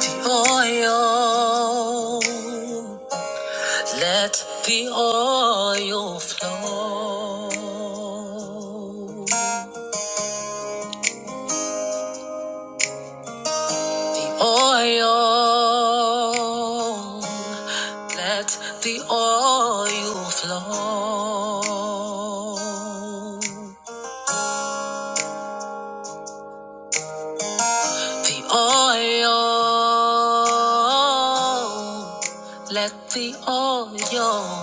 the oil. Let the oil flow. Oil. Let the oil flow. The oil. Let the oil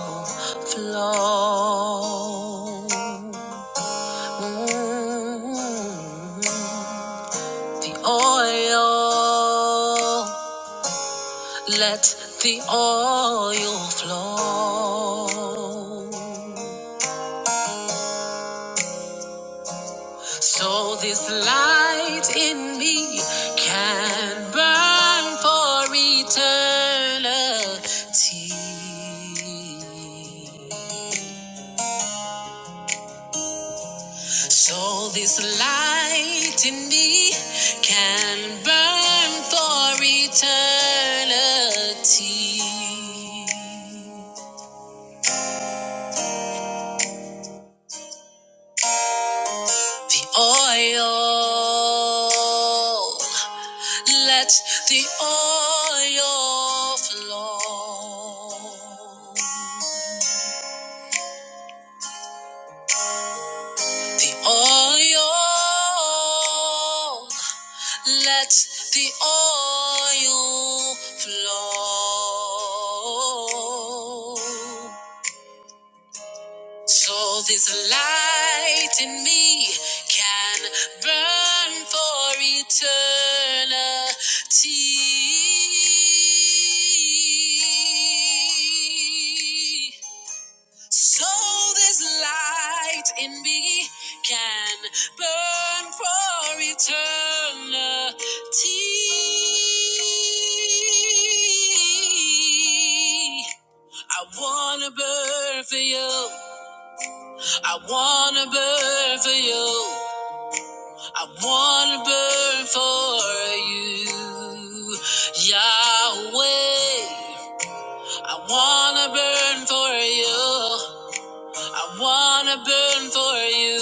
flow. The oil, let the oil flow. So this light in me can burn for eternity. So this light in me can burn for eternity. The oil, let the oil flow. The oil, let the oil flow. So this light in me can burn for eternity. So this light in me can burn for eternity. I wanna burn for you. I wanna burn for you. I wanna burn for you, Yahweh. I wanna burn for you. I wanna burn for you.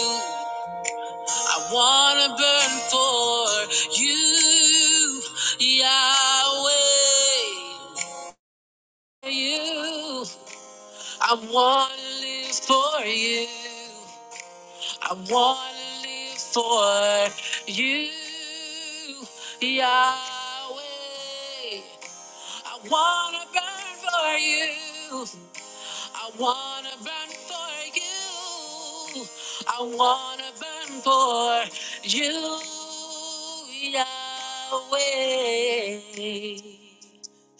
I wanna burn for you, Yahweh. You, I wanna live for you. I wanna live for you, Yahweh. I wanna burn for you. I wanna burn for you. I wanna burn for you, Yahweh.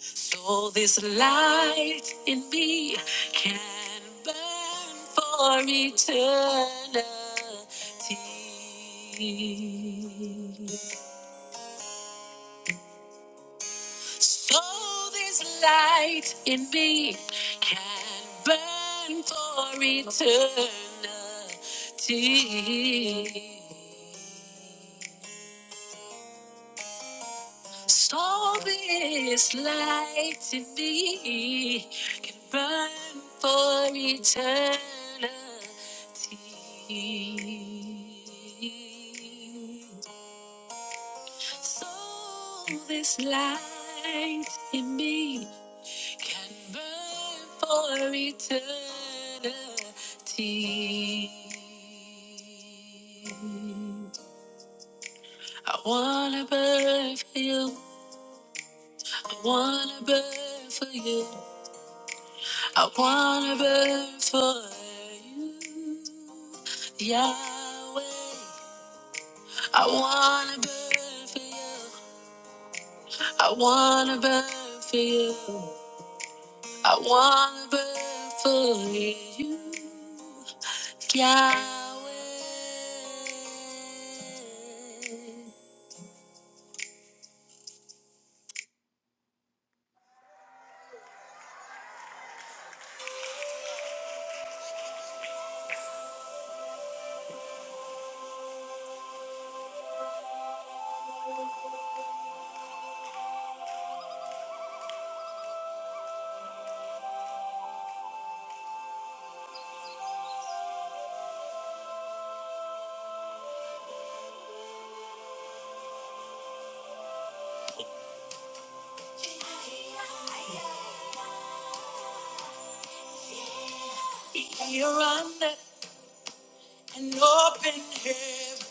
So this light in me can burn for eternity. So this light in me can burn for eternity. So this light in me can burn for eternity. So this light in me can burn for eternity. I wanna burn for you. I wanna burn for you. I wanna burn for you, Yahweh. I wanna burn for you. I wanna burn for you. I wanna be fully you, Yahweh. You're under an open heaven.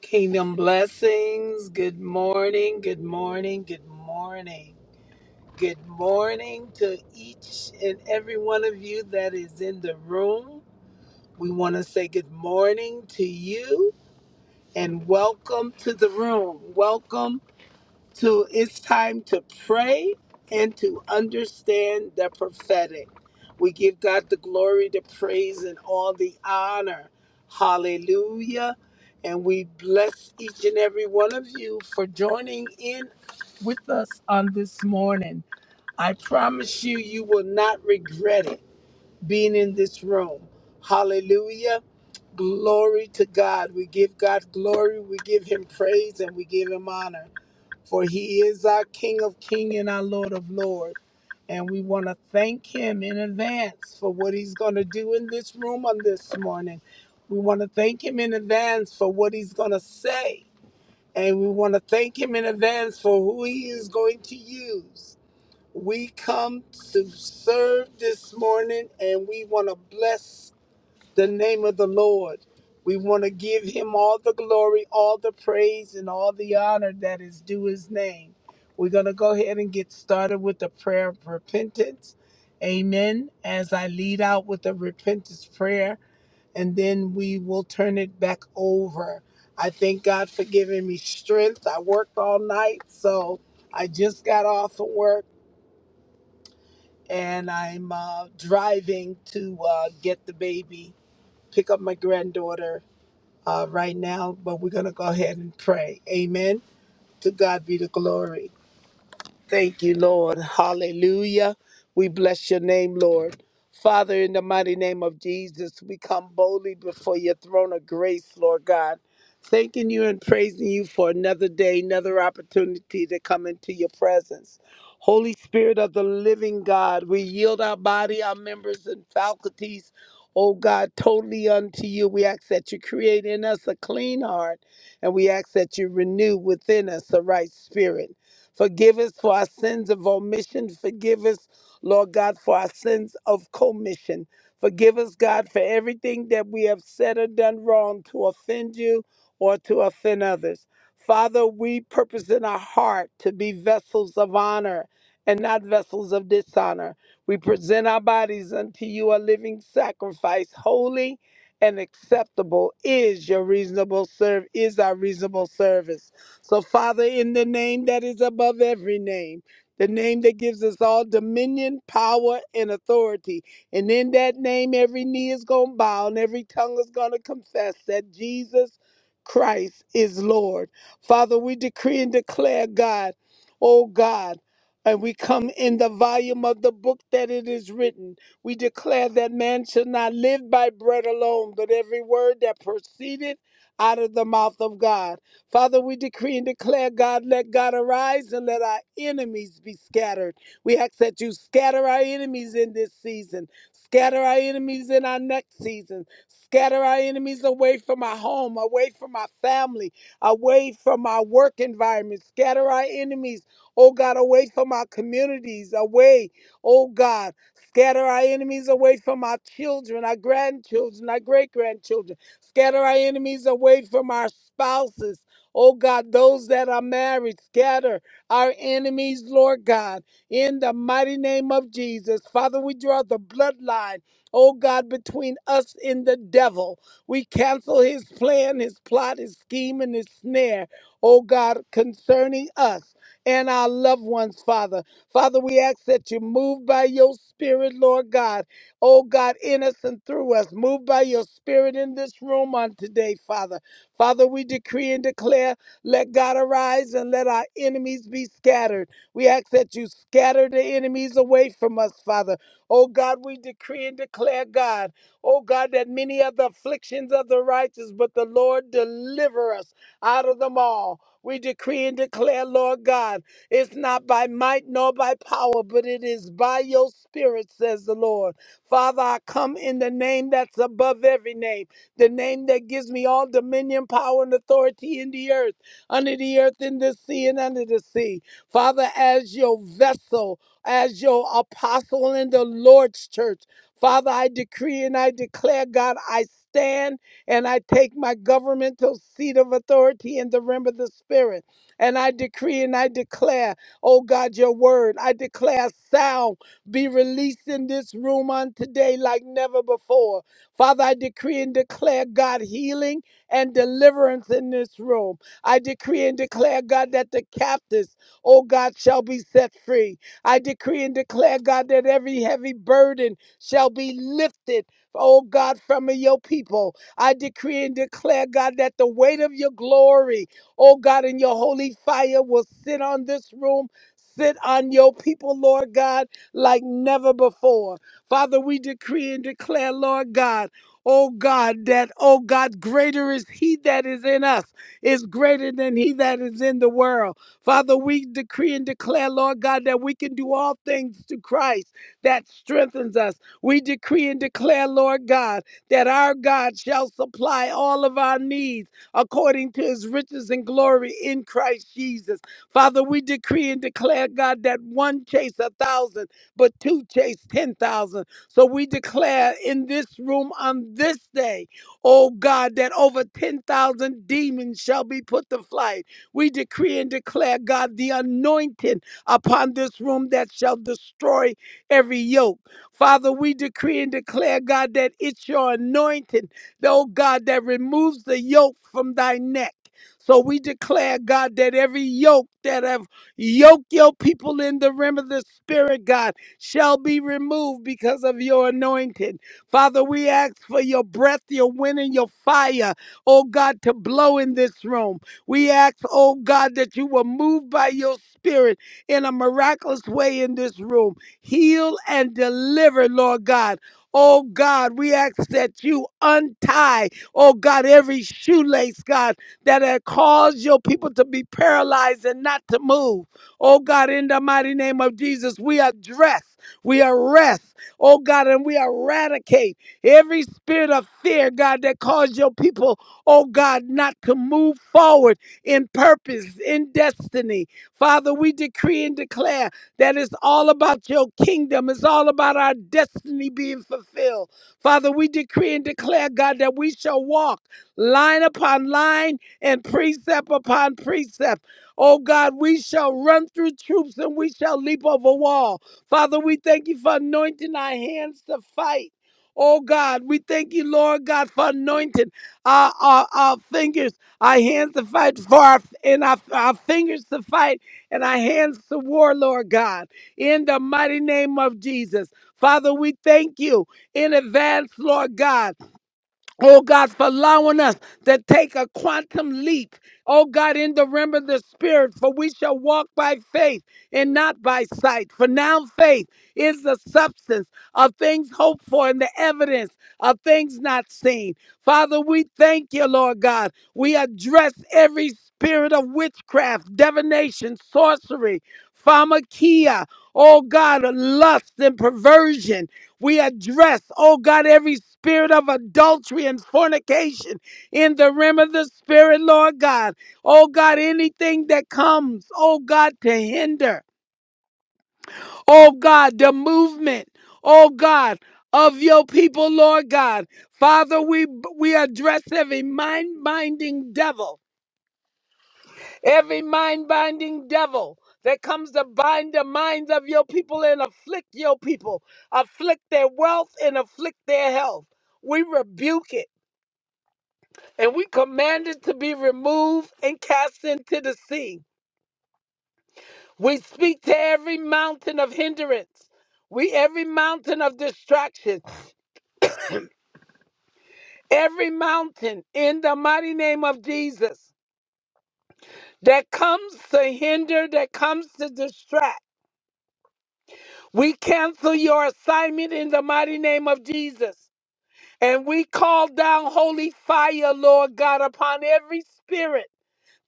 Kingdom blessings. Good morning. Good morning. Good morning. Good morning to each and every one of you that is in the room. We want to say good morning to you and welcome to the room. Welcome to it's time to pray and to understand the prophetic. We give God the glory, the praise, and all the honor. Hallelujah. And we bless each and every one of you for joining in with us on this morning. I promise you, you will not regret it being in this room. Hallelujah. Glory to God. We give God glory, we give Him praise, and we give Him honor for he is our King of King and our Lord of Lord. And we want to thank him in advance for what he's going to do in this room on this morning. We want to thank him in advance for what he's going to say. And we want to thank him in advance for who he is going to use. We come to serve this morning and we want to bless the name of the Lord. We want to give him all the glory, all the praise, and all the honor that is due his name. We're going to go ahead and get started with the prayer of repentance. Amen. As I lead out with the repentance prayer, and then we will turn it back over. I thank God for giving me strength. I worked all night, so I just got off of work and I'm uh, driving to uh, get the baby, pick up my granddaughter uh, right now, but we're going to go ahead and pray. Amen. To God be the glory. Thank you, Lord. Hallelujah. We bless your name, Lord. Father, in the mighty name of Jesus, we come boldly before your throne of grace, Lord God. Thanking you and praising you for another day, another opportunity to come into your presence. Holy Spirit of the living God, we yield our body, our members, and faculties, oh God, totally unto you. We ask that you create in us a clean heart, and we ask that you renew within us a right spirit. Forgive us for our sins of omission. Forgive us, Lord God, for our sins of commission. Forgive us, God, for everything that we have said or done wrong to offend you or to offend others. Father, we purpose in our heart to be vessels of honor and not vessels of dishonor. We present our bodies unto you a living sacrifice, holy and acceptable is your reasonable serve is our reasonable service. So, Father, in the name that is above every name, the name that gives us all dominion, power, and authority. And in that name, every knee is going to bow and every tongue is going to confess that Jesus Christ is Lord. Father, we decree and declare, God, oh God, and we come in the volume of the book that it is written. We declare that man shall not live by bread alone, but every word that proceedeth out of the mouth of God. Father, we decree and declare, God, let God arise and let our enemies be scattered. We ask that you scatter our enemies in this season, scatter our enemies in our next season, scatter our enemies away from our home, away from our family, away from our work environment, scatter our enemies, oh God, away from our communities, away, oh God. Scatter our enemies away from our children, our grandchildren, our great grandchildren. Scatter our enemies away from our spouses. Oh God, those that are married, scatter our enemies, Lord God, in the mighty name of Jesus. Father, we draw the bloodline, oh God, between us and the devil. We cancel his plan, his plot, his scheme, and his snare, oh God, concerning us and our loved ones, Father. Father, we ask that you move by your spirit, Lord God. Oh God, in us and through us. Move by your spirit in this room on today, Father. Father, we decree and declare, let God arise and let our enemies be scattered. We ask that you scatter the enemies away from us, Father. Oh God, we decree and declare, God, oh God, that many are the afflictions of the righteous, but the Lord deliver us out of them all. We decree and declare, Lord God, it's not by might nor by power, but it is by your spirit, says the Lord. Father, I come in the name that's above every name the name that gives me all dominion, power, and authority in the earth, under the earth, in the sea, and under the sea. Father, as your vessel, as your apostle in the Lord's church, Father, I decree and I declare, God, I stand and I take my governmental seat of authority in the realm of the Spirit. And I decree and I declare, oh God, your word. I declare sound be released in this room on today like never before. Father, I decree and declare, God, healing and deliverance in this room. I decree and declare, God, that the captives, oh God, shall be set free. I decree and declare, God, that every heavy burden shall be lifted. Oh God, from your people, I decree and declare, God, that the weight of your glory, oh God, and your holy fire will sit on this room, sit on your people, Lord God, like never before. Father, we decree and declare, Lord God, oh God, that, oh God, greater is he that is in us, is greater than he that is in the world. Father, we decree and declare, Lord God, that we can do all things to Christ that strengthens us. We decree and declare, Lord God, that our God shall supply all of our needs according to his riches and glory in Christ Jesus. Father, we decree and declare, God, that one chase a thousand but two chase 10,000. So we declare in this room on this day, oh God, that over 10,000 demons shall be put to flight. We decree and declare, God, the anointing upon this room that shall destroy every yoke. Father, we decree and declare, God, that it's your anointing, oh God, that removes the yoke from thy neck. So we declare, God, that every yoke that have yoked your people in the realm of the spirit, God, shall be removed because of your anointing. Father, we ask for your breath, your wind, and your fire, oh God, to blow in this room. We ask, oh God, that you will move by your spirit in a miraculous way in this room. Heal and deliver, Lord God. Oh God, we ask that you untie, oh God, every shoelace, God, that had caused your people to be paralyzed and not to move. Oh God, in the mighty name of Jesus, we address, we arrest, oh God, and we eradicate every spirit of fear, God, that caused your people, oh God, not to move forward in purpose, in destiny. Father, we decree and declare that it's all about your kingdom, it's all about our destiny being fulfilled. Father, we decree and declare, God, that we shall walk line upon line and precept upon precept Oh God, we shall run through troops and we shall leap over wall. Father, we thank you for anointing our hands to fight. Oh God, we thank you, Lord God, for anointing our, our, our fingers, our hands to fight for our, and our, our fingers to fight and our hands to war, Lord God, in the mighty name of Jesus. Father, we thank you in advance, Lord God. Oh God, for allowing us to take a quantum leap. Oh God, in the realm of the Spirit, for we shall walk by faith and not by sight. For now, faith is the substance of things hoped for and the evidence of things not seen. Father, we thank you, Lord God. We address every spirit of witchcraft, divination, sorcery, pharmakia, oh God, lust and perversion. We address, oh God, every spirit of adultery and fornication in the realm of the spirit, Lord God. Oh God, anything that comes, oh God, to hinder, oh God, the movement, oh God, of your people, Lord God. Father, we we address every mind-minding devil Every mind binding devil that comes to bind the minds of your people and afflict your people, afflict their wealth and afflict their health. We rebuke it and we command it to be removed and cast into the sea. We speak to every mountain of hindrance, we every mountain of distraction, every mountain in the mighty name of Jesus that comes to hinder, that comes to distract. We cancel your assignment in the mighty name of Jesus. And we call down holy fire, Lord God, upon every spirit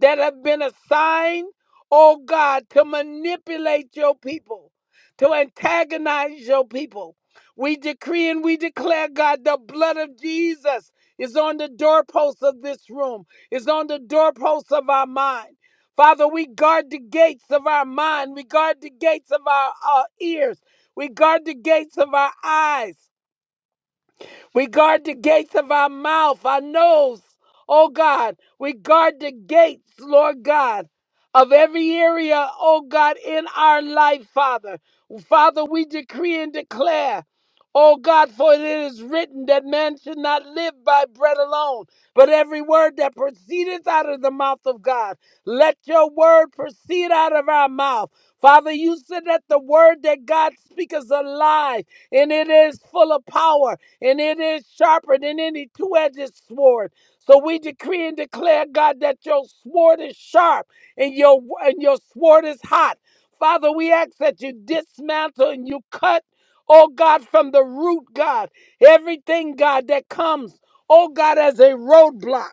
that have been assigned, oh God, to manipulate your people, to antagonize your people. We decree and we declare, God, the blood of Jesus is on the doorposts of this room, is on the doorposts of our mind. Father, we guard the gates of our mind. We guard the gates of our, our ears. We guard the gates of our eyes. We guard the gates of our mouth, our nose, oh God. We guard the gates, Lord God, of every area, oh God, in our life, Father. Father, we decree and declare. Oh God, for it is written that man should not live by bread alone, but every word that proceedeth out of the mouth of God. Let your word proceed out of our mouth. Father, you said that the word that God speaks is alive and it is full of power and it is sharper than any two edged sword. So we decree and declare, God, that your sword is sharp and your, and your sword is hot. Father, we ask that you dismantle and you cut, oh God, from the root, God, everything, God, that comes, oh God, as a roadblock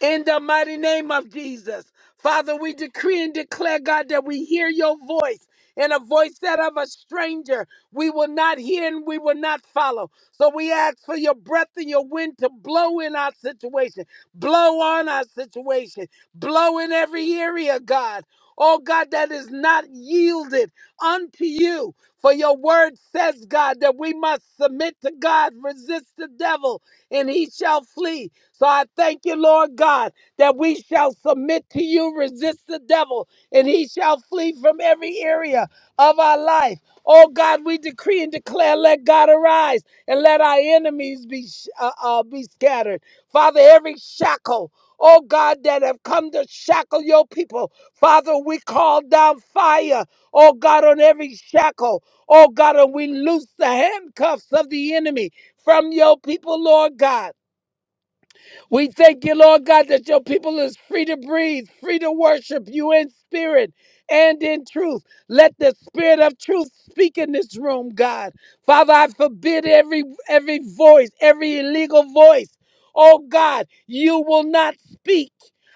in the mighty name of Jesus. Father, we decree and declare, God, that we hear your voice and a voice that of a stranger we will not hear and we will not follow. So we ask for your breath and your wind to blow in our situation, blow on our situation, blow in every area, God. Oh God, that is not yielded unto you. For your word says, God, that we must submit to God, resist the devil, and he shall flee. So I thank you, Lord God, that we shall submit to you, resist the devil, and he shall flee from every area of our life. Oh God, we decree and declare, let God arise and let our enemies be sh- uh, uh, be scattered. Father, every shackle, oh God, that have come to shackle your people, Father, we call down fire, oh God, on every shackle, oh God, and we loose the handcuffs of the enemy from your people, Lord God. We thank you, Lord God, that your people is free to breathe, free to worship you in spirit and in truth. Let the spirit of truth speak in this room, God. Father, I forbid every every voice, every illegal voice. Oh God, you will not speak.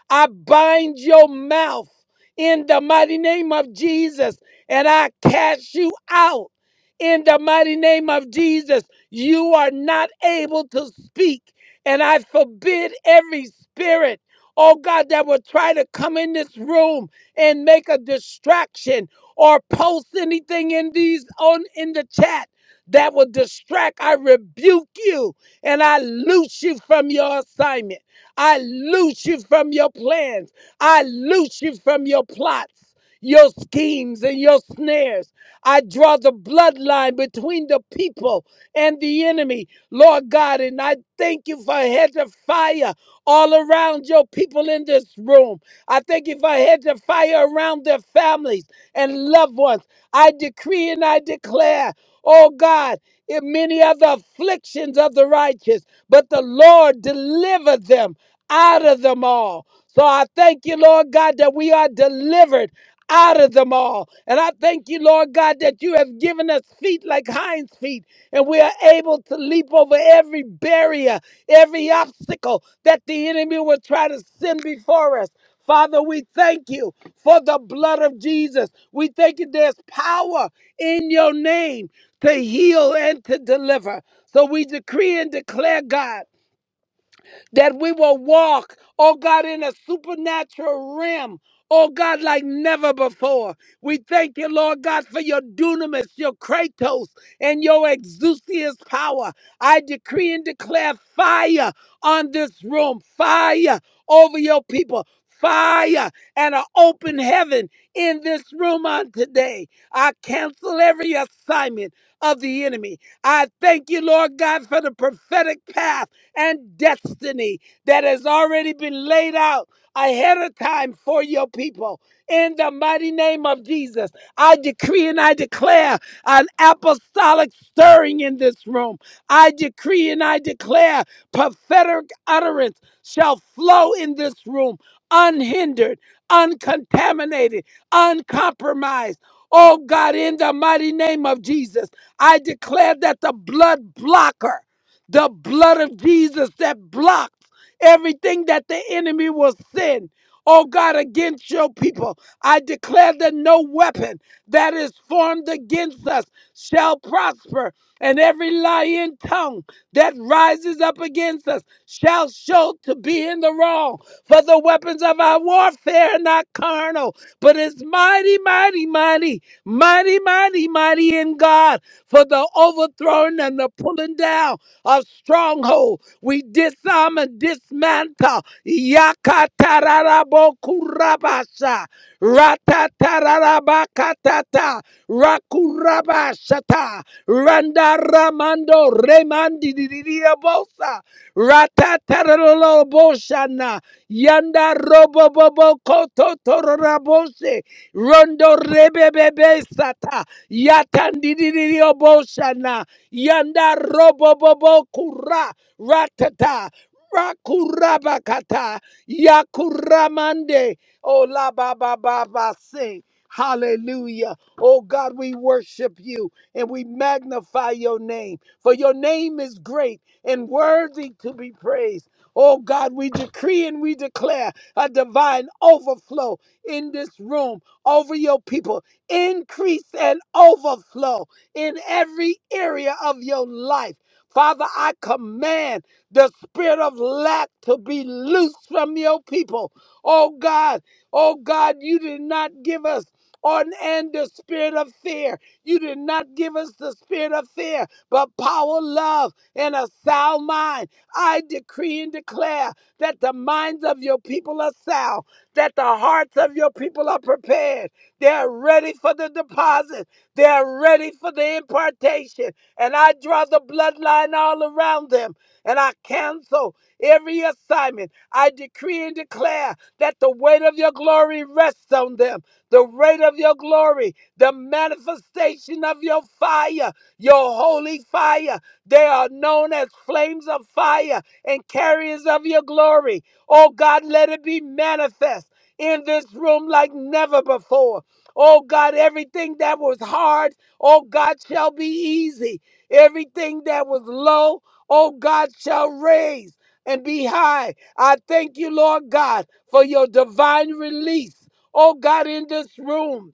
I bind your mouth in the mighty name of Jesus, and I cast you out in the mighty name of Jesus. You are not able to speak. And I forbid every spirit, oh God, that will try to come in this room and make a distraction or post anything in these on in the chat that will distract. I rebuke you and I loose you from your assignment. I loose you from your plans. I loose you from your plots, your schemes, and your snares. I draw the bloodline between the people and the enemy Lord God, and I thank you for a hedge of fire all around your people in this room. I thank you for a hedge of fire around their families and loved ones. I decree and I declare, oh God, if many are the afflictions of the righteous, but the Lord delivered them out of them all. So I thank you, Lord God, that we are delivered out of them all. And I thank you, Lord God, that you have given us feet like hinds feet, and we are able to leap over every barrier, every obstacle that the enemy will try to send before us. Father, we thank you for the blood of Jesus. We thank you there's power in your name to heal and to deliver. So we decree and declare, God that we will walk, oh God, in a supernatural realm. Oh God, like never before. We thank you, Lord God, for your dunamis, your kratos, and your exousias power. I decree and declare fire on this room, fire over your people, fire and an open heaven in this room on today. I cancel every assignment of the enemy. I thank you, Lord God, for the prophetic path and destiny that has already been laid out ahead of time for your people. In the mighty name of Jesus, I decree and I declare an apostolic stirring in this room. I decree and I declare prophetic utterance shall flow in this room unhindered, uncontaminated, uncompromised. Oh God, in the mighty name of Jesus, I declare that the blood blocker. The blood of Jesus that blocks everything that the enemy will send. Oh God, against your people, I declare that no weapon that is formed against us shall prosper, and every lying tongue that rises up against us shall show to be in the wrong. For the weapons of our warfare are not carnal, but it's mighty, mighty, mighty, mighty, mighty, mighty in God for the overthrowing and the pulling down of stronghold. We disarm and dismantle. Yakatararabokurabasha. Ratatararabakatata. Rakurabashata. Randaramando remandidiriabosa. Ratatararoloboshana. Yanda robobobo kototororabose. Rondo rebebebe sata. Yatandidio boshana. Yanda robobobo kura. Ratata. Rakurabakata. Yakuramande. Oh la ba ba ba ba sing. Hallelujah. Oh God, we worship you and we magnify your name. For your name is great and worthy to be praised. Oh God, we decree and we declare a divine overflow in this room over your people. Increase and overflow in every area of your life. Father, I command the spirit of lack to be loosed from your people. Oh God, oh God, you did not give us on and the spirit of fear. You did not give us the spirit of fear, but power, love, and a sound mind. I decree and declare that the minds of your people are sound that the hearts of your people are prepared. They are ready for the deposit, they are ready for the impartation. And I draw the bloodline all around them, and I cancel every assignment. I decree and declare that the weight of your glory rests on them. The weight of your glory, the manifestation of your fire, your holy fire. They are known as flames of fire and carriers of your glory. Oh God, let it be manifest in this room like never before. Oh God, everything that was hard, oh God, shall be easy. Everything that was low, oh God, shall raise and be high. I thank you, Lord God, for your divine release, oh God, in this room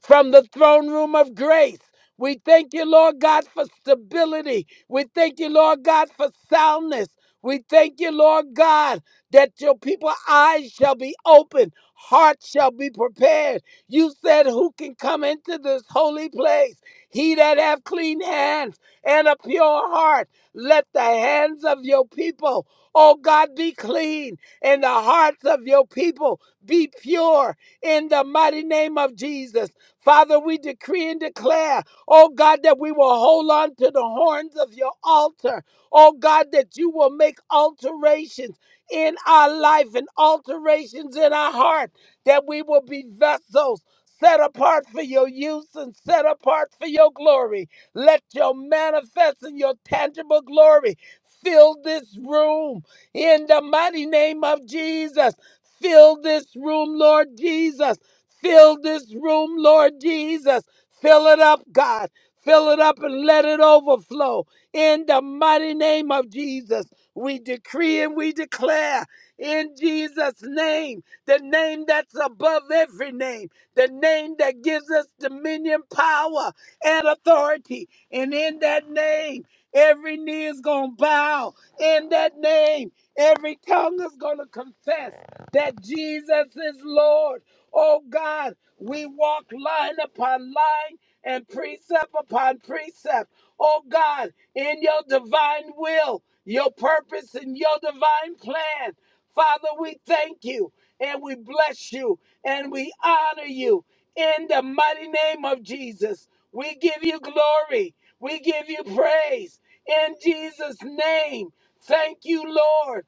from the throne room of grace. We thank you, Lord God, for stability. We thank you, Lord God, for soundness. We thank you, Lord God, that your people's eyes shall be open, hearts shall be prepared. You said, Who can come into this holy place? He that have clean hands and a pure heart. Let the hands of your people, oh God, be clean, and the hearts of your people be pure in the mighty name of Jesus. Father, we decree and declare, oh God, that we will hold on to the horns of your altar. Oh God, that you will make alterations in our life and alterations in our heart, that we will be vessels set apart for your use and set apart for your glory. Let your manifest and your tangible glory fill this room in the mighty name of Jesus. Fill this room, Lord Jesus. Fill this room, Lord Jesus. Fill it up, God. Fill it up and let it overflow. In the mighty name of Jesus, we decree and we declare in Jesus' name, the name that's above every name, the name that gives us dominion, power, and authority. And in that name, every knee is going to bow. In that name, every tongue is going to confess that Jesus is Lord. Oh God, we walk line upon line and precept upon precept. Oh God, in your divine will, your purpose, and your divine plan. Father, we thank you and we bless you and we honor you in the mighty name of Jesus. We give you glory. We give you praise in Jesus' name. Thank you, Lord.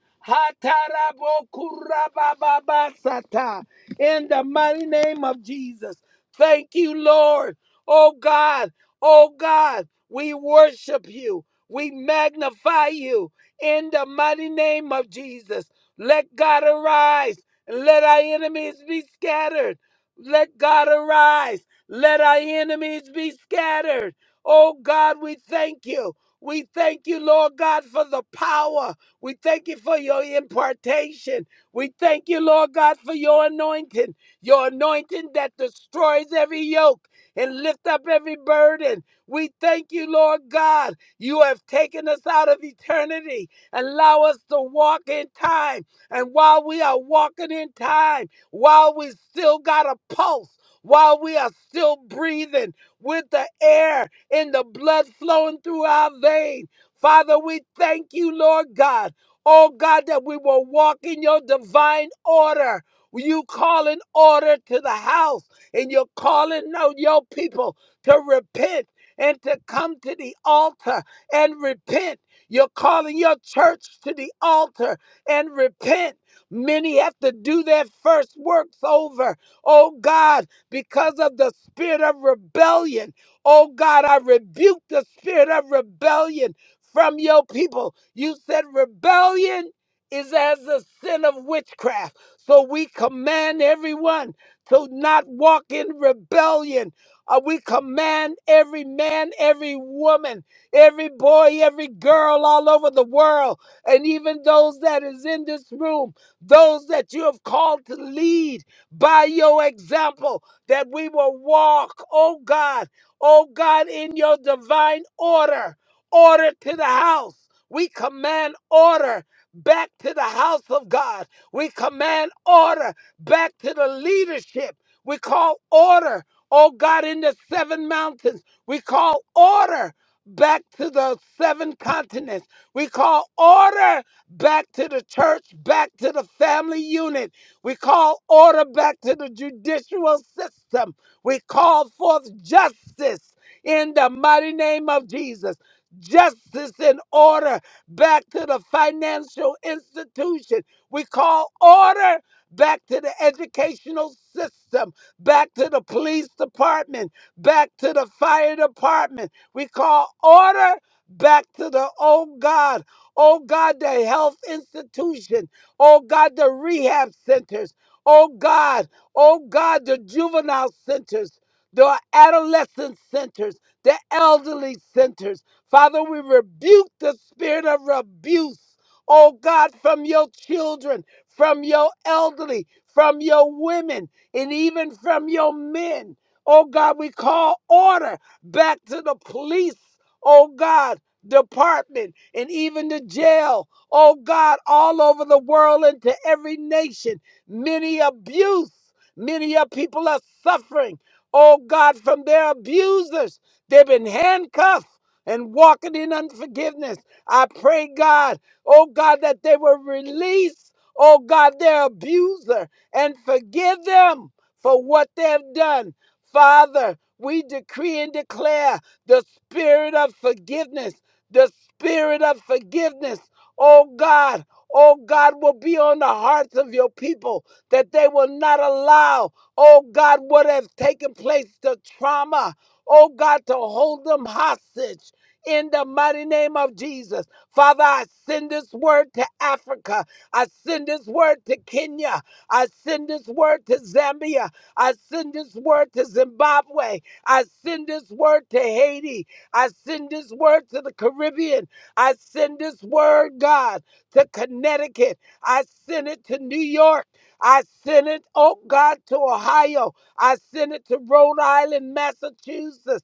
Hatarabokurabababasata in the mighty name of Jesus. Thank you, Lord. Oh God, oh God, we worship you. We magnify you in the mighty name of Jesus. Let God arise and let our enemies be scattered. Let God arise. Let our enemies be scattered. Oh God, we thank you. We thank you, Lord God, for the power. We thank you for your impartation. We thank you, Lord God, for your anointing, your anointing that destroys every yoke and lift up every burden. We thank you, Lord God. You have taken us out of eternity. Allow us to walk in time. And while we are walking in time, while we still got a pulse, while we are still breathing with the air and the blood flowing through our veins, Father, we thank you, Lord God. Oh God, that we will walk in your divine order. You calling order to the house, and you're calling out your people to repent and to come to the altar and repent. You're calling your church to the altar and repent. Many have to do their first works over. Oh God, because of the spirit of rebellion. Oh God, I rebuke the spirit of rebellion from your people. You said rebellion is as a sin of witchcraft. So we command everyone to not walk in rebellion. Uh, we command every man, every woman, every boy, every girl all over the world, and even those that is in this room, those that you have called to lead by your example, that we will walk, oh God, oh God, in your divine order order to the house. We command order back to the house of God. We command order back to the leadership. We call order, oh God, in the seven mountains. We call order back to the seven continents. We call order back to the church, back to the family unit. We call order back to the judicial system. We call forth justice in the mighty name of Jesus justice and order back to the financial institution. We call order back to the educational system, back to the police department, back to the fire department. We call order back to the, oh God, oh God, the health institution, oh God, the rehab centers, oh God, oh God, the juvenile centers, the adolescent centers, the elderly centers. Father, we rebuke the spirit of abuse, oh God, from your children, from your elderly, from your women, and even from your men. Oh God, we call order back to the police, oh God, department, and even the jail, oh God, all over the world and to every nation. Many abuse, many of people are suffering, oh God, from their abusers. They've been handcuffed and walking in unforgiveness. I pray, God, oh God, that they will release, oh God, their abuser and forgive them for what they've done. Father, we decree and declare the spirit of forgiveness, the spirit of forgiveness, oh God. Oh God, will be on the hearts of your people that they will not allow, oh God, what has taken place, the trauma, oh God, to hold them hostage in the mighty name of Jesus. Father, I send this word to Africa. I send this word to Kenya. I send this word to Zambia. I send this word to Zimbabwe. I send this word to Haiti. I send this word to the Caribbean. I send this word, God, to Connecticut. I send it to New York. I send it, oh God, to Ohio. I send it to Rhode Island, Massachusetts.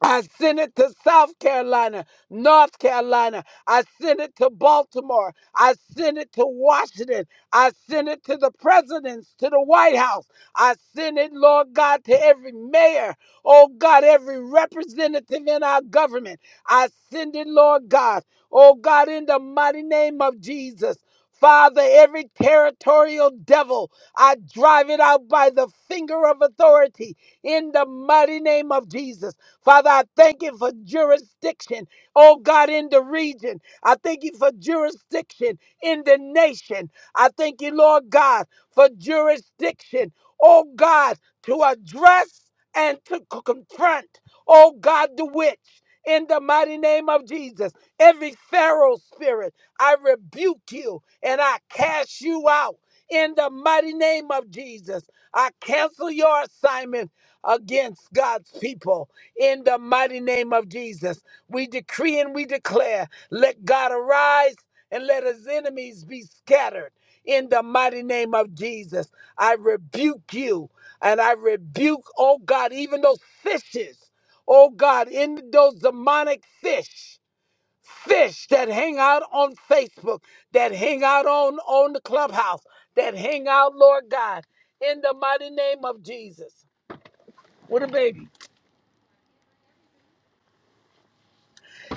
I sent it to South Carolina, North Carolina. I sent it to Baltimore. I sent it to Washington. I sent it to the presidents, to the White House. I sent it, Lord God, to every mayor. Oh God, every representative in our government. I send it, Lord God. Oh God, in the mighty name of Jesus. Father, every territorial devil, I drive it out by the finger of authority in the mighty name of Jesus. Father, I thank you for jurisdiction, oh God, in the region. I thank you for jurisdiction in the nation. I thank you, Lord God, for jurisdiction, oh God, to address and to c- confront, oh God, the witch. In the mighty name of Jesus, every Pharaoh spirit, I rebuke you and I cast you out. In the mighty name of Jesus, I cancel your assignment against God's people in the mighty name of Jesus. We decree and we declare, let God arise and let his enemies be scattered in the mighty name of Jesus. I rebuke you and I rebuke, oh God, even those fishes, oh God, in those demonic fish. Fish that hang out on Facebook, that hang out on, on the clubhouse, that hang out, Lord God, in the mighty name of Jesus. What a baby.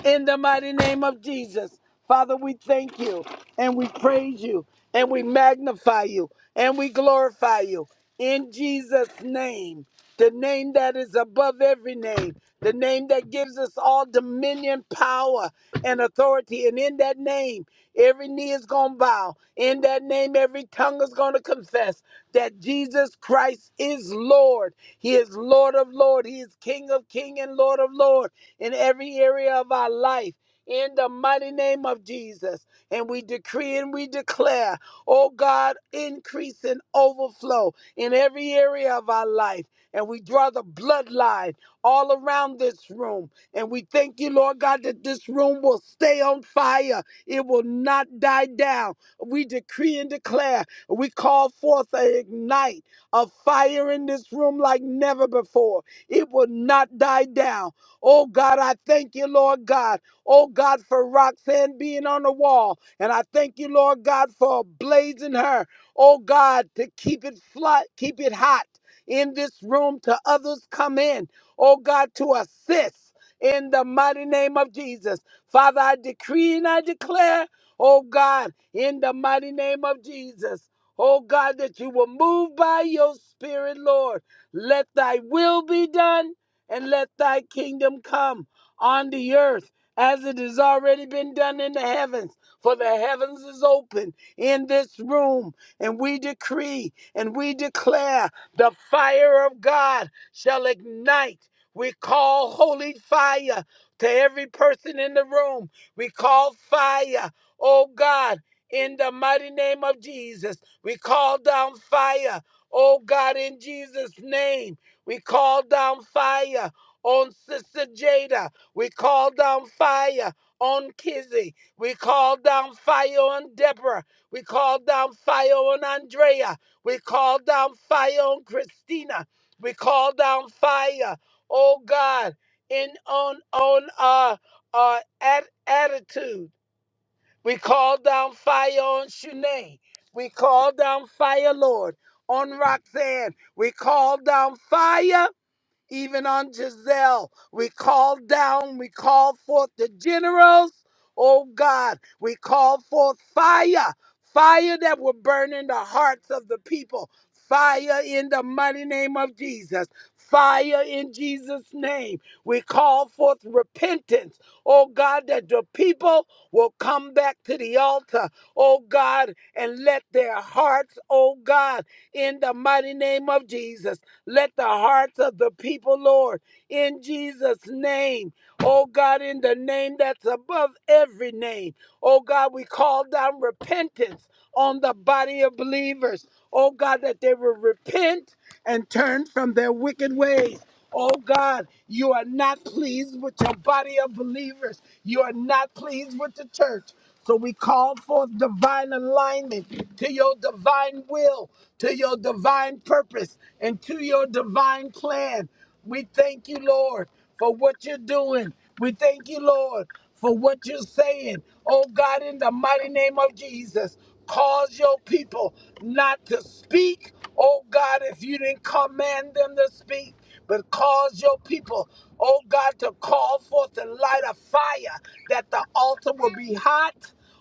in the mighty name of Jesus. Father, we thank you and we praise you and we magnify you and we glorify you in Jesus' name, the name that is above every name, the name that gives us all dominion, power, and authority. And in that name, every knee is going to bow. In that name, every tongue is going to confess that Jesus Christ is Lord. He is Lord of Lord. He is King of King and Lord of Lord in every area of our life. In the mighty name of Jesus. And we decree and we declare, oh God, increase and overflow in every area of our life. And we draw the bloodline all around this room. And we thank you, Lord God, that this room will stay on fire. It will not die down. We decree and declare. We call forth a ignite of fire in this room like never before. It will not die down. Oh God, I thank you, Lord God. Oh God, for Roxanne being on the wall. And I thank you, Lord God, for blazing her. Oh God, to keep it flat, keep it hot in this room to others come in. Oh God, to assist in the mighty name of Jesus. Father, I decree and I declare, oh God, in the mighty name of Jesus. Oh God, that you will move by your spirit, Lord. Let thy will be done and let thy kingdom come on the earth as it has already been done in the heavens. For the heavens is open in this room, and we decree and we declare the fire of God shall ignite. We call holy fire to every person in the room. We call fire, oh God, in the mighty name of Jesus. We call down fire, oh God, in Jesus' name. We call down fire on Sister Jada. We call down fire on Kizzy. We call down fire on Deborah. We call down fire on Andrea. We call down fire on Christina. We call down fire, oh God, in on on our our at, attitude. We call down fire on Shanae. We call down fire, Lord, on Roxanne. We call down fire even on Giselle. We call down, we call forth the generals, oh God. We call forth fire, fire that will burn in the hearts of the people, fire in the mighty name of Jesus, fire in Jesus' name. We call forth repentance, oh God, that the people will come back to the altar, oh God, and let their hearts, oh God, in the mighty name of Jesus. Let the hearts of the people, Lord, in Jesus' name, oh God, in the name that's above every name, oh God, we call down repentance on the body of believers, oh God, that they will repent and turn from their wicked ways. Oh God, you are not pleased with your body of believers. You are not pleased with the church. So we call forth divine alignment to your divine will, to your divine purpose, and to your divine plan. We thank you, Lord, for what you're doing. We thank you, Lord, for what you're saying. Oh God, in the mighty name of Jesus, cause your people not to speak. Oh God, if you didn't command them to speak but cause your people, oh God, to call forth the light of fire, that the altar will be hot.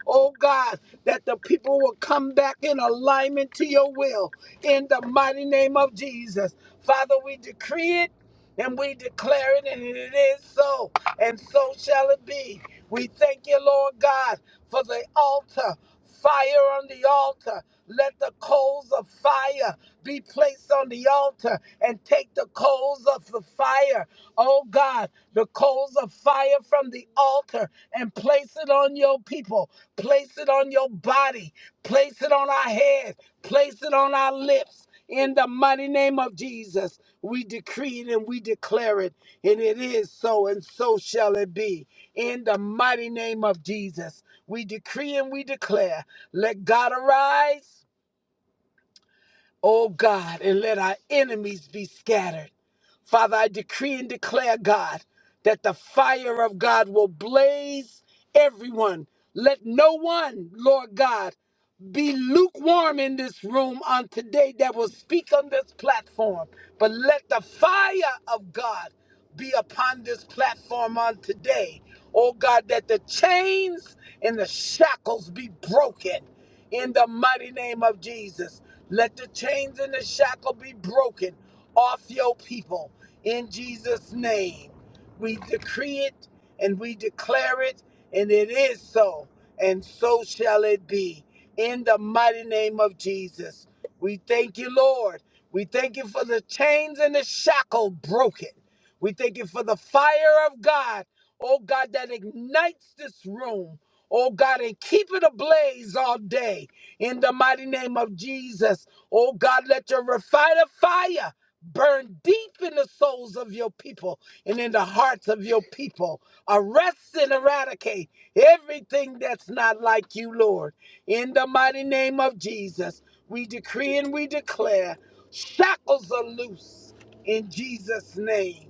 Oh God, that the people will come back in alignment to your will in the mighty name of Jesus. Father, we decree it and we declare it, and it is so, and so shall it be. We thank you, Lord God, for the altar, fire on the altar. Let the coals of fire be placed on the altar and take the coals of the fire, oh God, the coals of fire from the altar and place it on your people, place it on your body, place it on our head, place it on our lips. In the mighty name of Jesus, we decree it and we declare it, and it is so, and so shall it be. In the mighty name of Jesus, we decree and we declare, let God arise, O God, and let our enemies be scattered. Father, I decree and declare, God, that the fire of God will blaze everyone. Let no one, Lord God, be lukewarm in this room on today that will speak on this platform, but let the fire of God be upon this platform on today. Oh God, that the chains and the shackles be broken in the mighty name of Jesus. Let the chains and the shackle be broken off your people in Jesus' name. We decree it and we declare it, and it is so, and so shall it be. In the mighty name of Jesus, we thank you, Lord. We thank you for the chains and the shackle broken. We thank you for the fire of God, oh God, that ignites this room, oh God, and keep it ablaze all day. In the mighty name of Jesus, oh God, let your refiner fire burn deep in the souls of your people and in the hearts of your people. Arrest and eradicate everything that's not like you, Lord. In the mighty name of Jesus, we decree and we declare shackles are loose in Jesus' name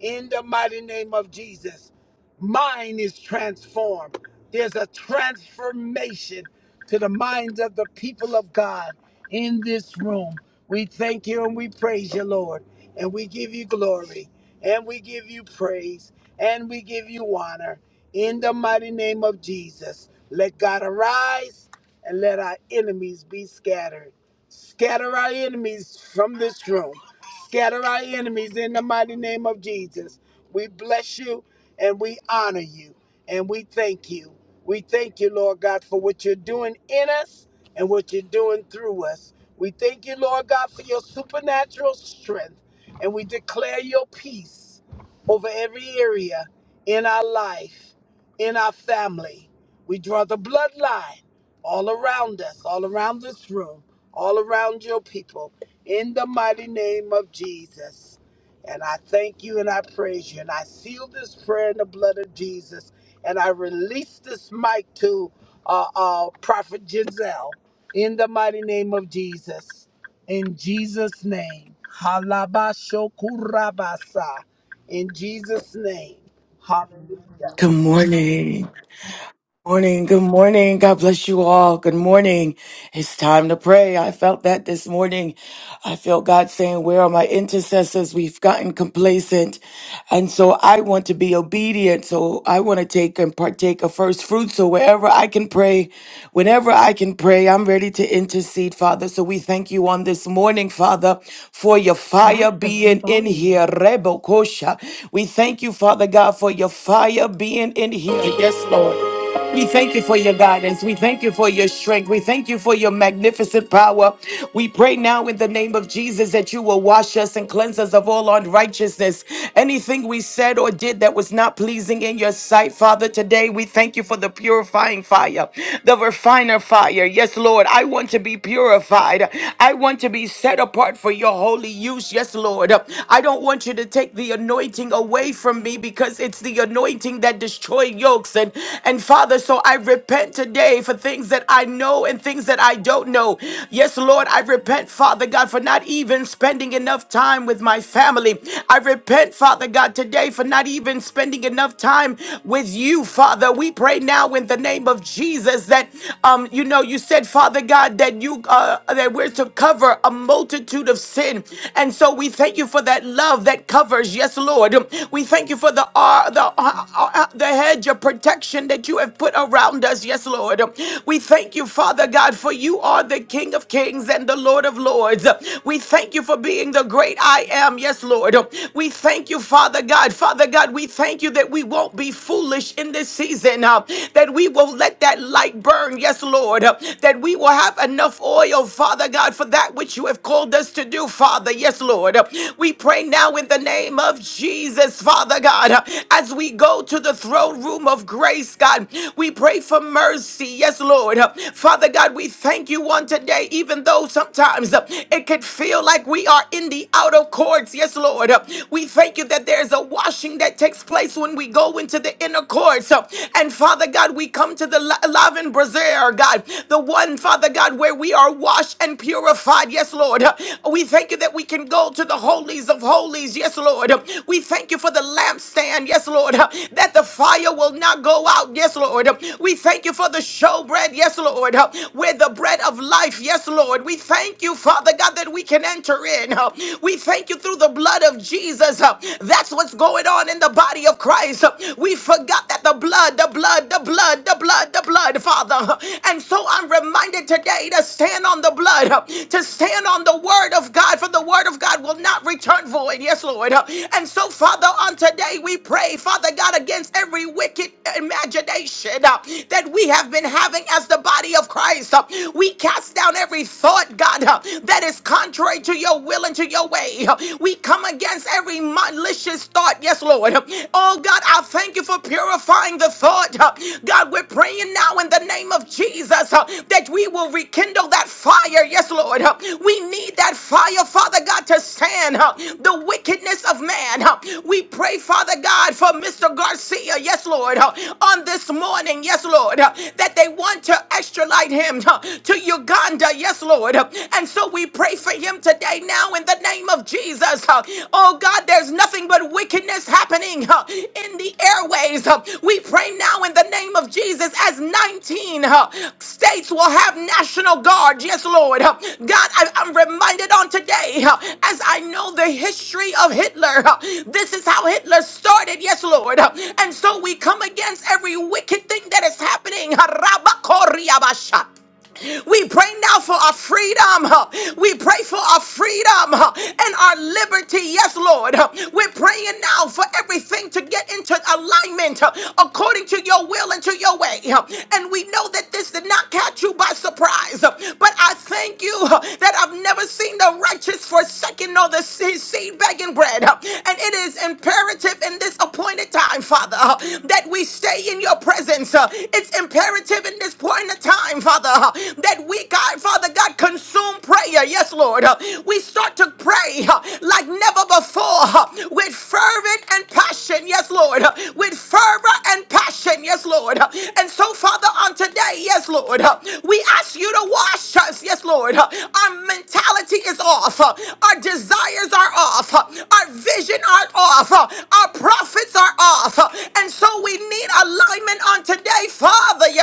in the mighty name of Jesus. Mind is transformed. There's a transformation to the minds of the people of God in this room. We thank you and we praise you, Lord. And we give you glory and we give you praise and we give you honor in the mighty name of Jesus. Let God arise and let our enemies be scattered. Scatter our enemies from this room Scatter our enemies in the mighty name of Jesus. We bless you and we honor you and we thank you. We thank you, Lord God, for what you're doing in us and what you're doing through us. We thank you, Lord God, for your supernatural strength and we declare your peace over every area in our life, in our family. We draw the bloodline all around us, all around this room, all around your people in the mighty name of Jesus. And I thank you and I praise you. And I seal this prayer in the blood of Jesus. And I release this mic to uh, uh, Prophet Giselle in the mighty name of Jesus. In Jesus' name. Halabashokurabasa. In Jesus' name. Hallelujah. Good morning. Morning, good morning. God bless you all. Good morning. It's time to pray. I felt that this morning. I felt God saying, Where are my intercessors? We've gotten complacent. And so I want to be obedient. So I want to take and partake of first fruit. So wherever I can pray, whenever I can pray, I'm ready to intercede, Father. So we thank you on this morning, Father, for your fire being in here. Rebo Kosha. We thank you, Father God, for your fire being in here. Yes, Lord. We thank you for your guidance. We thank you for your strength. We thank you for your magnificent power. We pray now in the name of Jesus that you will wash us and cleanse us of all unrighteousness. Anything we said or did that was not pleasing in your sight, Father, today we thank you for the purifying fire, the refiner fire. Yes, Lord, I want to be purified. I want to be set apart for your holy use. Yes, Lord. I don't want you to take the anointing away from me because because it's the anointing that destroy yokes. And, and Father, so I repent today for things that I know and things that I don't know. Yes, Lord, I repent, Father God, for not even spending enough time with my family. I repent, Father God, today for not even spending enough time with you, Father. We pray now in the name of Jesus that, um, you know, you said, Father God, that you uh, that we're to cover a multitude of sin, and so we thank thank you for that love that covers. Yes, Lord. We thank you for the uh, the uh, uh, uh, the hedge of protection that you have put around us. Yes, Lord. We thank you, Father God, for you are the King of Kings and the Lord of Lords. We thank you for being the great I am. Yes, Lord. We thank you, Father God. Father God, we thank you that we won't be foolish in this season. uh, that we will let that light burn. Yes, Lord. that we will have enough oil, Father. Father God, for that which you have called us to do, Father. Yes, Lord. We pray now in the name of Jesus, Father God, as we go to the throne room of grace, God. We pray for mercy. Yes, Lord. Father God, we thank you on today, even though sometimes it could feel like we are in the outer courts. Yes, Lord. We thank you that there's a washing that takes place when we go into the inner courts. And Father God, we come to the laven Brazil, God, the one, Father God, where we are washed and purified. Yes, Lord. We thank you that we can go to the holies of holies. Yes, Lord. We thank you for the lampstand. Yes, Lord. That the fire will not go out. Yes, Lord. We thank you for the showbread. Yes, Lord. Where the bread of life. Yes, Lord. We thank you, Father God, that we can enter in. We thank you through the blood of Jesus. That's what's going on in the body of Christ. We forgot that the blood, the blood, the blood, the blood, the blood, Father. And so I'm reminded today to stand on the blood, to stand on the word of God, for the word of God will not return void. Yes, Lord. And so, Father, on today we pray, Father God, against every wicked imagination uh, that we have been having as the body of Christ. Uh, We cast down every thought, God, uh, that is contrary to your will and to your way. Uh, We come against every every malicious thought. Yes, Lord. Oh, God, I thank you for purifying the thought. God, we're praying now in the name of Jesus uh, that we will rekindle that fire. Yes, Lord. Uh, We need that fire, Father God, to stand uh, the wickedness of man. Uh, We pray, Father God, for Mr. Garcia. Yes, Lord. Uh, On this morning, yes, Lord, uh, that they want to extradite him uh, to Uganda. Yes, Lord. Uh, And so we pray for him today now in the name of Jesus. Uh, Oh God, there's nothing but wickedness happening uh, in the airways. Uh, We pray now in the name of Jesus as 19 uh, states will have National Guard. Yes, Lord. Uh, God, I- I'm reminded on today uh, as I know the history of Hitler. uh, This is how Hitler started. Yes, Lord. Uh, And so we come against every wicked thing that is happening. Rabakoriabasha. We pray now for our freedom. We pray for our freedom and our liberty. Yes, Lord. We're praying now for everything to get into alignment according to your will and to your way. And we know that this did not catch you by surprise. But I thank you that I've never seen the righteous forsaken nor the se- seed begging bread. And it is imperative in this appointed time, Father, that we stay in your presence. It's imperative in this point the time, Father, uh, that we, God, Father God, consume prayer. Yes, Lord. Uh, We start to pray uh, like never before uh, with fervent and passion. Yes, Lord. Uh, With fervor and passion. Yes, Lord. Uh, And so, Father, on today, yes, Lord, uh, we ask you to wash us. Yes, Lord. Uh, Our mentality is off. Uh, Our desires are off. Uh, Our vision are off. Uh, Our prophets are off. Uh, And so we need alignment on today, Father. Yes,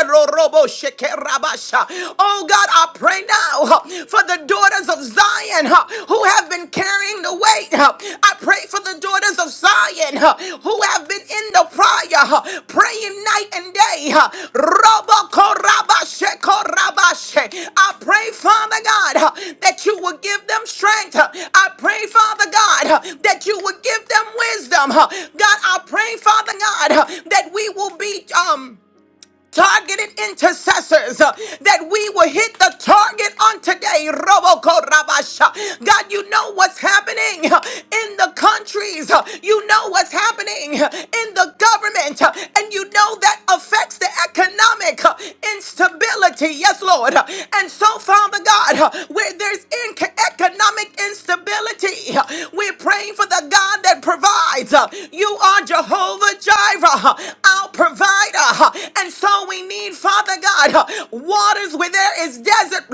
Oh God, I pray now huh, for the daughters of Zion huh, who have been carrying the weight. huh. I pray for the daughters of Zion huh, who have been in the fire, huh, praying night and day. huh. Robo Korabashe Korabashe. I pray, Father God, huh, that you will give them strength. huh. I pray, Father God, huh, that you will give them wisdom. huh. God, I pray, Father God, huh, that we will be um targeted intercessors uh, that we will hit the target on today. Robokorabasha. God, you know what's happening uh, in the countries. uh, You know what's happening uh, in the government. uh, And you know that affects the economic uh, instability. Yes, Lord. Uh, And so, Father God, uh, where there's inc- economic instability, uh, we're praying for the God that provides. Uh, You are Jehovah Jireh, uh, our provider huh, And so we need, Father God, huh, waters where there is desert.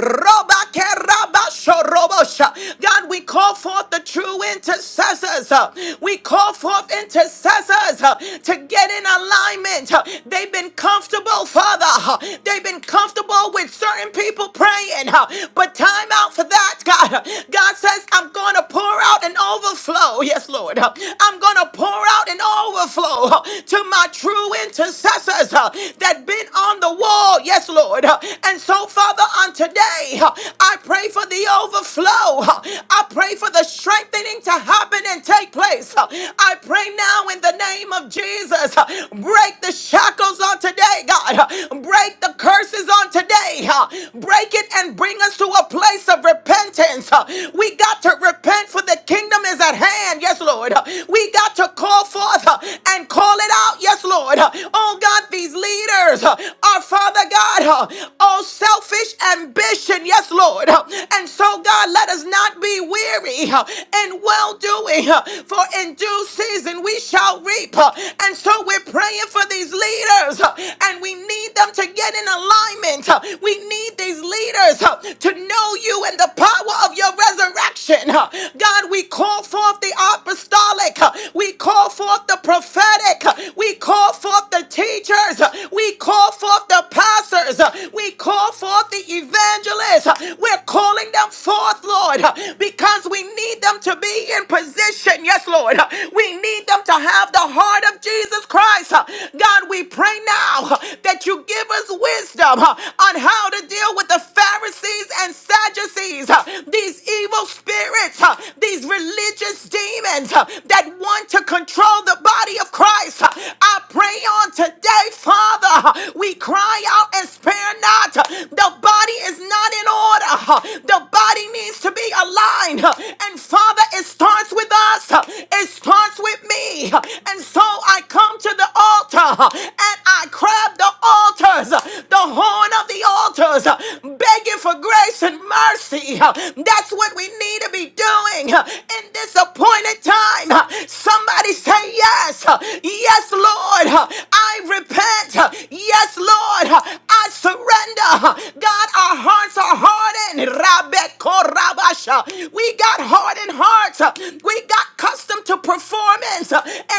Robakerabashorobosha. God, we call forth the true intercessors. huh, We call forth intercessors huh, to get in alignment. huh. They've been comfortable, Father. huh, They've been comfortable with certain people praying. huh, But time out for that, God. huh. God says, I'm going to pour out an overflow. Yes, Lord. huh. I'm going to pour out an overflow huh, to my true true intercessors uh, that been on the wall. Yes, Lord. Uh, And so, Father, on today, uh, I pray for the overflow. Uh, I pray for the strengthening to happen and take place. Uh, I pray now in the name of Jesus. uh, Break the shackles on today, God. Uh, Break the curses on today. uh, Break it and bring us to a place of repentance. Uh, We got to repent for the kingdom is at hand. Yes, Lord. Uh, We got to call forth uh, and call it out. Yes, Lord. Oh, God, these leaders are, Father God, oh, selfish ambition. Yes, Lord. And so, God, let us not be weary in well doing, for in due season we shall reap. And so, we're praying for these leaders, and we need them to get in alignment. We need these leaders to know you and the power of your resurrection. God, we call forth the apostolic, we call forth the prophetic prophetic. We call forth the teachers. We call forth the pastors. We call forth the evangelists. We're calling them forth, Lord, because we need them to be in position. Yes, Lord. We need them to have the heart of Jesus Christ. God, we pray now that you give us wisdom on how to deal with the Pharisees and Sadducees, these evil spirits, these religious demons that want to control control the body of Christ. I pray on today, Father, we cry out and spare not. The body is not in order. The body needs to be aligned. And Father, it starts with us. It starts with me. And so I come to the altar and I grab the altars, the horn of the altars, begging for grace and mercy. That's what we need to be doing in this appointed time. Somebody say yes. Yes, Lord. I repent. Yes, Lord. I surrender. God, our hearts are hardened. Rabekorabasha. We got hardened hearts. We got accustomed to performance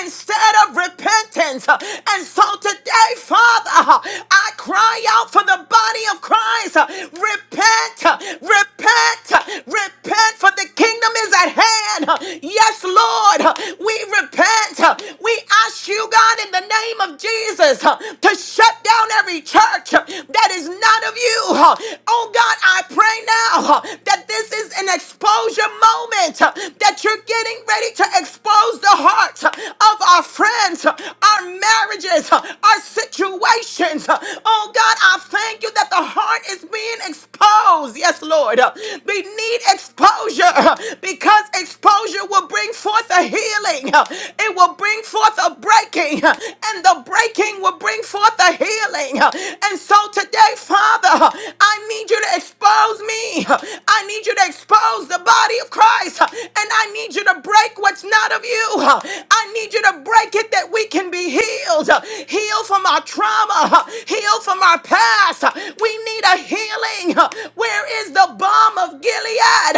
instead of repentance. And so today, Father, I cry out for the body of Christ. Repent, repent, repent, for the kingdom is at hand. Yes, Lord, uh, we repent. uh, We ask you, God, in the name of Jesus, uh, to shut down every church uh, that is not of you. uh. Oh, God, I pray now uh, that this is an exposure moment, uh, that you're getting ready to expose the hearts uh, of our friends, uh, our marriages, uh, our situations. uh. Oh, God, I thank you that the heart is being exposed. Yes, Lord. uh, We need exposure uh, because exposure exposure will bring forth a healing. It will bring forth a breaking, and the breaking will bring forth a healing. And so today, Father, I need you to expose me. I need you to expose the body of Christ, and I need you to break what's not of you. I need you to break it that we can be healed. Heal from our trauma, heal from our past. We need a healing. Where is the balm of Gilead?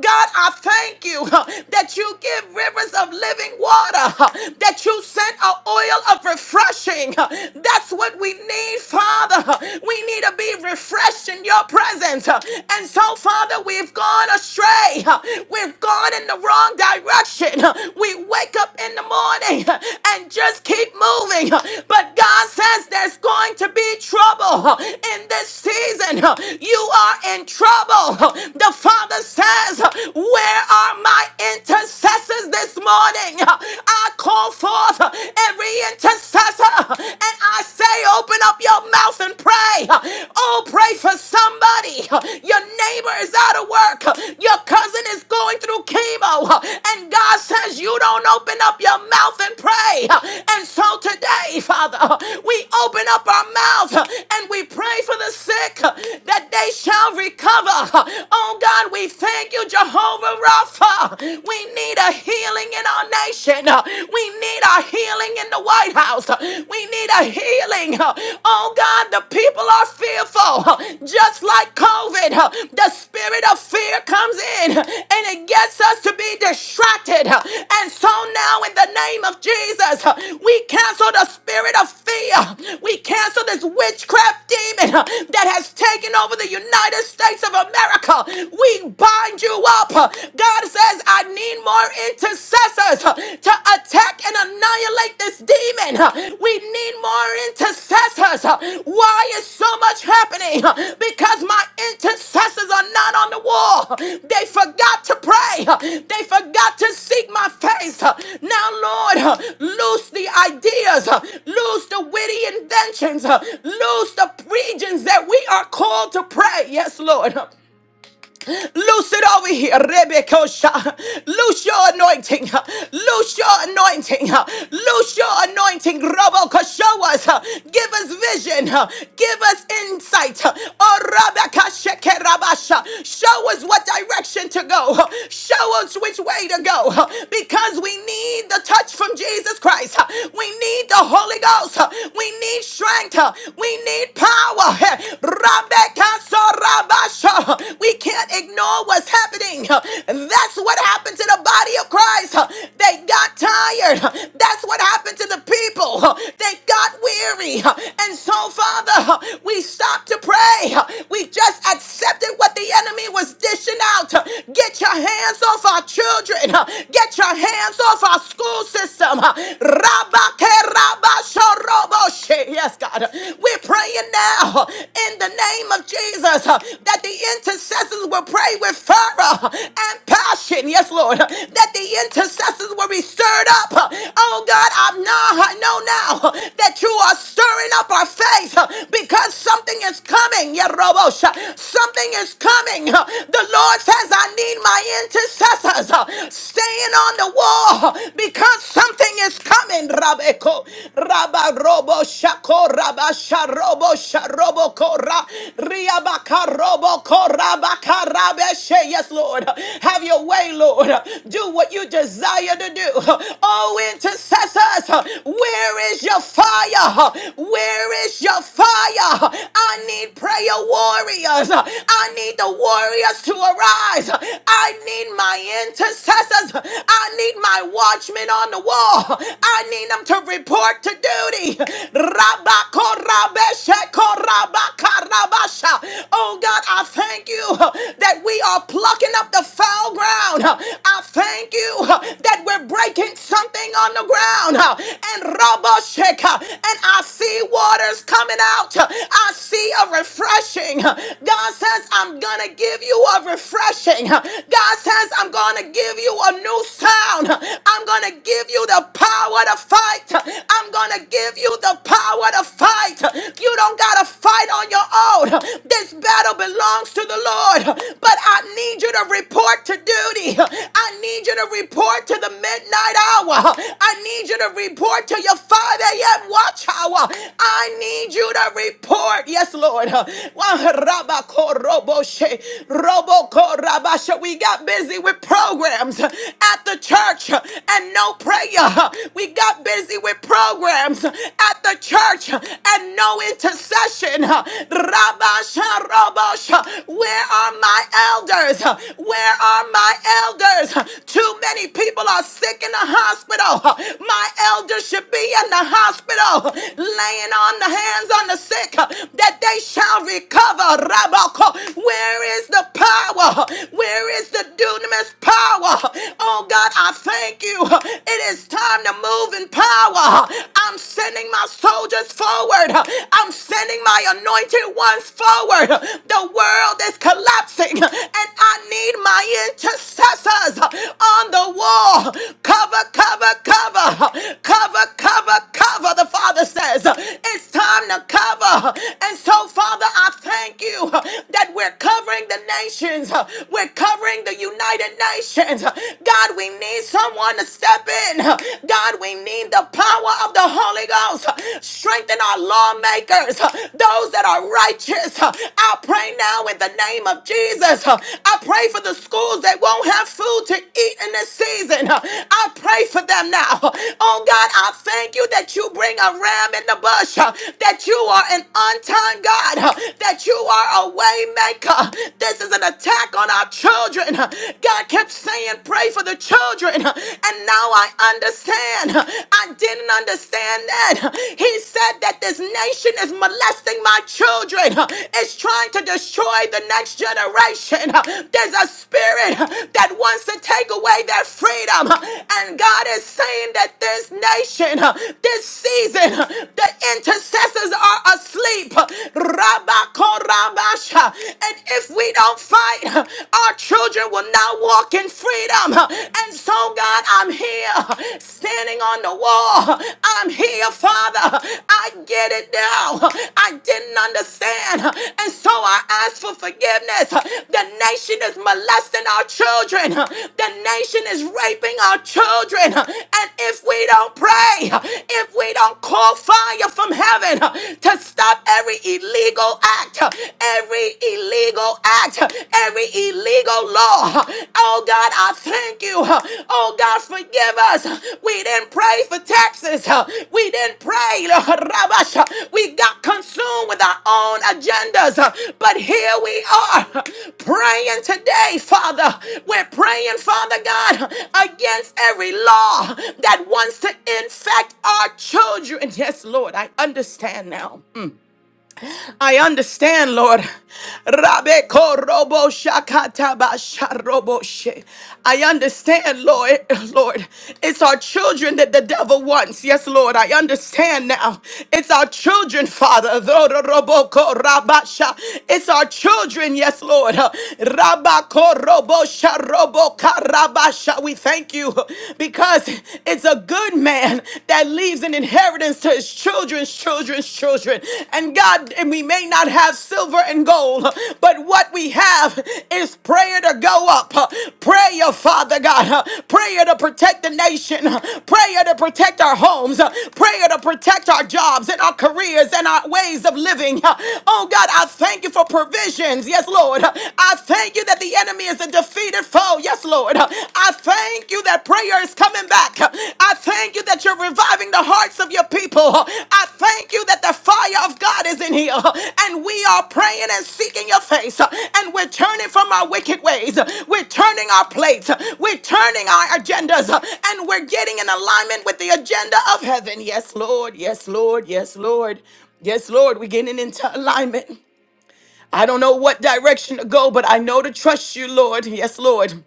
God, I thank you thank you huh, that you give rivers of living water, huh, that you send an oil of refreshing. huh. That's what we need, Father. huh. We need to be refreshed in your presence. huh. And so, Father, we've gone astray. huh. We've gone in the wrong direction. huh. We wake up in the morning huh, and just keep moving. huh. But God says there's going to be trouble huh, in this season. huh. You are in trouble. huh. The Father says, where are my intercessors this morning? I call forth every intercessor and I say, open up your mouth and pray. Oh, pray for somebody. Your neighbor is out of work. Your cousin is going through chemo. And God says, you don't open up your mouth and pray. And so today, Father, we open up our mouth and we pray for the sick that they shall recover. Oh, God, we thank Thank you, Jehovah Rapha. We need a healing in our nation. Uh, We need a healing in the White House. Uh, We need a healing. Uh, Oh God, the people are fearful. Uh, Just like COVID, uh, the spirit of fear comes in uh, and it gets us to be distracted. Uh, And so now, in the name of Jesus, uh, we cancel the spirit of fear. We cancel this witchcraft demon uh, that has taken over the United States of America. We bind you up. God says, I need more intercessors to attack and annihilate this demon. We need more intercessors. Why is so much happening? Because my intercessors are not on the wall. They forgot to pray. They forgot to seek my face. Now, Lord, loose the ideas, loose the witty inventions, loose the regions that we are called to pray. Yes, Lord. Loose it over here, Rebecca. Loose your anointing. Loose your anointing. Loose your anointing. Robo show us. Give us vision. Give us insight. Oh, Rebecca, Shekerabasha. Show us what direction to go. Show us which way to go. Because we need the touch from Jesus Christ. We need the Holy Ghost. We need strength. We need power. Rebecca, Basha. We can't ignore what's happening. That's what happened to the body of Christ. They got tired. That's what happened to the people. They got weary. And so, Father, we stopped to pray. We just accepted what the enemy was dishing out. Get your hands off our children. Get your hands off our school system. Rabba ke rabba shorobo she. Yes, God. We're praying now in the the name of Jesus uh, that the intercessors will pray with fervor uh, and passion. Yes, Lord. uh, That the intercessors will be stirred up. Uh, Oh, God, I know, I know now uh, that you are stirring up our faith uh, because something is coming. Yeah, Robosha. Something is coming. Uh, The Lord says, I need my intercessors uh, staying on the wall uh, because something is coming. Rabeko, Rabba Robo Shako, robo sharobo kora riabaka robo kora baka rabeshe. Yes, Lord. Have your way, Lord. Do what you desire to do. Oh, intercessors, where is your fire? Where is your fire? I need prayer warriors. I need the warriors to arise. I need my intercessors. I need my watchmen on the wall. I need them to report to duty. Rabakorabeshekorabakarabasha. Oh God, I thank you uh, that we are plucking up the foul ground. Uh, I thank you uh, that we're breaking something on the ground. Uh, And Rabasheka, and I see waters coming out. Uh, I see a refreshing. Uh, God says, I'm gonna give you a refreshing. Uh, God says, I'm gonna give you a new sound. Uh, I'm gonna give you the power to fight. I'm going to give you the power to fight. You don't got to fight on your own. This battle belongs to the Lord. But I need you to report to duty. I need you to report to the midnight hour. I need you to report to your 5 a.m. watch hour. I need you to report. Yes, Lord. Rabakoroboshe, robokorabashe. We got busy with programs at the church and no prayer. We got busy with programs at the church and no intercession. Rabash, Rabash, where are my elders? Where are my elders? Too many people are sick in the hospital. My elders should be in the hospital, laying on the hands on the sick that they shall recover. Rabako, where is the power? Where is the dunamis power? Oh God, I I thank you. It is time to move in power. I'm sending my soldiers forward. I'm sending my anointed ones forward. The world is collapsing, and I need my intercessors on the wall. Cover, cover, cover, cover, cover, cover. The Father says it's time to cover. And so, Father, I thank you that we're covering the nations, we're covering the United Nations situations. God, we need someone to step in. God, we need the power of the Holy Ghost. Strengthen our lawmakers, those that are righteous. I pray now in the name of Jesus. I pray for the schools that won't have food to eat in this season. I pray for them now. Oh God, I thank you that you bring a ram in the bush, that you are an on time God, that you are a way maker. This is an attack on our children. God kept saying, Pray for the children. And now I understand. I didn't understand that. He said that this nation is molesting my children, it's trying to destroy the next generation. There's a spirit that wants to take away their freedom. And God is saying that this nation, this season, the intercessors are asleep. Rabakorabasha. And if we don't fight, our children will not walk in freedom. And so, God, I'm here standing on the wall. I'm here, Father. I get it now. I didn't understand. And so I ask for forgiveness. The nation is molesting our children, the nation is raping our children. And if we don't pray, if we don't call fire from heaven to stop every illegal act, every illegal act, every illegal law. Oh God, I thank you. Oh God, forgive us. We didn't pray for taxes. We didn't pray. Lord, Rabash. We got consumed with our own agendas. But here we are praying today, Father. We're praying, Father God, against every law that wants to infect our children. Yes, Lord, I understand now. I understand, Lord. Rabe korobo shakata ba sharobo she. I understand, Lord. Lord, it's our children that the devil wants. Yes, Lord, I understand now. It's our children, Father. Zororobo koraba sha. It's our children, yes, Lord. Rabba korobo sharobo karaba sha. We thank you because it's a good man that leaves an inheritance to his children's children's children. And God, and we may not have silver and gold, but what we have is prayer to go up. Prayer, Father God. Prayer to protect the nation. Prayer to protect our homes. Prayer to protect our jobs and our careers and our ways of living. Oh God, I thank you for provisions. Yes, Lord. I thank you that the enemy is a defeated foe Oh, yes, Lord. I thank you that prayer is coming back. I thank you that you're reviving the hearts of your people. I thank you that the fire of God is in here. And we are praying and seeking your face. And we're turning from our wicked ways. We're turning our plates. We're turning our agendas. And we're getting in alignment with the agenda of heaven. Yes, Lord. Yes, Lord. Yes, Lord. Yes, Lord. We're getting into alignment. I don't know what direction to go, but I know to trust you, Lord. Yes, Lord.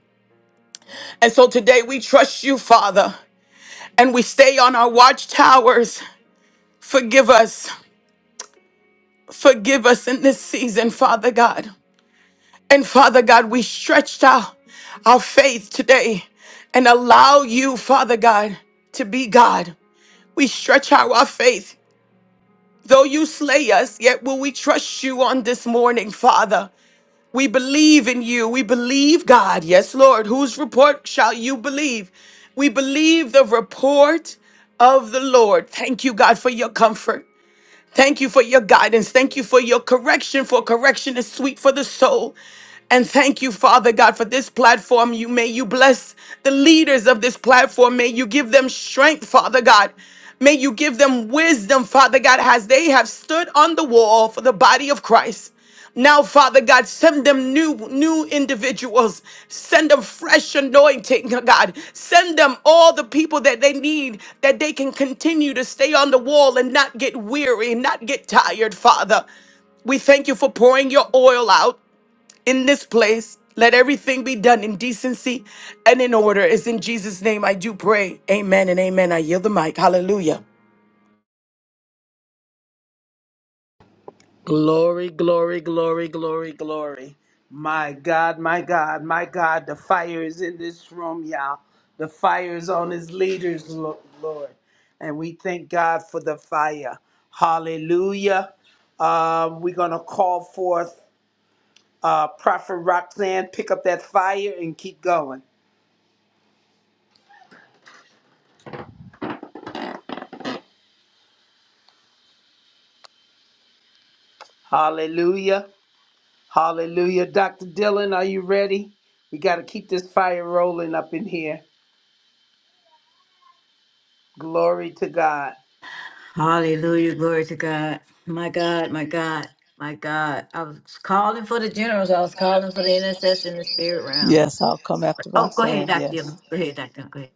And so today we trust you, Father, and we stay on our watchtowers. Forgive us. Forgive us in this season, Father God. And Father God, we stretched out our faith today and allow you, Father God, to be God. We stretch out our faith. Though you slay us, yet will we trust you on this morning, Father. We believe in you. We believe, God. Yes, Lord. Whose report shall you believe? We believe the report of the Lord. Thank you, God, for your comfort. Thank you for your guidance. Thank you for your correction, for correction is sweet for the soul. And thank you, Father God, for this platform. You may you bless the leaders of this platform. May you give them strength, Father God. May you give them wisdom, Father God, as they have stood on the wall for the body of Christ. Now, Father God, send them new, new individuals. Send them fresh anointing, God. Send them all the people that they need that they can continue to stay on the wall and not get weary, not get tired, Father. We thank you for pouring your oil out in this place. Let everything be done in decency and in order. It's in Jesus' name I do pray. Amen and amen. I yield the mic. Hallelujah. Glory, glory, glory, glory, glory. My God, my God, my God, the fire is in this room, y'all. The fire is on his leaders, Lo- Lord. And we thank God for the fire. Hallelujah. Um, we're going to call forth uh, Prophet Roxanne, pick up that fire and keep going. Hallelujah. Hallelujah. Dr. Dylan, are you ready? We got to keep this fire rolling up in here. Glory to God. Hallelujah, glory to God. My God, my God, my God. I was calling for the generals. I was calling for the intercessor in the spirit realm. Yes, I'll come after Oh, go ahead, Roxanne. Dr. Yes. Dillon. Go ahead, Dr. Dillon. Go ahead.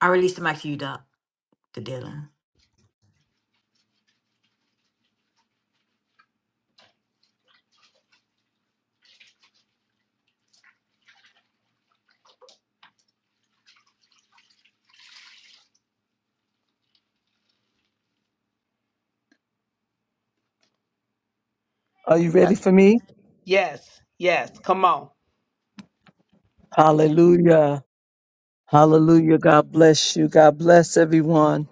I released the mic to you, Doc- Dr. Dillon. Are you ready for me? Yes, yes. Come on. Hallelujah. Hallelujah. God bless you. God bless everyone.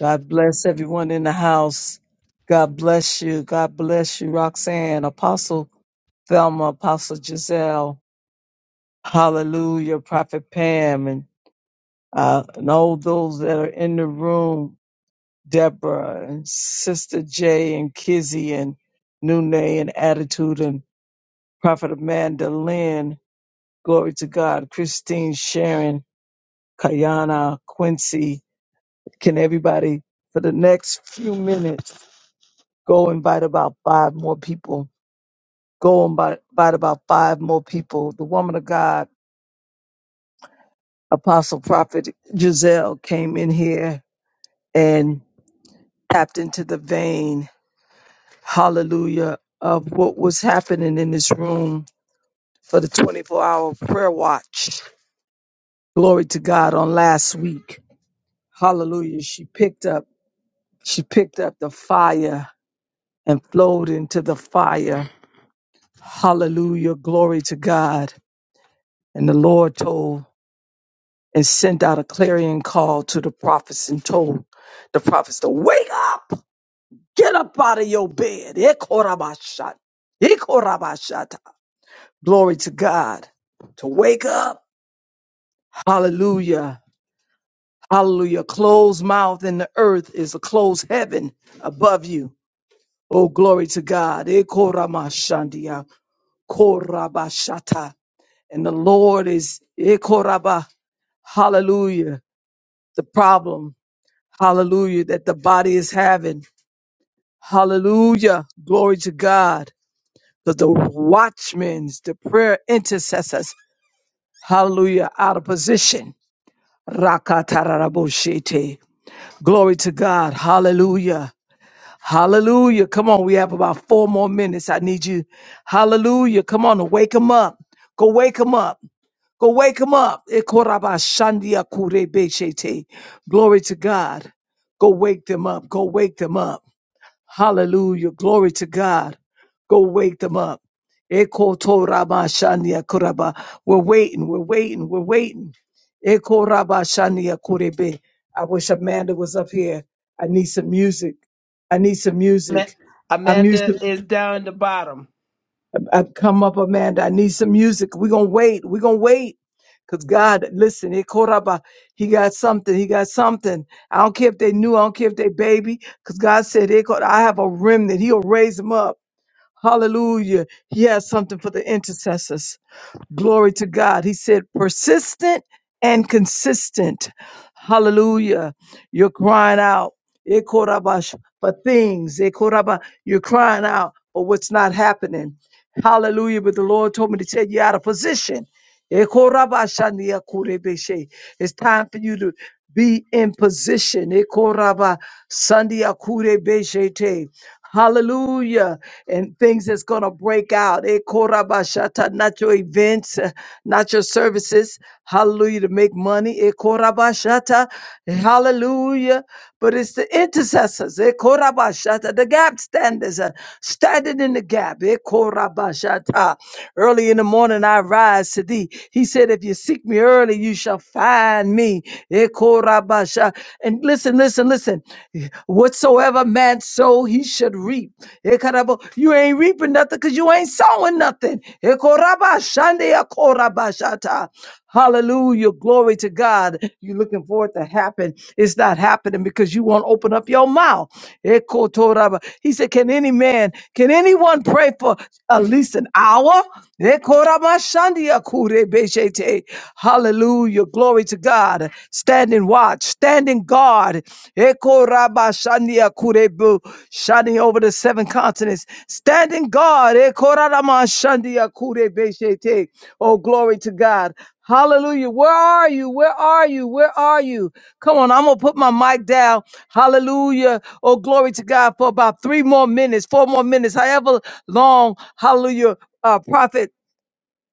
God bless everyone in the house. God bless you. God bless you, Roxanne, Apostle Thelma, Apostle Giselle. Hallelujah. Prophet Pam and, uh, and all those that are in the room. Deborah and Sister Jay and Kizzy and Nune and Attitude and Prophet Amanda Lynn. Glory to God. Christine Sharon. Kayana, Quincy. Can everybody, for the next few minutes, go invite about five more people? Go invite invite about five more people. The woman of God, Apostle Prophet Giselle, came in here and tapped into the vein, hallelujah, of what was happening in this room for the 24 hour prayer watch. Glory to God on last week. Hallelujah. She picked up, she picked up the fire and flowed into the fire. Hallelujah. Glory to God. And the Lord told and sent out a clarion call to the prophets and told the prophets to wake up, get up out of your bed. Ekorabashat. Ekorabashata. Glory to God. To wake up. Hallelujah. Hallelujah. Closed mouth in the earth is a closed heaven above you. Oh, glory to God. Ekoramashandia. Korabashata. And the Lord is, Ikoraba, hallelujah, the problem, hallelujah, that the body is having. Hallelujah, glory to God. But the watchmen, the prayer intercessors, hallelujah, out of position. Rakatararaboshete. Glory to God, hallelujah. Hallelujah. Come on. We have about four more minutes. I need you. Hallelujah. Come on and wake them up. Go wake them up. Go wake them up. Ekorabashandia kurebeshete. Glory to God. Go wake them up. Go wake them up. Hallelujah. Glory to God. Go wake them up. Eko to raba shania kuraba. We're waiting. We're waiting. We're waiting. Eko raba shania kurebe. I wish Amanda was up here. I need some music. I need some Ma- music. I'm used to Amanda is down the bottom. I come up, Amanda. I need some music. We're gonna wait. We're gonna wait. Cause God, listen, Eko raba, He got something. He got something. I don't care if they knew. I don't care if they baby. Cause God said, Eko, I have a remnant. He'll raise them up. Hallelujah. He has something for the intercessors. Glory to God. He said, persistent and consistent. Hallelujah. You're crying out Ekorabash, for things. Ekoraba- You're crying out for what's not happening. Hallelujah. But the Lord told me to tell you out of position. Ekorabashaniakurebeshe. It's time for you to be in position. Ekoraba sandiakurebeshete. Hallelujah. And things that's going to break out. Eh, korabashata, Not your events, eh, not your services. Hallelujah. To make money. Eh, korabashata, Hallelujah. But it's the intercessors. Eh, korabashata, The gap standers. eh, Standing in the gap. Eh, korabashata. Early in the morning, I rise to thee. He said, said, If you seek me early, you shall find me. Ekorabasha. And listen, listen, listen. Whatsoever man sow, he should reap. Ekarabo. You ain't reaping nothing because you ain't sowing nothing. Ekorabashande ekorabashata. Hallelujah. Glory to God. You're looking for it to happen. It's not happening because you won't open up your mouth. Ekotoraba. He said, Can any man, can anyone pray for at least an hour? Ekoramashandia Hallelujah. Glory to God. Standing watch, standing guard. Ekorabashandia Shining over the seven continents. Standing guard. Ekoramashandia Oh, glory to God. Hallelujah. Where are you? Where are you? Where are you? Come on, I'm gonna put my mic down. Hallelujah. Oh, glory to God for about three more minutes, four more minutes, however long. Hallelujah. Uh, prophet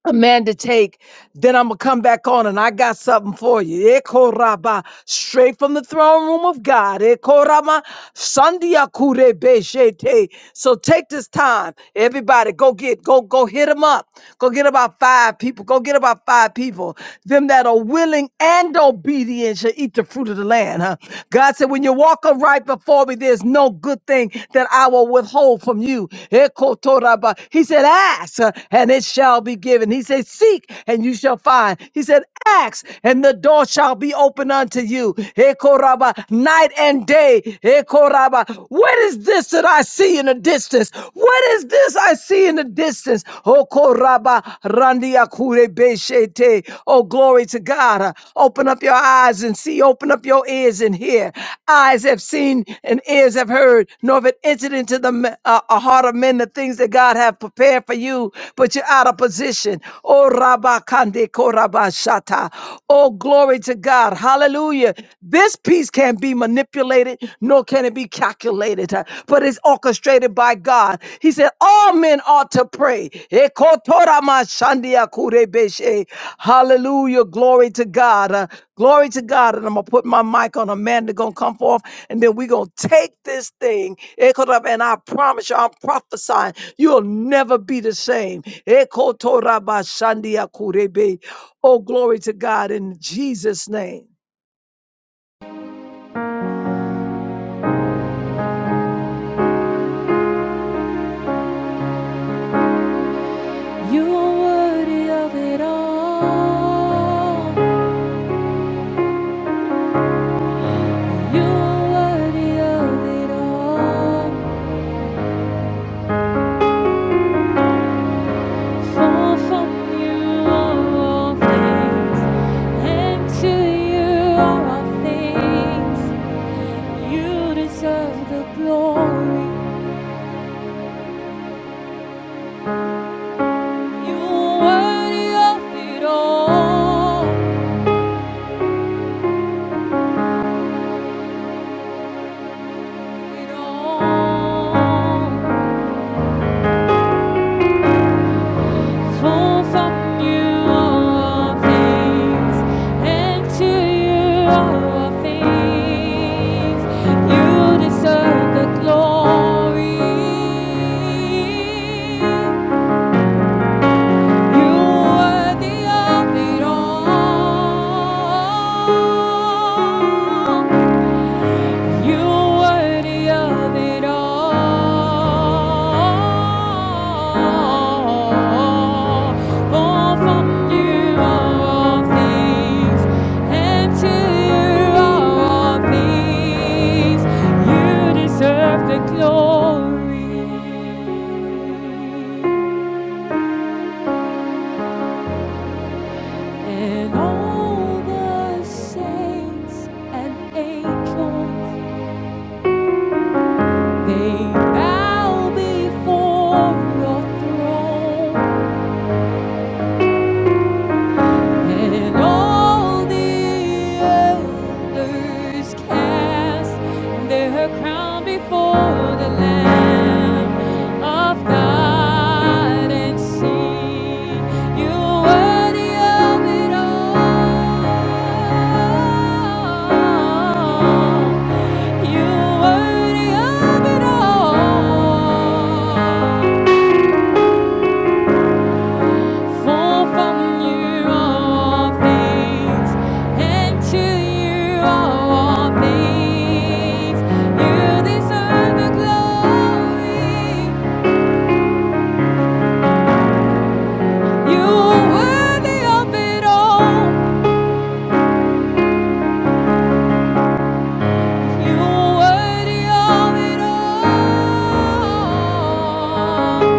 a man to take, then I'm gonna come back on and I got something for you. Ekoraba, straight from the throne room of God. Ekorama, sandia kure beshete. So take this time, everybody. Go get, go, go hit them up. Go get about five people. Go get about five people. Them that are willing and obedient shall eat the fruit of the land. Huh? God said, when you walk right before me, there's no good thing that I will withhold from you. Ekotoraba. He said, ask uh, and it shall be be given. He said, Seek and you shall find. He said, Ask and the door shall be open unto you. Ekoraba, night and day. Ekoraba, what is this that I see in the distance? What is this I see in the distance? Okoraba, randiakure beshete. Oh, glory to God. Open up your eyes and see. Open up your ears and hear. Eyes have seen and ears have heard, nor have it entered into the me- uh, uh, heart of men the things that God have prepared for you. But your out of position. Oh, Rabakande Korabashata. Oh, glory to God. Hallelujah. This peace can't be manipulated, nor can it be calculated, uh, but it's orchestrated by God. He said, All men ought to pray. Ekotoramashandia kurebeshe. Hallelujah. Glory to God. Uh, glory to God. And I'm going to put my mic on. Amanda going to come forth, and then we're going to take this thing. Ekotorab- And I promise you, I'm prophesying, you'll never be the same. Ekotorabashandiakurebe. Oh, glory to God in Jesus' name. You are worthy of it all. You are worthy of it all. For from you are all things, and to you are all things. You deserve the glory. You are worthy of it all. It all. For from you all things, and to you all things. You deserve the glory. You are the of it you worthy of it all. For from you all things, and you all things. You deserve the glory. And all the saints and angels They bow before your throne, and all the elders cast their crown before the Lamb of God and sing, "You are worthy of it all. You are worthy of it all." For from you all things, and to you all things. You deserve the glory. You worthy of it all. You worthy of it all.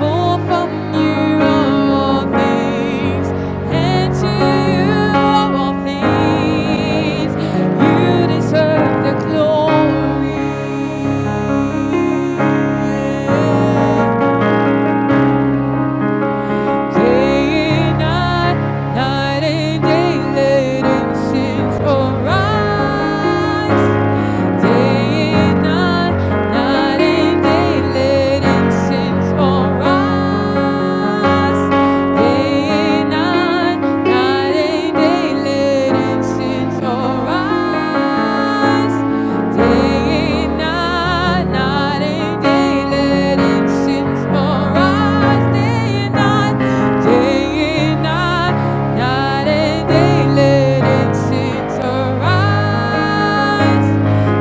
For from you are all things, and to you are all things. You deserve the glory. Day and night, night and day, let incense arise. Day and night, night and day, let incense arise. Day and night, night and day, let incense arise. Day and night, night and day, letting sins arise. Day and night, day and night, night and day, letting sins arise.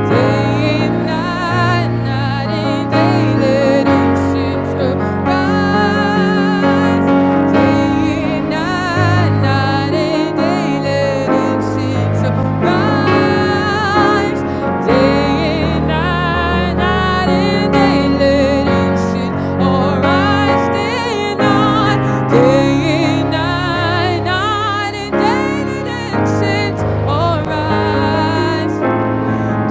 Day and night, night and day, letting sins arise. All rise.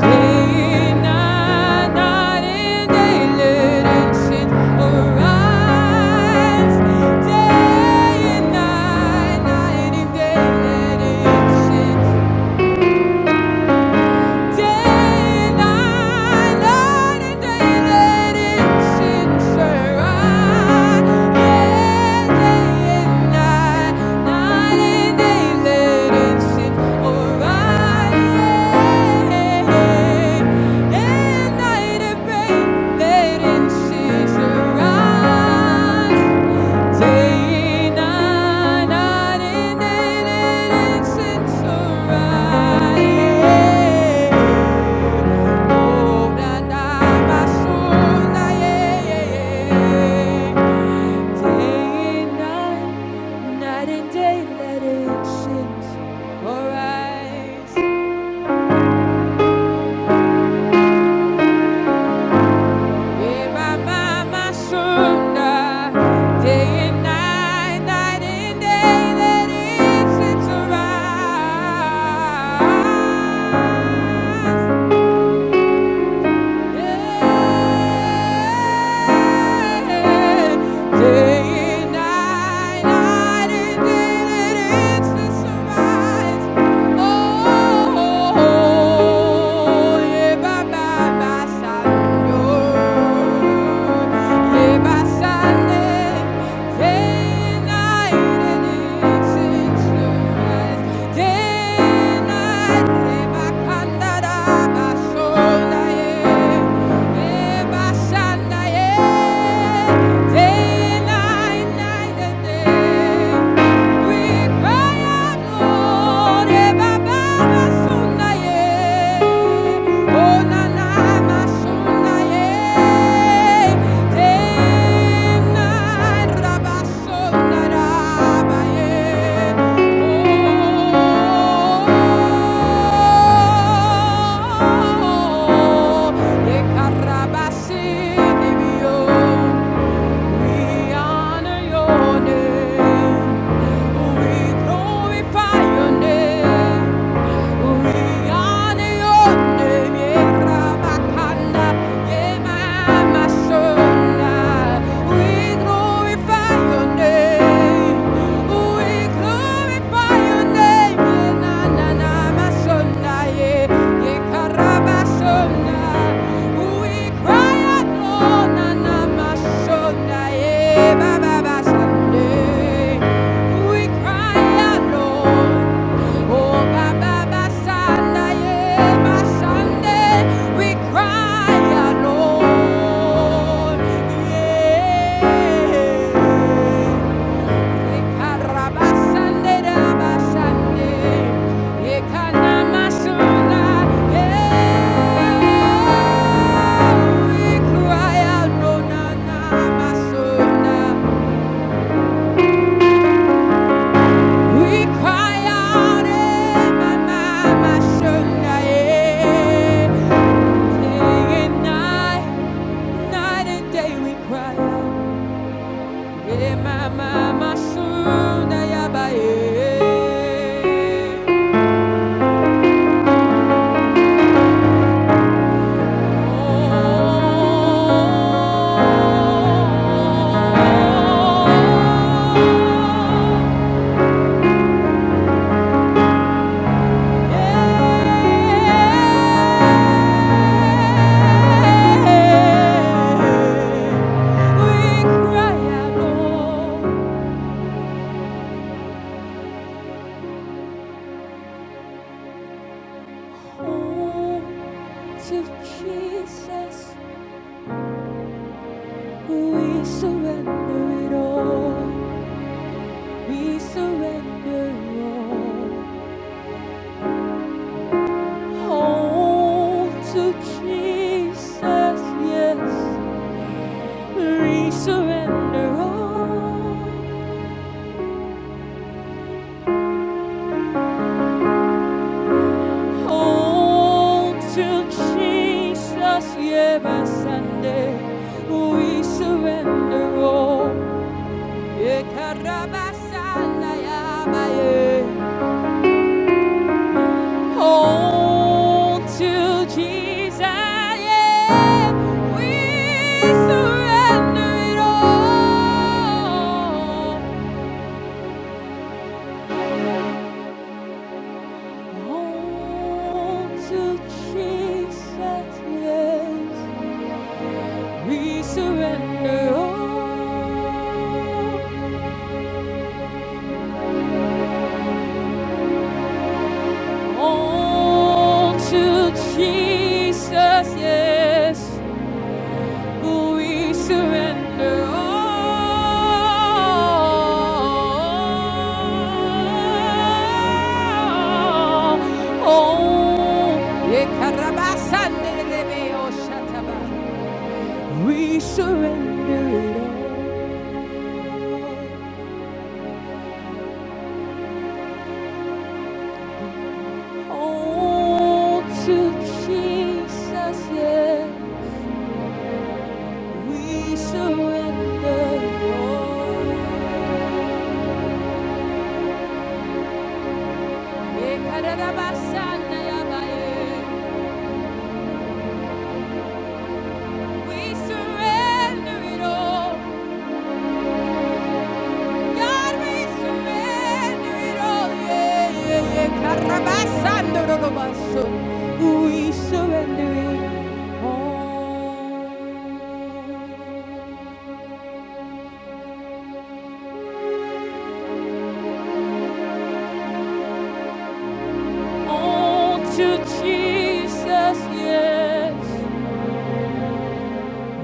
Day and night, night and day, let it shine. Thank you Day and night, night and day, let it sense arise. Oh, na, na, my yeah, yeah, yeah. Day and night, night and day, let it sense arise. Eba mama sunda, day and night, night and day, that is its arise. Yeah. Day and night, night and day, that is its arise. Day and night, night and day. Oh, we honor your name. We glorify your name. We honor your name, yeah, Rabakanda, yeah, my, my We glorify your name. We glorify your name, yeah, na, na, na, my son, yeah, yeah, Karabasona. We cry out, Lord, na, na, my son, yeah, ba, ba, ba, Sunday. We cry out, Lord. Oh, Baba, my Sunday, my Sunday, we cry out, Lord. Yeah. Ekaraba Sunday, Raba Sunday, Ekanama Sunday, yeah. We cry out, no, na, na, masunda. We cry out, eh, my, my, my, Shonda, eh. Day and night, night and day we cry out, eh, my, my, my, Shonda, yaba, eh. Oh, yeah. Jesus, we surrender it all. We surrender all. Hold to Jesus, yes, we surrender all. Oh, to Jesus, every Sunday we surrender all. Yekarabasandayamaye. Oh, to Jesus, yeah, we surrender it all. Oh, to Jesus, yes. We surrender all, all to Jesus, yes. We surrender all. Oh, ye karabasande rebe oshataba. we surrender it all. All to Jesus, yeah, we surrender all. We surrender it all. God, we surrender it all. Yeah, yeah, yeah. Karabasando robaso. We surrender it all. all to Jesus, yes,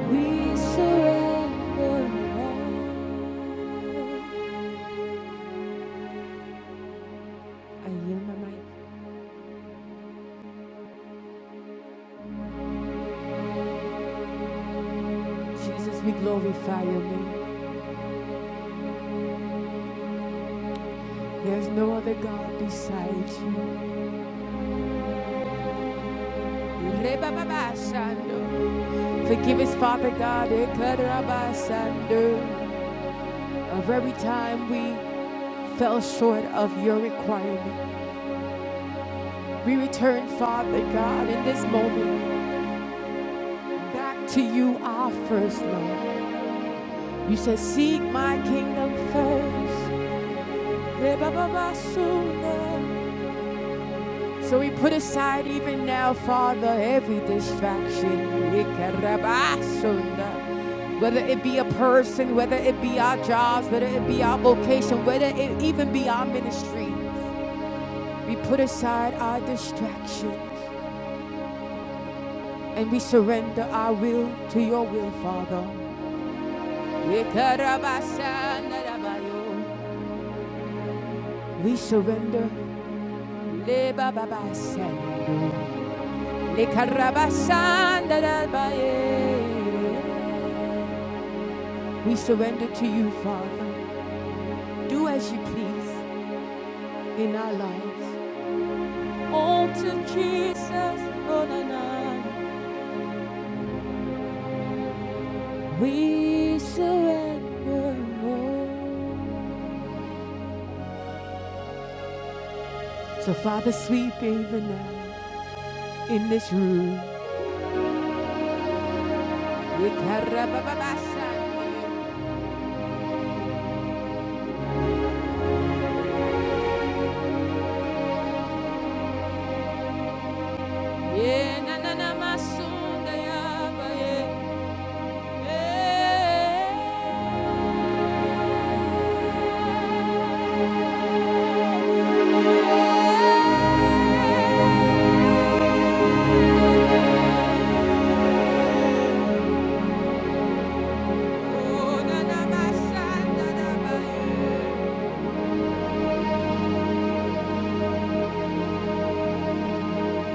we surrender all. I yield my mic. Jesus, we glorify your name. There's no other God besides you. Rebababashando. Forgive us, Father God, of every time we fell short of your requirement. We return, Father God, in this moment back to you, our first love. You said, Seek my kingdom 1st So no. So we put aside even now, Father, every distraction. Whether it be a person, whether it be our jobs, whether it be our vocation, whether it even be our ministry, we put aside our distractions and we surrender our will to your will, Father. We surrender Le bababasa, le carabasanda da We surrender to you, Father. Do as you please in our lives. All to Jesus, oh na na. We surrender. all. So, Father, sweet favor now in this room. Le carababasa, ye na na na masunda ya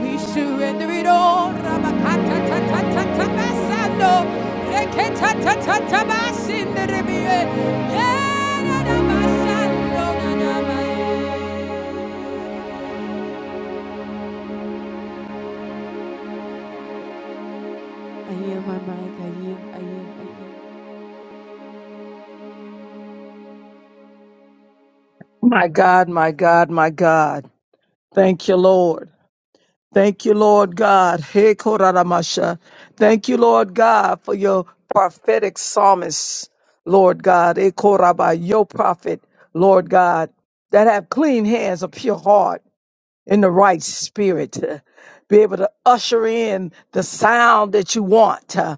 We surrender it all. I yield my mic. I yield. I yield. I yield. My God, my God, my God. Thank you, Lord. Thank you, Lord God. Hey, Koraramasha. Thank you, Lord God, for your prophetic psalmist, Lord God. Hey, Koraba, your prophet, Lord God, that have clean hands, a pure heart. in the right spirit to be able to usher in the sound that you want. Uh,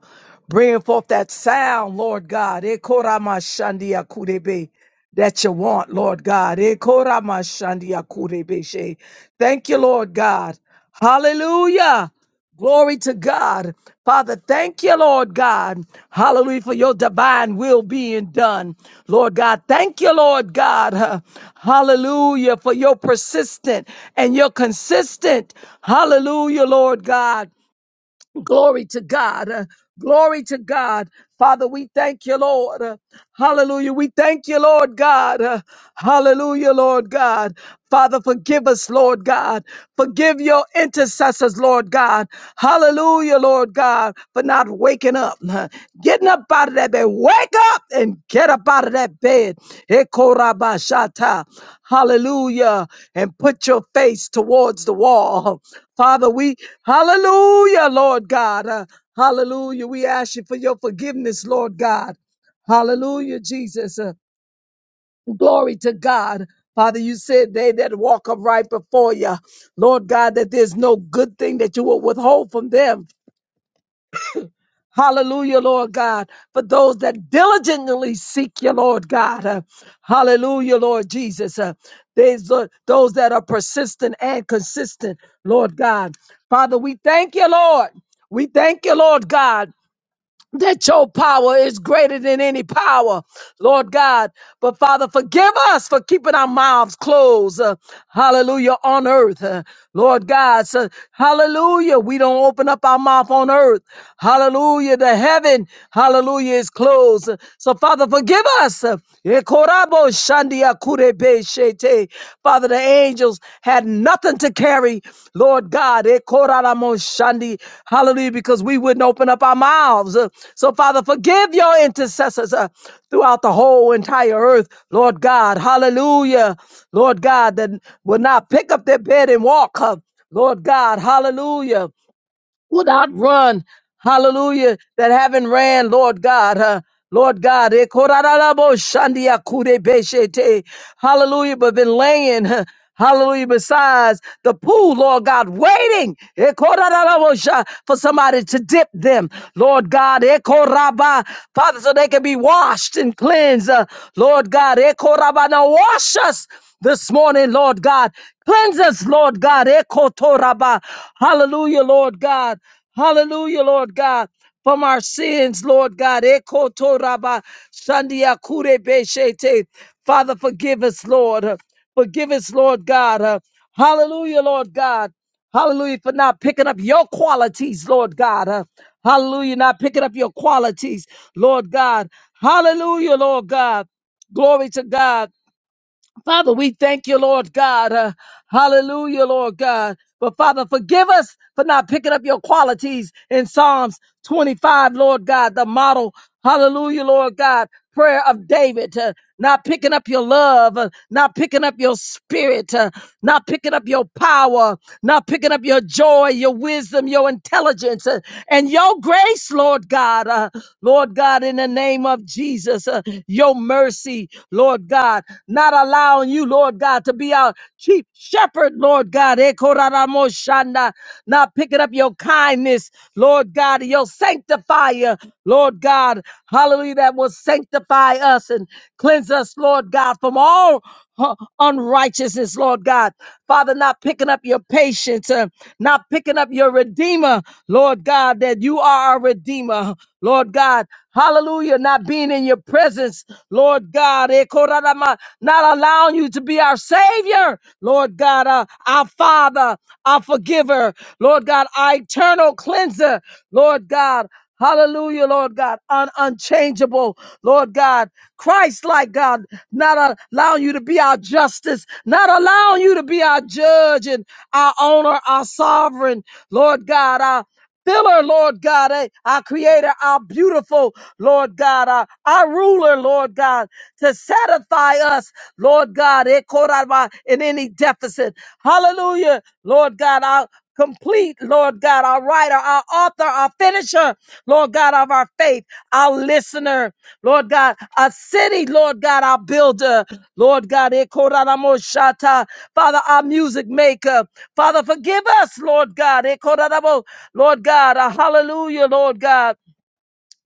bring forth that sound, Lord God. Eh, koramashandia kurebe, That you want, Lord God. Eh, koramashandia kurebe she. Thank you, Lord God. Hallelujah. Glory to God. Father, thank you, Lord God. Hallelujah for your divine will being done. Lord God, thank you, Lord God. huh. Hallelujah for your persistent and your consistent. Hallelujah, Lord God. Glory to God. Uh, Glory to God. Father, we thank you, Lord. Uh, Hallelujah. We thank you, Lord God. Uh, Hallelujah, Lord God. Father, forgive us, Lord God. Forgive your intercessors, Lord God. Hallelujah, Lord God, for not waking up, uh, getting up out of that bed. Wake up and get up out of that bed. Ekorabashata. Hallelujah. And put your face towards the wall. Father, we, hallelujah, Lord God. Uh, hallelujah. We ask you for your forgiveness, Lord God. Hallelujah, Jesus. Uh, glory to God. Father, you said they that walk upright before you, Lord God, that there's no good thing that you will withhold from them. Hallelujah, Lord God. For those that diligently seek you, Lord God. Uh, hallelujah, Lord Jesus. Uh, there's uh, those that are persistent and consistent, Lord God. Father, we thank you, Lord. We thank you, Lord God that your power is greater than any power, Lord God. But Father, forgive us for keeping our mouths closed, uh, hallelujah, on earth, uh, Lord God. So, hallelujah, we don't open up our mouth on earth, hallelujah. The heaven, hallelujah, is closed. So, Father, forgive us. uh, Shete. Father, the angels had nothing to carry, Lord God. Eh, koraramoshandi. Hallelujah, because we wouldn't open up our mouths. Uh, So, Father, forgive your intercessors uh, throughout the whole entire earth, Lord God. Hallelujah, Lord God, that will not pick up their bed and walk. uh, Lord God, hallelujah would outrun, hallelujah, that haven't ran, Lord God, huh? Lord God, eh, korarabo shandia kure beshete. hallelujah, but been laying, huh, hallelujah, besides the pool, Lord God, waiting eh, korarabo sha- for somebody to dip them, Lord God, eh, koraba, Father, so they can be washed and cleansed, uh, Lord God, eh, koraba. now wash us this morning, Lord God. Cleanse us, Lord God. Ekotoraba. Hallelujah, Lord God. Hallelujah, Lord God. From our sins, Lord God. Ekotoraba. Shandia kurebeshete. Father, forgive us, Lord. Forgive us, Lord God. Uh, Hallelujah, Lord God. Hallelujah, for not picking up your qualities, Lord God. Uh, Hallelujah, not picking up your qualities, Lord God. Hallelujah, Lord God. Glory to God. Father, we thank you, Lord God. Uh, hallelujah, Lord God. But Father, forgive us for not picking up your qualities in Psalms 25, Lord God, the model. Hallelujah, Lord God. Prayer of David, uh, not picking up your love, uh, not picking up your spirit, uh, not picking up your power, not picking up your joy, your wisdom, your intelligence, uh, and your grace, Lord God. Uh, Lord God, in the name of Jesus, uh, your mercy, Lord God, not allowing you, Lord God, to be our chief shepherd, Lord God, Eh, koraramoshanda. not picking up your kindness, Lord God, your sanctifier, Lord God, hallelujah, that will sanctify us and cleanse us, Lord God, from all uh, unrighteousness, Lord God. Father, not picking up your patience, uh, not picking up your redeemer, Lord God, that you are a redeemer, Lord God. Hallelujah, not being in your presence, Lord God. Eh, koradama, Not allowing you to be our Savior, Lord God, uh, our Father, our forgiver, Lord God, our eternal cleanser, Lord God. Hallelujah, Lord God. Un- unchangeable, Lord God. Christ like God, not allowing you to be our justice, not allowing you to be our judge and our owner, our sovereign, Lord God, our filler, Lord God, eh, our creator, our beautiful, Lord God, our, our ruler, Lord God, to satisfy us, Lord God, eh, Koraba, in any deficit. Hallelujah, Lord God, complete, Lord God, our writer, our author, our finisher, Lord God, of our faith, our listener, Lord God, our city, Lord God, our builder, Lord God, Ekoramoshata, Father, our music maker, Father, forgive us, Lord God, Ekoramo, Lord God, a hallelujah, Lord God.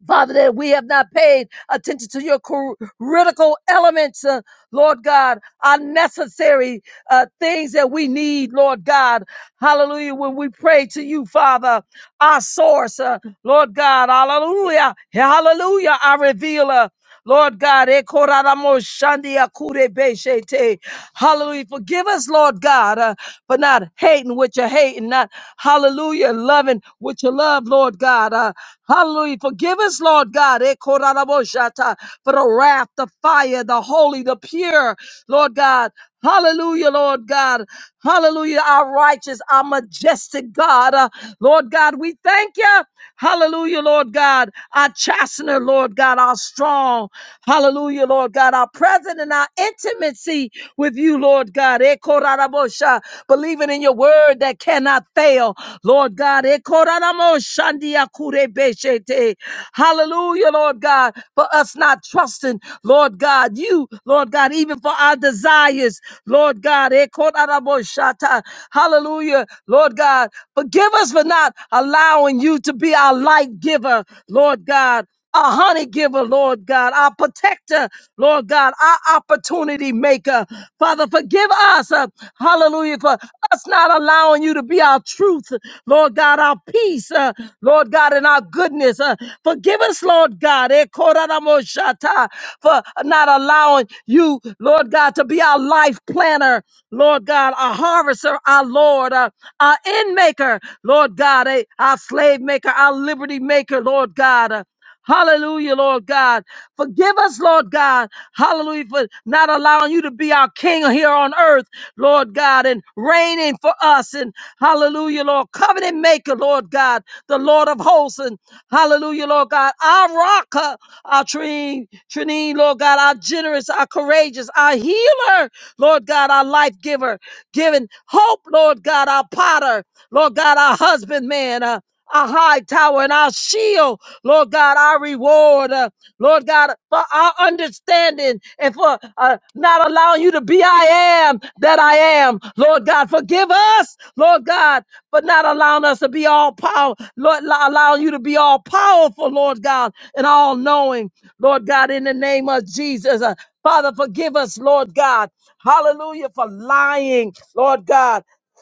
Father, that we have not paid attention to your cr- critical elements, uh, Lord God, are necessary uh, things that we need, Lord God. Hallelujah. When we pray to you, Father, our source, uh, Lord God, hallelujah. Hallelujah, our revealer. Lord God, eh, koraramo shandi akure beshete. hallelujah. Forgive us, Lord God, uh, for not hating what you're hating, not hallelujah, loving what you love, Lord God. Uh, hallelujah. Forgive us, Lord God, eh, koraramo shata, for the wrath, the fire, the holy, the pure, Lord God. Hallelujah, Lord God. Hallelujah, our righteous, our majestic God. Uh, Lord God, we thank you. Hallelujah, Lord God. Our chastener, Lord God. Our how strong, hallelujah, Lord God, our present and our intimacy with you, Lord God. Eh, korarabosha, Believing in your word that cannot fail, Lord God. Eh, koraraboshandia kurebeshete. Hallelujah, Lord God, for us not trusting, Lord God, you, Lord God, even for our desires, Lord God. Eh, koraraboshata. Hallelujah, Lord God. Forgive us for not allowing you to be our light giver, Lord God our honey giver, Lord God, our protector, Lord God, our opportunity maker. Father, forgive us, uh, hallelujah, for us not allowing you to be our truth, Lord God, our peace, uh, Lord God, and our goodness. Uh, forgive us, Lord God, eh, koraramoshata, for not allowing you, Lord God, to be our life planner, Lord God, our harvester, our Lord, uh, our end maker, Lord God, eh, our slave maker, our liberty maker, Lord God. Uh, Hallelujah, Lord God. Forgive us, Lord God. Hallelujah, for not allowing you to be our king here on earth, Lord God, and reigning for us. And hallelujah, Lord, covenant maker, Lord God, the Lord of hosts. And hallelujah, Lord God, our rock, uh, our Trinine, Trinine, Lord God, our generous, our courageous, our healer, Lord God, our life giver, giving hope, Lord God, our potter, Lord God, our husbandman, uh, our high tower and our shield. Lord God, our reward, uh, Lord God, for our understanding and for uh, not allowing you to be I am that I am. Lord God, forgive us, Lord God, for not allowing us to be all power, Lord, lo- allowing you to be all powerful, Lord God, and all knowing, Lord God, in the name of Jesus. Uh, Father, forgive us, Lord God. Hallelujah, for lying, Lord God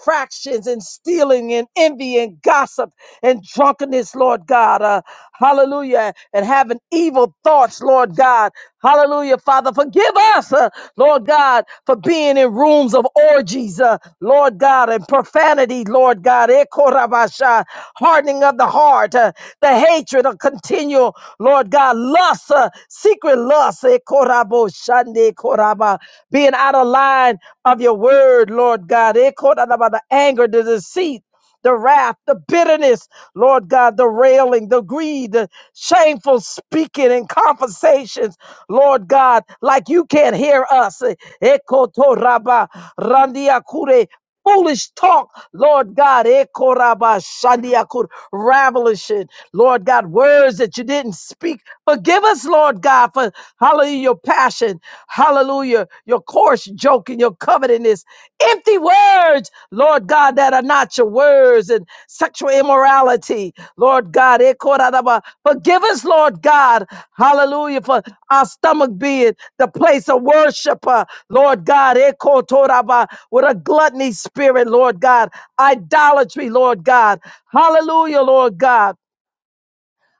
fractions and stealing and envy and gossip and drunkenness, Lord God. Uh, hallelujah. And having evil thoughts, Lord God. Hallelujah, Father. Forgive us, uh, Lord God, for being in rooms of orgies, uh, Lord God, and profanity insanity, Lord God, Ekorabasha, hardening of the heart, uh, the hatred of continual, Lord God, lust, uh, secret lust, Ekorabo Shande Koraba, being out of line of your word, Lord God, Ekorababa, the anger, the deceit the wrath, the bitterness, Lord God, the railing, the greed, the shameful speaking and conversations, Lord God, like you can't hear us. Ekotoraba randiakure, Foolish talk, Lord God, ekoraba shandiakur, ravelishing, Lord God, words that you didn't speak. Forgive us, Lord God, for hallelujah, your passion hallelujah, your coarse joke and your covetousness, empty words, Lord God, that are not your words, and sexual immorality, Lord God. eh, koradaba. Forgive us, Lord God, hallelujah, for our stomach being the place of worship, uh, Lord God, eh, kotoraba, with a gluttony spirit, Lord God, idolatry, Lord God, hallelujah, Lord God.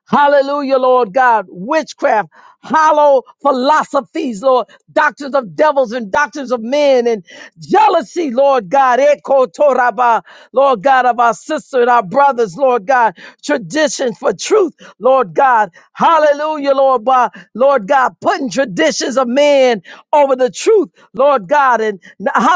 Hallelujah, Lord God. Witchcraft, hollow philosophies, Lord. Doctrines of devils and doctrines of men and jealousy, Lord God. Eko toraba, Lord God, of our sister and our brothers, Lord God. Tradition for truth, Lord God. Hallelujah, Lord God. Lord God, putting traditions of men over the truth, Lord God. And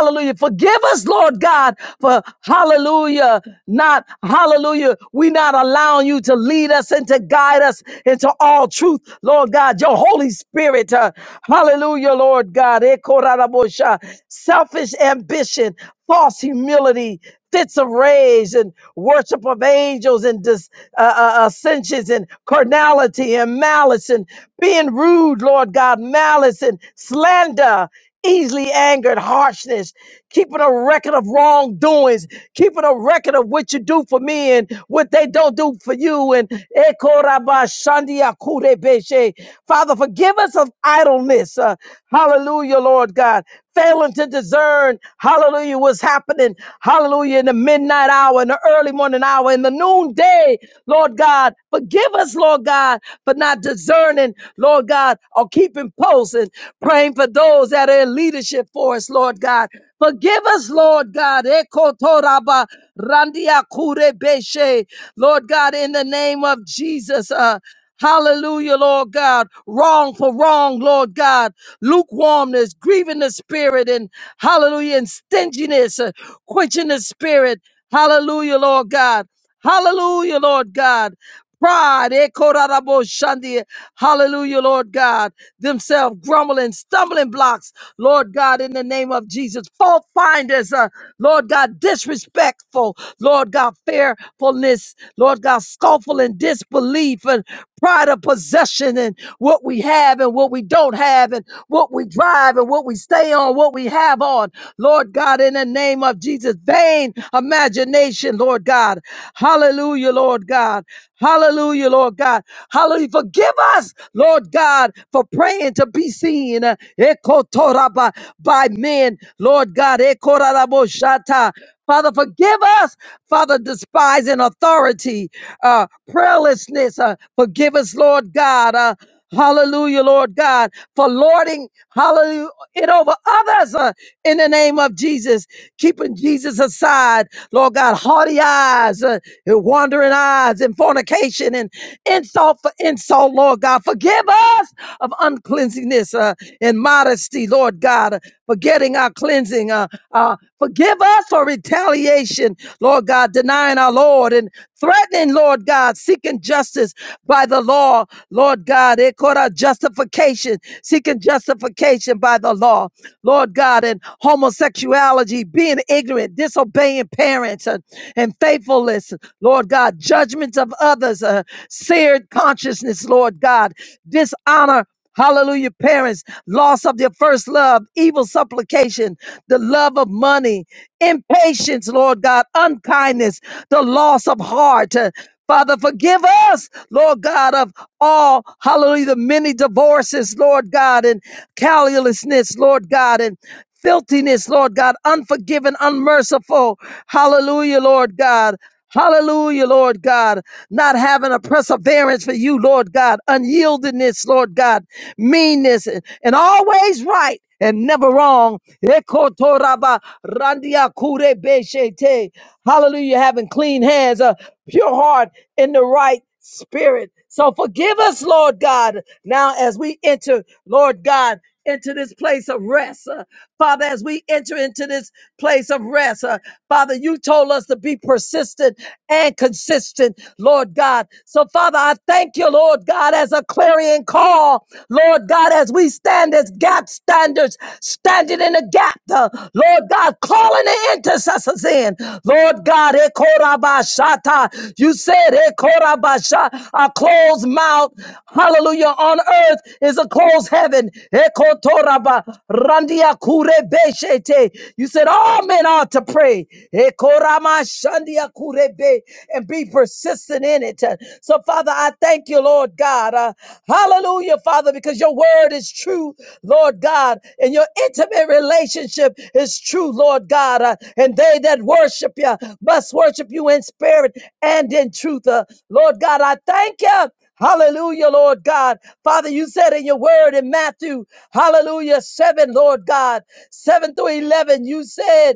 Hallelujah. Forgive us, Lord God, for hallelujah, not hallelujah. We not allowing you to lead us and to guide us into all truth, Lord God. Your Holy Spirit, uh, hallelujah, Lord God. Eh, korarabosha. Selfish ambition, false humility fits of rage and worship of angels and dis, uh, uh, ascensions and carnality and malice and being rude, Lord God, malice and slander, easily angered, harshness, keeping a record of wrongdoings, keeping a record of what you do for me and what they don't do for you. And Ekorabashandiakurebeshe. Father, forgive us of idleness. uh, Hallelujah hallelujah, Lord God, failing to discern, hallelujah, what's happening, hallelujah, in the midnight hour, in the early morning hour, in the noonday, Lord God. Forgive us, Lord God, for not discerning, Lord God, or keeping posts and praying for those that are in leadership for us, Lord God. Forgive us, Lord God. Ekotoraba randia kurebeshe. Lord God, in the name of Jesus. uh, Hallelujah, Lord God. Wrong for wrong, Lord God. Lukewarmness, grieving the spirit, and hallelujah, and stinginess, uh, quenching the spirit. Hallelujah, Lord God. Hallelujah, Lord God. Pride, eh, korarabo shandi. hallelujah, Lord God. Themselves grumbling, stumbling blocks, Lord God, in the name of Jesus. Fault finders, uh, Lord God, disrespectful, Lord God, fearfulness, Lord God, scornful and disbelief, and pride of possession and what we have and what we don't have and what we drive and what we stay on, what we have on. Lord God, in the name of Jesus, vain imagination, Lord God. Hallelujah, Lord God. Hallelujah, Lord God. Hallelujah. Forgive us, Lord God, for praying to be seen uh, ekotoraba, by men, Lord God. ekoraboshata. Father, forgive us, Father, despising authority uh, prayerlessness. Uh, forgive us, Lord God. Uh, hallelujah, Lord God, for lording, hallelujah, it over others uh, in the name of Jesus. Keeping Jesus aside, Lord God, haughty eyes, uh, and wandering eyes, and fornication, and insult for insult, Lord God. Forgive us of uncleanliness uh, and modesty, Lord God, uh, forgetting our cleansing. Uh, uh, forgive us for retaliation, Lord God, denying our Lord and threatening, Lord God, seeking justice by the law, Lord God, it called out justification, seeking justification by the law, Lord God, and homosexuality, being ignorant, disobeying parents, and, and faithfulness, Lord God, judgments of others, uh, seared consciousness, Lord God, dishonor. Hallelujah, parents, loss of their first love, evil supplication, the love of money, impatience, Lord God, unkindness, the loss of heart. Uh, Father, forgive us, Lord God, of all, hallelujah, the many divorces, Lord God, and callousness, Lord God, and filthiness, Lord God, unforgiving, unmerciful, hallelujah, Lord God. Hallelujah, Lord God. Not having a perseverance for you, Lord God. Unyieldingness, Lord God. Meanness and and always right and never wrong. Ekotoraba randia kure beshete. Hallelujah. Having clean hands, a pure heart in the right spirit. So forgive us, Lord God, now as we enter, Lord God, into this place of rest. Uh, Father, as we enter into this place of rest, uh, Father, you told us to be persistent and consistent, Lord God. So, Father, I thank you, Lord God, as a clarion call, Lord God, as we stand as gap standers, standing in the gap uh, Lord God, calling the intercessors in. Lord God, Ekorabashata. you said, Ekorabasha, a closed mouth, hallelujah, on earth is a closed heaven. Ekotoraba, randia kurebeshete. You said, all men ought to pray. Ekoramashandia kurebe, And be persistent in it. So, Father, I thank Thank you, Lord God. Uh, hallelujah, Father, because your word is true, Lord God, and your intimate relationship is true, Lord God. Uh, and they that worship you must worship you in spirit and in truth. Uh, Lord God, I thank you. Hallelujah, Lord God. Father, you said in your word in Matthew, hallelujah, 7, Lord God, 7 through 11, you said,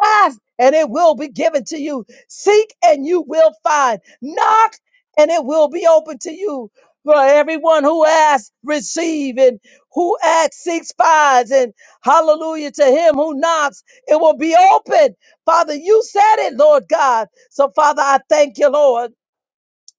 ask and it will be given to you. Seek and you will find. Knock and it will be open to you. For everyone who asks, receive, and who asks, seeks, finds, and hallelujah to him who knocks, it will be open. Father, you said it, Lord God. So, Father, I thank you, Lord.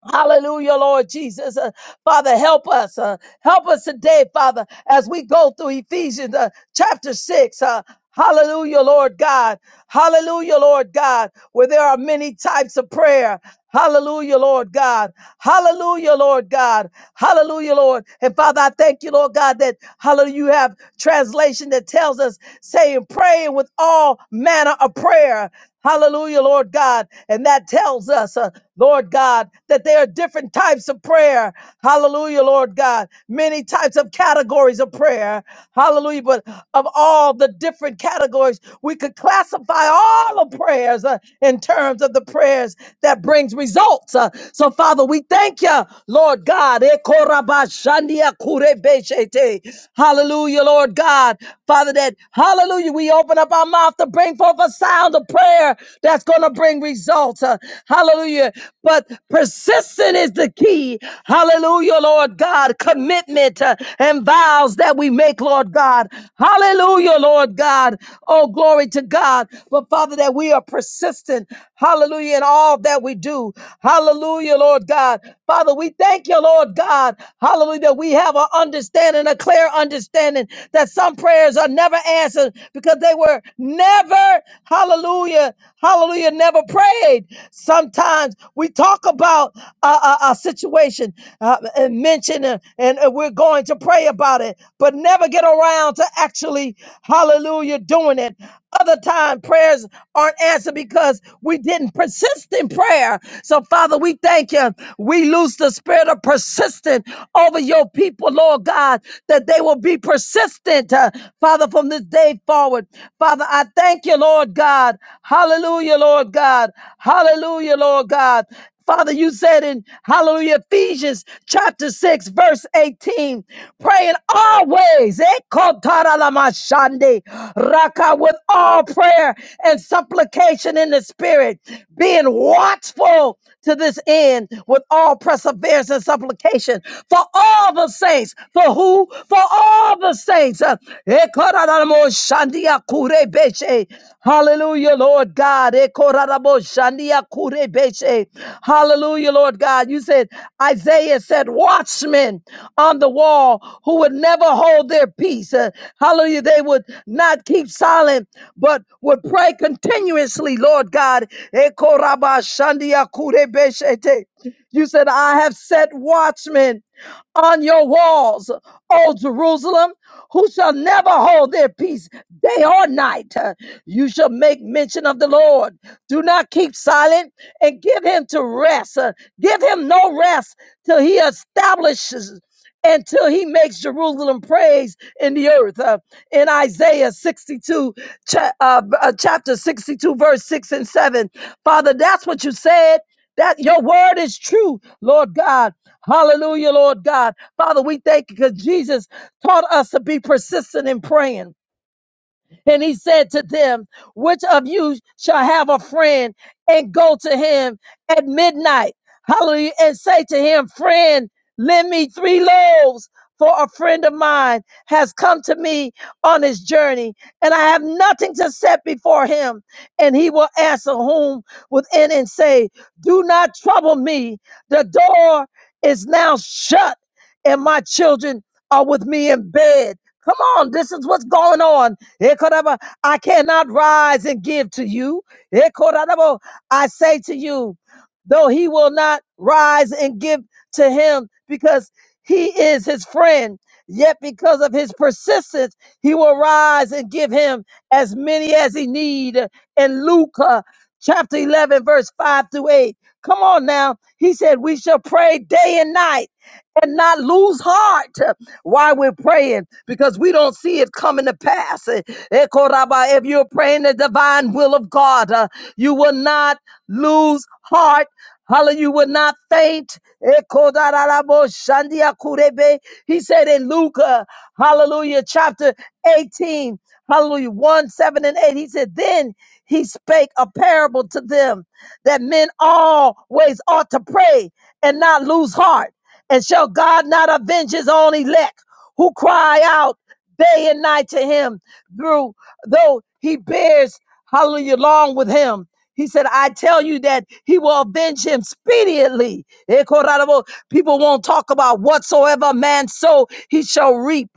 Hallelujah, Lord Jesus. Uh, Father, help us. uh, help us today, Father, as we go through Ephesians uh, chapter 6. Uh, hallelujah, Lord God. Hallelujah, Lord God, where there are many types of prayer. Hallelujah, Lord God. Hallelujah, Lord God. Hallelujah, Lord. And Father, I thank you, Lord God, that hallelujah, you have translation that tells us saying, praying with all manner of prayer. Hallelujah, Lord God. And that tells us, uh, Lord God, that there are different types of prayer. Hallelujah, Lord God. Many types of categories of prayer. Hallelujah. But of all the different categories, we could classify all the prayers uh, in terms of the prayer prayers that brings results. Uh, So, Father, we thank you, Lord God. Ekorabashandia kurebeshete. Hallelujah, Lord God. Father, that hallelujah, we open up our mouth to bring forth a sound of prayer that's going to bring results. Uh, Hallelujah. But persistent is the key. Hallelujah, Lord God. Commitment uh, and vows that we make, Lord God. Hallelujah, Lord God. Oh, glory to God. But Father, that we are persistent. Hallelujah. In all that we do. Hallelujah, Lord God. Father, we thank you, Lord God. Hallelujah. That we have an understanding, a clear understanding that some prayers are never answered because they were never, hallelujah, hallelujah, never prayed. Sometimes we talk about a, a, a situation uh, and mention it, and uh, we're going to pray about it, but never get around to actually, hallelujah, doing it. Other time prayers aren't answered answer because we didn't persist in prayer. So, Father, we thank you. We lose the spirit of persistent over your people, Lord God, that they will be persistent, uh, Father, from this day forward. Father, I thank you, Lord God. Hallelujah, Lord God. Hallelujah, Lord God. Father, you said in Hallelujah, Ephesians chapter 6, verse 18, praying always, eh, kotaralamashande, raka, with all prayer and supplication in the spirit, being watchful to this end with all perseverance and supplication for all the saints, for who? For all the saints. Uh, Ekoraramo shandia kurebeshe. Hallelujah, Lord God. Ekoraramo shandia kurebeshe. Hallelujah, Lord God. You said, Isaiah said, watchmen on the wall who would never hold their peace. Uh, hallelujah. They would not keep silent, but would pray continuously, Lord God. Ekoraba shandia kurebeshete. You said, I have set watchmen on your walls, O Jerusalem, who shall never hold their peace day or night. You shall make mention of the Lord. Do not keep silent and give him to rest. Uh, Give him no rest till he establishes. Until he makes Jerusalem praise in the earth. Uh, in Isaiah 62, cha- uh, b- uh, chapter 62, verse 6 and 7. Father, that's what you said. That your word is true, Lord God. Hallelujah, Lord God. Father, we thank you because Jesus taught us to be persistent in praying. And he said to them, Which of you shall have a friend and go to him at midnight? Hallelujah. And say to him, Friend, lend me three loaves, for a friend of mine has come to me on his journey, and I have nothing to set before him. And he will answer whom within and say, Do not trouble me. The door is now shut, and my children are with me in bed. Come on, this is what's going on. Ekoraba, I cannot rise and give to you. Ekorabo, I say to you, though he will not rise and give to him because he is his friend, yet because of his persistence, he will rise and give him as many as he need. In Luke uh, chapter 11, verse 5 through 8. Come on now. He said, we shall pray day and night and not lose heart while we're praying because we don't see it coming to pass. Eh, eh, Koraba, If you're praying the divine will of God, uh, you will not lose heart. Hallelujah, you will not faint. Eh, Kodarabo Shandia Kurebe. He said in Luke, uh, hallelujah, chapter 18, hallelujah, 1, 7, and 8, he said, Then he spake a parable to them that men always ought to pray and not lose heart and shall God not avenge his own elect who cry out day and night to him through though he bears hallelujah along with him? He said, I tell you that he will avenge him speedily. Eh, Corrado, People won't talk about whatsoever man sow, he shall reap.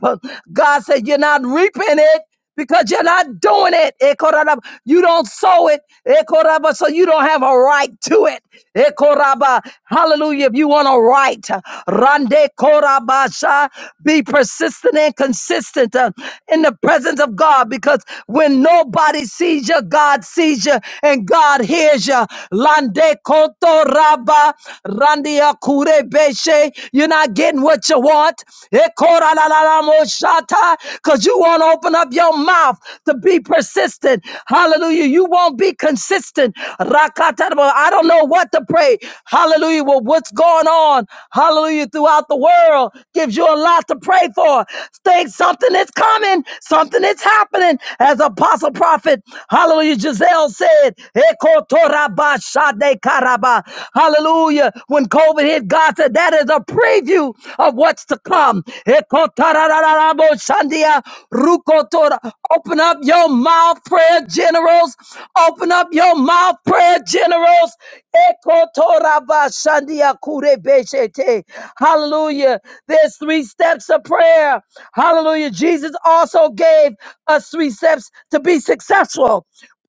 God said, You're not reaping it because you're not doing it. Eh, Corrado, You don't sow it. Eh, Corrado, So you don't have a right to it. Eh, Corrado, Hallelujah. If you want a right. Rande Korabasha. Be persistent and consistent uh, in the presence of God because when nobody sees you, God sees you and God hears you. Lande Koto Raba. Randia Kure Beshe. You're not getting what you want. Ekora la la la mo shata, Cause you won't open up your mouth to be persistent. Hallelujah. You won't be consistent. Rakatarabo. I don't know what to pray. Hallelujah. Well, what's going on? Hallelujah. Throughout the world gives you a lot to pray for. Think something is coming, something is happening. As Apostle Prophet, hallelujah, Giselle said, "Ekotorabashade karaba. Hallelujah. When COVID hit, God said, That is a pre preview of what's to come. Ekotarararaboshandia, rukotora. Open up your mouth, prayer generals. Open up your mouth, prayer generals. Ekotorabashandia kurebeshete. Hallelujah. There's three steps of prayer. Hallelujah. Jesus also gave us three steps to be successful.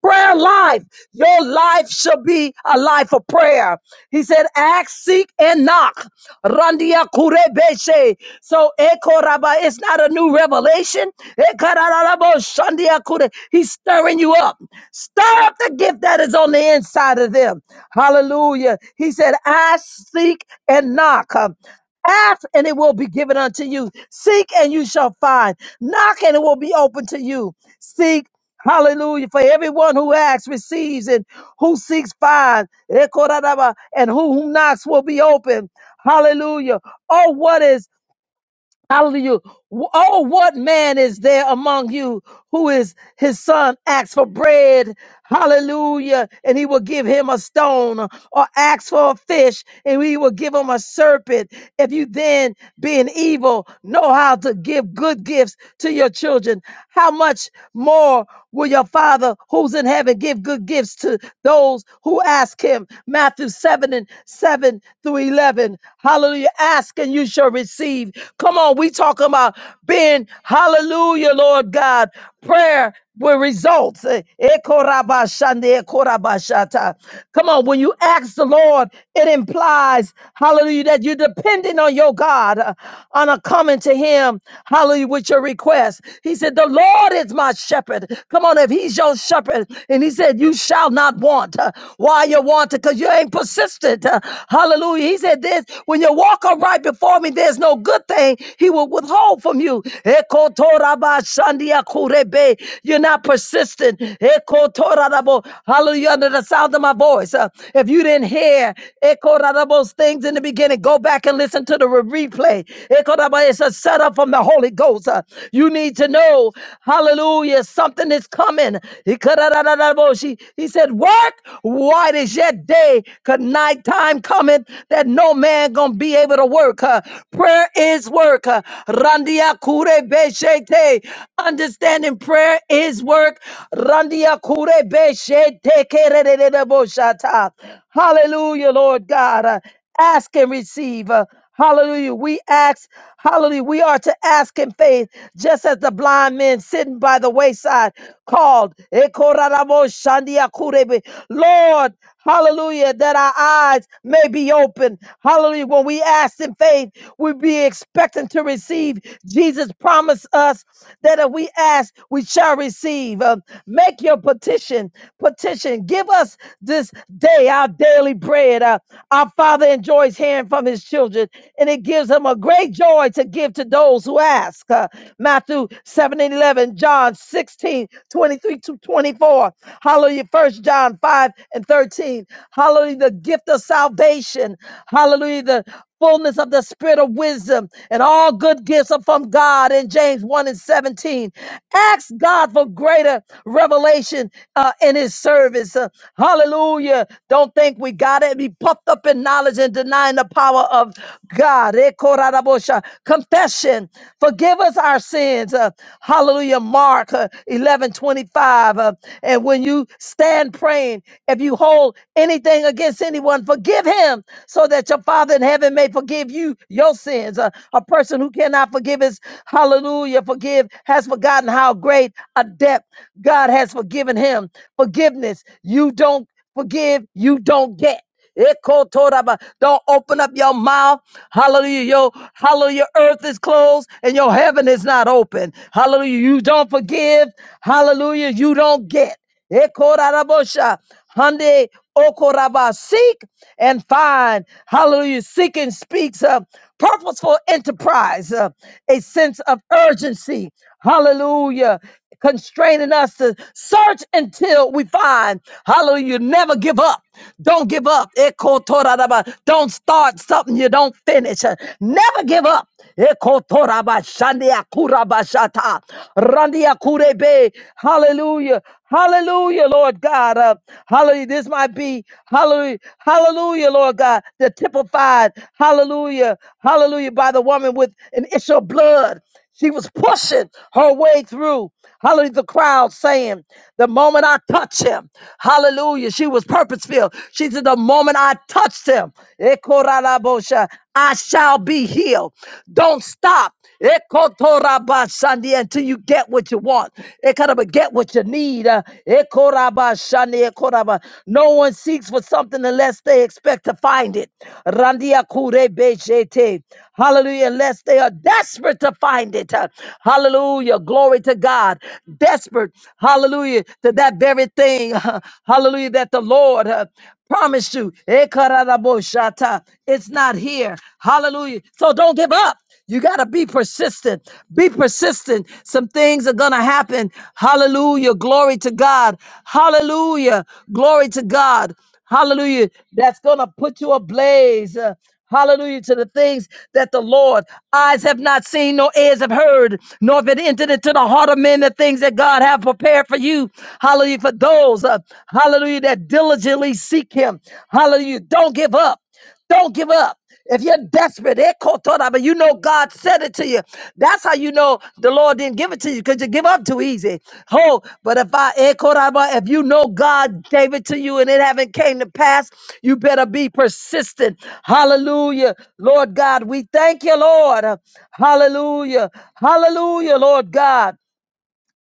Prayer life. Your life shall be a life of prayer. He said, ask, seek, and knock. Randia kurebeshe. So ekoraba, it's not a new revelation. Ekararabo shandia kure. He's stirring you up. Stir up the gift that is on the inside of them. Hallelujah. He said, ask, seek, and knock. Ask and it will be given unto you. Seek and you shall find. Knock and it will be open to you. Seek Hallelujah. For everyone who asks receives, and who seeks finds, Ekoradaba, and who, who knocks will be open. Hallelujah. Oh, what is? Hallelujah. Wh- Oh, what man is there among you who is his son asks for bread? Hallelujah. And he will give him a stone or asks for a fish and he will give him a serpent. If you then, being evil, know how to give good gifts to your children, how much more will your father who's in heaven give good gifts to those who ask him? Matthew 7 and 7 through 11 heaven. Hallelujah. Ask and you shall receive. Come on, we talking about being hallelujah, Lord God. Prayer with results. Eh, ekorabashande, ekorabashata. Come on, when you ask the Lord, it implies, hallelujah, that you're depending on your God, uh, on a coming to Him, hallelujah, with your request. He said, The Lord is my shepherd. Come on, if He's your shepherd, and He said, You shall not want. Uh, Why? that wanted because you ain't persistent. Uh, hallelujah. He said this when you walk upright before me, there's no good thing he will withhold from you. You're not persistent. Hallelujah. Under the sound of my voice. Uh, if you didn't hear those things in the beginning, go back and listen to the re- replay. It's a setup from the Holy Ghost. Uh, You need to know, hallelujah, something is coming. Ikararararaboshi. He said, Work while it is yet day, because night time cometh that no man gonna be able to work. Uh, prayer is work. Uh, Randia kure beshete. Understanding prayer is work. Randia kure beshete kererereboshata. Hallelujah, Lord God. Uh, ask and receive. Uh, Hallelujah. We ask, hallelujah. We are to ask in faith, just as the blind men sitting by the wayside called, "Ekoraramo shandia kurebe." Lord, hallelujah, that our eyes may be open. Hallelujah. When we ask in faith, we be expecting to receive. Jesus promised us that if we ask, we shall receive. Um, make your petition, petition. Give us this day our daily bread. Uh, our Father in enjoys hearing from his children, and it gives him a great joy to give to those who ask. Uh, Matthew 7 and 11, John 16 23 to 24. Hallelujah. First John 5 and 13. Hallelujah. The gift of salvation. Hallelujah. The fullness of the spirit of wisdom, and all good gifts are from God in James 1 and 17. Ask God for greater revelation uh, in his service. Uh, hallelujah. Don't think we got it. Be puffed up in knowledge and denying the power of God. Eh, korarabosha. Confession. Forgive us our sins. Uh, Hallelujah. Mark uh, 11 twenty-five. Uh, and when you stand praying, if you hold anything against anyone, forgive him so that your Father in heaven may forgive you your sins. Uh, a person who cannot forgive his hallelujah, forgive, has forgotten how great a debt God has forgiven him. Forgiveness, you don't forgive, you don't get. Ekotoraba. Don't open up your mouth. Hallelujah. Your hallelujah. Earth is closed and your heaven is not open. Hallelujah. You don't forgive. Hallelujah. You don't get. Ekorabosha. Hande okoraba. Seek and find. Hallelujah. Seeking speaks of purposeful enterprise, uh, a sense of urgency. Hallelujah constraining us to search until we find. Hallelujah. Never give up. Don't give up. Eko toraraba. Don't start something you don't finish. Uh, Never give up. Eko toraba shandia kuraba shata. Randia kurebe. Hallelujah. Hallelujah, Lord God. Uh, hallelujah. This might be, hallelujah, hallelujah, Lord God, the typified, hallelujah, hallelujah, by the woman with an issue of blood. She was pushing her way through, hallelujah, the crowd saying, The moment I touch him, hallelujah, she was purpose filled. She said, The moment I touched him, Ekorabosha, I shall be healed. Don't stop Ekotorabashandi, until you get what you want. Ekoraba, Get what you need. Uh, Ekorabashandi, Ekoraba. No one seeks for something unless they expect to find it. Randia kure bejete. Hallelujah. Unless they are desperate to find it. Uh, Hallelujah. Glory to God. Desperate. Hallelujah. To that very thing. uh, Hallelujah. That the Lord uh, promised you. Ekararaboshata. It's not here. Hallelujah. So don't give up. You got to be persistent. Be persistent. Some things are going to happen. Hallelujah. Glory to God. Hallelujah. Glory to God. Hallelujah. That's going to put you ablaze. uh, Hallelujah to the things that the Lord eyes have not seen, nor ears have heard, nor have it entered into the heart of men the things that God have prepared for you. Hallelujah for those, uh, hallelujah, that diligently seek Him. Hallelujah. Don't give up. Don't give up. If you're desperate, eh, kotora, but you know God said it to you. That's how you know the Lord didn't give it to you because you give up too easy. Oh, but if I eh, koraba, if you know God gave it to you and it haven't came to pass, you better be persistent. Hallelujah. Lord God, we thank you, Lord. Hallelujah. Hallelujah, Lord God.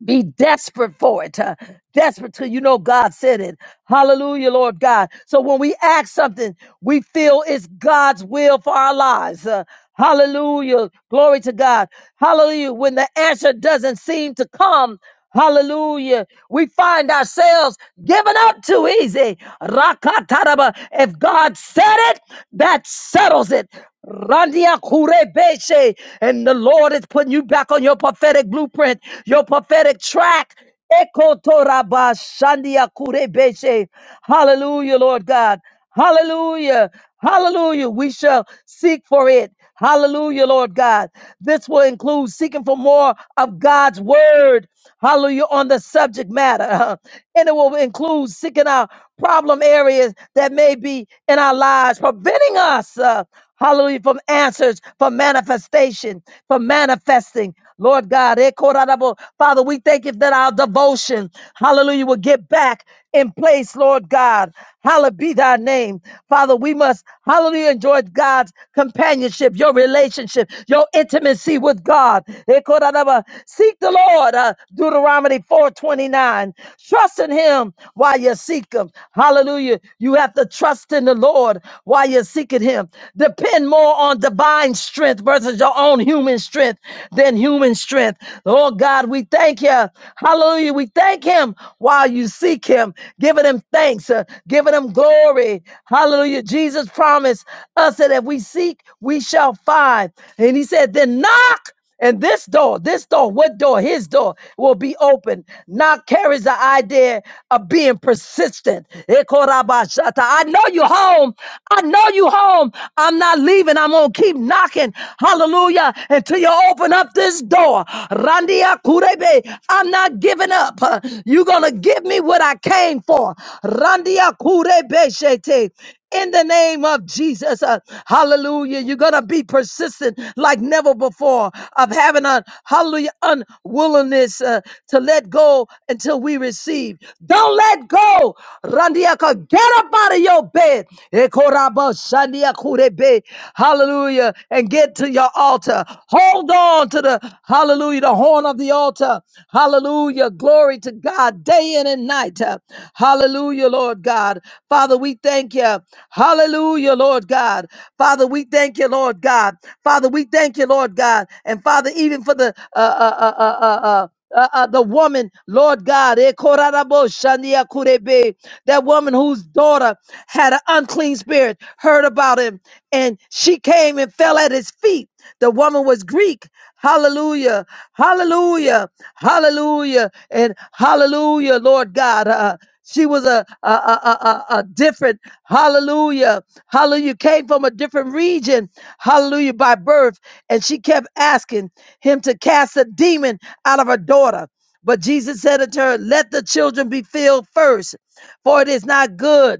Be desperate for it, uh, desperate till you know God said it. Hallelujah, Lord God. So when we ask something, we feel it's God's will for our lives. uh, hallelujah, glory to God. Hallelujah. When the answer doesn't seem to come, Hallelujah. We find ourselves given up too easy. Rakataraba. If God said it, that settles it. Randia kurebeshe. And the Lord is putting you back on your prophetic blueprint, your prophetic track. Ekotoraba shandia kurebeshe. Hallelujah, Lord God. Hallelujah. Hallelujah. We shall seek for it. Hallelujah, Lord God. This will include seeking for more of God's word. Hallelujah, on the subject matter. And it will include seeking out problem areas that may be in our lives, preventing us, uh, hallelujah, from answers, from manifestation, from manifesting. Lord God, eh, Korarabo. Father, we thank you that our devotion, hallelujah, will get back in place, Lord God. Hallowed be thy name. Father, we must, hallelujah, enjoy God's companionship, your relationship, your intimacy with God. Ekoranaba. Seek the Lord, uh, Deuteronomy 4.29. Trust in him while you seek him. Hallelujah. You have to trust in the Lord while you're seeking him. Depend more on divine strength versus your own human strength than human enduring strength. Lord God, we thank you. Hallelujah. We thank him while you seek him, giving him thanks, uh, giving him glory. Hallelujah. Jesus promised us that if we seek, we shall find. And he said, then knock. And this door, this door, what door? His door will be open. Knock carries the idea of being persistent. Ekorabashata. I know you home. I know you home you home. I'm not leaving. I'm going to keep knocking. Hallelujah. Until you open up this door. Randia Kurebe. I'm not giving up. Uh, You're going to give me what I came for. Randia Kurebe Shete. In the name of Jesus, uh, hallelujah. You're going to be persistent like never before of having a hallelujah unwillingness uh, to let go until we receive. Don't let go. Randiaka, get up out of your bed. Ekoraba shandiakurebe. Hallelujah. And get to your altar. Hold on to the hallelujah, the horn of the altar. Hallelujah. Glory to God day in and night. Hallelujah, Lord God. Father, we thank you. Hallelujah, Lord God. Father, we thank you, Lord God. Father, we thank you, Lord God. And Father, even for the uh, uh, uh, uh, uh, uh, uh, uh, the woman, Lord God, eh, korarabo shandia kurebe, that woman whose daughter had an unclean spirit, heard about him, and she came and fell at his feet. The woman was Greek. Hallelujah, hallelujah, hallelujah, and hallelujah, Lord God. Uh, she was a, a, a, a, a different, hallelujah, hallelujah, came from a different region, hallelujah, by birth. And she kept asking him to cast a demon out of her daughter. But Jesus said unto her, Let the children be filled first, for it is not good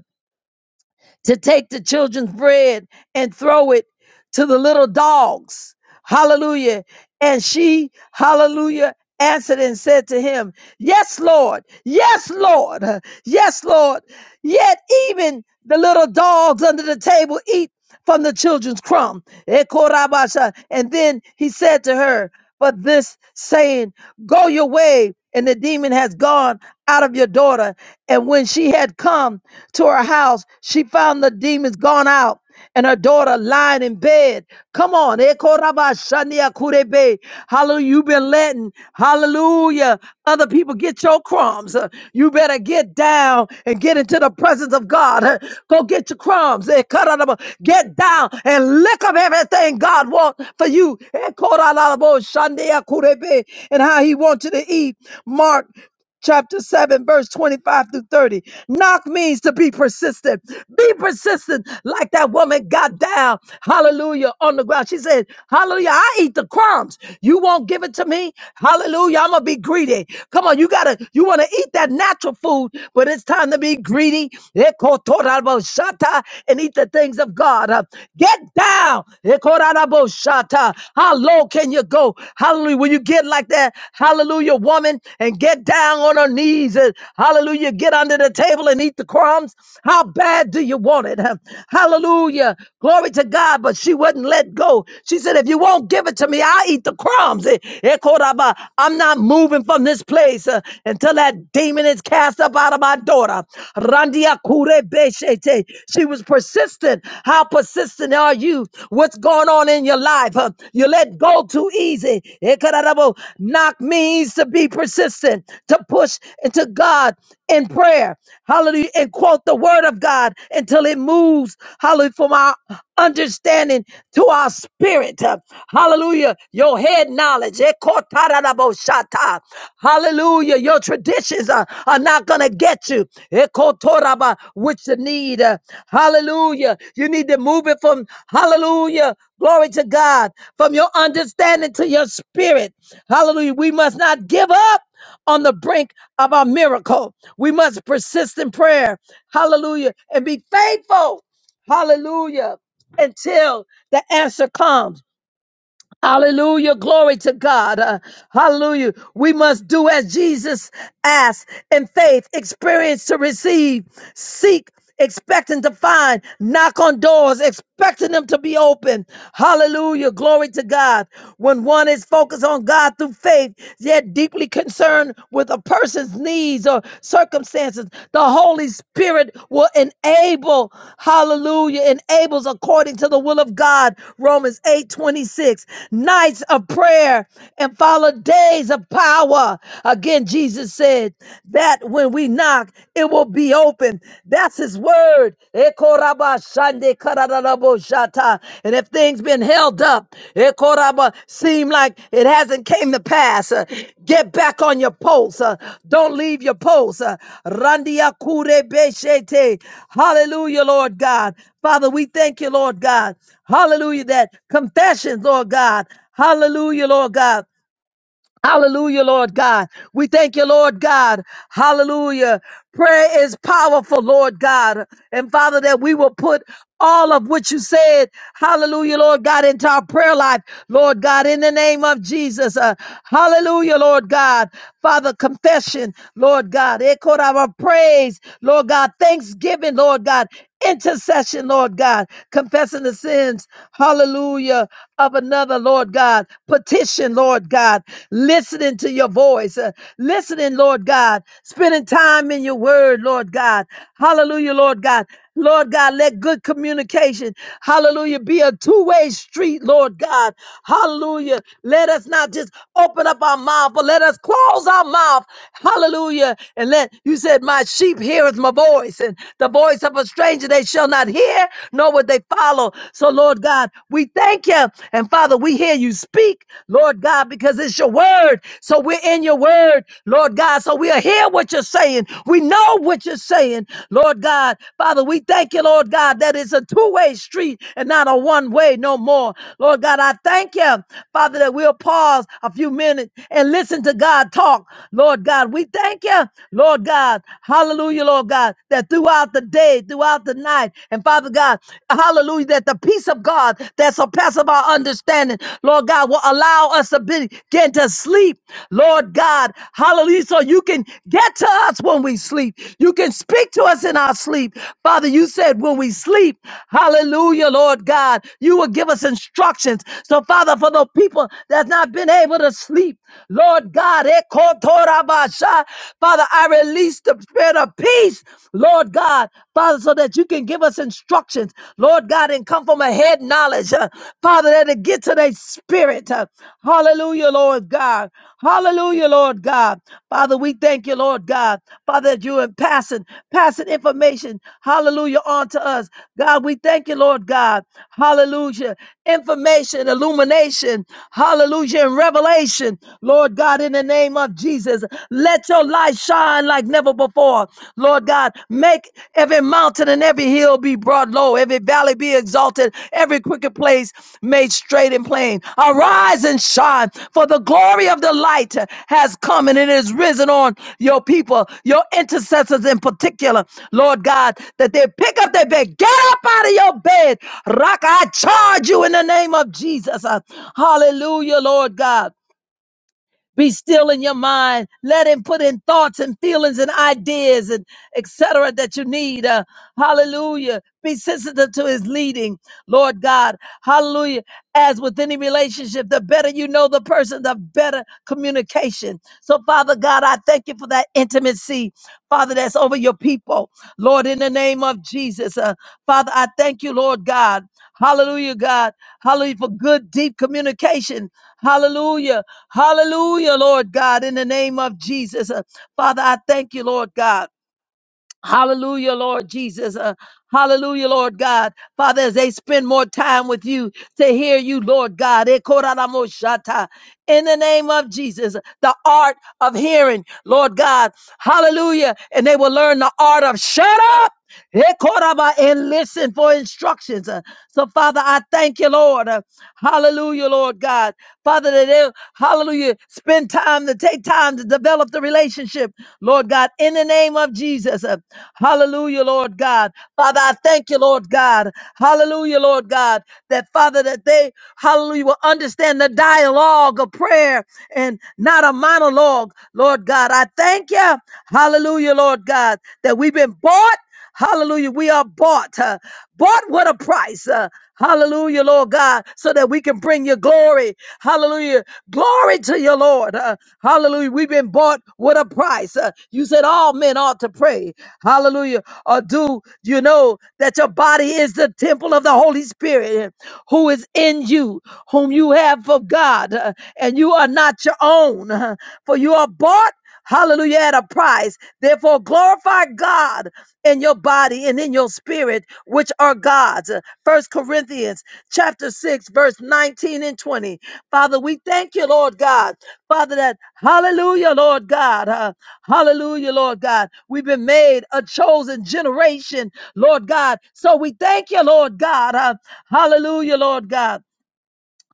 to take the children's bread and throw it to the little dogs. Hallelujah. And she, hallelujah, answered and said to him, Yes, Lord. Yes, Lord. Yes, Lord. Yet even the little dogs under the table eat from the children's crumb. Ekorabasha. And then he said to her, But this saying, Go your way, and the demon has gone out of your daughter. And when she had come, to her house. She found the demons gone out and her daughter lying in bed. Come on. Ekorabashaniakurebe. Hallelujah. You've been letting, hallelujah, other people get your crumbs. Uh, You better get down and get into the presence of God. Uh, Go get your crumbs. Ekarababa. Get down and lick up everything God wants for you. Ekorabashaniakurebe. And how he wants you to eat. Mark chapter 7, verse 25 through 30. Knock means to be persistent. Be persistent, like that woman got down, hallelujah, on the ground. She said, Hallelujah, I eat the crumbs. You won't give it to me? Hallelujah, I'm gonna be greedy. Come on, you gotta, you wanna eat that natural food, but it's time to be greedy. Ekotorabashata, And eat the things of God. Uh, Get down. Shata. How low can you go? Hallelujah. When you get like that, hallelujah, woman, and get down on her knees and hallelujah, get under the table and eat the crumbs. How bad do you want it? Hallelujah. Glory to God. But she wouldn't let go. She said, if you won't give it to me, I'll eat the crumbs. Eh, eh, Koraba. I'm not moving from this place uh, until that demon is cast up out of my daughter. Randia kure beshete. She was persistent. How persistent are you? What's going on in your life? huh? You let go too easy. Ekarabo. Knock means to be persistent, to push into God in prayer. Hallelujah. And quote the word of God until it moves. Hallelujah. From our understanding to our spirit. huh? Hallelujah. Your head knowledge knowledge. Ekotarabashata. Hallelujah. Your traditions are, are not going to get you. Ekotoraba, Which you need. uh, Hallelujah. You need to move it from, hallelujah. Glory to God. From your understanding to your spirit. Hallelujah. We must not give up on the brink of our miracle. We must persist in prayer. Hallelujah. And be faithful. Hallelujah. Until the answer comes. Hallelujah. Glory to God. Uh, hallelujah. We must do as Jesus asked in faith, experience to receive, seek, expecting to find, knock on doors, expecting them to be open. Hallelujah. Glory to God. When one is focused on God through faith, yet deeply concerned with a person's need disease or circumstances, the Holy Spirit will enable, hallelujah, enables according to the will of God, Romans 8 26. nights of prayer and follow days of power. Again, Jesus said that when we knock, it will be open. That's his word. Ekarararaboshata. And if things been held up, ekoraba, seem like it hasn't came to pass, uh, get back on your post. uh, Don't leave your post. uh, Randiakurebeshete. Hallelujah, Lord God. Father, we thank you, Lord God. Hallelujah, that confessions, Lord God. Hallelujah, Lord God. Hallelujah, Lord God. We thank you, Lord God. Hallelujah. Prayer is powerful, Lord God. And Father, that we will put all of what you said, hallelujah, Lord God, into our prayer life, Lord God, in the name of Jesus. Uh, hallelujah, Lord God. Father, confession, Lord God. Echo our praise, Lord God. Thanksgiving, Lord God. Intercession, Lord God. Confessing the sins, hallelujah, of another, Lord. Lord God, petition, Lord God, listening to your voice, uh, listening, Lord God, spending time in your word, Lord God. Hallelujah, Lord God. Lord God, let good communication, hallelujah, be a two way street, Lord God. Hallelujah. Let us not just open up our mouth, but let us close our mouth, hallelujah. And let, you said, My sheep heareth my voice, and the voice of a stranger they shall not hear, nor would they follow. So, Lord God, we thank you. And Father, we hear you speak, Lord God, because it's your word. So we're in your word, Lord God. So we'll hear what you're saying. We know what you're saying, Lord God. Father, we thank you, Lord God, that it's a two way street and not a one way no more. Lord God, I thank you, Father, that we'll pause a few minutes and listen to God talk, Lord God. We thank you, Lord God. Hallelujah, Lord God, that throughout the day, throughout the throughout the night. And Father God, hallelujah, that the peace of God that surpasses our understanding, Lord God, will allow us to be- begin to sleep, Lord God, hallelujah, so you can get to us when we sleep. You can speak to us in our sleep. Father, you said when we sleep, hallelujah, Lord God, you will give us instructions. So, Father, for the people that's not been able to sleep, Lord God, Ekotorabasha, Father, I release the spirit of spirit of peace, Lord God, Father, so that you can give us instructions, Lord God, and come from a head knowledge, uh, Father, that it get to their spirit. uh, hallelujah, Lord God. Hallelujah, Lord God. Father, we thank you, Lord God. Father, that you are passing, passing information, hallelujah, on to us. God, we thank you, Lord God. Hallelujah. Information, illumination, hallelujah, and revelation, Lord God, in the name of Jesus. Jesus. Let your light shine like never before. Lord God, make every mountain and every hill be brought low, every valley be exalted, every crooked place made straight and plain. Arise and shine, for the glory of the light has come and it is risen on your people, your intercessors in particular. Lord God, that they pick up their bed, get up out of your bed. Rock, I charge you in the name of Jesus. Uh, Hallelujah, Lord God. Be still in your mind. Let him put in thoughts and feelings and ideas and etc. that you need. Uh, hallelujah. Be sensitive to his leading, Lord God. Hallelujah. As with any relationship, the better you know the person, the better communication. So, Father God, I thank you for that intimacy, Father, that's over your people. Lord, in the name of Jesus, uh, Father, I thank you, Lord God. Hallelujah, God. Hallelujah, for good, deep communication. Hallelujah. Hallelujah, Lord God, in the name of Jesus. Uh, Father, I thank you, Lord God. Hallelujah, Lord Jesus. Uh, hallelujah, Lord God. Father, as they spend more time with you to hear you, Lord God. Eh, koraramoshata. In the name of Jesus, the art of hearing, Lord God. Hallelujah. And they will learn the art of shut up. Ekoraba, and listen for instructions. Uh, So, Father, I thank you, Lord. Uh, Hallelujah, Lord God. Father, that they, hallelujah, spend time to take time to develop the relationship, Lord God, in the name of Jesus. Uh, Hallelujah, Lord God. Father, I thank you, Lord God. Hallelujah, Lord God, that Father, that they, hallelujah, will understand the dialogue of prayer and not a monologue, Lord God. I thank you, hallelujah, Lord God, that we've been bought. Hallelujah. We are bought, uh, bought with a price. uh, hallelujah, Lord God, so that we can bring your glory. Hallelujah. Glory to your Lord. uh, hallelujah. We've been bought with a price. uh, you said all men ought to pray. Hallelujah. Or do you know that your body is the temple of the Holy Spirit uh, who is in you, whom you have of God, uh, and you are not your own, uh, for you are bought. Hallelujah, at a price. Therefore, glorify God in your body and in your spirit, which are God's. First Corinthians chapter 6, verse 19 and 20. Father, we thank you, Lord God. Father, that hallelujah, Lord God. uh, hallelujah, Lord God. We've been made a chosen generation, Lord God. So we thank you, Lord God. uh, hallelujah, Lord God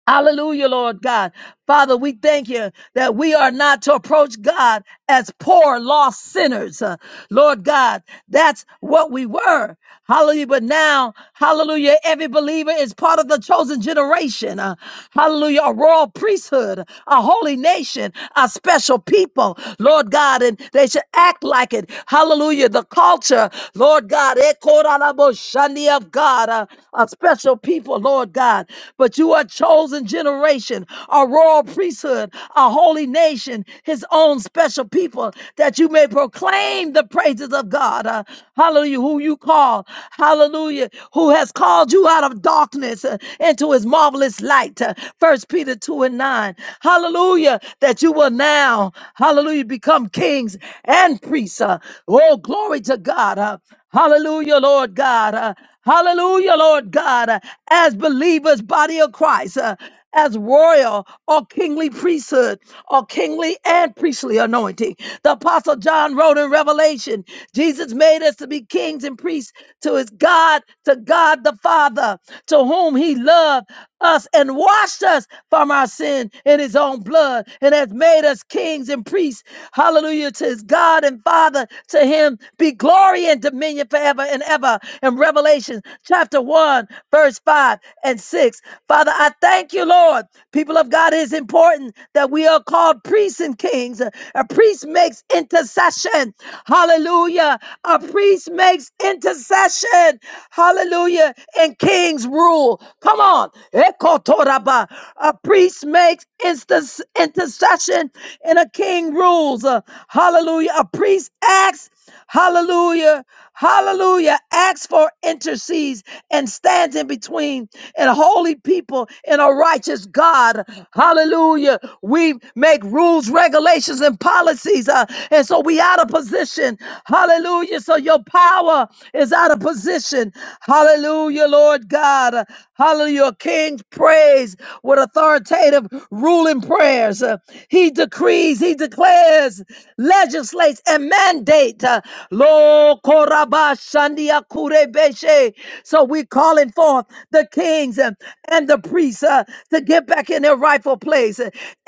Hallelujah, Lord God. Father, we thank you that we are not to approach God as poor, lost sinners. Uh, Lord God, that's what we were. Hallelujah. But now, hallelujah, every believer is part of the chosen generation. Uh, hallelujah, a royal priesthood, a holy nation, a special people. Lord God, and they should act like it. Hallelujah, the culture. Lord God, eh, korarabo shandi of God, uh, a special people, Lord God but you are a chosen generation, a royal priesthood, a holy nation, his own special people, that you may proclaim the praises of God. Uh, hallelujah, who you call. Hallelujah, who has called you out of darkness uh, into his marvelous light. Uh, 1 Peter 2 and 9. Hallelujah, that you will now, hallelujah, become kings and priests. Uh, oh, glory to God. Uh, hallelujah, Lord God. Uh, Hallelujah, Lord God. Uh, As as believers, body of Christ, uh, as royal or kingly priesthood or kingly and priestly anointing. The Apostle John wrote in Revelation Jesus made us to be kings and priests to his God, to God the Father, to whom he loved us and washed us from our sin in his own blood and has made us kings and priests. Hallelujah to his God and Father. To him be glory and dominion forever and ever. In Revelation chapter 1, 1, verse 5 and 6. Father, I thank you, Lord. People of God, it is important that we are called priests and kings. A priest makes intercession. Hallelujah. A priest makes intercession. Hallelujah. And kings rule. Come on. Ekotoraba. A priest makes instance, intercession and a king rules. Uh, Hallelujah. A priest acts. Hallelujah. Hallelujah. Acts for intercedes and stands in between and holy people and a righteous God. Hallelujah. We make rules, regulations, and policies. uh, and so we out of position. Hallelujah. So your power is out of position. Hallelujah, Lord God. Hallelujah. Your King prays with authoritative ruling prayers. Uh, he decrees, he declares, legislates, and mandate. Uh, Lord Korabashandiakurebeshe. So we're calling forth the kings and and the priests uh, to get back in their rightful place.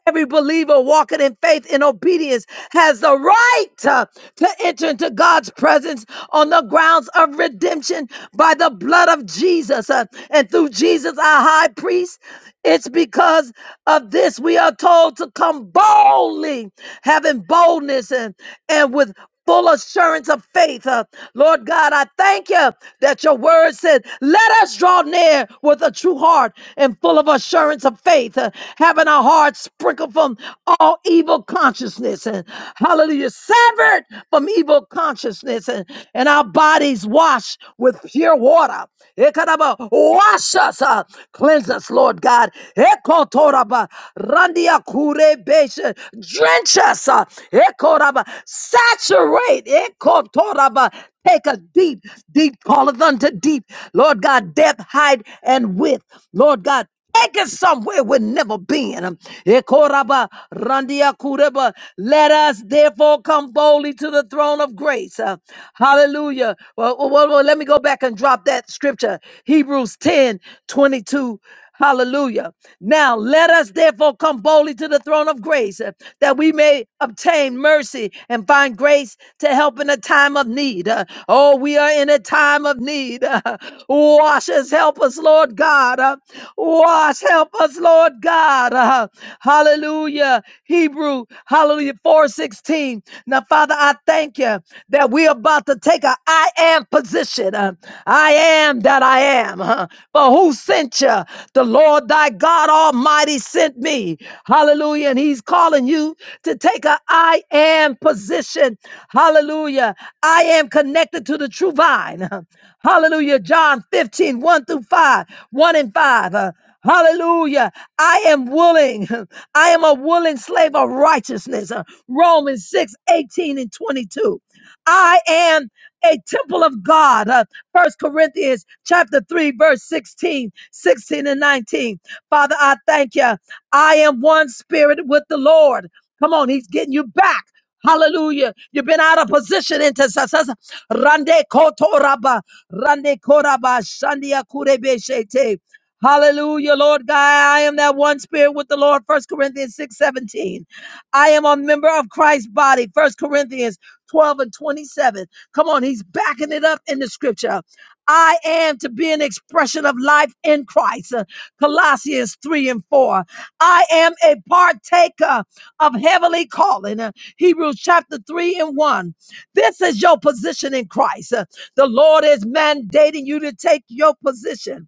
Every believer walking in faith and obedience has the right uh, to enter into God's presence on the grounds of redemption by the blood of Jesus. uh, and through Jesus, our high priest, it's because of this we are told to come boldly, having boldness and, and with full assurance of faith. Uh, Lord God, I thank you that your word said, let us draw near with a true heart and full of assurance of faith, uh, having our hearts sprinkled from all evil consciousness and hallelujah, severed from evil consciousness and, and our bodies washed with pure water. Ekaraba, Wash us, uh, cleanse us, Lord God. Ekotoraba, randia kurebeshe, Drench us, uh, ekoraba, saturate saturate. Ekotoraba. Take a deep, deep calleth unto deep. Lord God, depth, height, and width. Lord God, take us somewhere we've never been. Ekoraba, randia kureba. Let us therefore come boldly to the throne of grace. Uh, hallelujah. Well, well, well, let me go back and drop that scripture. Hebrews 10 22. Hallelujah. Now let us therefore come boldly to the throne of grace uh, that we may obtain mercy and find grace to help in a time of need. Uh, Oh, we are in a time of need. Uh, Wash us, help us, Lord God. Uh, Wash, help us, Lord God. Uh, Hallelujah. Hallelujah. Hebrew, hallelujah, 416. Now, Father, I thank you that we're about to take a I am position. Uh, I am that I am. huh? For who sent you? The Lord thy God Almighty sent me. Hallelujah. And he's calling you to take a I am position. Hallelujah. I am connected to the true vine. Hallelujah. John fifteen one through 5, 1 and 5. uh, Hallelujah. I am willing. I am a willing slave of righteousness. Uh, Romans 6 18 and 22. I am a temple of God. Uh, 1 Corinthians chapter 3, verse 16, 16 and 19. Father, I thank you. I am one spirit with the Lord. Come on, he's getting you back. Hallelujah. You've been out of position intercessors. Rande kotoraba. Rande koraba. Shandia kurebeshete. Hallelujah, Lord God. I am that one spirit with the Lord. First Corinthians 6 17. I am a member of Christ's body. First Corinthians 12 and 27. Come on, he's backing it up in the scripture. I am to be an expression of life in Christ. Uh, Colossians 3 and 4. I am a partaker of heavenly calling. Uh, Hebrews chapter 3 and 1. This is your position in Christ. Uh, The Lord is mandating you to take your position.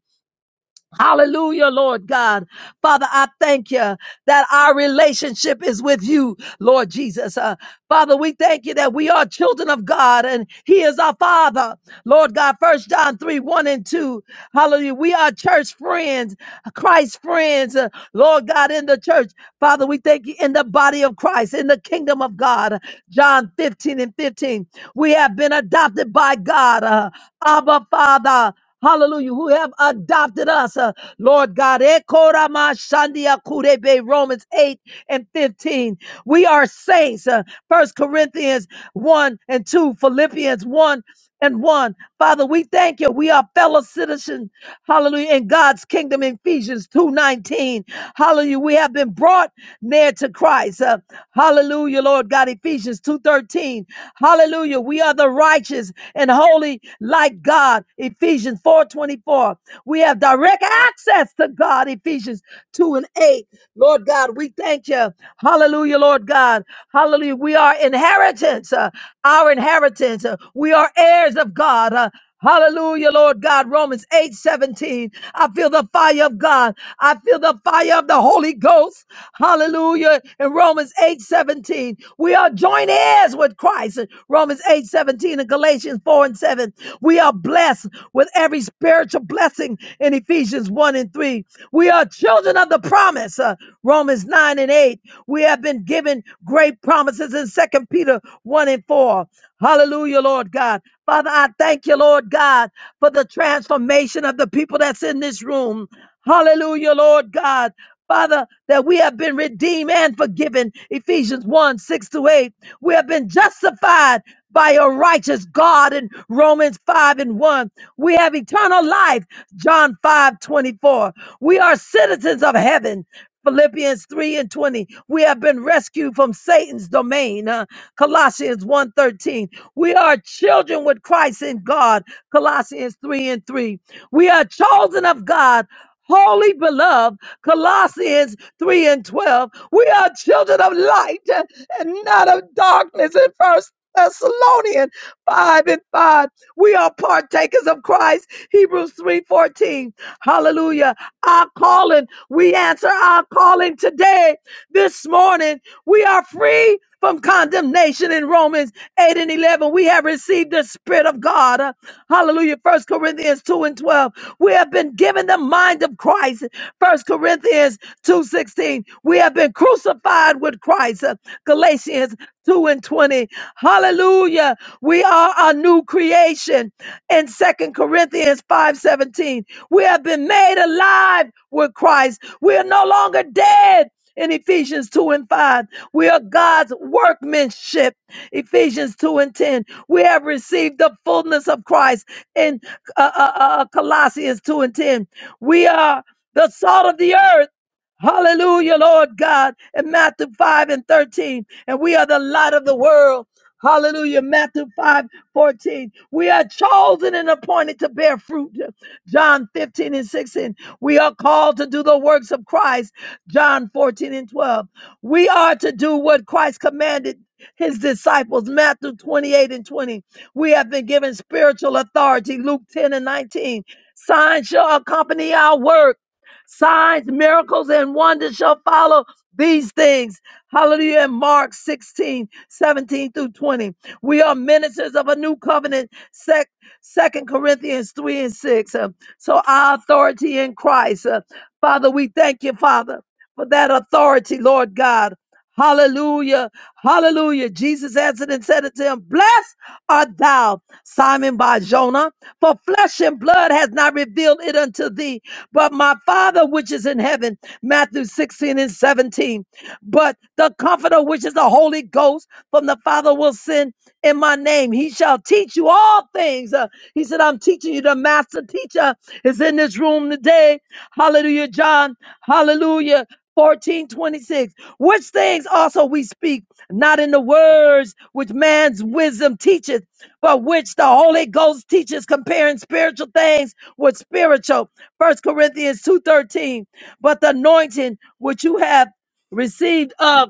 Hallelujah, Lord God. Father, I thank you that our relationship is with you, Lord Jesus. Uh, Father, we thank you that we are children of God and He is our Father. Lord God, first John 3, 1 and 2. Hallelujah. We are church friends, Christ friends, uh, Lord God, in the church. Father, we thank you in the body of Christ, in the kingdom of God. John 15 and 15. We have been adopted by God, uh, Abba Father. Hallelujah, who have adopted us, uh, Lord God. Ekorama shandia kurebe, Romans 8 and 15. We are saints. Uh, 1 Corinthians 1 and 2, Philippians 1 and one. Father, we thank you. We are fellow citizens, hallelujah, in God's kingdom, Ephesians 2.19. Hallelujah. We have been brought near to Christ. Uh, hallelujah, Lord God, Ephesians 2.13. Hallelujah. We are the righteous and holy like God, Ephesians 4.24. We have direct access to God, Ephesians 2 and 8. Lord God, we thank you. Hallelujah, Lord God. Hallelujah. We are inheritance. Uh, our inheritance. Uh, We are heirs of God. Uh, Hallelujah, Lord God. Romans 8 17. I feel the fire of God. I feel the fire of the Holy Ghost. Hallelujah. In Romans 8 17, we are joint heirs with Christ. In Romans 8 17 and Galatians 4 and 7. We are blessed with every spiritual blessing in Ephesians 1 and 3. We are children of the promise. Uh, Romans 9 and 8. We have been given great promises in Second Peter 1 and 4. Hallelujah, Lord God. Father, I thank you, Lord God, for the transformation of the people that's in this room. Hallelujah, Lord God. Father, that we have been redeemed and forgiven. Ephesians 1 6 to 8. We have been justified by a righteous God in Romans 5 and 1. We have eternal life, John 5 24. We are citizens of heaven. Philippians 3 and 20. We have been rescued from Satan's domain. uh, Colossians one thirteen. We are children with Christ in God. Colossians 3 and 3. We are chosen of God, holy beloved. Colossians 3 and 12. We are children of light uh, and not of darkness in first. Thessalonians 5 and 5. We are partakers of Christ. Hebrews 3:14. Hallelujah. Our calling. We answer our calling today. This morning, we are free from condemnation in Romans 8 and 11. We have received the Spirit of God. Uh, Hallelujah. First Corinthians 2 and 12. We have been given the mind of Christ. First Corinthians 2:16. We have been crucified with Christ. Uh, Galatians 2 and 20. Hallelujah. We are a new creation in Second Corinthians 5:17. We have been made alive with Christ. We are no longer dead in Ephesians 2 and 5. We are God's workmanship. Ephesians 2 and 10. We have received the fullness of Christ in uh, uh, uh, uh, Colossians 2 and 10. We are the salt of the earth. Hallelujah, Lord God, in Matthew 5 and 13. And we are the light of the world Hallelujah. Matthew 5 14. We are chosen and appointed to bear fruit. John 15 and 16. We are called to do the works of Christ. John 14 and 12. We are to do what Christ commanded his disciples. Matthew 28 and 20. We have been given spiritual authority. Luke 10 and 19. Signs shall accompany our work. Signs, miracles, and wonders shall follow these things. Hallelujah. In Mark 16. 17 through 20. We are ministers of a new covenant, sec, 2 Corinthians 3 and 6. Uh, so our authority in Christ. Uh, Father, we thank you, Father, for that authority, Lord God. Hallelujah. Hallelujah. Jesus answered and said unto him, Blessed art thou, Simon Bar Jonah, for flesh and blood has not revealed it unto thee, but my Father which is in heaven. Matthew 16 and 17. But the comforter, which is the Holy Ghost, from the Father will send in my name. He shall teach you all things. Uh, he said, I'm teaching you. The master teacher is in this room today. Hallelujah, John. Hallelujah. 1426 which things also we speak not in the words which man's wisdom teacheth but which the holy ghost teaches comparing spiritual things with spiritual first corinthians 2.13 but the anointing which you have received of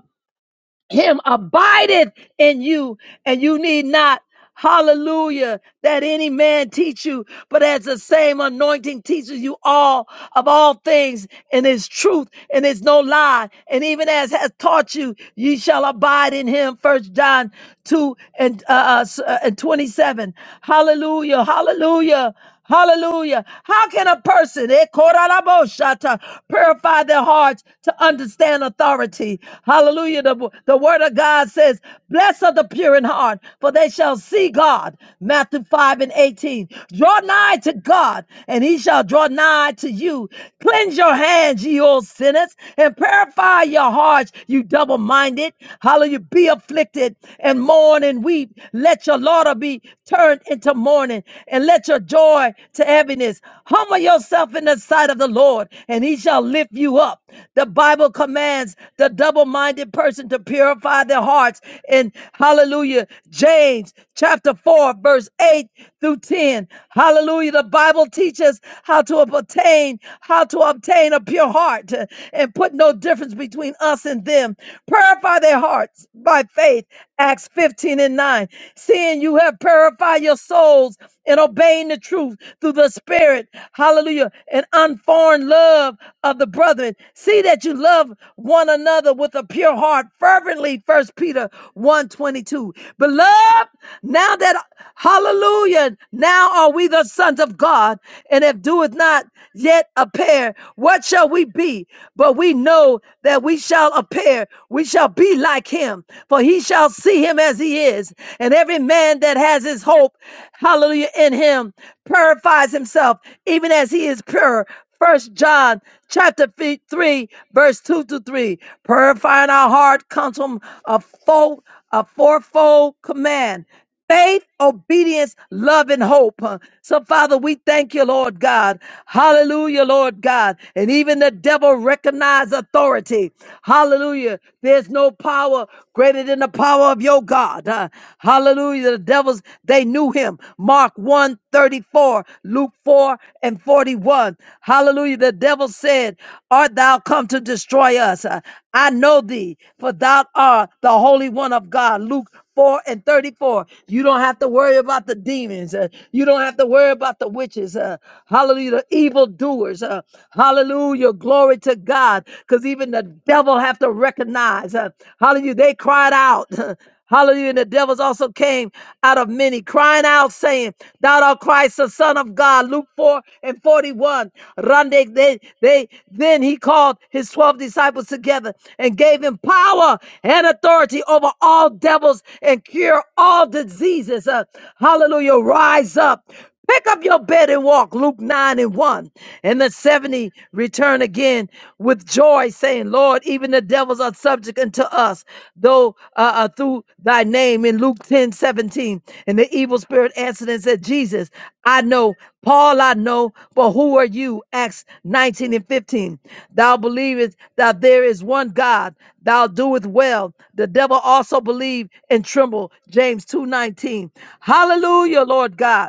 him abideth in you, and you need not, hallelujah, that any man teach you, but as the same anointing teaches you all of all things and is truth and is no lie. And even as has taught you, ye shall abide in him. First John 2 and, uh, uh, s- uh, and 27. Hallelujah, hallelujah. Hallelujah. How can a person eh, koralaboshata, purify their hearts to understand authority? Hallelujah. The, the word of God says, Blessed are the pure in heart, for they shall see God. Matthew 5 and 18. Draw nigh to God, and he shall draw nigh to you. Cleanse your hands, ye old sinners, and purify your hearts, you double minded. Hallelujah. Be afflicted and mourn mourn and weep. Let your laughter be turned into mourning and let your joy to heaviness. Humble yourself in the sight of the Lord and he shall lift you up. The Bible commands the double minded person to purify their hearts. And hallelujah, James chapter 4, verse 8 through 10. Hallelujah. The Bible teaches how to obtain, how to obtain a pure heart and put no difference difference between us and them. Purify their hearts by faith. Acts 15 and 9. Seeing you have purified your souls in obeying the truth through the Spirit. Hallelujah. And unformed love of the brethren. See that you love one another with a pure heart fervently. First Peter one twenty two. Beloved, now that, hallelujah, now are we the sons of God. And if if doeth not yet appear, what shall we be? But we know that we shall appear, we shall be like him, for he shall see him as he is. And every man that has his hope, hallelujah, in him purifies himself, even as he is pure. First John chapter fi- 3, verse 2 to 3. Purifying our heart comes from a, fold, a fourfold command faith, obedience, love, and hope. huh? So, Father, we thank you, Lord God. Hallelujah, Lord God. And even the devil recognize authority. Hallelujah. There's no power greater than the power of your God. huh? Hallelujah. The devils, they knew him. Mark 1 thirty-four, Luke 4 and 41. Hallelujah. The devil said, Art thou come to destroy us? Uh, I know thee, for thou art the Holy One of God. Luke 4 and 34. You don't have to worry about the demons. uh, you don't have to worry about the witches. Uh, hallelujah. The evildoers. Uh, hallelujah. Glory to God. Because even the devil have to recognize. Uh, hallelujah. They cried out. Hallelujah. And the devils also came out of many, crying out, saying, Thou art Christ, the Son of God. Luke 4 and 14 and 41. Rande, they, they, then he called his 12 disciples together and gave him power and authority over all devils and cure all diseases. Uh, hallelujah. Rise up. Pick up your bed and walk. Luke 9 and 1. And the 70 returned again with joy, saying, Lord, even the devils are subject unto unto us, though uh, uh, through thy name in Luke 10 17 And the evil spirit answered and said, Jesus, I know, Paul, I know, but who are you? Acts 19 and 15. Thou believest that there is one God, thou doest well. The devil also believe and tremble. James 2 19 Hallelujah, Lord God.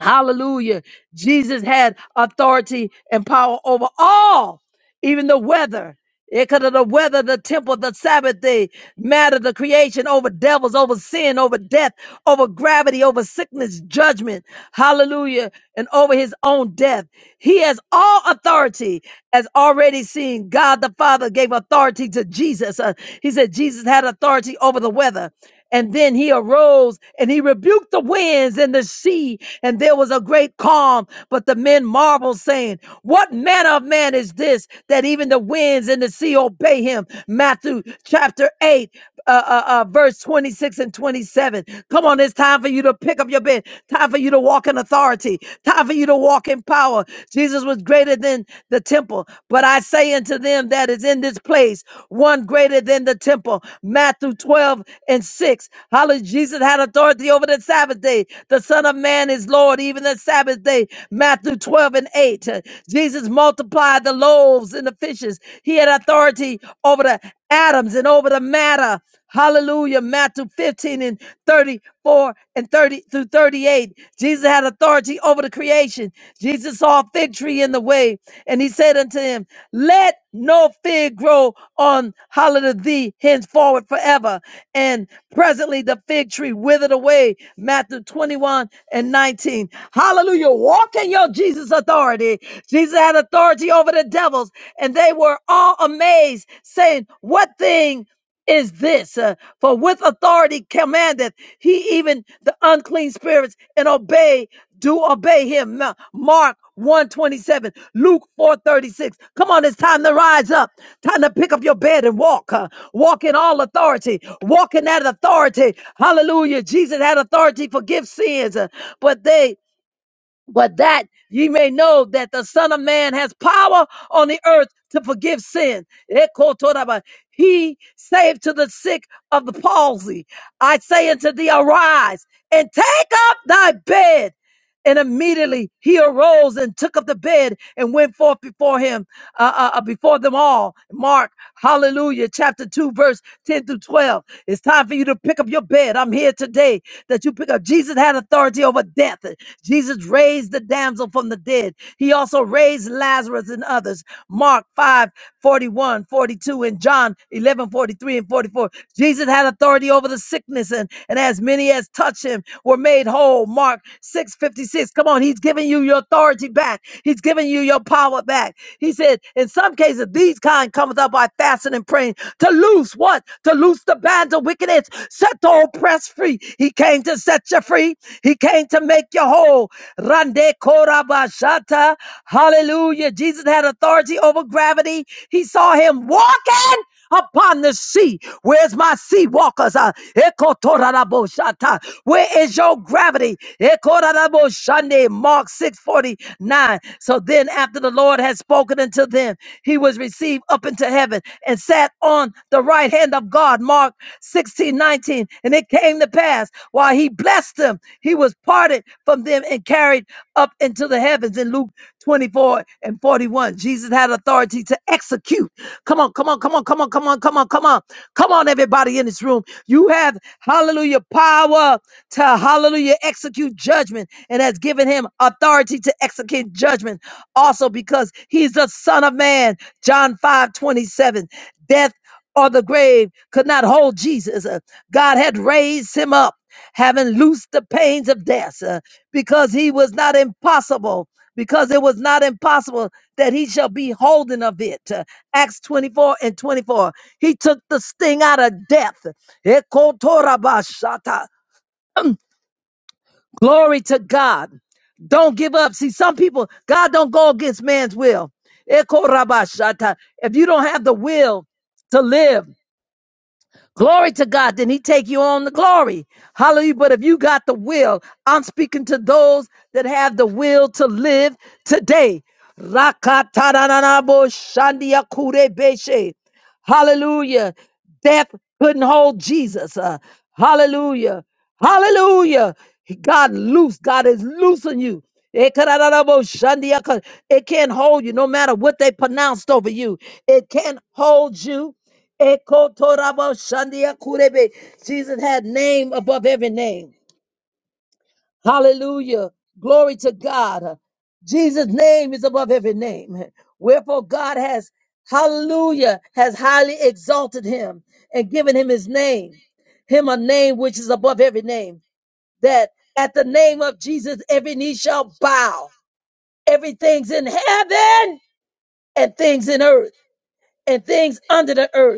Hallelujah. Jesus had authority and power over all, even the weather. It could have the weather, the temple, the Sabbath day, matter, the creation, over devils, over sin, over death, over gravity, over sickness, judgment. Hallelujah. And over his own death. He has all authority as already seen, God the Father gave authority to Jesus. Uh, he said Jesus had authority over the weather. And then he arose and he rebuked the winds and the sea, and there was a great calm. But the men marveled, saying, What manner of man is this that even the winds and the sea obey him? Matthew chapter 8 uh, uh, uh, verse 26 and 27. Come on, it's time for you to pick up your bed. Time for you to walk in authority. Time for you to walk in power. Jesus was greater than the temple. But I say unto them that is in this place, one greater than the temple. Matthew 12 and 6. Hallelujah. Jesus had authority over the Sabbath day. The Son of Man is Lord, even the Sabbath day. Matthew 12 and 8. Uh, Jesus multiplied the loaves and the fishes. He had authority over the atoms and over the matter Hallelujah. Matthew 15 and 34 and 30 through 38. Jesus had authority over the creation. Jesus saw a fig tree in the way, and he said unto him, Let no fig grow on holiday thee henceforward forever. And presently the fig tree withered away. Matthew 21 and 19. Hallelujah. Walk in your Jesus authority. Jesus had authority over the devils, and they were all amazed, saying, What thing? is this uh, for with authority commandeth he even the unclean spirits and obey do obey him Ma- mark 127 luke 436 come on it's time to rise up time to pick up your bed and walk uh, walk in all authority walk in that authority hallelujah jesus had authority to forgive sins uh, but they but that ye may know that the Son of Man has power on the earth to forgive sin. Ekotoraba. He saved to the sick of the palsy. I say unto thee, arise and take up thy bed. And immediately he arose and took up the bed and went forth before him, uh, uh, uh, before them all. Mark, hallelujah, chapter 2, verse 10 through 12. It's time for you to pick up your bed. I'm here today that you pick up. Jesus had authority over death. Jesus raised the damsel from the dead. He also raised Lazarus and others. Mark 5 41, 42, and John 11 43 and 44. Jesus had authority over the sickness, and, and as many as touched him were made whole. Mark 6 56. Come on, he's giving you your authority back, he's giving you your power back. He said, In some cases, these kind cometh up." now by fasting and praying to loose what? To loose the bands of wickedness. Set the oppressed free. He came to set you free. He came to make you whole. Rande korabashata. Hallelujah. Jesus had authority over gravity. He saw him walking upon the sea. Where's my sea walkers? Uh, ekotoraraboshata. Where is your gravity? Ekotoraraboshande. Mark 649. So then after the Lord had spoken unto them, he was received up into heaven and sat on the right hand of God. Mark 16:19. And it came to pass while he blessed them, he was parted from them and carried up into the heavens in Luke 24 and 41. Jesus had authority to execute. Come on, come on, come on, come on, come on, come on, come on. Come on, everybody in this room. You have, hallelujah, power to, hallelujah, execute judgment and has given him authority to execute judgment also because he's the Son of Man. John 5 27, Death or the grave could not hold Jesus. Uh, God had raised him up, having loosed the pains of death, uh, because he was not impossible. Because it was not impossible that he shall be holden of it. Uh, Acts 24 and 24. He took the sting out of death. Ekotorabashata. Glory to God. Don't give up. See, some people, God don't go against man's will. Ekorabashata. If you don't have the will to live, Glory to God. Then he take you on the glory. Hallelujah. But if you got the will, I'm speaking to those that have the will to live today. Rakatananabo shandiakurebeshe. Hallelujah. Death couldn't hold Jesus. Uh, hallelujah. Hallelujah. God loose. God is loosing you. Ekarararabo shandiaka. It can't hold you no matter what they pronounced over you. It can't hold you Ekotorabo Jesus had name above every name. Hallelujah. Glory to God. Jesus' name is above every name. Wherefore God has, hallelujah, has highly exalted him and given him his name, him a name which is above every name, that at the name of Jesus every knee shall bow. Everything's in heaven and things in earth and things under the earth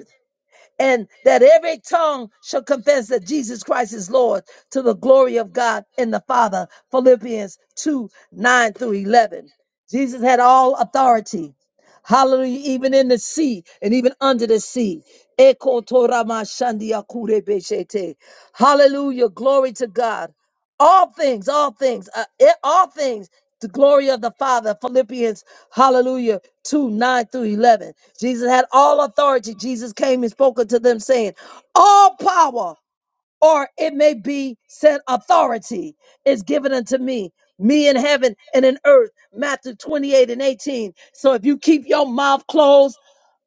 and that every tongue shall confess that Jesus Christ is Lord to the glory of God and the Father. Philippians 2 9 through 11. Jesus had all authority. Hallelujah, even in the sea and even under the sea. Eko torama shandia kure beshete. Hallelujah, glory to God all things, all things, uh, it, all things. The glory of the Father, Philippians, hallelujah, 2 9 through 11. Jesus had all authority. Jesus came and spoke unto them, saying, All power or it may be said authority is given unto me me in heaven and in earth matthew 28 and 18 so if you keep your mouth closed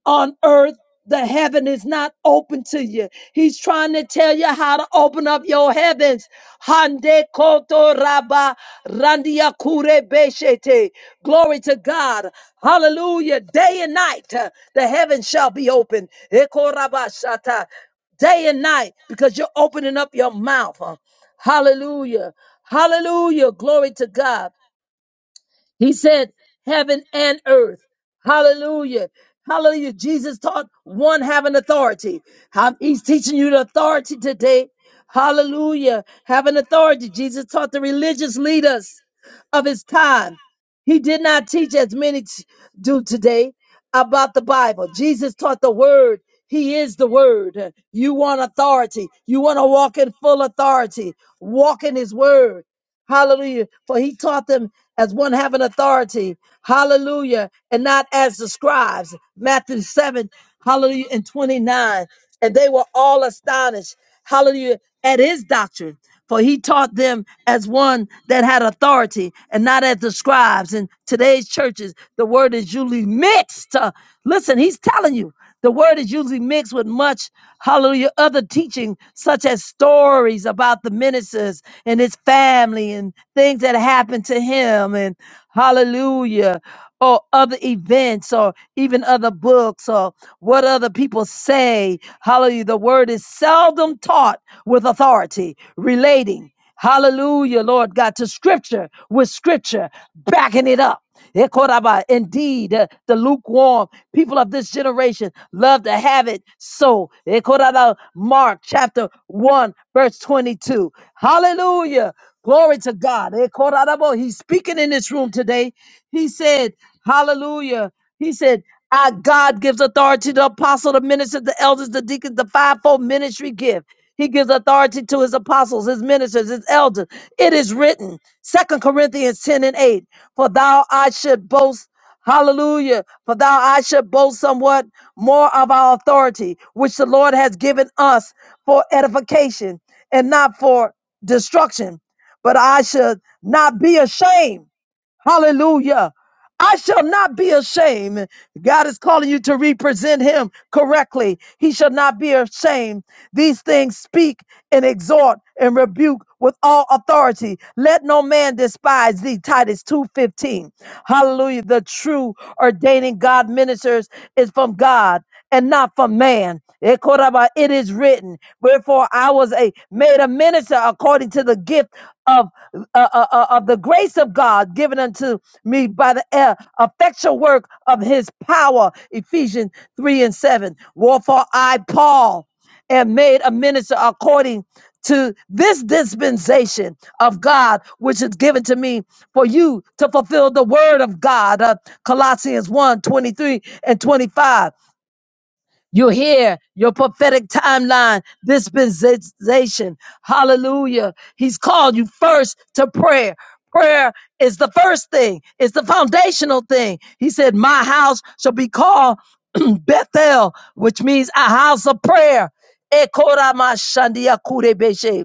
on earth the heaven is not open to you he's trying to tell you how to open up your heavens hande koto raba randia kure beshete glory to god hallelujah day and night uh, the heavens shall be open Eko raba shata day and night because you're opening up your mouth. huh? Hallelujah. Hallelujah. Glory to God. He said, heaven and earth. Hallelujah. Hallelujah. Jesus taught one having authority. How- He's teaching you the authority today. Hallelujah. Having authority. Jesus taught the religious leaders of his time. He did not teach as many t- do today about the Bible. Jesus taught the word. He is the word. You want authority. You want to walk in full authority. Walk in his word. Hallelujah. For he taught them as one having authority. Hallelujah. And not as the scribes. Matthew 7, hallelujah, and 29. And they were all astonished. Hallelujah. At his doctrine. For he taught them as one that had authority and not as the scribes. In today's churches, the word is usually mixed. Uh, listen, he's telling you the word is usually mixed with much. Hallelujah. Other teaching, such as stories about the ministers and his family and things that happened to him, and hallelujah, or other events, or even other books, or what other people say. Hallelujah. The word is seldom taught with authority, relating. Hallelujah, Lord God, to scripture with scripture, backing it up. Ekoraba. Indeed, uh, the lukewarm people of this generation love to have it so. Ekorada. Mark chapter 1, verse 22. Hallelujah. Glory to God. Ekorarabo. He's speaking in this room today. He said, Hallelujah. He said, Our God gives authority to the apostle, the ministers, the elders, the deacons, the fivefold ministry gift. He gives authority to his apostles, his ministers, his elders. It is written, Second Corinthians 10 and 8. For thou I should boast, hallelujah, for thou I should boast somewhat more of our authority, which the Lord has given us for edification and not for destruction. But I should not be ashamed Hallelujah. I shall not be ashamed. God is calling you to represent him correctly. He shall not be ashamed. These things speak and exhort and rebuke with all authority. Let no man despise thee. Titus 2:15. Hallelujah. The true ordaining God ministers is from God and not for man. Ekoraba, It is written, wherefore I was a made a minister according to the gift of uh, uh, uh, of the grace of God given unto me by the uh, effectual work of His power. Ephesians three and seven. Wherefore I Paul am made a minister according to this dispensation of God which is given to me for you to fulfill the word of God. Uh, Colossians one 23 and 25 you hear your prophetic timeline, dispensation. Hallelujah. He's called you first to prayer. Prayer is the first thing, it's the foundational thing. He said, My house shall be called Bethel, which means a house of prayer. Ekora mashandia kurebeshe.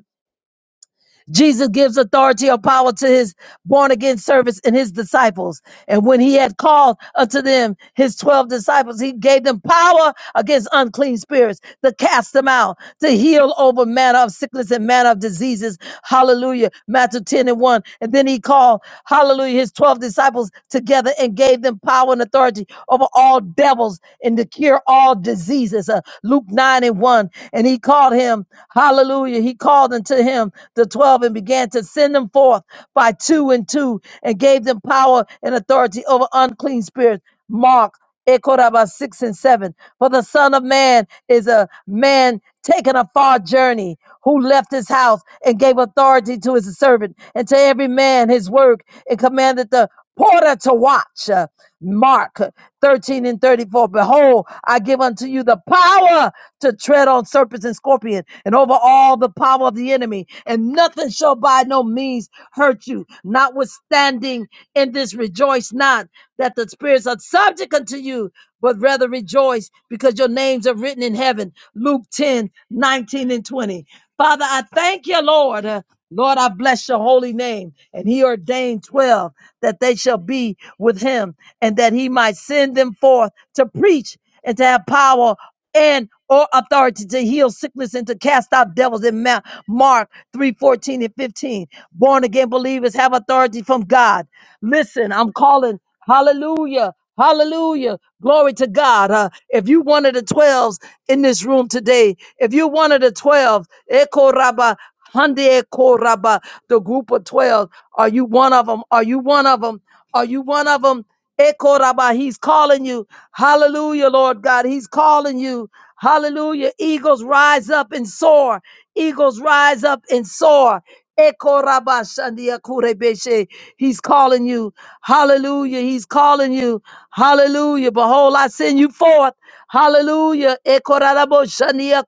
Jesus gives authority or power to his born again servants and his disciples. And when he had called unto them his 12 disciples, he gave them power against unclean spirits to cast them out to heal over manner of sickness and manner of diseases. Hallelujah. Matthew 10 and 1. And then he called, hallelujah, his 12 disciples together and gave them power and authority over all devils and to cure all diseases. Uh, Luke 9 and 1. And he called him, hallelujah, he called unto him the 12 and began to send them forth by two and two and gave them power and authority over unclean spirits. Mark Ekoraba 6 and 7. For the Son of Man is a man taking a far journey who left his house and gave authority to his servant and to every man his work and commanded the porter to watch. Uh, Mark 13 and 34. Behold, I give unto you the power to tread on serpents and scorpions and over all the power of the enemy, and nothing shall by no means hurt you. Notwithstanding, in this rejoice not, that the spirits are subject unto you, but rather rejoice because your names are written in heaven. Luke 10 19 and 20. Father, I thank you, Lord. Uh, Lord, I bless your holy name. And he ordained 12 that they shall be with him and that he might send them forth to preach and to have power and or authority to heal sickness and to cast out devils in Ma- Mark 3 14 and 15. Born again believers have authority from God. Listen, I'm calling. Hallelujah. Hallelujah. Glory to God. Uh, if you one of the 12s in this room today, if you're one of the 12, Eko Rabba, Hande Eko Rabba, the group of 12, are you one of them? Are you one of them? Are you one of them? Ekoraba, He's calling you. Hallelujah, Lord God. He's calling you. Hallelujah. Eagles rise up and soar. Eagles rise up and soar. Ekoraba shandia kurebeshe. He's calling you. Hallelujah. He's calling you. Hallelujah. Behold, I send you forth. Hallelujah. Ekoraraboshandia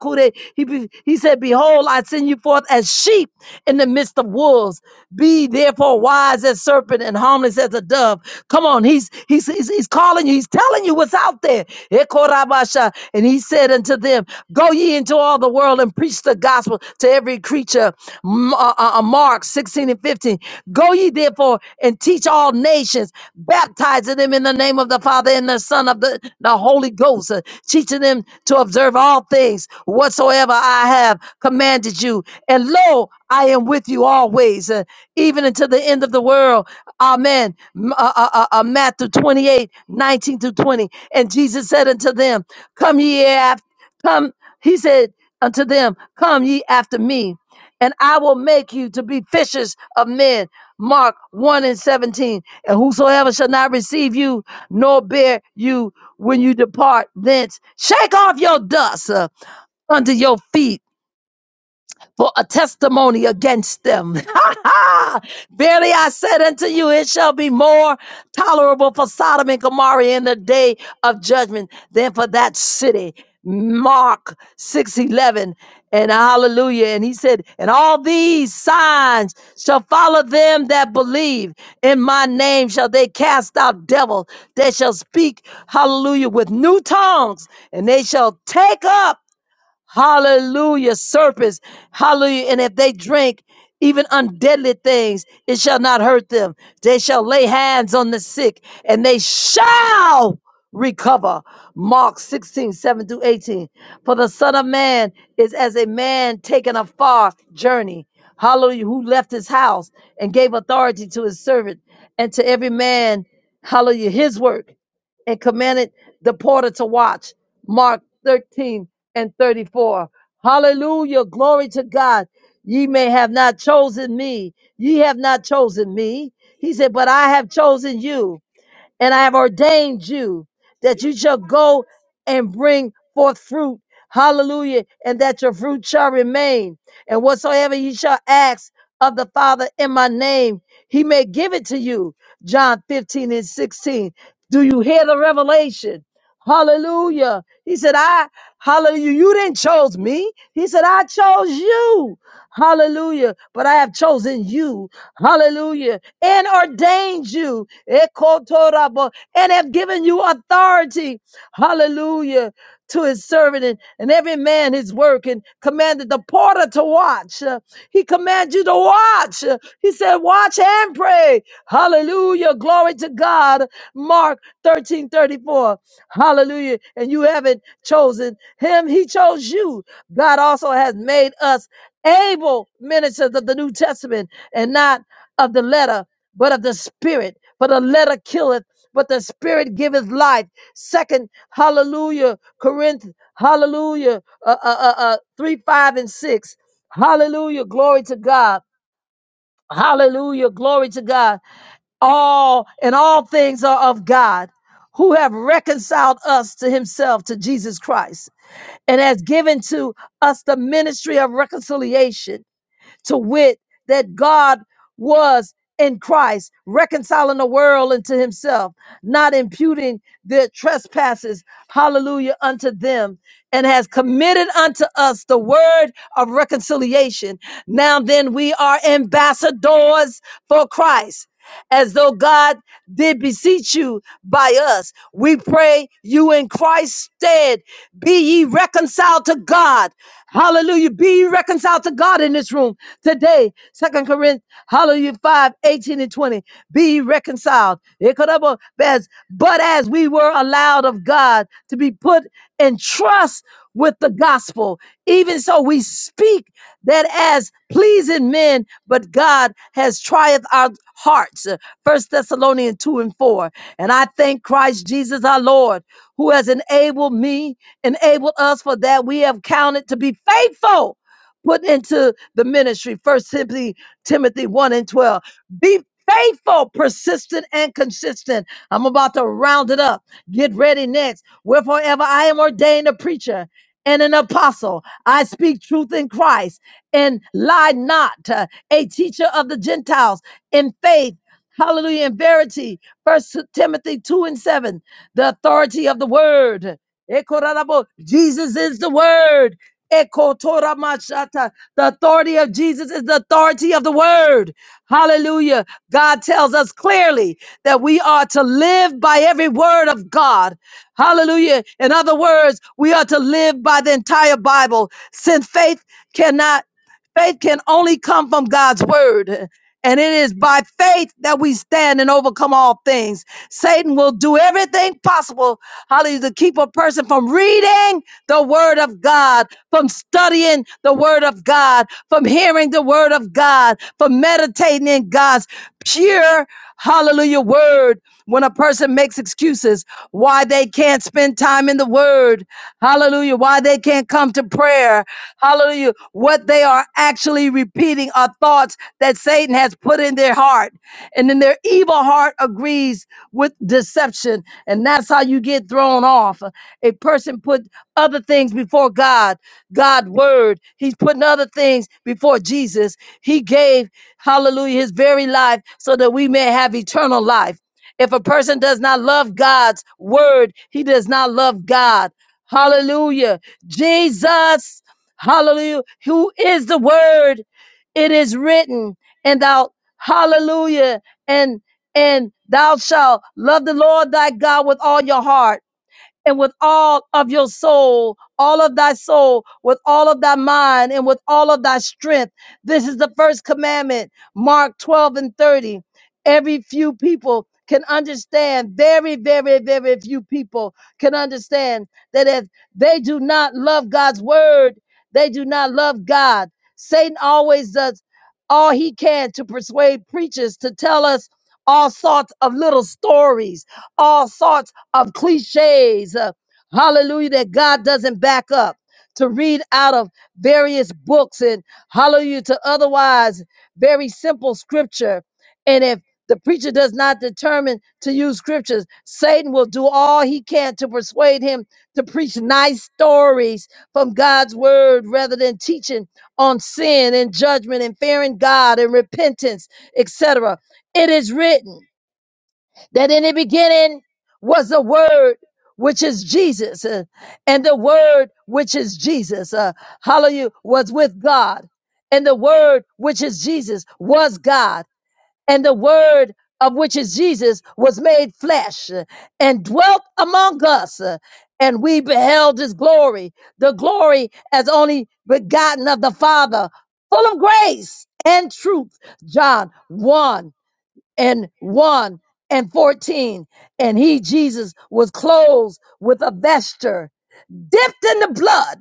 He, be- he said, Behold, I send you forth as sheep in the midst of wolves. Be therefore wise as serpent and harmless as a dove. Come on, he's he's he's, he's calling you, he's telling you what's out there. Ekorabasha. And he said unto them, Go ye into all the world and preach the gospel to every creature. M- uh, uh, uh, Mark 16 and 15. Go ye therefore and teach all nations, baptizing them in the name of the Father and the Son of the, the Holy Ghost, uh, teaching them to observe all things whatsoever I have commanded you. And lo, I am with you always, uh, even until the end of the world. Amen. M- Uh, uh, uh, uh, Matthew twenty eight nineteen 19 through 20. And Jesus said unto them, Come ye after, come, he said unto them, Come ye after me, and I will make you to be fishers of men. Mark 1 and 17. And whosoever shall not receive you nor bear you when you depart thence, shake off your dust uh, under your feet for a testimony against them. Verily I said unto you, it shall be more tolerable for Sodom and Gomorrah in the day of judgment than for that city. Mark 6:11 and hallelujah and he said and all these signs shall follow them that believe in my name shall they cast out devils they shall speak hallelujah with new tongues and they shall take up Hallelujah. Serpents. Hallelujah. And if they drink even undeadly things, it shall not hurt them. They shall lay hands on the sick and they shall recover. Mark 16 7 through 18. For the Son of Man is as a man taking a far journey. Hallelujah. Who left his house and gave authority to his servant and to every man. Hallelujah. His work and commanded the porter to watch. Mark 13 and 34. Hallelujah. Glory to God. Ye may have not chosen me. Ye have not chosen me. He said, but I have chosen you and I have ordained you that you shall go and bring forth fruit. Hallelujah. And that your fruit shall remain. And whatsoever ye shall ask of the Father in my name, he may give it to you. John 15 and 16. Do you hear the revelation? Hallelujah. He said, I, hallelujah, you didn't chose me. He said, I chose you. Hallelujah. But I have chosen you. Hallelujah and ordained you ekotorabo, and have given you authority. Hallelujah. To his servant and, and every man his work, and commanded the porter to watch. Uh, He commanded you to watch. Uh, He said, Watch and pray. Hallelujah. Glory to God. Mark 13 34. Hallelujah. And you haven't chosen him, he chose you. God also has made us able ministers of the New Testament and not of the letter but of the spirit. For the letter killeth, but the spirit giveth life. Second, hallelujah, Corinth, hallelujah, uh, uh, uh, uh, 3, 5, and 6. Hallelujah, glory to God. Hallelujah, glory to God. All and all things are of God who have reconciled us to himself, to Jesus Christ, and has given to us the ministry of reconciliation to wit, that God was in Christ, reconciling the world unto himself, not imputing their trespasses, hallelujah, unto them, and has committed unto us the word of reconciliation. Now then, we are ambassadors for Christ. As though God did beseech you by us, we pray you in Christ's stead be ye reconciled to God. Hallelujah. Be reconciled to God in this room today. Second Corinthians, hallelujah, 5, 18, and 20. Be reconciled. Ekarabo- as- But as we were allowed of God to be put in trust with the gospel, even so we speak that as pleasing men, but God has trieth our hearts. First Thessalonians 2 and 4. And I thank Christ Jesus our Lord, who has enabled me enabled us for that we have counted to be faithful put into the ministry first timothy timothy 1 and 12 be faithful persistent and consistent i'm about to round it up get ready next wherefore ever i am ordained a preacher and an apostle i speak truth in christ and lie not uh, a teacher of the gentiles in faith hallelujah in verity first timothy 2 and 7 the authority of the word Ekorarabo. Jesus is the word. Ekotoramashata. The authority of Jesus is the authority of the word. Hallelujah. God tells us clearly that we are to live by every word of God. Hallelujah. In other words, we are to live by the entire Bible since faith cannot, faith can only come from God's word. And it is by faith that we stand and overcome all things. Satan will do everything possible Hallelujah. To keep a person from reading the word of God, from studying the word of God, from hearing the word of God, from meditating in God's pure, hallelujah, word. When a person makes excuses why they can't spend time in the word, hallelujah, why they can't come to prayer, hallelujah, what they are actually repeating are thoughts that Satan has put in their heart and then their evil heart agrees with deception and that's how you get thrown off a person put other things before god god word he's putting other things before jesus he gave hallelujah his very life so that we may have eternal life if a person does not love god's word he does not love god hallelujah jesus hallelujah who is the word it is written and thou hallelujah and and thou shalt love the Lord thy God with all your heart and with all of your soul, all of thy soul, with all of thy mind, and with all of thy strength. This is the first commandment, Mark 12 and 30. Every few people can understand, very, very, very few people can understand that if they do not love God's word, they do not love God. Satan always does all he can to persuade preachers to tell us all sorts of little stories, all sorts of cliches. uh, hallelujah, that God doesn't back up. To read out of various books and hallelujah to otherwise very simple scripture. And if the preacher does not determine to use scriptures, Satan will do all he can to persuade him to preach nice stories from God's word rather than teaching on sin and judgment and fearing God and repentance, etc. It is written that in the beginning was the word which is Jesus uh, and the word which is Jesus uh, hallelujah was with God and the word which is Jesus was God and the word of which is Jesus was made flesh uh, and dwelt among us uh, and we beheld his glory the glory as only begotten of the father full of grace and truth John 1 and 1 and 14. And he, Jesus, was clothed with a vesture dipped in the blood,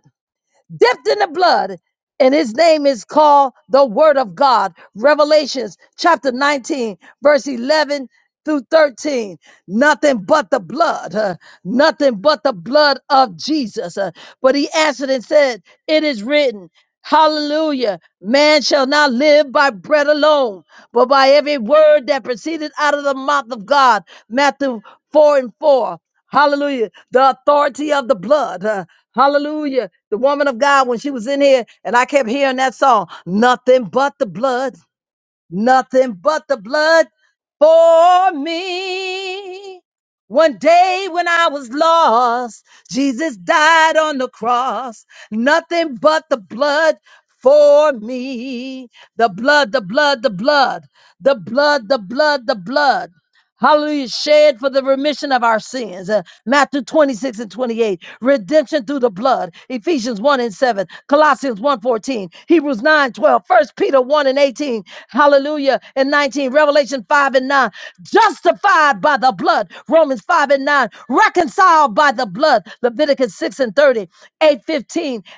dipped in the blood. And his name is called the Word of God. Revelations chapter 19, verse 11 through 13. Nothing but the blood, uh, nothing but the blood of Jesus. uh. but he answered and said, It is written. Hallelujah. Man shall not live by bread alone, but by every word that proceeded out of the mouth of God. Matthew 4 and 4. Hallelujah. The authority of the blood. Uh, hallelujah. The woman of God, when she was in here, and I kept hearing that song, nothing but the blood. Nothing but the blood for me. One day when I was lost, Jesus died on the cross. Nothing but the blood for me. The blood, the blood, the blood, the blood, the blood, the blood. Hallelujah. Shed for the remission of our sins. Uh, Matthew 26 and 28. Redemption through the blood. Ephesians 1 and 7. Colossians 1 fourteen. Hebrews 9:12, First Peter 1 and 18. Hallelujah. And 19. Revelation 5 and 9. Justified by the blood. Romans 5 and 9. Reconciled by the blood. Leviticus 6 and 30. 8:15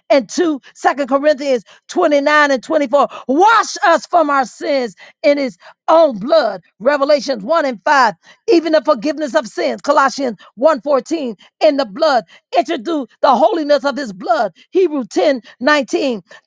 and 2. 2 Corinthians 29 and 24. Wash us from our sins in his own blood. Revelations 1 and 5, even the forgiveness of sins. Colossians one fourteen. in the blood, introduce the holiness of his blood. Hebrew 10 19.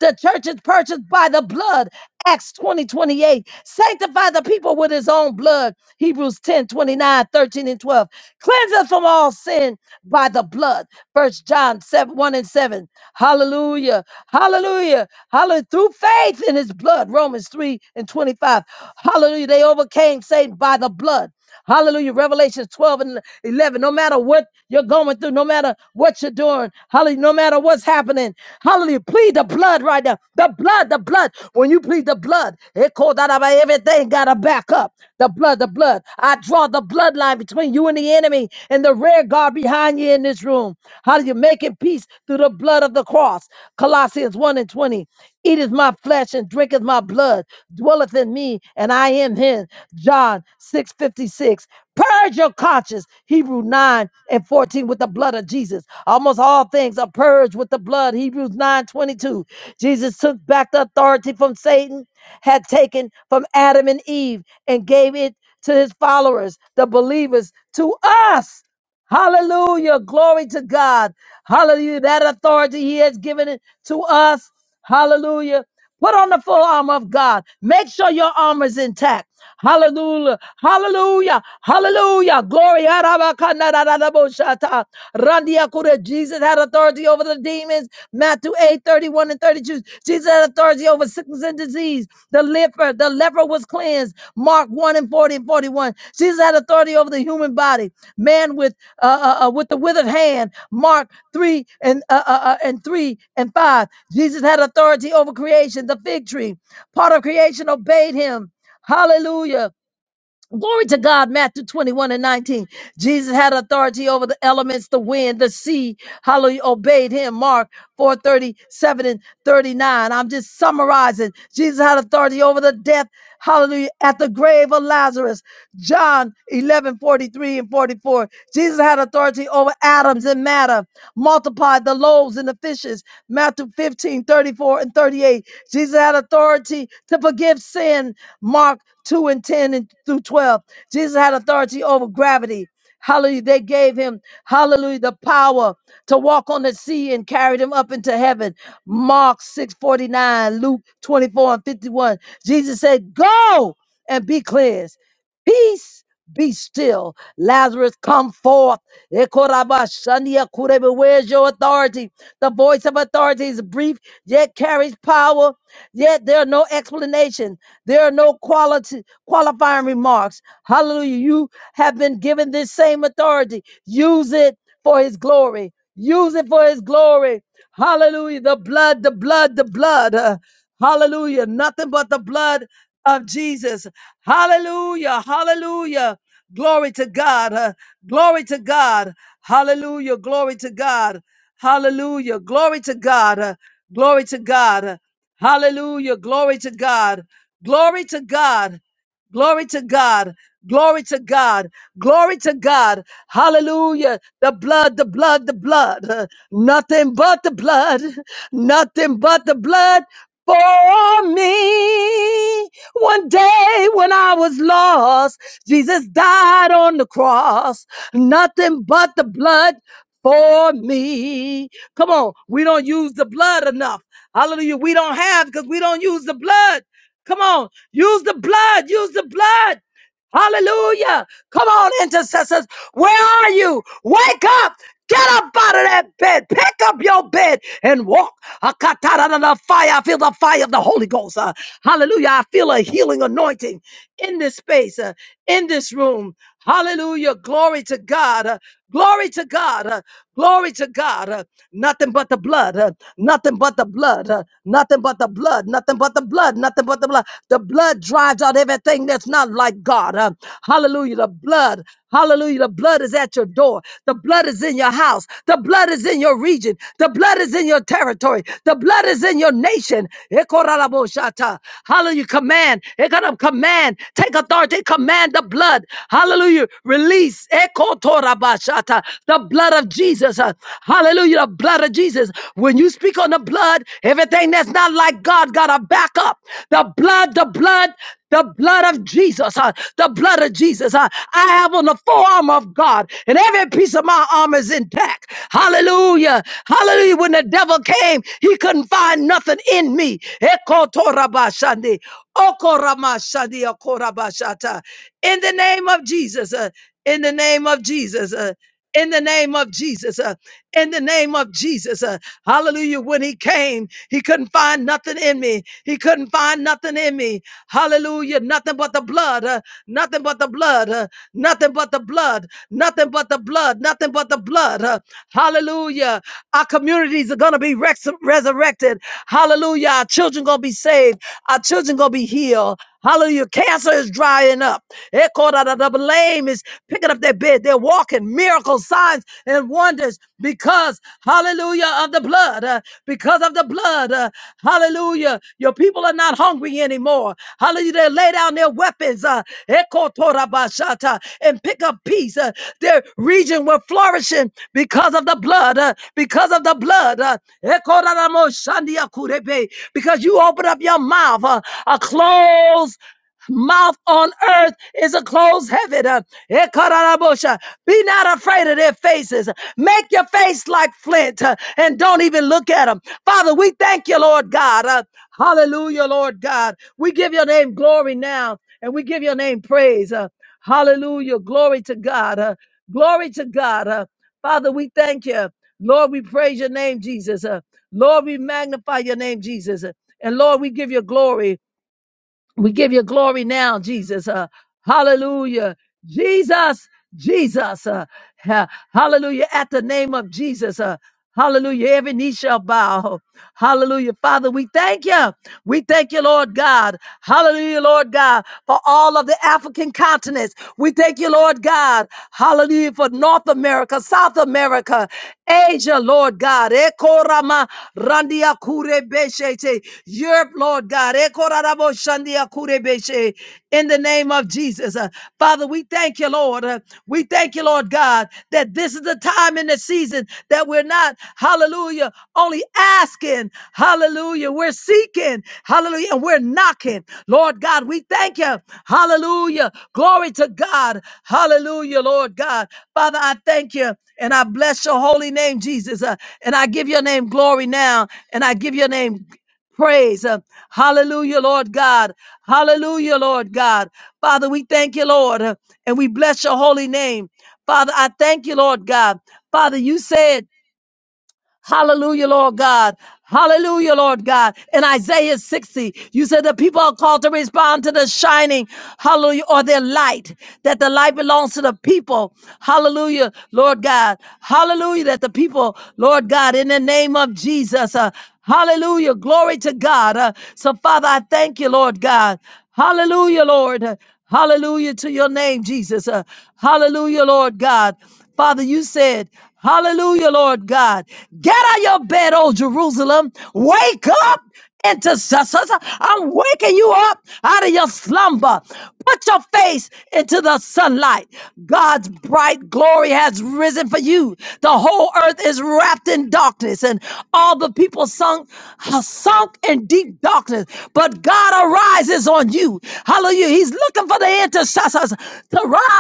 The church is purchased by the blood. Acts 20 28. Sanctify the people with his own blood. Hebrews 10 29 13 and 12. Cleanse us from all sin by the blood. First John 7, 1 and 7. Hallelujah. Hallelujah. Hallelujah. Hallelujah. Through faith in his blood. Romans 3 and 25. Hallelujah. They overcame Satan by the blood. Hallelujah. Revelations 12 and 11. No matter what you're going through, no matter what you're doing, hallelujah, no matter what's happening, hallelujah, plead the blood right now. The blood, the blood. When you plead the blood, it called out about everything, got to back up. The blood, the blood. I draw the bloodline between you and pursuing the enemy and the rear guard behind you in this room. How do you make peace through the blood of the cross? Colossians 1 and 20. Eat my flesh and drinketh my blood, dwelleth in me, and I am him. John 6 56. Purge your conscience, Hebrew 9 and 14, with the blood of Jesus. Almost all things are purged with the blood, Hebrews 9 22. Jesus took back the authority from Satan had taken from Adam and Eve and gave it to his followers, the believers, to us. Hallelujah. Glory to God. Hallelujah. That authority he has given it to us. Hallelujah. Put on the full armor of God. Make sure your armor is intact. Hallelujah. Hallelujah. Hallelujah. Glory. Jesus had authority over the demons. Matthew 8 31 and 32. Jesus had authority over sickness and disease. The leper, the leper was cleansed. Mark 1 and 40 and 41. Jesus had authority over the human body. Man with uh, uh, uh, with the withered hand. Mark 3 and uh, uh, uh, and 3 and 5. Jesus had authority over creation, the fig tree. Part of creation obeyed him. Hallelujah. Glory to God, Matthew 21 and 19. Jesus had authority over the elements, the wind, the sea. Hallelujah. Obeyed him. Mark 4 37 and 39. I'm just summarizing. Jesus had authority over the death. Hallelujah. At the grave of Lazarus. John 11 43 and 44. Jesus had authority over atoms and matter. Multiplied the loaves and the fishes. Matthew 15 34 and 38. Jesus had authority to forgive sin. Mark 2 and 10 and through 12. Jesus had authority over gravity. Hallelujah. They gave him, hallelujah, the power to walk on the sea and carried him up into heaven. Mark 6 49, Luke 24 and 51. Jesus said, Go and be cleansed. Peace be still. Lazarus, come forth. Ekoraba kurebe. Where's your authority? The voice of authority is brief, yet carries power, yet there are no explanations. There are no quality qualifying remarks. Hallelujah. You have been given this same authority. Use it for his glory. Use it for his glory. Hallelujah. The blood, the blood, the blood. Uh, hallelujah. Nothing but the blood of Jesus. Hallelujah. Hallelujah. Glory to God. Uh, glory to God. Hallelujah. Glory to God. Hallelujah. Glory to God. Uh, glory to God. Hallelujah. Glory to God. Glory to God. Glory to God. Glory to God. Glory to God. Hallelujah. The blood, the blood, the blood. Uh, Nothing but the blood. Nothing but the blood for me. One day when I was lost, Jesus died on the cross. Nothing but the blood for me. Come on. We don't use the blood enough. Hallelujah. We don't have because we don't use the blood. Come on, use the blood, use the blood. Hallelujah. Come on, intercessors. Where are you? Wake up. Get up out of that bed. Pick up your bed and walk. Akatara na na fire. I feel the fire of the Holy Ghost. Uh, hallelujah. I feel a healing anointing in this space, uh, in this room. Hallelujah. Glory to God. Uh, glory to God. Uh, glory to God. Uh, nothing but the blood. Uh, nothing but the blood. Uh, nothing but the blood. Nothing but the blood. Nothing but the blood. The blood drives out everything that's not like God. Uh, hallelujah. The blood, hallelujah. The blood is at your door. The blood is in your house. The blood is in your region. The blood is in your territory. The blood is in your nation. Ekoraraboshata. Hallelujah. Command. Ekoram- Command. Take authority. Command the blood. Hallelujah. Release. Ekotorabashata. The blood of Jesus. Uh, Hallelujah. The blood of Jesus. When you speak on the blood, Everything that's not like God got to back up. The blood, the blood, the blood of Jesus, uh, the blood of Jesus. uh, I have on the forearm of God, and every piece of my arm is intact. Hallelujah. Hallelujah. When the devil came, he couldn't find nothing in me. Eko torabashande, oko ramashande, In the name of Jesus, uh, in the name of Jesus. uh, in the name of Jesus. uh, in the name of Jesus. uh, hallelujah. When he came, he couldn't find nothing in me. He couldn't find nothing in me. Hallelujah. Nothing but the blood. uh, nothing but the blood. uh, nothing but the blood. Nothing but the blood. Nothing but the blood. uh, hallelujah. Our communities are going to be rex- resurrected. Hallelujah. Our children going to be saved saved. Our children gonna be healed. Hallelujah. Cancer is drying up. Echo da da da. The lame is picking up their bed. They're walking. Miracles, signs, and wonders because, hallelujah, of the blood. uh, because of the blood. uh, hallelujah. Your people are not hungry anymore. Hallelujah. They lay down their weapons. Uh, Echo Torabashata and pick up peace. Uh, they're region were flourishing because of the blood, uh, because of the blood. uh, Because you open up your mouth, uh, a closed mouth on earth is a closed heaven. uh, Be not afraid of their faces. Make your face like flint uh, and don't even look at them. Father, we thank you, Lord God. uh, Hallelujah, Lord God. We give your name glory now and we give your name praise. uh, Hallelujah. Glory to God. Uh, Glory to God. Uh, Father, we thank you. Lord, we praise your name, Jesus. Uh, Lord, we magnify your name, Jesus. Uh, and Lord, we give you glory. We give you glory now, Jesus. Uh, hallelujah. Jesus, Jesus, uh, ha- hallelujah, at the name of Jesus, uh, hallelujah, every knee shall bow, hallelujah, Father, we thank you, we thank you, Lord God, hallelujah, Lord God, for all of the African continents, we thank you, Lord God, hallelujah, for North America, South America, Asia, Lord God, Ekorama randia kure Europe, Lord God, Ekorarabo shandia kure in the name of Jesus. Uh, Father, we thank you, Lord. Uh, we thank you, Lord God, that this is the time in the season that we're not, hallelujah, only asking, hallelujah, we're seeking, hallelujah, and we're knocking. Lord God, we thank you, hallelujah. Glory to God, hallelujah, Lord God. Father, I thank you and I bless your holy name, Jesus. Uh, and I give your name glory now, and I give your name praise. Uh, Hallelujah, Lord God. Hallelujah, Lord God. Father, we thank you, Lord, uh, and we bless your holy name. Father, I thank you, Lord God. Father, you said Hallelujah, Lord God. Hallelujah, Lord God. In Isaiah 60, you said the people are called to respond to the shining, hallelujah, or their light, that the light belongs to the people. Hallelujah, Lord God. Hallelujah, that the people, Lord God, in the name of Jesus, uh, hallelujah, glory to God. Uh, so, Father, I thank you, Lord God. Hallelujah, Lord. Hallelujah to your name, Jesus. Uh, hallelujah, Lord God. Father, you said, Hallelujah, Lord God. Get out of your bed, oh Jerusalem. Wake up, intercessors. I'm waking you up out of your slumber. Put your face into the sunlight. God's bright glory has risen for you. The whole earth is wrapped in darkness, and all the people sunk, sunk in deep darkness. But but God arises on you. Hallelujah. He's looking for the intercessors to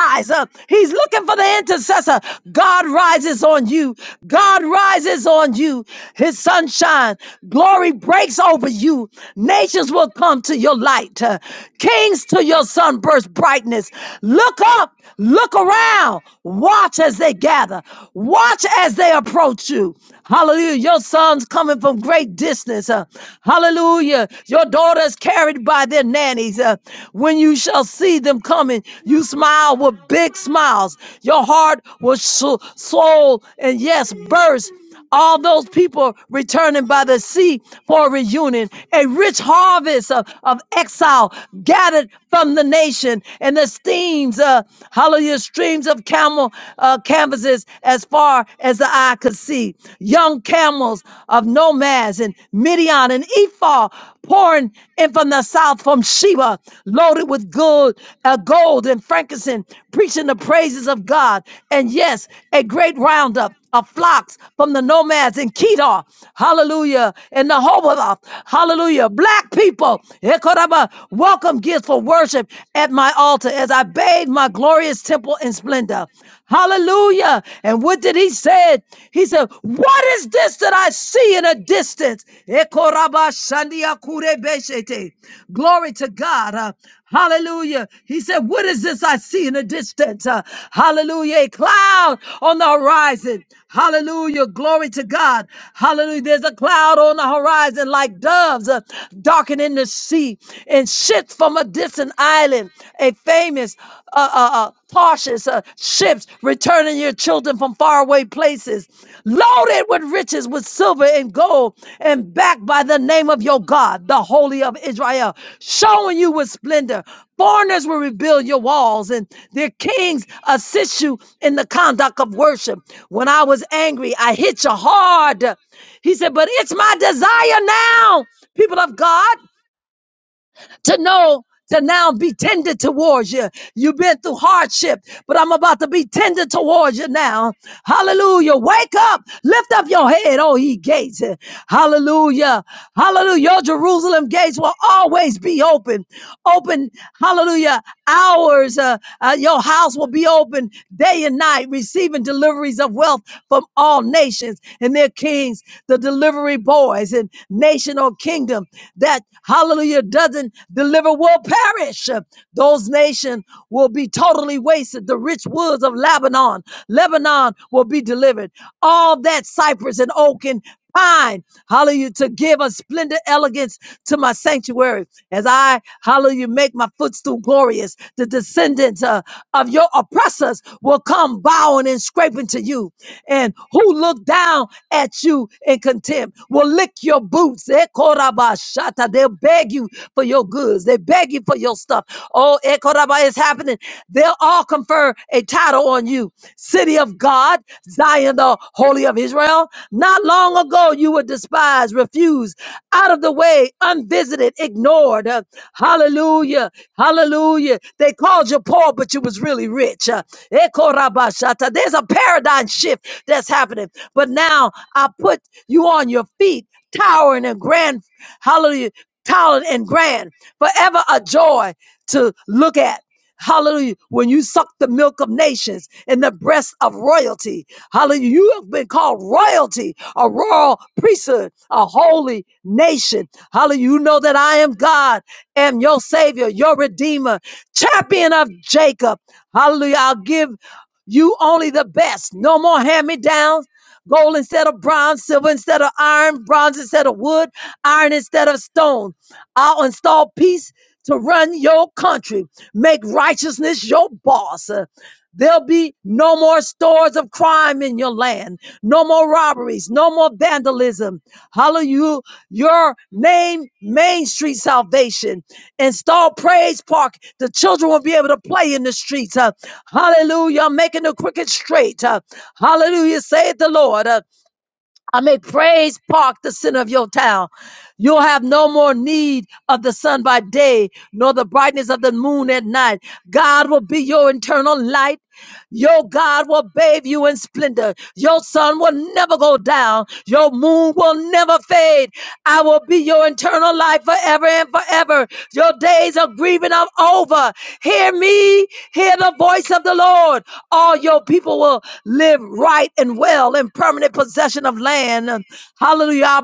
rise up. He's looking for the intercessor. God rises on you. God rises on you. His sunshine, glory breaks over you. Nations will come to your light. Uh, Kings to your sunburst brightness. Look up, look around, watch as they gather, watch as they approach you. Hallelujah. Your son's coming from from great distance. uh, hallelujah. Your daughters carried by their nannies. uh, when you shall see them coming, you smile with big smiles. Your heart will so- soul and yes, burst. All those people returning by the sea for a reunion, a rich harvest of, of exile gathered from the nation, and the steams, uh, hallelujah, streams of camel uh, canvases as far as as the eye could see, young camels of nomads and Midian and Ephah pouring in from the south from Sheba, loaded with good uh, gold and frankincense, preaching the praises of God. And yes, a great roundup of flocks from the nomads in Kedar, hallelujah, in the Hoboth, hallelujah. Black people, Ekoraba, welcome gifts for worship at my altar as I bathe my glorious temple in splendor. Hallelujah. And what did he say? He said, What is this that I see in a distance? Ekorabashandiakurebeshete. Glory to God. Uh, hallelujah. He said, What is this I see in a distance? Uh, hallelujah. A cloud on the horizon. Hallelujah. Glory to God. Hallelujah. There's a cloud on the horizon like doves uh, darkening the sea and ships from a distant island. A famous uh, uh, uh, Tarshish uh, ships returning your children from faraway places, loaded with riches, with silver and gold full and backed by the name of your God, the Holy of Israel, showing you with splendor. Foreigners will rebuild your walls, and their kings assist you in the conduct of worship. When I was angry, I hit you hard. He said, But it's my desire now, people of God to know to now be tender towards you. You've been through hardship, but I'm about to be tender towards you now. Hallelujah. Wake up. Lift up your head, oh ye gates. Hallelujah. Hallelujah. Your Jerusalem gates will always be open. Open, hallelujah, hours. Uh, uh, your house will be open day and night, receiving deliveries of wealth from all nations and their kings, the delivery boys and national kingdoms kingdom that, hallelujah, doesn't deliver will perish. Those nations will be totally wasted. The rich woods of Lebanon, Lebanon will be delivered. All that cypress and oak and pine, hallelujah, to give a splendid elegance to my sanctuary as I, hallelujah, make my footstool glorious. The descendants uh, of your oppressors will come bowing and scraping to you. And who look down at you in contempt? them will lick your boots. Eh, korabashata. They'll beg you for your goods. They beg you for your stuff. Oh, eh, koraba, it's happening. They'll all confer a title on you. City of God, Zion, the Holy of Israel. Not long ago, you were despised, refused, out of the way, unvisited, ignored. Uh, Hallelujah. Hallelujah. They called you poor, but you was really rich. Uh, eh, There's a paradigm shift that's happening. But now I put you on your feet, towering and grand. Hallelujah. Towering and grand. Forever a joy to look at. Hallelujah. When you suck the milk of nations and the breast of royalty. Hallelujah. You have been called royalty, a royal priesthood, a holy nation. Hallelujah. You know that I am God, am your savior, your redeemer, champion of Jacob. Hallelujah. I'll give you only the best. No more hand me downs gold instead of bronze, silver instead of iron, bronze instead of wood, iron instead of stone. I'll install peace to run your country, make righteousness your boss. Uh, There'll be no more stores of crime in your land, no more robberies, no more vandalism. Hallelujah. Your name, Main Street Salvation. Install Praise Park. The children will be able to play in the streets. Uh, hallelujah. Making the cricket straight. Uh, Hallelujah. Saith the Lord. Uh, I may praise park the center of your town. You'll have no more need of the sun by day, nor the brightness of the moon at night. God will be your internal light. Your God will bathe you in splendor. Your sun will never go down. Your moon will never fade. I will be your eternal light forever and forever. Your days of grieving are over. Hear me, hear the voice of the Lord. All your people will live right and well in permanent possession of land. Hallelujah.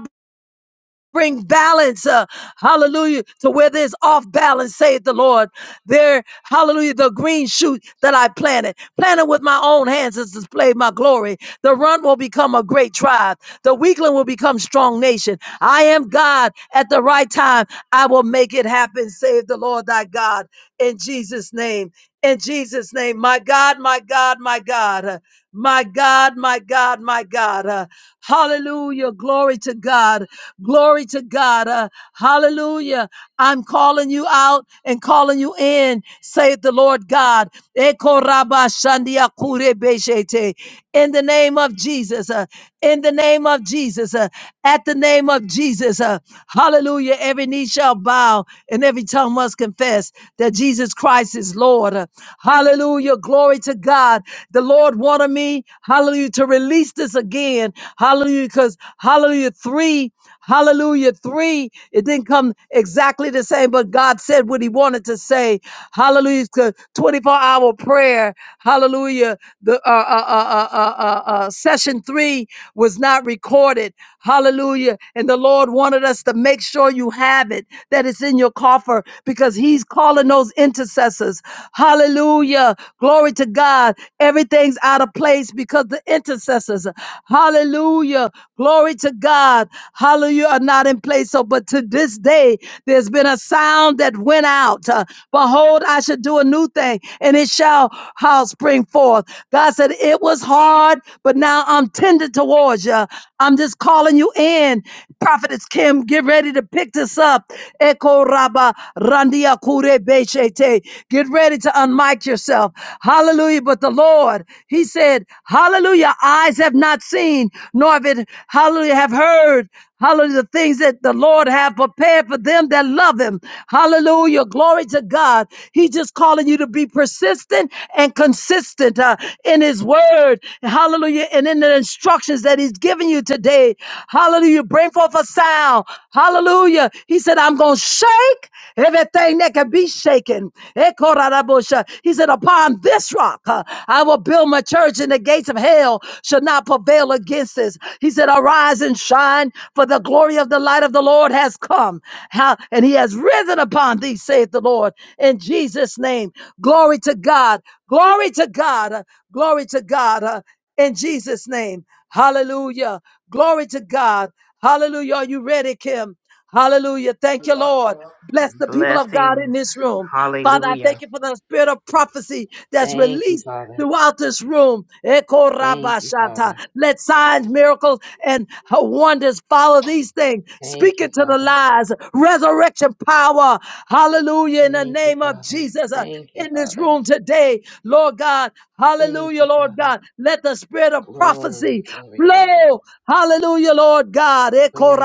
Bring balance, uh, hallelujah, to where there's off balance, saith the Lord. There, hallelujah, the green shoot that I planted, planted with my own hands has displayed my glory. The runt will become a great tribe, the weakling will become strong nation. I am God at the right time. I will make it happen, saith the Lord thy God, in Jesus' name. In Jesus' name, my God, my God, my God, uh, my God, my God, my God. uh, Hallelujah. Glory to God. Glory to God. Uh, hallelujah. I'm calling you out and calling you in, saith the Lord God. Eko raba shandia kure beshete. In the name of Jesus. uh, in the name of Jesus. uh, at the name of Jesus. uh, hallelujah. Every knee shall bow and every tongue must confess that Jesus Christ is Lord. Uh, hallelujah. Glory to God. The Lord wanted me, hallelujah, to release this again. Hallelujah. Because, hallelujah, three. Hallelujah. Three, it didn't come exactly the same, but God said what he wanted to say. Hallelujah. 24 hour prayer. Hallelujah. The uh, uh, uh, uh, uh, uh, uh, session three was not recorded. Hallelujah. And the Lord wanted us to make sure you have it, that it's in your coffer, because he's calling those intercessors. Hallelujah. Glory to God. Everything's out of place because the intercessors circumstances, hallelujah, glory to God, hallelujah, are not in place. So, but to this day, there's been a sound that went out. Uh, Behold, I should do a new thing, and it shall how spring forth. God said, It was hard, but now I'm tender towards you. I'm just calling you in. Prophetess Kim, get ready to pick this up. Eko raba randia kure beshete. Get ready to unmic yourself. Hallelujah! Hallelujah. But the Lord, He said, Hallelujah, eyes have not seen, nor have it, Hallelujah, have heard. Hallelujah, the things that the Lord have prepared for them that love Him. Hallelujah, glory to God. He's just calling you to be persistent and consistent uh, in His word. Hallelujah, and in the instructions that He's giving you today. Hallelujah, bring forth a sound. Hallelujah. He said, I'm going to shake everything that can be shaken. Ekorarabosha. He said, Upon this rock uh, I will build my church, and the gates of hell shall not prevail against this. He said, Arise and shine, for the glory of the light of the Lord has come, Ha- and he has risen upon thee, saith the Lord, in Jesus' name. Glory to God. Glory to God. Uh, Glory to God. Uh, In Jesus' name. Hallelujah. Glory to God. Hallelujah. Are you ready, Kim? Hallelujah. Thank you, Lord. Bless the people of God in this room. Father, I thank you for the spirit of prophecy that's released throughout this room. Eko rabashata. Let signs, miracles, and wonders follow these things. Speak it to the lies, resurrection power. Hallelujah. In the name of Jesus, uh, in this room today, Lord God. Hallelujah, Lord God. Let the spirit of prophecy flow. Hallelujah, Lord God. Eko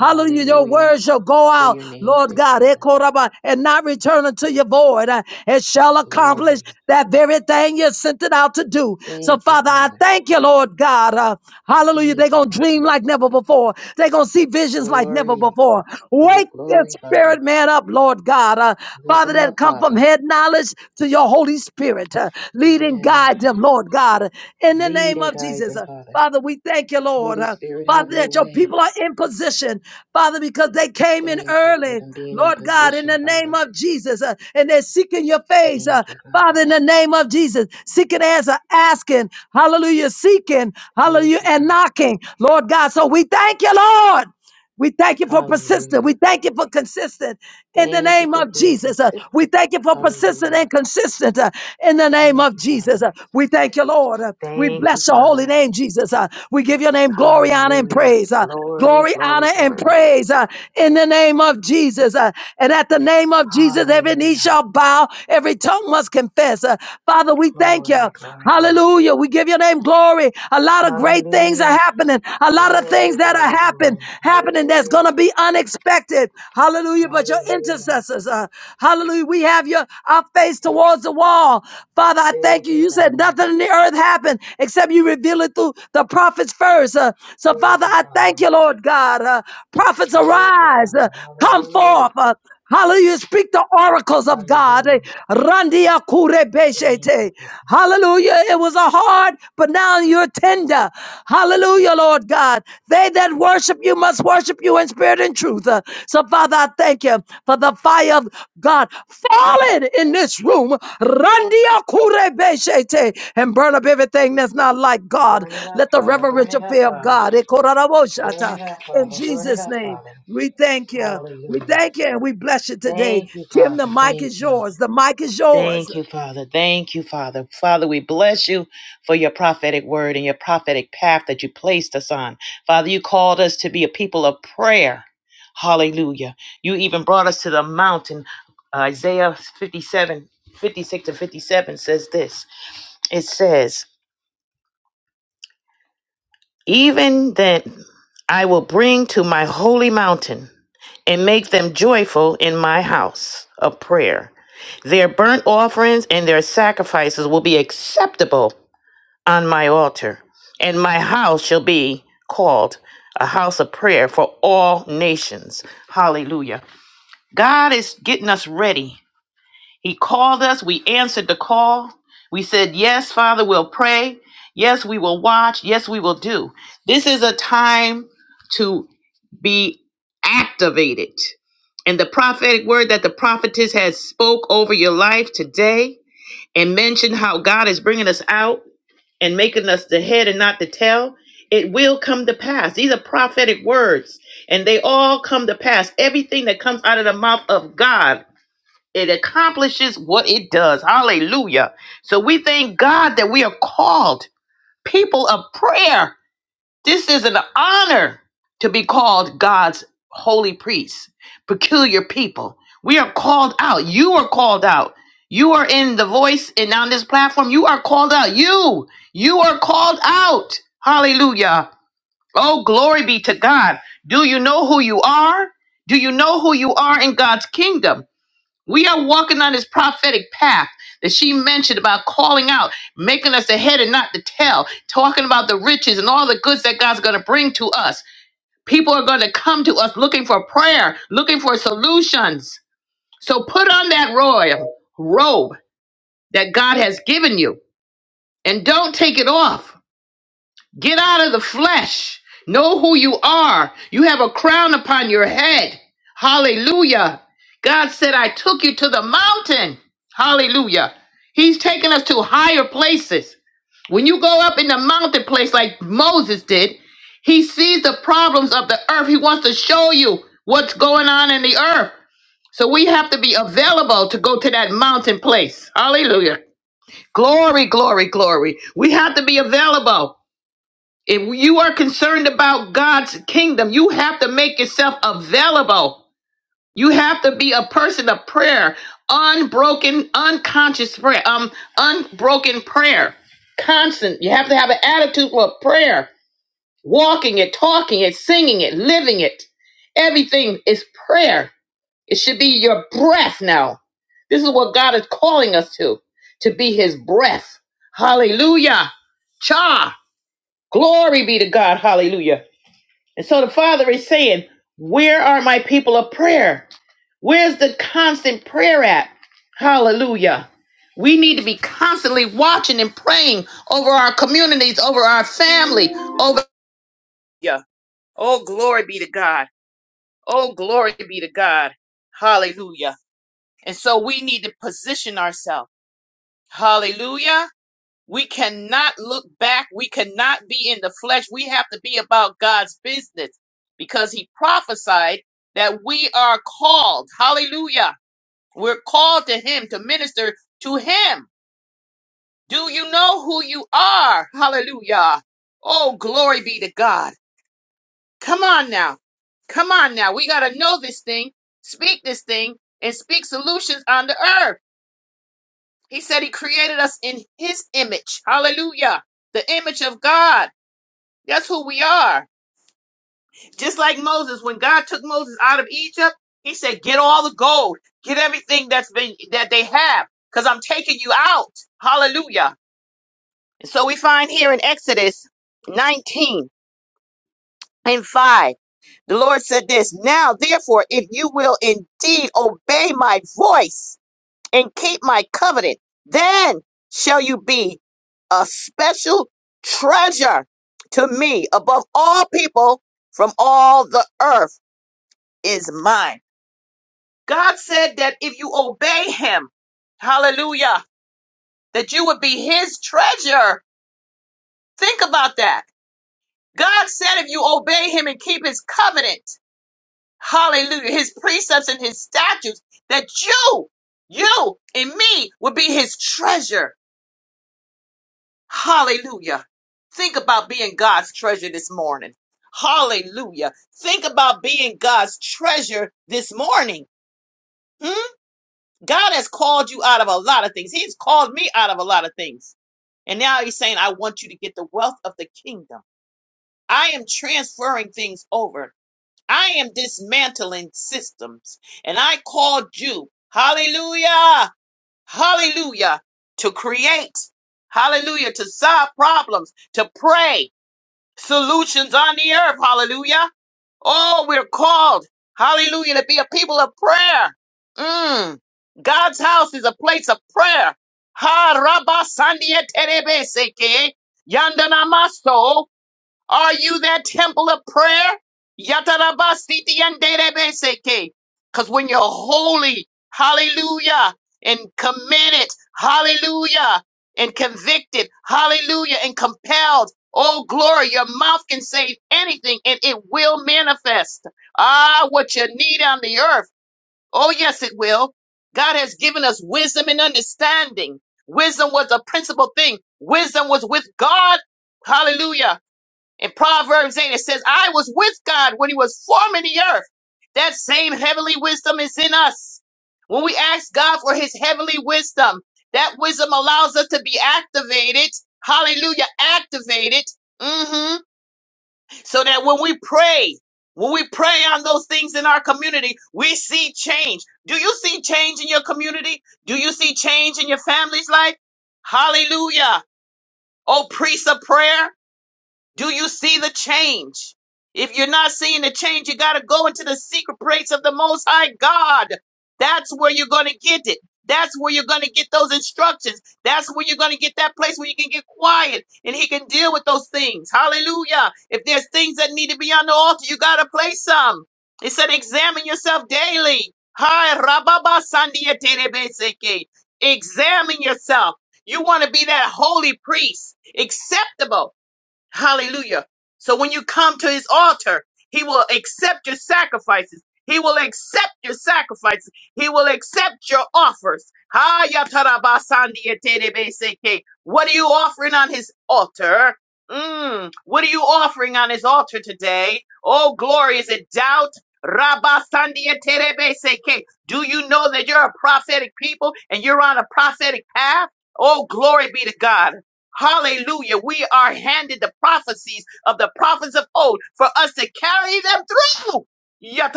Hallelujah. Your word shall go out, Lord God, Ekoraba, and not return unto your void. Uh, It shall accomplish that very thing you sent it out to do. So, Father, I thank you, Lord God. Uh, hallelujah. They're going to dream like never before, they're going to see visions like never before. Wake their spirit man up, Lord God. Uh, Father, that come from head knowledge to your Holy Spirit. Uh, lead and guide them, Lord God, in the name of Jesus. Uh, Father, we thank you, Lord. Uh, Father, that your people are in position, Father, because they came in early, Lord God, in the name of Jesus, uh, and they're seeking your face, uh, Father, in the name of Jesus, seeking answer, asking, hallelujah, seeking, hallelujah, and knocking, Lord God. So we thank you, Lord. We thank you for persistent. We thank you for consistent in the name of Jesus. Uh, we thank you for persistent and consistent uh, in the name of Jesus. Uh, we thank you, Lord. Uh, we bless your holy name, Jesus. Uh, we give your name glory, honor, and praise. Uh, glory, honor, and praise uh, in the name of Jesus. Uh, and at the name of Jesus, every knee shall bow, every tongue must confess. Uh, Father, we thank you. Hallelujah. We give your name glory. A lot of great things are happening. A lot of things that are happen, happening that's going to be unexpected. Hallelujah. But your intercessors, uh, hallelujah, we have your our face towards the wall. Father, I thank you. You said nothing in the earth happened except you reveal it through the prophets first. Uh, so, Father, I thank you, Lord God. Uh, prophets arise, uh, come forth. Uh, Hallelujah. Speak the oracles of God. Eh, Randia kure beshete. Hallelujah. It was a hard, but now you're tender. Hallelujah, Lord God. They that worship you must worship you in spirit and truth. Uh, So, Father, I thank you for the fire of God falling in this room. Randia kure beshete. And burn up everything that's not like God. Let the reverential fear of God. eh, koraraboshata. In Jesus' name, we thank you. We thank you and we bless you today. Tim, the mic is yours. The mic is yours.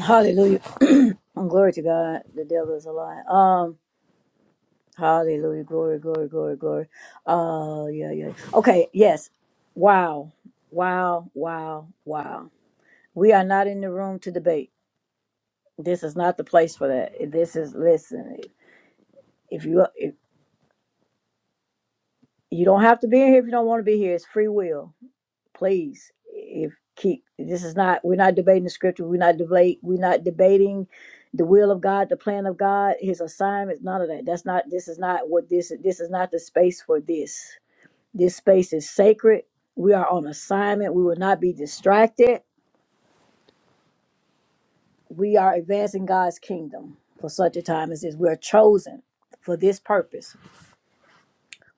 Hallelujah. glory to God. The devil is a lie. Um, hallelujah. Glory, glory, glory, glory. Uh yeah, yeah. Okay, yes. Wow. Wow, wow, wow. We are not in the room to debate. This is not the place for that. This is listen. If you if you don't have to be here if you don't want to be here, it's free will. please if keep this is not we're not debating the scripture we're not debate we're not debating the will of god the plan of god his assignments none of that that's not this is not what this this is not the space for this this space is sacred we are on assignment we will not be distracted we are advancing god's kingdom for such a time as this we are chosen for this purpose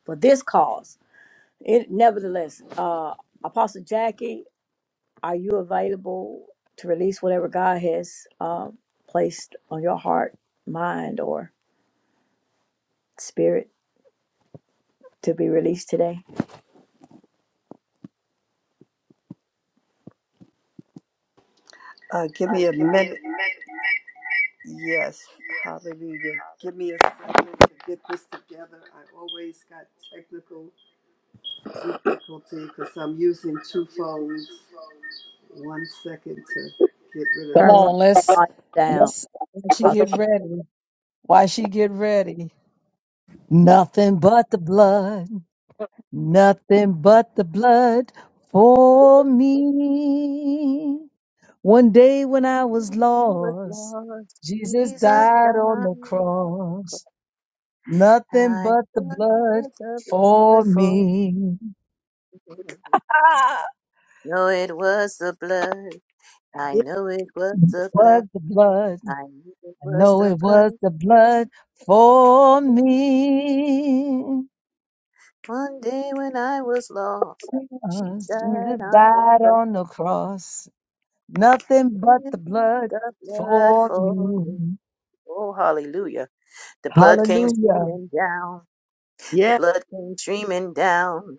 for this cause it, nevertheless uh apostle jackie Are you available to release whatever God has uh, placed on your heart, mind, or spirit to be released today? Uh, give me a minute. Yes, hallelujah. Give me a second to get this together. I always got technical difficulty because I'm using two phones. One second to get rid of Come Turn this. one on, let's light down, let's while she Apostle. get ready. Why she get ready? Nothing but the blood, nothing but the blood for me. One day when I was lost, Jesus died on the cross. Nothing but the blood for me. Ah, Ye- But the blood. I know it was the blood for me. Because Jesus died on the cross, nothing but the blood for me. Hallelujah. Yes,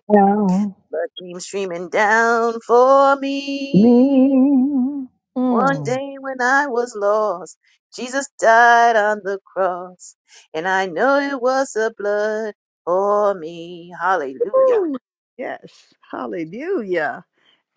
Now, me. Mm. Woo. Yes, hallelujah.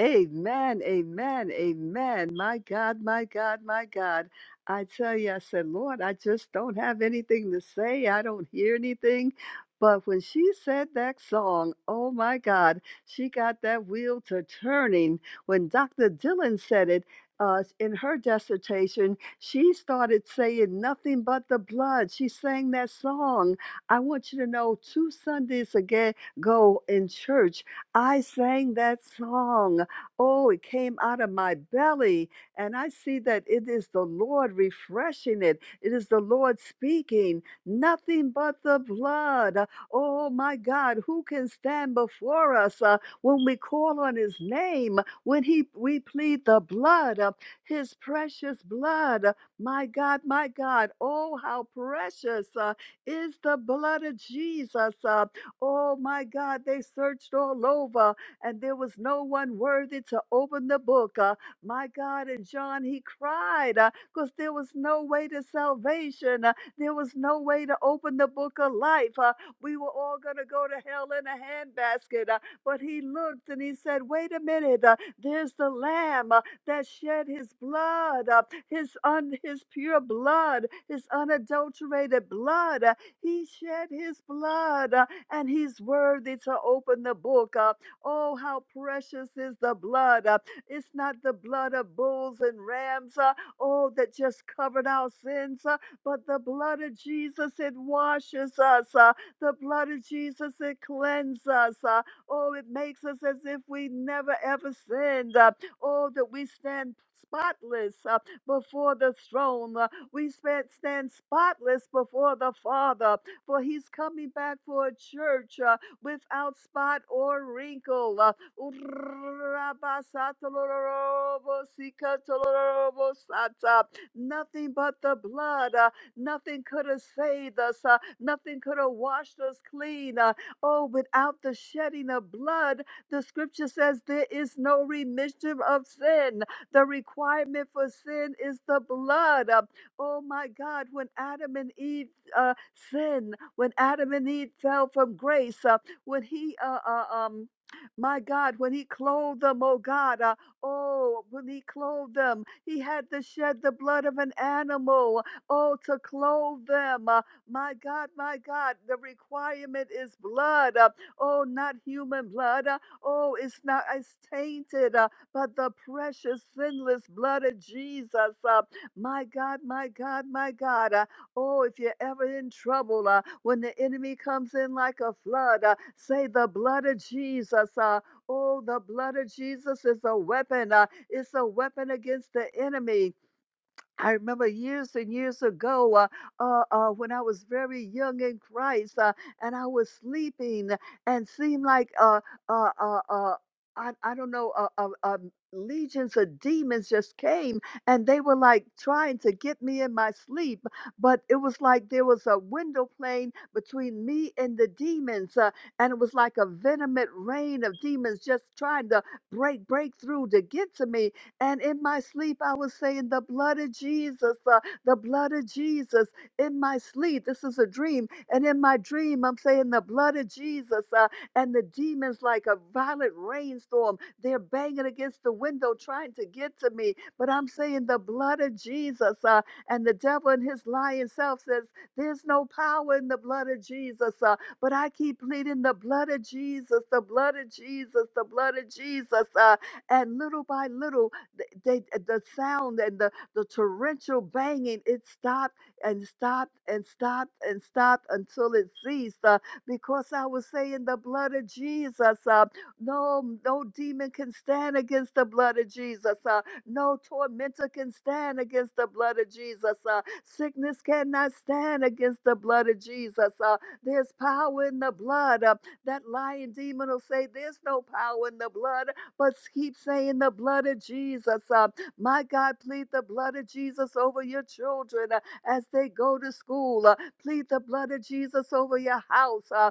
Amen, amen, amen. My God, my God, my God. I tell you, I said, Lord, I just don't have anything to say. I don't hear anything. But when she said that song, oh my God, she got that wheel to turning. When Dr. Dylan said it uh, in her dissertation, she started saying nothing but the blood. She sang that song. I want you to know two Sundays ago in church, I sang that song. Oh, it came out of my belly. And I see that it is the Lord refreshing it. It is the Lord speaking. Nothing but the blood. Uh, Oh, my God, who can stand before us uh, when we call on his name, when he, we plead the blood, uh, his precious blood? Uh, My God, my God, oh, how precious uh, is the blood of Jesus. Uh, Oh, my God, they searched all over and there was no one worthy to open the book. Uh, my God, and John, he cried because there was no way to salvation. Uh, there was no way to open the book of life. Uh, we were all going to go to hell in a handbasket. Uh, but he looked and he said, Wait a minute, uh, there's the lamb uh, that shed his blood, uh, his, un- his pure blood, his unadulterated blood. Uh, he shed his blood uh, and he's worthy to open the book. Uh, Oh, how precious is the blood. Uh, It's not the blood of bulls and rams, uh, oh, that just covered our sins, uh, but the blood of Jesus, it washes us. uh, The blood of Jesus, it cleanses us. uh, Oh, it makes us as if we never ever sinned. uh, Oh, that we stand spotless uh, before the throne. uh, We span- stand spotless before the Father, for He's coming back for a church. Uh, without spot or wrinkle. Uh, Nothing but the blood. uh, Nothing could have saved us. uh, Nothing could have washed us clean. uh, Oh, without the shedding of blood, the scripture says there is no remission of sin. The requirement for sin is the blood. Uh, Oh my God, when Adam and Eve uh, sinned, when Adam and Eve fell from grace, uh, when he uh, uh um my God, when he clothed them, oh God, uh, oh, when he clothed them, he had to shed the blood of an animal, oh, to clothe them. Uh, my God, my God, the requirement is blood, uh, oh, not human blood, uh, oh, it's not, it's tainted, uh, but the precious, sinless blood of Jesus. Uh, my God, my God, my God. uh, Oh, if you're ever in trouble, uh, when the enemy comes in like a flood, uh, say the blood of Jesus. Uh, oh, the blood of Jesus is a weapon. Uh, it's a weapon against the enemy. I remember years and years ago uh, uh, uh, when I was very young in Christ uh, and I was sleeping and seemed like uh, uh, uh, uh, I, I don't know, uh, uh, um, legions of demons just came and they were like trying to get me in my sleep. But it was like there was a window plane between me and the demons. Uh, and it was like a venomous rain of demons just trying to break, break through to get to me and in my sleep, I was saying, The blood of Jesus, the, the blood of Jesus. In my sleep, this is a dream. And in my dream, I'm saying, The blood of Jesus. Uh, and the demons, like a violent rainstorm, they're banging against the window trying to get to me. But I'm saying, The blood of Jesus. Uh, and the devil and his lying self says, There's no power in the blood of Jesus. Uh, but I keep pleading, The blood of Jesus, the blood of Jesus, the blood of Jesus. Uh, and little by little, th- they, uh, the sound and the, the torrential banging, it stopped and stopped and stopped and stopped until it ceased uh, because I was saying the blood of Jesus. Uh, no, no demon can stand against the blood of Jesus. Uh, no tormentor can stand against the blood of Jesus. Uh, sickness cannot stand against the blood of Jesus. Uh, there's power in the blood. Uh, that lying demon will say, There's no power in the blood but keep saying the blood of Jesus. Uh, my God, plead the blood of Jesus over your children uh, as they go to school. Uh, plead the blood of Jesus over your house. Uh,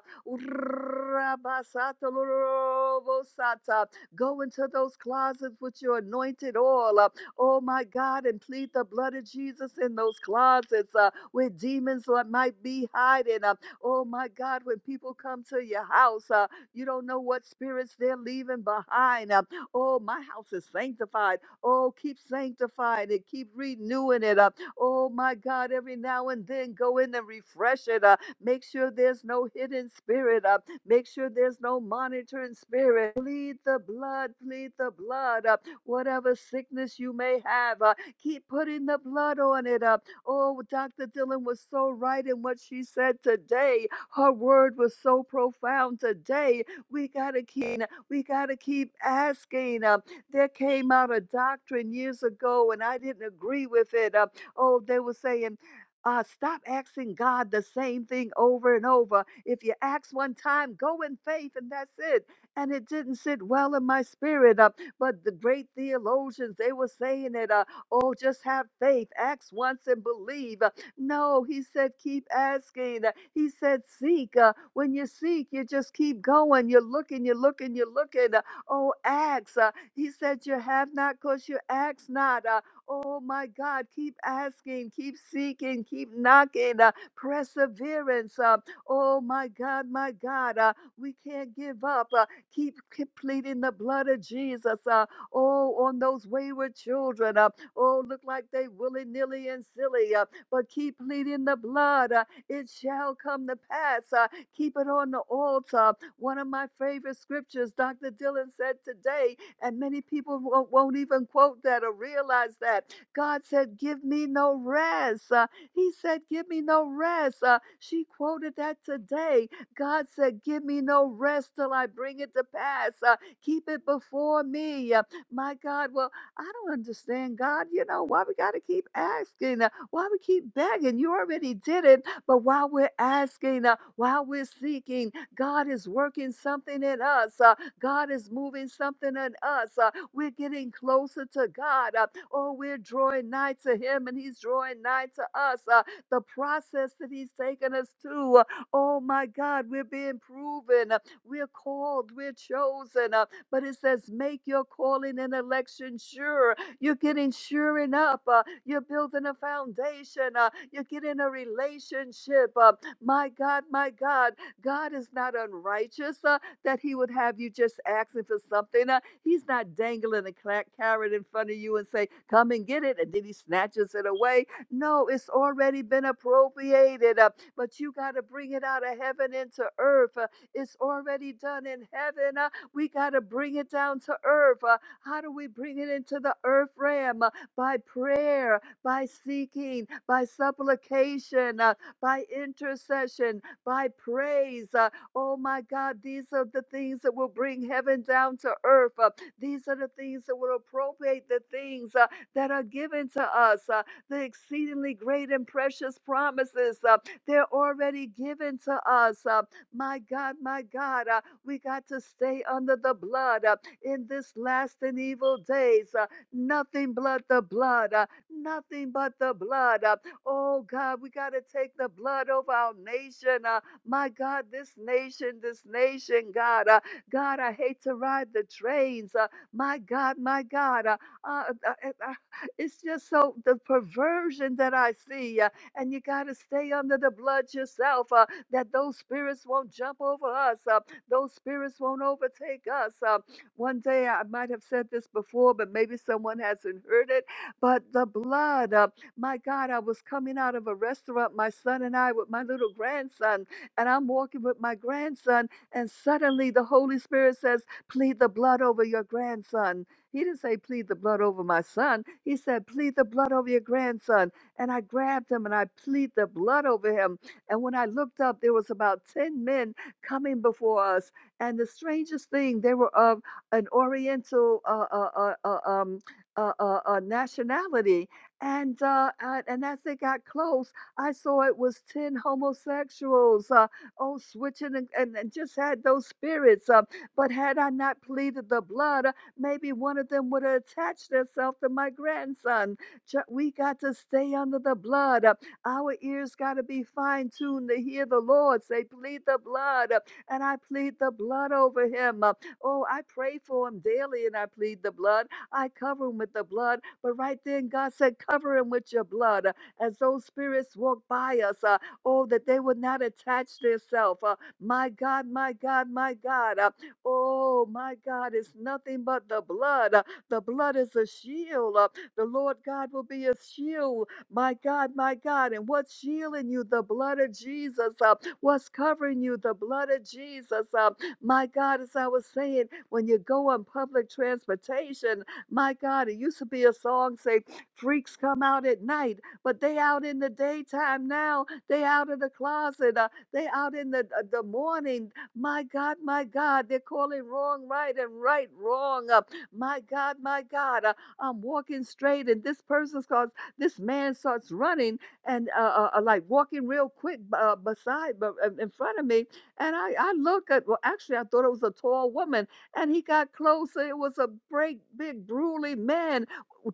go into those closets with your anointed oil. Uh, oh, my God, and plead the blood of Jesus in those closets uh, where demons might be hiding. Uh, oh, my God, when people come to your house. uh, you don't know what spirits they're leaving behind. Uh, oh, my house is sanctified. Oh, keep sanctifying it. Keep renewing it. Uh, oh, my God, every now and then go in and refresh it. Uh, make sure there's no hidden spirit. Uh, make sure there's no monitoring spirit. Plead the blood. Plead the blood. Uh, whatever sickness you may have, uh, keep putting the blood on it. Uh, Oh, Dr. Dillon was so right in what she said today. Her word was so profound today. We got to keep, we got to keep asking. Um, there came out a doctrine years ago and I didn't agree with it. Um, oh, they were saying, uh, stop asking God the same thing over and over. If you ask one time, go in faith and that's it. And it didn't sit well in my spirit. Uh, but the great theologians, they were saying it, uh, oh, just have faith, ask once and believe. No, he said, keep asking. Uh, He said, seek. Uh, When you seek, you just keep going. You're looking, you're looking, you're looking. Uh, Oh, ask. Uh, He said, you have not because you ask not. Uh, Oh, my God, keep asking, keep seeking, keep knocking. Uh, Perseverance. Uh, Oh, my God, my God, uh, we can't give up. Uh, Keep completing the blood of Jesus. Uh, Oh, on those wayward children. Uh, oh, look like they willy nilly and silly. Uh, but keep pleading the blood. Uh, it shall come to pass. Uh, keep it on the altar. One of my favorite scriptures, Dr. Dylan said today, and many people won't, won't even quote that or realize that. God said, Give me no rest. Uh, he said, Give me no rest. Uh, she quoted that today. God said, Give me no rest till I bring it to pass. Uh, keep it before me. Uh, my God, well, I don't understand, God. You know, why we got to keep asking, uh, why we keep begging. You already did it. But while we're asking, uh, while we're seeking, God is working something in us. Uh, God is moving something in us. Uh, we're getting closer to God. Uh, oh, we're drawing nigh to Him and He's drawing nigh to us. Uh, the process that He's taken us to. uh, oh, my God, we're being proven. uh, we're called. We're chosen. uh, but it says, make your calling and election sure. You're getting suring up. uh, you're building a foundation. uh, you're getting a relationship. uh, my God, my God, God is not unrighteous uh, that He would have you just asking for something. uh, he's not dangling a cla- carrot in front of you and say, come and get it. And then He snatches it away. No, it's already been appropriated. uh, but you got to bring it out of heaven into earth. uh, it's already done in heaven. uh, we got to bring it down to earth. Uh, how do we bring it into the earth realm? Uh, by prayer, by seeking, by supplication, uh, by intercession, by praise. Uh, oh my God, these are the things that will bring heaven down to earth. Uh, these are the things that will appropriate the things uh, that are given to us, uh, the exceedingly great and precious promises. Uh, they're already given to us. Uh, my God, my God. uh, we got to stay under the blood uh, in this last and evil days. uh, nothing but the blood. uh, nothing but the blood. uh, oh God, we got to take the blood over our nation. uh, my God, this nation, this nation, God. uh, God, I hate to ride the trains. uh, my God, my God. uh, uh, uh, uh, uh, it's just so the perversion that I see. uh, and you got to stay under the blood yourself uh, that those spirits won't jump over us. uh, those spirits won't overtake us. Uh, one day I might have said this before, but maybe someone hasn't heard it. But the blood, uh, my God, I was coming out of a restaurant, my son and I, with my little grandson, and I'm walking with my grandson, and suddenly the Holy Spirit says, Plead the blood over your grandson. He didn't say, Plead the blood over my son. He said, Plead the blood over your grandson. And I grabbed him and I plead the blood over him. And when I looked up, there was about 10 men coming before us. And the strangest thing, they were of an Oriental uh, uh, uh, uh, um, uh, uh, uh, nationality. And, uh, and and as they got close, I saw it was ten homosexuals. Uh, oh, switching and, and, and just had those spirits. Uh, but had I not pleaded the blood, uh, maybe one of them would have attached herself to my grandson. Ju- We got to stay under the blood. Uh, our ears got to be fine tuned to hear the Lord say, plead the blood. uh, And I plead the blood over him. Uh, Oh, I pray for him daily and I plead the blood. I cover him with the blood. But right then, God said, cover him with your blood. Uh, As those spirits walk by us, uh, oh, that they would not attach themselves. Uh, My God, my God, my God. Uh, Oh, my God, it's nothing but the blood. Uh, The blood is a shield. Uh, The Lord God will be a shield my God, my God. And what's shielding you? The blood of Jesus. Uh, what's covering you? The blood of Jesus. Uh, my God, as I was saying, when you go on public transportation, my God, it used to be a song say, freaks come out at night, but they out in the daytime now. They out of the closet. Uh, they out in the, uh, the morning. My God, my God, they're calling wrong right and right wrong. Uh, my God, my God, uh, I'm walking straight and this person's called this man starts running and uh, uh, uh, like walking real quick uh, beside, but uh, in front of me. And I, I look at, well, actually, I thought it was a tall woman. And he got closer. It was a big, big, brutally man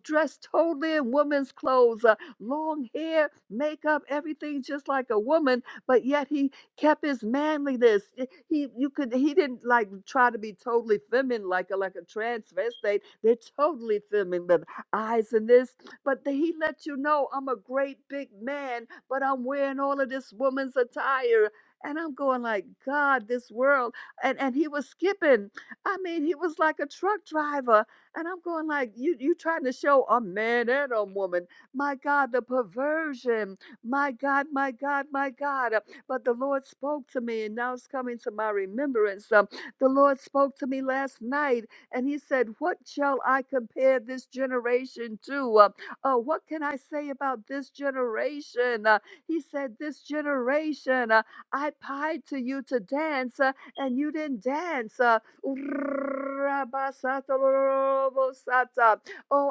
dressed totally in woman's clothes, uh, long hair, makeup, everything just like a woman. But yet he kept his manliness. Y- He, you could, he didn't like try to be totally feminine, like a, like a transvestite. They're totally feminine with eyes in this but the, he let you know I'm a great big man, but I'm wearing all of this woman's attire. And I'm going like, God, this world. And and he was skipping. I mean, he was like a truck driver. And I'm going like, you you trying to show a man and a woman. My God, the perversion. My God, my God, my God. Uh, But the Lord spoke to me, and now it's coming to my remembrance. Um, the Lord spoke to me last night, and He said, What shall I compare this generation to? Uh, uh, what can I say about this generation? Uh, he said, This generation, uh, I pied to you to dance uh, and you didn't dance. Uh, oh,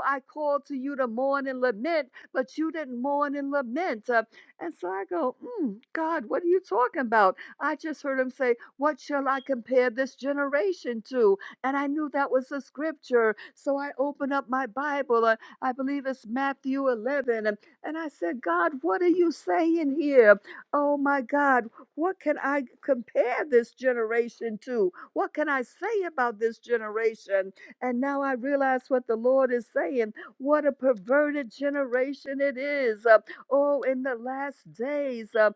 I called to you to mourn and lament, but you didn't mourn and lament. Uh, and so I go, mm, God, what are you talking about? I just heard him say, What shall I compare this generation to? And I knew that was the scripture. So I opened up my Bible uh, I believe it's Matthew 11. And and I said, God, what are you saying here? Oh my God, what can I compare this generation to? What can I say about this generation? And now I realize what the Lord is saying. What a perverted generation it is. Uh, oh, in the last days. uh,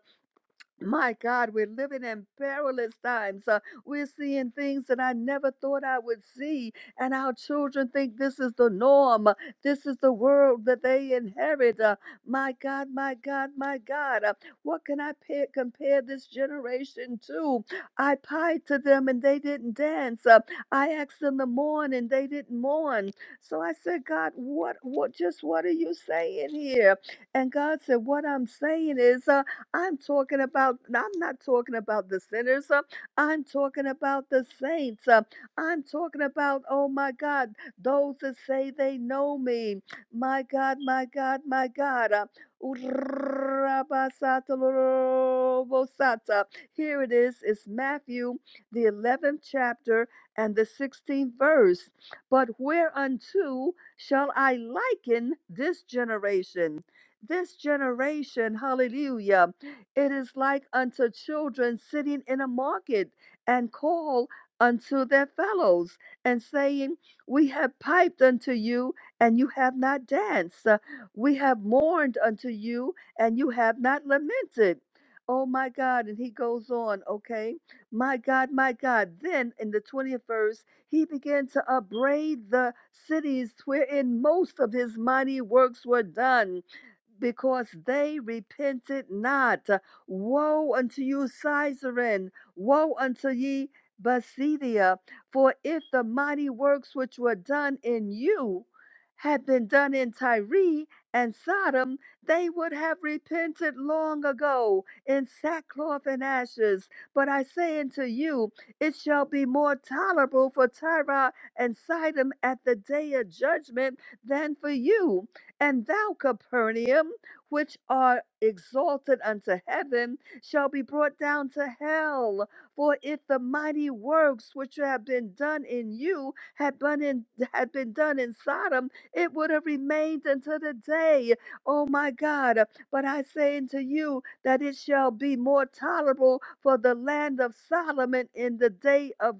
my God, we're living in perilous times. Uh, we're seeing things that I never thought I would see. And our children think this is the norm. Uh, This is the world that they inherit. Uh, my God, my God, my God. Uh, what can I pa- compare this generation to? I pied to them and they didn't dance. Uh, I asked them to mourn and they didn't mourn. So I said, God, what, what, just what are you saying here? And God said, What I'm saying is, uh, I'm talking about, I'm not talking about the sinners. uh, I'm talking about the saints. uh, I'm talking about, oh my God, those that say they know me. My God, my God, my God. uh, Here it is. It's Matthew, the 11th chapter and the 16th verse. But whereunto shall I liken this generation? This generation, hallelujah. It is like unto children sitting in a market and call unto their fellows and saying, We have piped unto you, and you have not danced. Uh, We have mourned unto you, and you have not lamented. Oh my God. And he goes on, okay? My God, my God. Then in the 20th verse, he began to upbraid the cities wherein most of his mighty works were done because they repented not. Woe unto you, Caesarea! Woe unto ye, Basidia! For if the mighty works which were done in you had been done in Tyre and Sodom, they would have repented long ago in sackcloth and ashes. But I say unto you, it shall be more tolerable for Tyre and Sidon at the day of judgment than for you. And thou, Capernaum, which art exalted unto heaven, shall be brought down to hell. For if the mighty works which have been done in you had been in, had been done in Sodom, it would have remained until the day. Oh my God! But I say unto you that it shall be more tolerable for the land of Solomon in the day of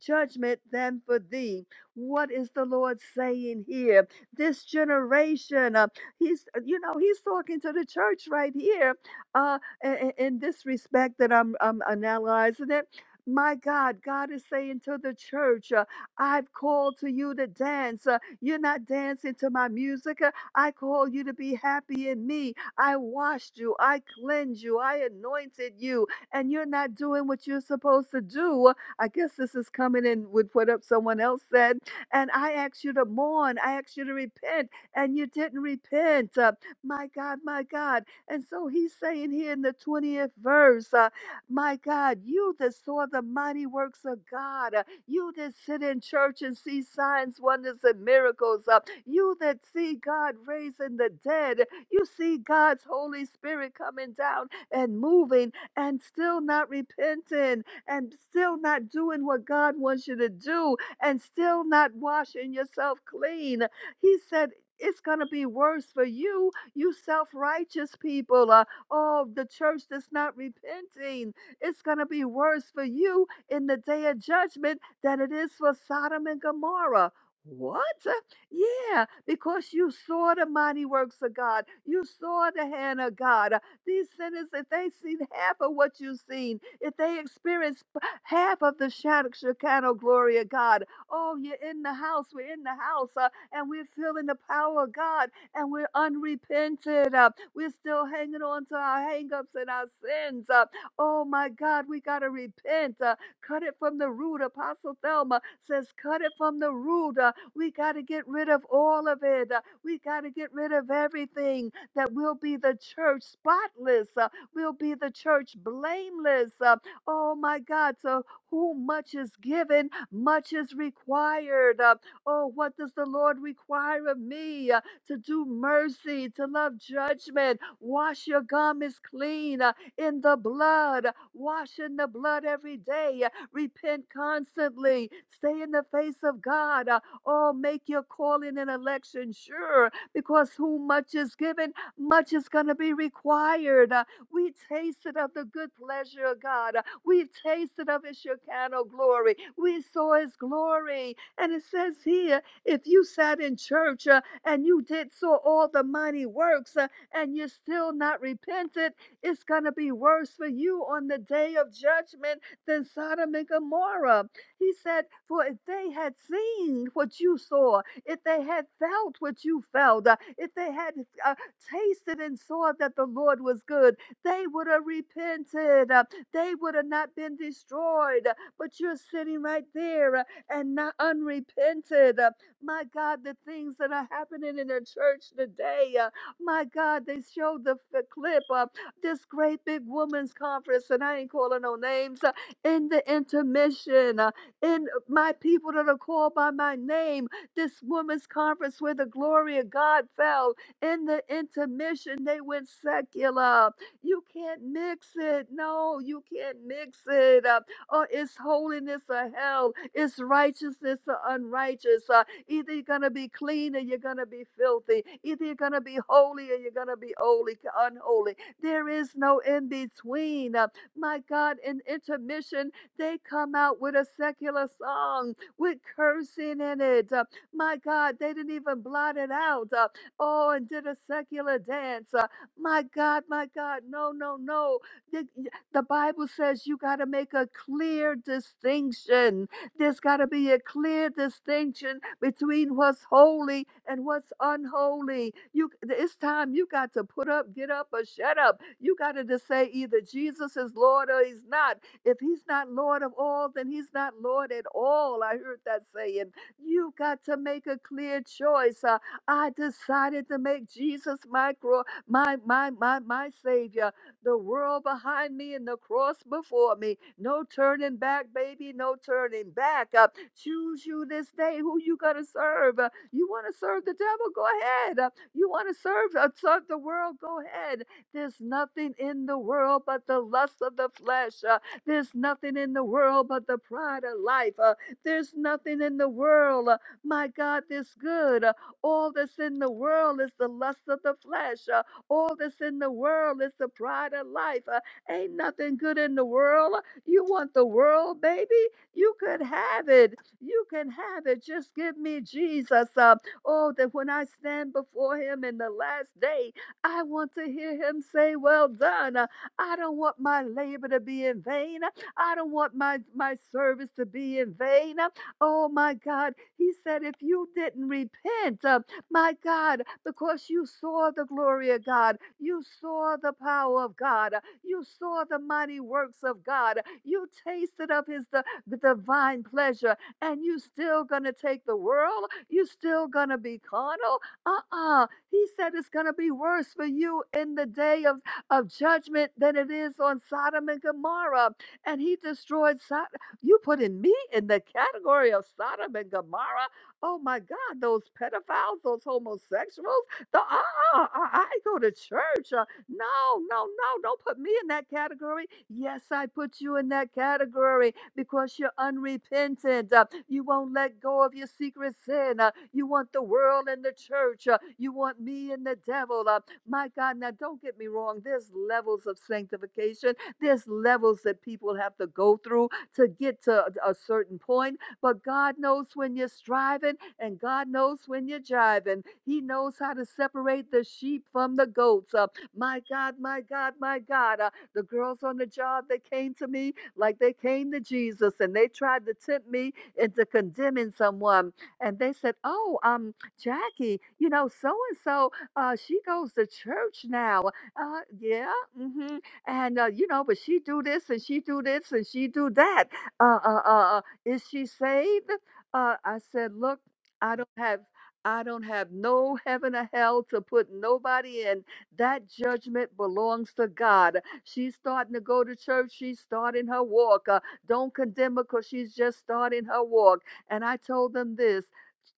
judgment than for thee. What is the Lord saying here? this generation. Uh, he's, uh, you know, he's talking to the church right here uh, in, in this respect that I'm, I'm analyzing it. My God, God is saying to the church, uh, I've called to you to dance. Uh, you're not dancing to my music. Uh, I call you to be happy in me. I washed you. I cleansed you. I anointed you. And you're not doing what you're supposed to do. I guess this is coming in with what up someone else said and I asked you to mourn. I asked you to repent, and you didn't repent. Uh, my God, my God. And so he's saying here in the 20th verse, uh, my God, you that saw the mighty works of God, uh, you that sit in church and see signs, wonders, and miracles, uh, you that see God raising the dead, you see God's Holy Spirit coming down and moving and still not repenting and still not doing what God wants you to do and still not washing yourself clean. He said, it's going to be worse for you, you self righteous people. Uh, oh, the church that's not repenting. It's going to be worse for you in the day of judgment than it is for Sodom and Gomorrah. What? Yeah, because you saw the mighty works of God. You saw the hand of God. Uh, These sinners, if they seen half of what you've seen, if they experienced p- half of the shadow, Shekinah glory of God, Oh, you're in the house. We're in the house. Uh, and we're feeling the power of God. And we're unrepented. Uh, we're still hanging on to our hangups and our sins. Uh, oh, my God. We got to repent. Uh, cut it from the root. Apostle Thelma says, cut it from the root. Uh, we got to get rid of all of it. Uh, we got to get rid of everything that will be the church spotless. Uh, we'll be the church blameless. Uh, oh my God. So who much is given, much is required. Uh, oh, what does the Lord require of me? Uh, to do mercy, to love judgment. Wash your garments clean uh, in the blood. Wash in the blood every day. Uh, repent constantly. Stay in the face of God. Uh, oh, make your calling and election sure because who much is given, much is going to be required. Uh, we tasted of the good pleasure of God. We've tasted of his Shekinah glory. We saw his glory. And it says here if you sat in church uh, and you did saw all the mighty works uh, and you're still not repentant, it's going to be worse for you on the day of judgment than Sodom and Gomorrah. He said, For if they had seen what you saw, if they had felt what you felt, uh, if they had uh, tasted and saw that the Lord was good, they would have repented. Uh, they would have not been destroyed. Uh, But you're sitting right there uh, and not unrepented. Uh, My God, the things that are happening in the church today. uh, My God, they showed the, the clip of this great big women's conference, and I ain't calling no names. uh, In the intermission, uh, in my people that are called by my name, this women's conference where the glory of God fell. In the intermission, they went secular you can't mix it. No, you can't mix it. Uh, oh, it's holiness or hell. It's righteousness or unrighteous. Uh, either you're going to be clean or you're going to be filthy. Either you're going to be holy or you're going to be holy, unholy. There is no in between. Uh, my God, in intermission, they come out with a secular song with cursing in it. Uh, my God, they didn't even blot it out. Uh, oh, and did a secular dance. Uh, my God, my God, no, no, no. The, the Bible says you got to make a clear distinction. There's got to be a clear distinction between what's holy and what's unholy. You, it's time you got to put up, get up, or shut up. You got to just say either Jesus is Lord or He's not. If He's not Lord of all, then He's not Lord at all. I heard that saying. You got to make a clear choice. Uh, I decided to make Jesus my Lord my, my, my, my Savior, the world behind me and the cross before me. No turning back, baby, no turning back. Uh, choose you this day who you gonna serve. Uh, you wanna serve the devil? Go ahead. Uh, you wanna serve, uh, serve the world? Go ahead. There's nothing in the world but the lust of the flesh. Uh, there's nothing in the world but the pride of life. Uh, there's nothing in the world, uh, my God, this good. Uh, all that's in the world is the lust of the flesh. Uh, all that's in the world is the pride of life. Uh, ain't nothing good in the world. uh, You want the world, baby? You could have it. You can have it. Just give me Jesus. Uh, oh, that when I stand before him in the last day, I want to hear him say, Well done. Uh, I don't want my labor to be in vain. uh, I don't want my, my service to be in vain. Uh, Oh my God. He said, If you didn't repent, uh, my God, because you saw the glory of God, you saw the power of God, you saw the mighty works of God, you tasted of His di- the divine pleasure, and you still gonna take the world? You still gonna be carnal? Uh-uh. He said it's gonna be worse for you in the day of, of judgment than it is on Sodom and Gomorrah. And He destroyed Sodom. You putting me in the category of Sodom and Gomorrah? Oh my God, those pedophiles, those homosexuals, the uh, uh, uh, I go to church. Uh, no, no, no, don't put me in that category. Yes, I put you in that category because you're unrepentant. Uh, you won't let go of your secret sin. Uh, you want the world and the church. Uh, you want me and the devil. Uh, my God, now don't get me wrong. There's levels of sanctification, there's levels that people have to go through to get to a a certain point but God knows when you're striving and God knows when you're jiving. He knows how to separate the sheep from the goats. Uh, my God, my God, my God. Uh, the girls on the job they came to me like they came to Jesus and they tried to tempt me into condemning someone. And they said, Oh, um, Jackie, you know, so and so, uh, she goes to church now. Uh, yeah, mm-hmm. And uh, you know, but she do this and she do this and she do that. Uh, uh, uh, is she saved? Uh, I said, Look, I don't have. I don't have no heaven or hell to put nobody in. That judgment belongs to God. She's starting to go to church. She's starting her walk. Uh, don't condemn her because she's just starting her walk. And I told them this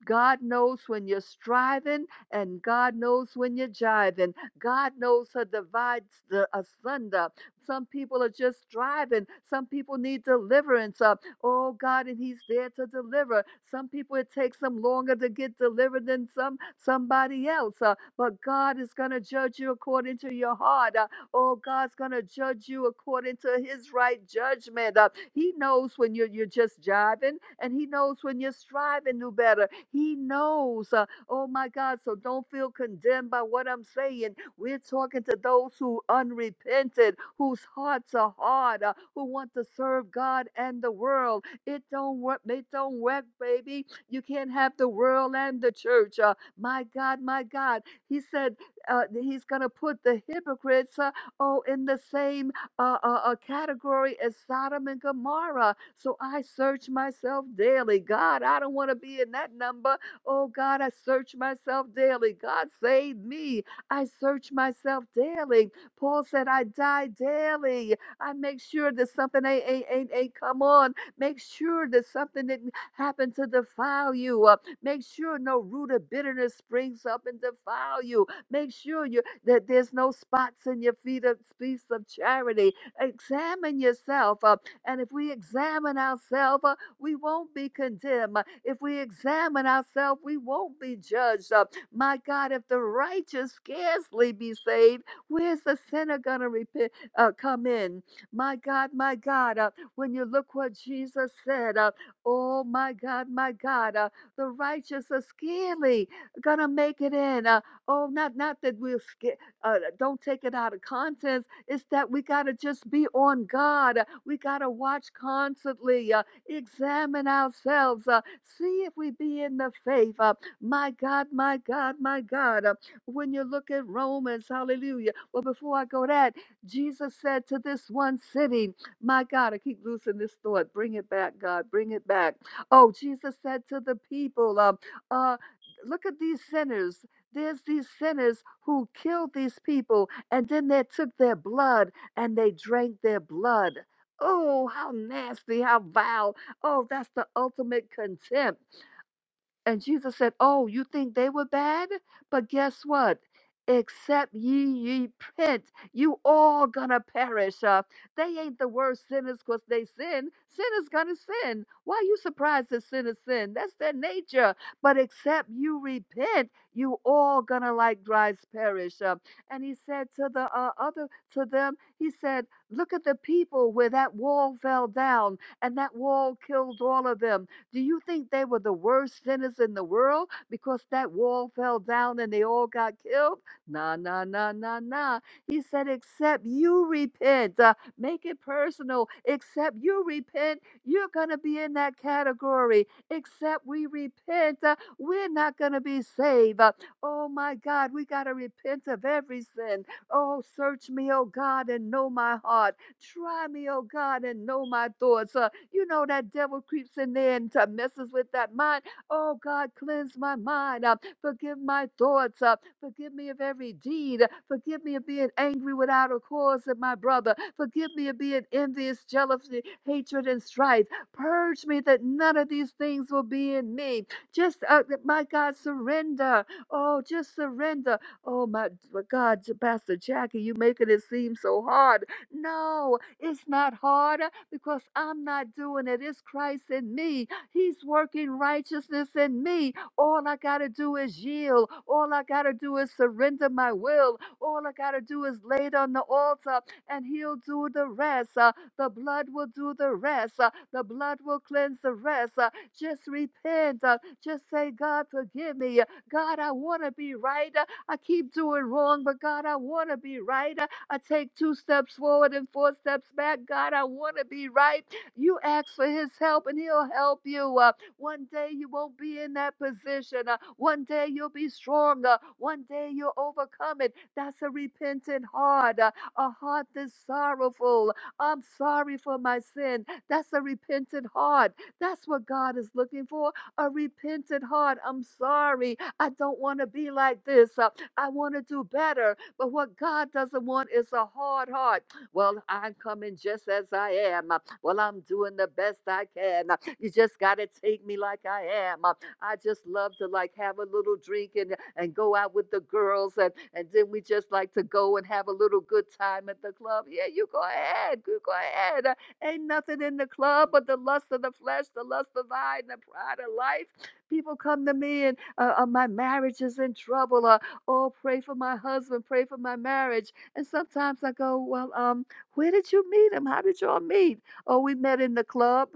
God knows when you're striving, and God knows when you're jiving. God knows how divides the asunder. Some people are just striving. Some people need deliverance. Uh, Oh God, and He's there to deliver. Some people it takes them longer to get delivered than some somebody else. uh, but God is gonna judge you according to your heart. uh, oh, God's gonna judge you according to His right judgment. uh, he knows when you're you're just jiving, and He knows when you're striving to do better. He knows. uh, oh my God, so don't feel condemned by what I'm saying we're talking to those who unrepented, whose hearts are hard, uh, who want to serve God and the world. It don't work. It don't work, baby. You can't have the world and the church. Uh, my God, my God. He said uh, that he's gonna put the hypocrites uh, oh in the same uh, uh, uh, category as Sodom and Gomorrah. So I search myself daily. God, I don't want to be in that number. Oh God, I search myself daily. God, save me. I search myself daily. Paul said, I die daily. I make sure that something ain't, ain't, ain't, ain't come on. Make sure that something didn't happen to defile you. Uh, make sure no root of bitterness springs up and defile you. Make sure you that there's no spots in your feet of feast of charity. Examine yourself. Uh, and if we examine ourselves, uh, we won't be condemned. Uh, If we examine ourselves, we won't be judged. Uh, my God, if the righteous scarcely be saved, where's the sinner going to repent, uh, come in? My God, my God, uh, when you look what Jesus said, uh, oh my God, my God, uh, the righteous are scarcely going to make it in. Uh, oh, not, not that we're scared. Uh, don't take it out of context. It's that we got to just be on God. Uh, We got to watch constantly, uh, examine ourselves, uh, see if we be in the faith. Uh, my God, my God, my God. Uh, When you look at Romans, hallelujah. Well, before I go that, Jesus said to this one city, my God, I keep losing this thought. Bring it back, God, bring it back. Oh, Jesus said to the people, um, uh, look at these sinners. There's these sinners who killed these people, and then they took their blood and they drank their blood. Oh, how nasty, how vile. Oh, that's the ultimate contempt. And Jesus said, Oh, you think they were bad? But guess what? Except ye ye repent, you all gonna perish. Uh, they ain't the worst sinners because they sin. Sin is gonna sin. Why are you surprised that sin is sin? That's their nature. But except you repent, you all gonna like dries perish. Uh, and he said to the uh, other, to them, he said, Look at the people where that wall fell down, and that wall killed all of them do you think they were the worst sinners in the world because that wall fell down and they all got killed? Nah, nah, nah, nah, nah. He said, except you repent. Uh, make it personal. Except you repent, you're going to be in that category. Except we repent, uh, we're not going to be saved. Uh, oh my God, we got to repent of every sin. Oh, search me, oh God, and know my heart. Try me, oh God, and know my thoughts. Uh, you know, that devil creeps in there and to messes with that mind. Oh, God, cleanse my mind. Uh, forgive my thoughts. Uh, forgive me of every deed. Uh, forgive me of being angry without a cause at my brother. Forgive me of being envious, jealousy, hatred, and strife. Purge me that none of these things will be in me. Just, uh, my God, surrender. Oh, just surrender. Oh, my my God, Pastor Jackie, you making it seem so hard. No, it's not harder because I'm not doing it. It's Christ in me. He's working righteousness in me. All I got to do is yield. All I got to do is surrender my will. All I got to do is lay it on the altar, and He'll do the rest. Uh, the blood will do the rest. Uh, the blood will cleanse the rest. Uh, just repent. Uh, just say, God, forgive me. Uh, God, I want to be right. Uh, I keep doing wrong, but God, I want to be right. Uh, I take two steps forward and four steps back. God, I want to be right. You ask for His help and He'll help you. Uh, one day you won't be in that position. Uh, one day you'll be stronger. One day you'll overcome it. That's a repentant heart, uh, a heart that's sorrowful. I'm sorry for my sin. That's a repentant heart. That's what God is looking for a repentant heart. I'm sorry. I don't want to be like this. Uh, I want to do better. But what God doesn't want is a hard heart. Well, I'm coming just as I am. Uh, Well, I'm doing the best I can. Uh, You just got to take me like I am. Uh, I just love to like have a little drink and, and go out with the girls. And, and then we just like to go and have a little good time at the club. Yeah, you go ahead. You go ahead. Uh, Ain't nothing in the club but the lust of the flesh, the lust of the eye, and the pride of life. People come to me and uh, uh, my marriage is in trouble. Uh, Oh, pray for my husband, pray for my marriage. And sometimes I go, Well, um, where did you meet him? How did y'all meet? Oh, we met in the club.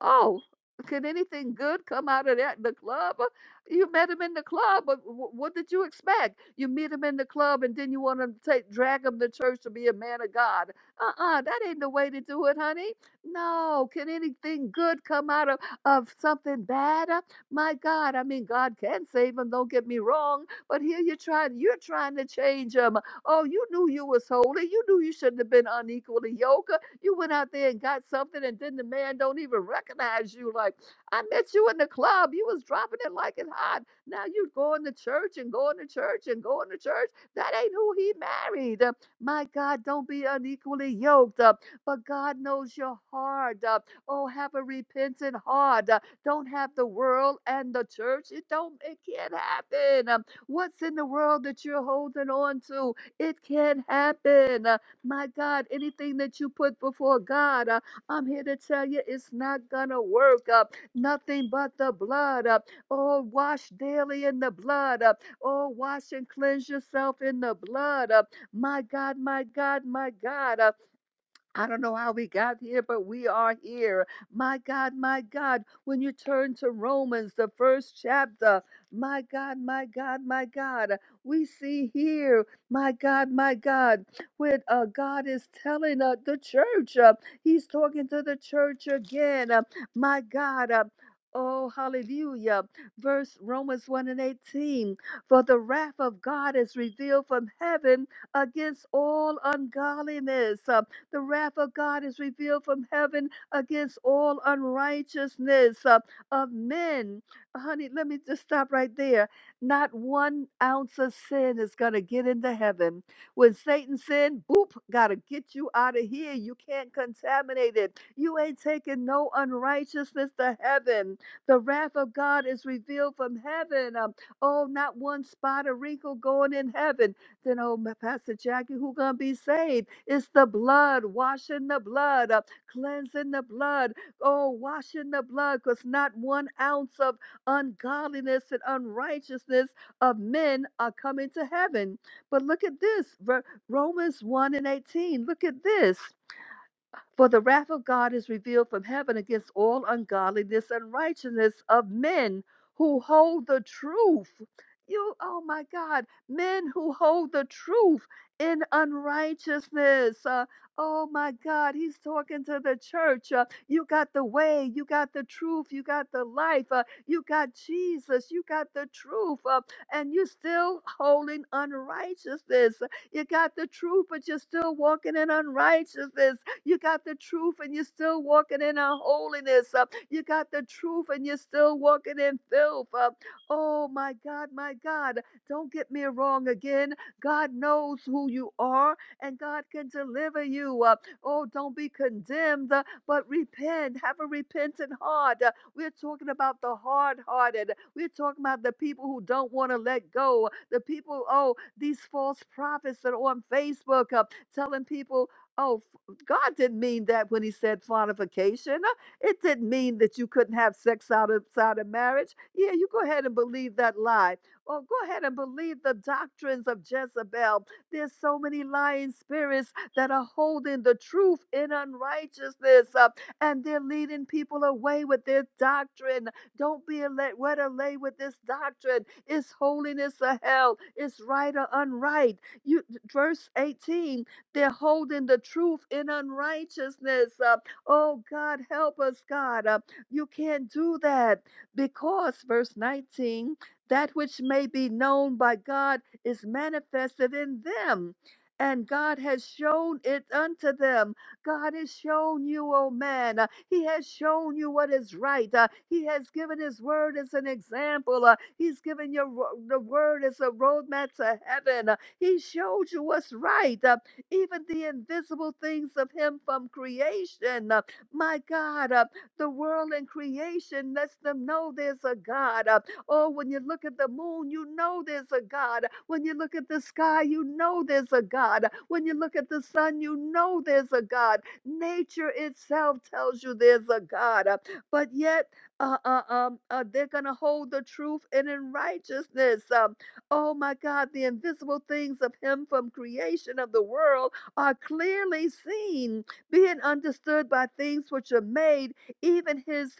Oh, can anything good come out of that? The club? Uh, You met him in the club, but wh- what did you expect? You meet him in the club and then you want to take drag him to church to be a man of God. Uh-uh, that ain't the way to do it, honey. No, can anything good come out of, of something bad? Uh, My God, I mean, God can save him, don't get me wrong but here you're trying, you're trying to change them. Oh, you knew you was holy. You knew you shouldn't have been unequally yoked. You went out there and got something, and then the man don't even recognize you. Like, I met you in the club. You was dropping it like it hot. Now you going to church and going to church and going to church. That ain't who he married. Uh, My God, don't be unequally yoked. Uh, But God knows your heart. Uh, Oh, have a repentant heart. Uh, Don't have the world and the church. It don't, it can't happen. Um, What's in the world that you're holding on to? It can happen. Uh, My God, anything that you put before God, uh, I'm here to tell you it's not going to work. Uh, nothing but the blood. Uh, oh, wash daily in the blood. Uh, oh, wash and cleanse yourself in the blood. Uh, my God, my God, my God. Uh, I don't know how we got here, but we are here. My God, my God, when you turn to Romans, the first chapter, my God, my God, my God, we see here, my God, my God, when uh, God is telling uh, the church, uh, He's talking to the church again, uh, my God. Uh, Oh, hallelujah. Verse Romans 1 and 18. For the wrath of God is revealed from heaven against all ungodliness. Uh, the wrath of God is revealed from heaven against all unrighteousness uh, of men. Honey, let me just stop right there. Not one ounce of sin is going to get into heaven. When Satan sinned, boop, got to get you out of here. You can't contaminate it. You ain't taking no unrighteousness to heaven. The wrath of God is revealed from heaven. Um, oh, not one spot or wrinkle going in heaven. Then, oh, Pastor Jackie, who going to be saved? It's the blood, washing the blood, uh, cleansing the blood. Oh, washing the blood, because not one ounce of ungodliness and unrighteousness of men are coming to heaven. But look at this Ver- Romans 1 and 18. Look at this. For the wrath of God is revealed from heaven against all ungodliness and righteousness of men who hold the truth. You, oh my God, men who hold the truth in unrighteousness. Uh, oh my God, he's talking to the church. Uh, you got the way, you got the truth, you got the life, uh, you got Jesus, you got the truth, uh, and you're still holding unrighteousness. You got the truth, but you're still walking in unrighteousness you got the truth and you're still walking in unholiness. Uh, you got the truth and you're still walking in filth. Uh, oh my God, my God. Don't get me wrong again. God knows who you are and God can deliver you. Uh, oh, don't be condemned, uh, but repent. Have a repentant heart. Uh, we're talking about the hard hearted. We're talking about the people who don't want to let go. The people, oh, these false prophets that are on Facebook uh, telling people, oh, God didn't mean that when he said fornication. It didn't mean that you couldn't have sex outside of marriage. Yeah, you go ahead and believe that lie. Or go ahead and believe the doctrines of Jezebel. There's so many lying spirits that are holding the truth in unrighteousness, uh, and they're leading people away with their doctrine. Don't be ale- led away with this doctrine. It's holiness or hell. It's right or unright. You, verse 18 they're holding the truth in unrighteousness. Uh, oh, God, help us, God. Uh, you can't do that because, verse 19, that which may be known by God is manifested in them. And God has shown it unto them. God has shown you, oh man. uh, he has shown you what is right. uh, he has given His word as an example. uh, he's given your ro- the word as a roadmap to heaven. uh, he showed you what's right. Uh, even the invisible things of Him from creation. Uh, My God, uh, the world and creation lets them know there's a God. Uh, Oh, when you look at the moon, you know there's a God. When you look at the sky, you know there's a God. When you look at the sun, you know there's a God. Nature itself tells you there's a God. Uh, But yet, uh, uh, um, uh, they're going to hold the truth and in righteousness. Um, Oh my God, the invisible things of Him from creation of the world are clearly seen, being understood by things which are made, even His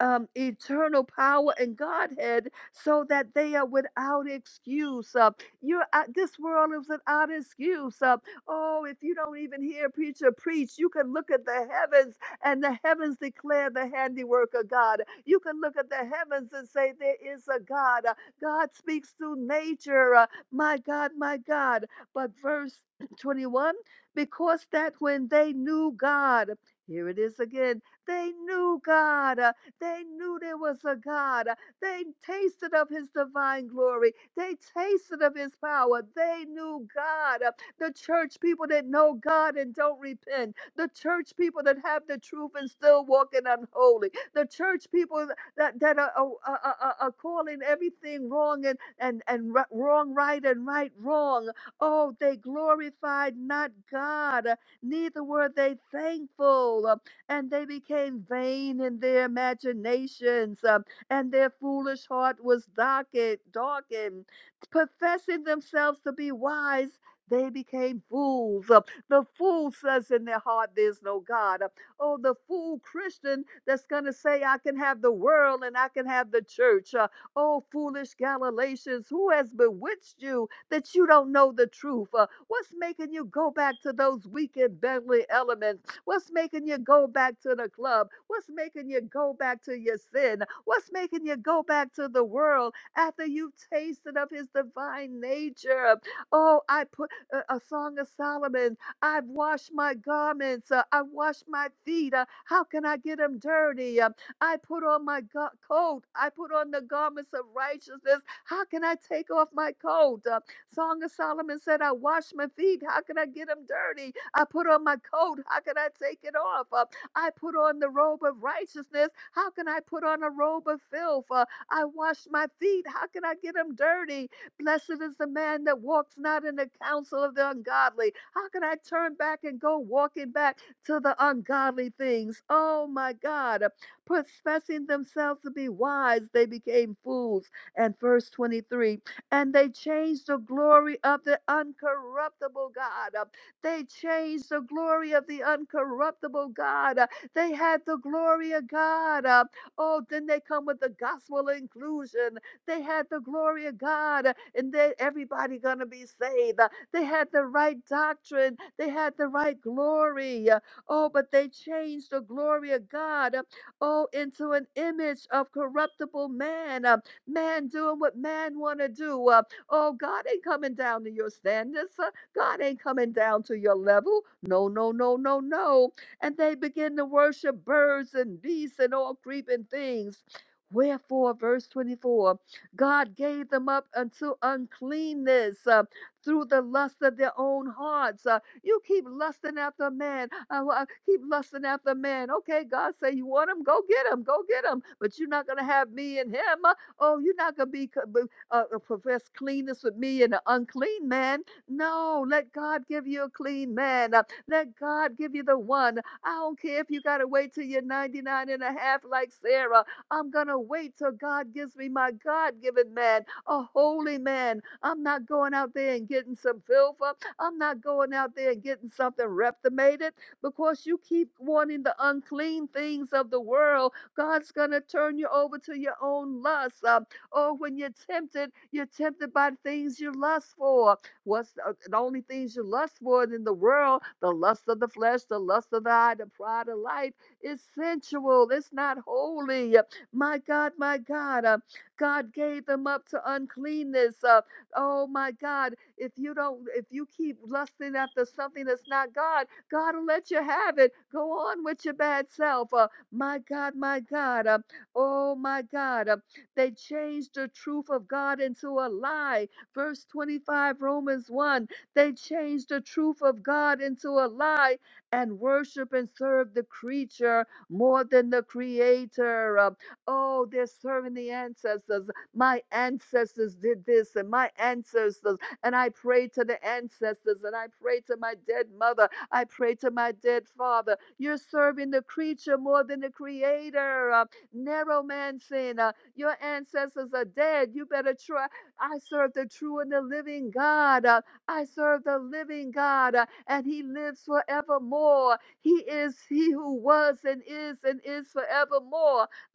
um, eternal power and Godhead so that they are without excuse. Uh, you're out, this world is without excuse. Uh, oh, if you don't even hear a preacher preach, you can look at the heavens and the heavens declare the handiwork of God. You can look at the heavens and say, There is a God. Uh, God speaks through nature. Uh, my God, my God. But verse 21 because that when they knew God, here it is again, they knew God. uh, they knew there was a God. They tasted of his divine glory. They tasted of his power. They knew God. The church people that know God and don't repent. The church people that have the truth and still walking unholy. The church people that, that are, are, are, are are calling everything wrong and, and, and ri- wrong right and right wrong. Oh, they glorified not God, neither were they thankful and they became vain in their imaginations, um, and their foolish heart was darkened, darkened. Professing themselves to be wise, they became fools. Uh, The fool says in their heart, There's no God. Uh, Oh, the fool Christian that's going to say, I can have the world and I can have the church. Uh, Oh, foolish Galatians, who has bewitched you that you don't know the truth? Uh, what's making you go back to those weak and belly elements? What's making you go back to the club? What's making you go back to your sin? What's making you go back to the world after you've tasted of his divine nature? Oh, I put uh, a song of Solomon. I've washed my garments. Uh, I washed my feet. Uh, how can I get them dirty? Uh, I put on my go- coat. I put on the garments of righteousness. How can I take off my coat? Uh, Song of Solomon said, I wash my feet. How could I get them dirty? I put on my coat. How could I take it off? Uh, I put on the robe of righteousness. How can I put on a robe of filth? Uh, I wash my feet. How can I get them dirty? Blessed is the man that walks not in the counsel of the ungodly. How can I turn back and go walking back to the ungodly things? Oh my God. Professing themselves to be wise, they became fools. And verse 23 and they changed the glory of the uncorruptible God. Uh, They changed the glory of the uncorruptible God. Uh, They had the glory of God. Uh, Oh, then they come with the gospel inclusion. They had the glory of God, uh, and then everybody gonna be saved. Uh, They had the right doctrine. They had the right glory. Uh, Oh, but they changed the glory of God. uh, Oh, into an image of corruptible man. Uh, Man doing what man want to do. Uh, oh, God ain't coming down to your standards. Uh, God ain't coming down to your level. No, no, no, no, no. And they begin to worship birds and beasts and all creeping things. Wherefore, verse 24, God gave them up unto uncleanness uh, through the lust of their own hearts. Uh, you keep lusting after a man. I, wa- keep lusting after a man. Okay, God say you want him, go get him, go get him. But you're not gonna have me and him. Oh, you're not going to be co- uh, uh, profess cleanness with me and an unclean man. No, let God give you a clean man. Uh, let God give you the one. I don't care if you got to wait till you're ninety-nine and a half like Sarah. I'm going to wait till God gives me my God given man, a holy man. I'm not going out there and getting some filther. I'm not going out there and getting something reptimated because you keep wanting the unclean things of the world God's going to turn you over to your own lust. Um, or when you're tempted, you're tempted by things you lust for. What's the, uh, the only things you lust for in the world? The lust of the flesh, the lust of the eye, the pride of life. It's sensual. It's not holy. My God, my God. uh, God gave them up to uncleanness. Uh, oh my God. If you don't, if you keep lusting after something that's not God, God will let you have it. Go on with your bad self. Uh, my God, my God. uh, oh, my God. uh, they changed the truth of God into a lie. Verse 25, Romans 1. They changed the truth of God into a lie and worship and serve the creature more than the creator. Uh, oh, they're serving the ancestors. My ancestors did this, and my ancestors. And I pray to the ancestors and I pray to my dead mother. I pray to my dead father. You're serving the creature more than the creator. Uh, Narrowmancing. Uh, your ancestors are dead. You better try. I serve the true and the living God. Uh, I serve the living God, uh, and He lives forevermore. He is He who was and is and is forevermore.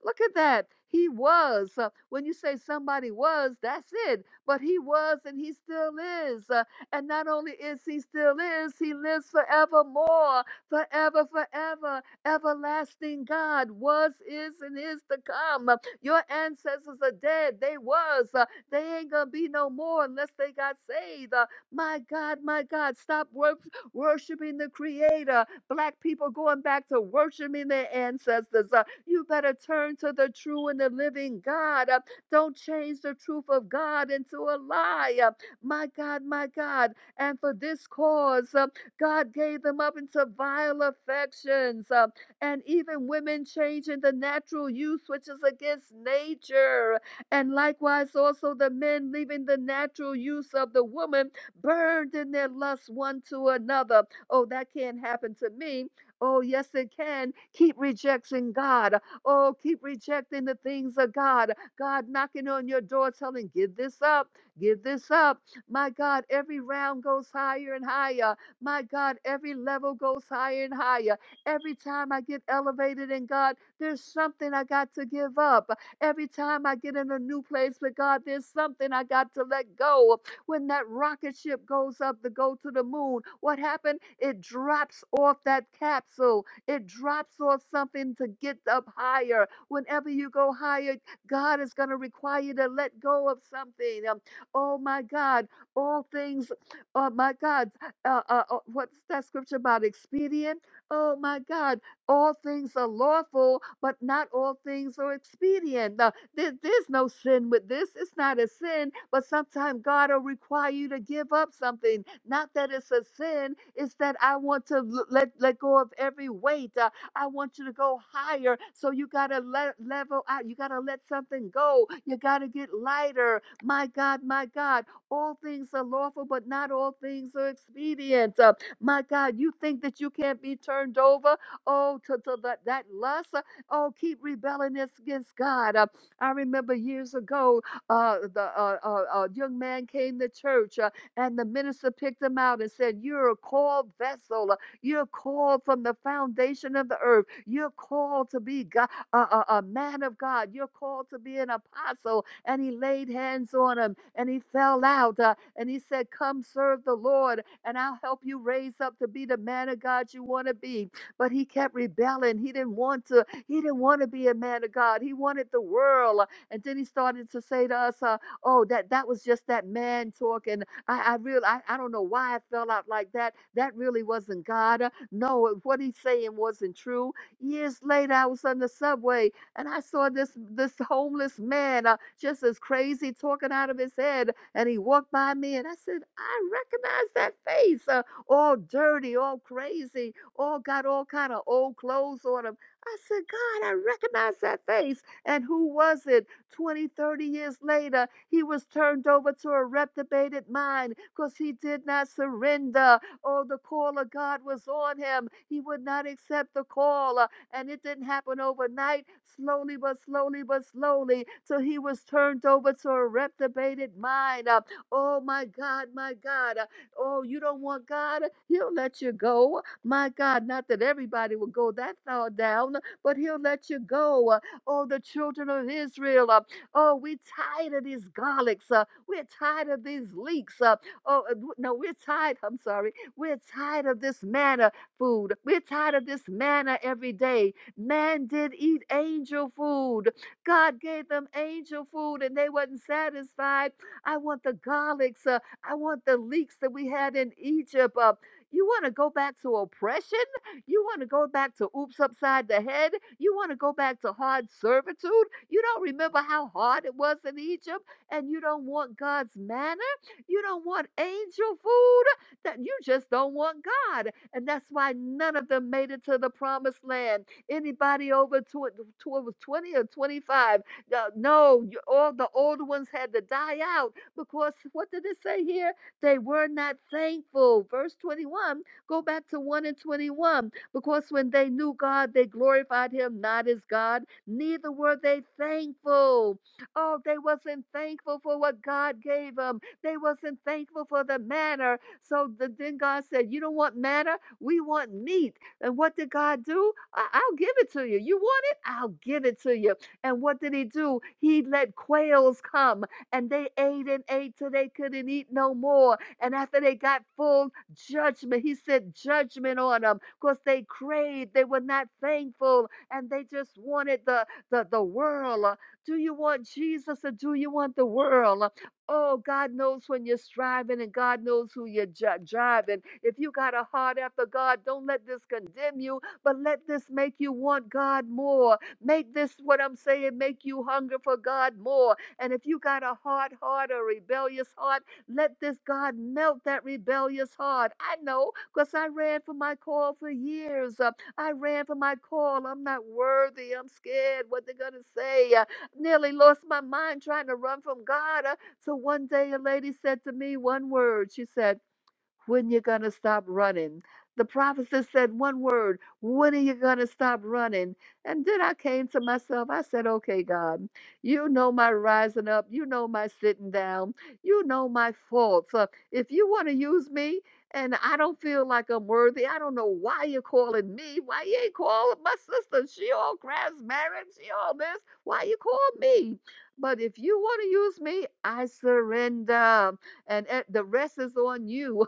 Look at that. He was. Uh, when you say somebody was, that's it. But he was and he still is. Uh, and not only is he still is, he lives forevermore, forever, forever. Everlasting God was, is, and is to come. Uh, Your ancestors are dead. They was. Uh, they ain't going to be no more unless they got saved. Uh, my God, my God, stop wor- worshiping the Creator. Black people going back to worshiping their ancestors. Uh, you better turn to the true and the living God. Uh, Don't change the truth of God into a lie. Uh, My God, my God. And for this cause, uh, God gave them up into vile affections. uh, And even women changing the natural use, which is against nature. And likewise, also the men leaving the natural use of the woman, burned in their lust one to another. Oh, that can't happen to me Oh, yes, it can. Keep rejecting God. Oh, keep rejecting the things of God. God knocking on your door, telling, Give this up, give this up. My God, every round goes higher and higher. My God, every level goes higher and higher. Every time I get elevated in God, there's something I got to give up. Every time I get in a new place with God, there's something I got to let go. When that rocket ship goes up to go to the moon, what happened? It drops off that capsule. It drops off something to get up higher. Whenever you go higher, God is going to require you to let go of something. Um, oh my God, all things, oh my God, uh, uh, uh, what's that scripture about? Expedient? Oh my God, all things are lawful, but not all things are expedient. Uh, there, there's no sin with this. It's not a sin, but sometimes God will require you to give up something. Not that it's a sin, it's that I want to l- let, let go of every weight. Uh, I want you to go higher. So you got to let level out. You got to let something go. You got to get lighter. My God, my God. All things are lawful, but not all things are expedient. Uh, my God, you think that you can't be turned over? Oh, to, to that, that lust? Uh, Oh, keep rebelling against God. uh, I remember years ago, uh, the uh, uh, uh, young man came to church, uh, and the minister picked him out and said, "You're a called vessel. uh, You're called from the foundation of the earth. You're called to be God, a, a, a man of God. You're called to be an apostle." And he laid hands on him, and he fell out, uh, and he said, "Come serve the Lord, and I'll help you raise up to be the man of God you want to be." But he kept rebelling. He didn't want to he didn't want to be a man of God. He wanted the world. Uh, And then he started to say to us, uh, "Oh, that that was just that man talk." And I, I really I, I don't know why I fell out like that. That really wasn't God. Uh, No, what he's saying wasn't true. Years later, I was on the subway and I saw this this homeless man uh, just as crazy talking out of his head. And he walked by me, and I said, "I recognize that face. Uh, all dirty, all crazy, all got all kind of old clothes on him." I said, God, I recognize that face. And who was it? 20, 30 years later, he was turned over to a reprobated mind because he did not surrender. Oh, the call of God was on him. He would not accept the call. uh, And it didn't happen overnight, slowly but slowly but slowly, till he was turned over to a reprobated mind. Uh, Oh, my God, my God. Uh, Oh, you don't want God? He'll let you go. My God, not that everybody will go that far down but he'll let you go. Uh, Oh, the children of Israel. uh, Oh, we're tired of these garlics. uh, We're tired of these leeks. uh, Oh, uh, no, we're tired. I'm sorry. We're tired of this manna food. We're tired of this manna every day. Man did eat angel food. God gave them angel food and they wasn't satisfied. I want the garlics. Uh, I want the leeks that we had in Egypt. Uh, you want to go back to oppression? You want to go back to oops upside the head? You want to go back to hard servitude? You don't remember how hard it was in Egypt and you don't want God's manna? You don't want angel food? That you just don't want God. And that's why none of them made it to the promised land. Anybody over to it was 20 or 25. uh, no, you- all the old ones had to die out because what did it say here? They were not thankful. Verse 21, go back to 1 and 21. Because when they knew God, they glorified him not as God, neither were they thankful. Oh, they wasn't thankful for what God gave them. They wasn't thankful for the manna. So the, then God said, you don't want manna? We want meat. And what did God do? I- I'll give it to you. You want it? I'll give it to you. And what did he do? He let quails come and they ate and ate till they couldn't eat no more. And after they got full, judgment, he sent judgment on them because they craved, they were not thankful, and they just wanted the, the, the world. Uh, Do you want Jesus or do you want the world? Uh, Oh, God knows when you're striving and God knows who you're driving. If you got a heart after God, don't let this condemn you, but let this make you want God more. Make this what I'm saying, make you hunger for God more. And if you got a hard heart or rebellious heart, let this God melt that rebellious heart. I know because I ran for my call for years. Uh, I ran for my call. I'm not worthy. I'm scared what they're going to say. Uh, nearly lost my mind trying to run from God. Uh, so one day a lady said to me one word. She said, when you gonna stop running? The prophet said one word, when are you gonna stop running? And then I came to myself, I said, Okay, God, you know my rising up, you know my sitting down, you know my faults. Uh, if you wanna use me and I don't feel like I'm worthy, I don't know why you're calling me, why you ain't calling my sister, she all married, she all this, why you call me? But if you wanna use me, I surrender and e- the rest is on you.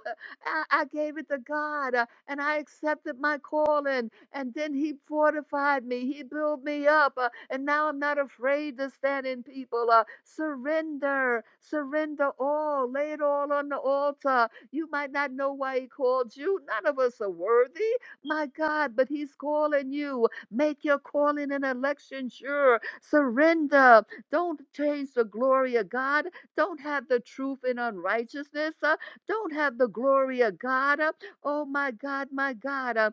I, I gave it to God uh, and I accepted my calling. And then He fortified me, He built me up. uh, and now I'm not afraid to stand in people. Uh, surrender, surrender all, lay it all on the altar. You might not know why He called you. None of us are worthy, my God, but He's calling you. Make your calling and election sure. Surrender. Don't change the glory of God. Don't have the truth in unrighteousness. uh, don't have the glory of God. uh, Oh my God, my God. uh,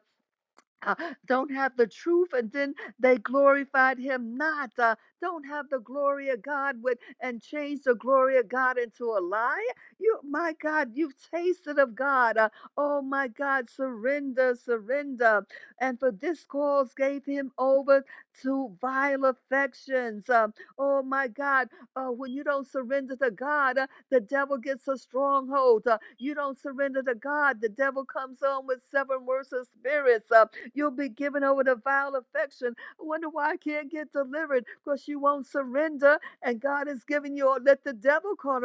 uh, don't have the truth and then they glorified him not uh, don't have the glory of god with and change the glory of god into a lie you my god you've tasted of god uh, oh my god surrender surrender and for this cause gave him over to vile affections Um, oh my god uh, when you don't surrender to god uh, the devil gets a stronghold uh, you don't surrender to god the devil comes on with seven worse spirits Uh, You'll be given over to vile affection. I wonder why I can't get delivered because you won't surrender and God is giving you, let the devil come,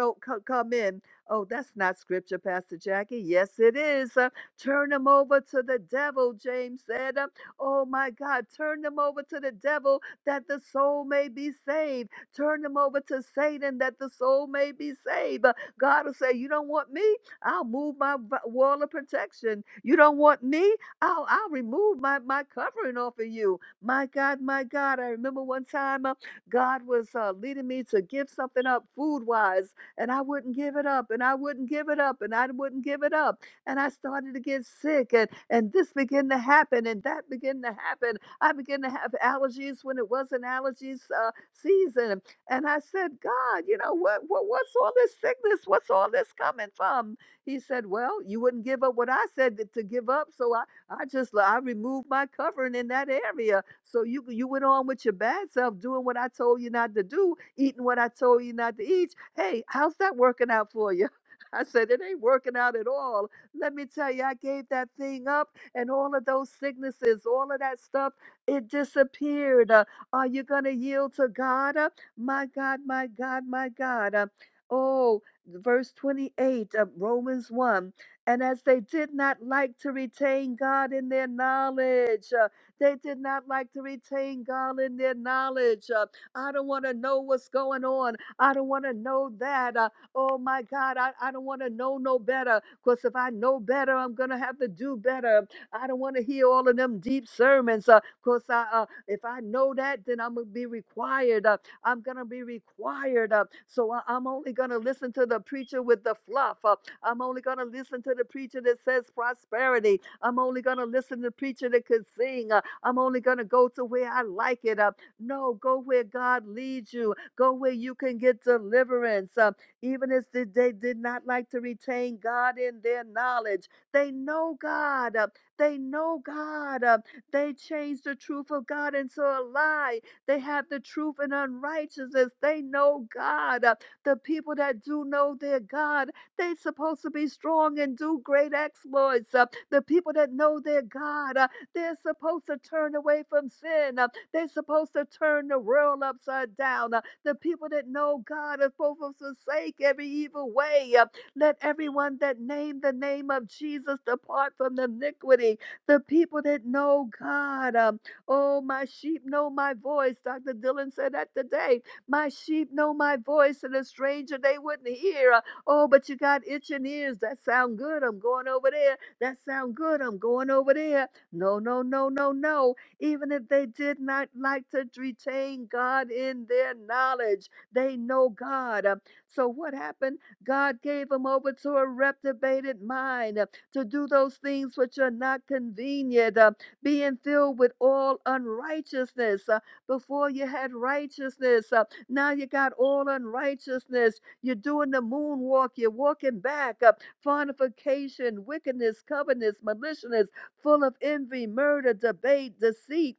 in. Oh, that's not scripture, Pastor Jackie. Yes, it is. Uh, turn them over to the devil, James said. Uh, oh, my God. Turn them over to the devil that the soul may be saved. Turn them over to Satan that the soul may be saved. Uh, God will say, You don't want me? I'll move my v- wall of protection. You don't want me? I'll, I'll remove my, my covering off of you. My God, my God. I remember one time uh, God was uh, leading me to give something up food wise, and I wouldn't give it up, and I wouldn't give it up, and I wouldn't give it up. And I started to get sick, and, and this began to happen, and that began to happen. I began to have allergies when it wasn't allergies uh, season. And I said, God, you know, what, what what's all this sickness? What's all this coming from? He said, Well, you wouldn't give up what I said to to give up, so I just lo- I removed my covering in that area. So you you went on with your bad self, doing what I told you not to do, eating what I told you not to eat. Hey, how's that working out for you? I said it ain't working out at all. Let me tell you, I gave that thing up, and all of those sicknesses, all of that stuff, it disappeared. Uh, are you gonna yield to God? Uh, my God, my God, my God. Uh, oh, verse twenty-eight of Romans one. And as they did not like to retain God in their knowledge, uh, they did not like to retain God in their knowledge. uh, I don't want to know what's going on. I don't want to know that. uh, oh my God, I, I don't want to know no better. Because if I know better, I'm going to have to do better. I don't want to hear all of them deep sermons. Uh, because I, uh, if I know that, then I'm going to be required. Uh, I'm going to be required. Uh, so I, I'm only going to listen to the preacher with the fluff. Uh, I'm only going to listen to the preacher that says prosperity. I'm only going to listen to the preacher that can sing. Uh, I'm only going to go to where I like it. Uh, no, go where God leads you. Go where you can get deliverance. Uh, even as the- they did not like to retain God in their knowledge, they know God. Uh, they know God. Uh, they change the truth of God into a lie. They have the truth in unrighteousness. They know God. Uh, The people that do know their God, they supposed to be strong and do great exploits. Uh, The people that know their God, uh, they're supposed to turn away from sin. Uh, They're supposed to turn the world upside down. Uh, The people that know God are supposed to forsake every evil way. Uh, Let everyone that name the name of Jesus depart from iniquity the people that know God. Um, oh, my sheep know my voice. Dr. Dylan said that today. My sheep know my voice, and a stranger they wouldn't hear. Uh, oh, but you got itching ears. That sound good. I'm going over there. That sound good. I'm going over there. No, no, no, no, no. Even if they did not like to retain God in their knowledge, they know God. Um, so what happened? God gave them over to a reprobated mind. uh, to do those things which are not convenient, uh, being filled with all unrighteousness. Uh, before you had righteousness, uh, now you got all unrighteousness. You're doing the moonwalk, you're walking back, uh, fornication, wickedness, covetousness, maliciousness, full of envy, murder, debate, deceit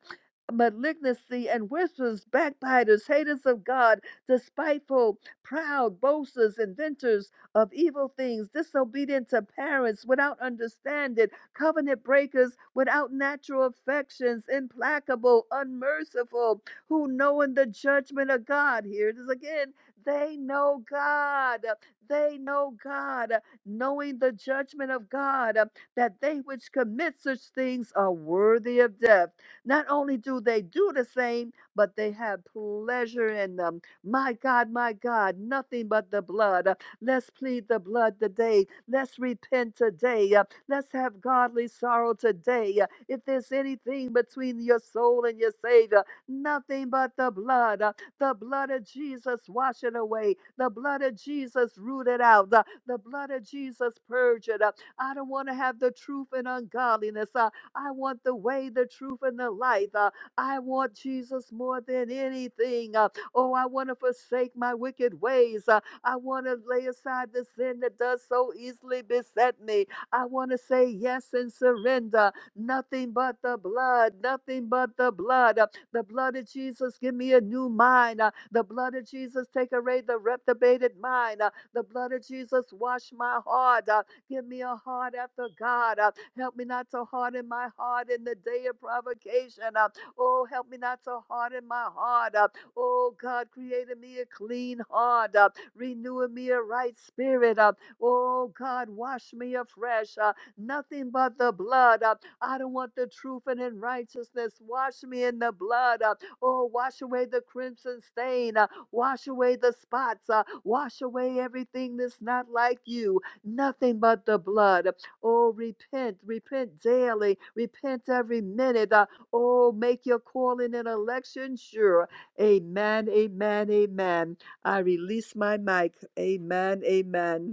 malignancy and whispers, backbiters, haters of God, despiteful, proud, boasters, inventors, of evil things, disobedient to parents without understanding, covenant breakers without natural affections, implacable, unmerciful, who knowing the judgment of God. Here it is again. They know God. They know God, knowing the judgment of God, that they which commit such things are worthy of death. Not only do they do the same, but they have pleasure in them. My God, my God, nothing but the blood. Let's plead the blood today. Let's repent today. Uh, Let's have godly sorrow today. Uh, If there's anything between your soul and your Savior, nothing but the blood. Uh, The blood of Jesus wash it away. The blood of Jesus root it out. The, the blood of Jesus purge it up. I don't want to have the truth and ungodliness. Uh, I want the way, the truth, and the life. Uh, I want Jesus more than anything. Uh, oh, I want to forsake my wicked ways. Uh, I want to lay aside the sin that does so easily beset me. I want to say yes and surrender. Nothing but the blood, nothing but the blood. Uh, The blood of Jesus, give me a new mind. Uh, The blood of Jesus, take away the reprobated mind. Uh, The blood of Jesus, wash my heart. Uh, Give me a heart after God. Uh, Help me not to harden my heart in the day of provocation. Uh, Oh, help me not to harden my heart. Uh, Oh God, create in me a clean heart. Uh, renew in me a right spirit. Uh, oh God, wash me afresh. Uh, nothing but the blood. Uh, I don't want the truth and in righteousness. Wash me in the blood. Uh, oh, wash away the crimson stain. Uh, wash away the spots. Uh, wash away everything that's not like you. Nothing but the blood. Oh, repent, repent daily, repent every minute. Uh, oh, make your calling and election sure. Amen, amen, amen. I release my mic. Amen, amen.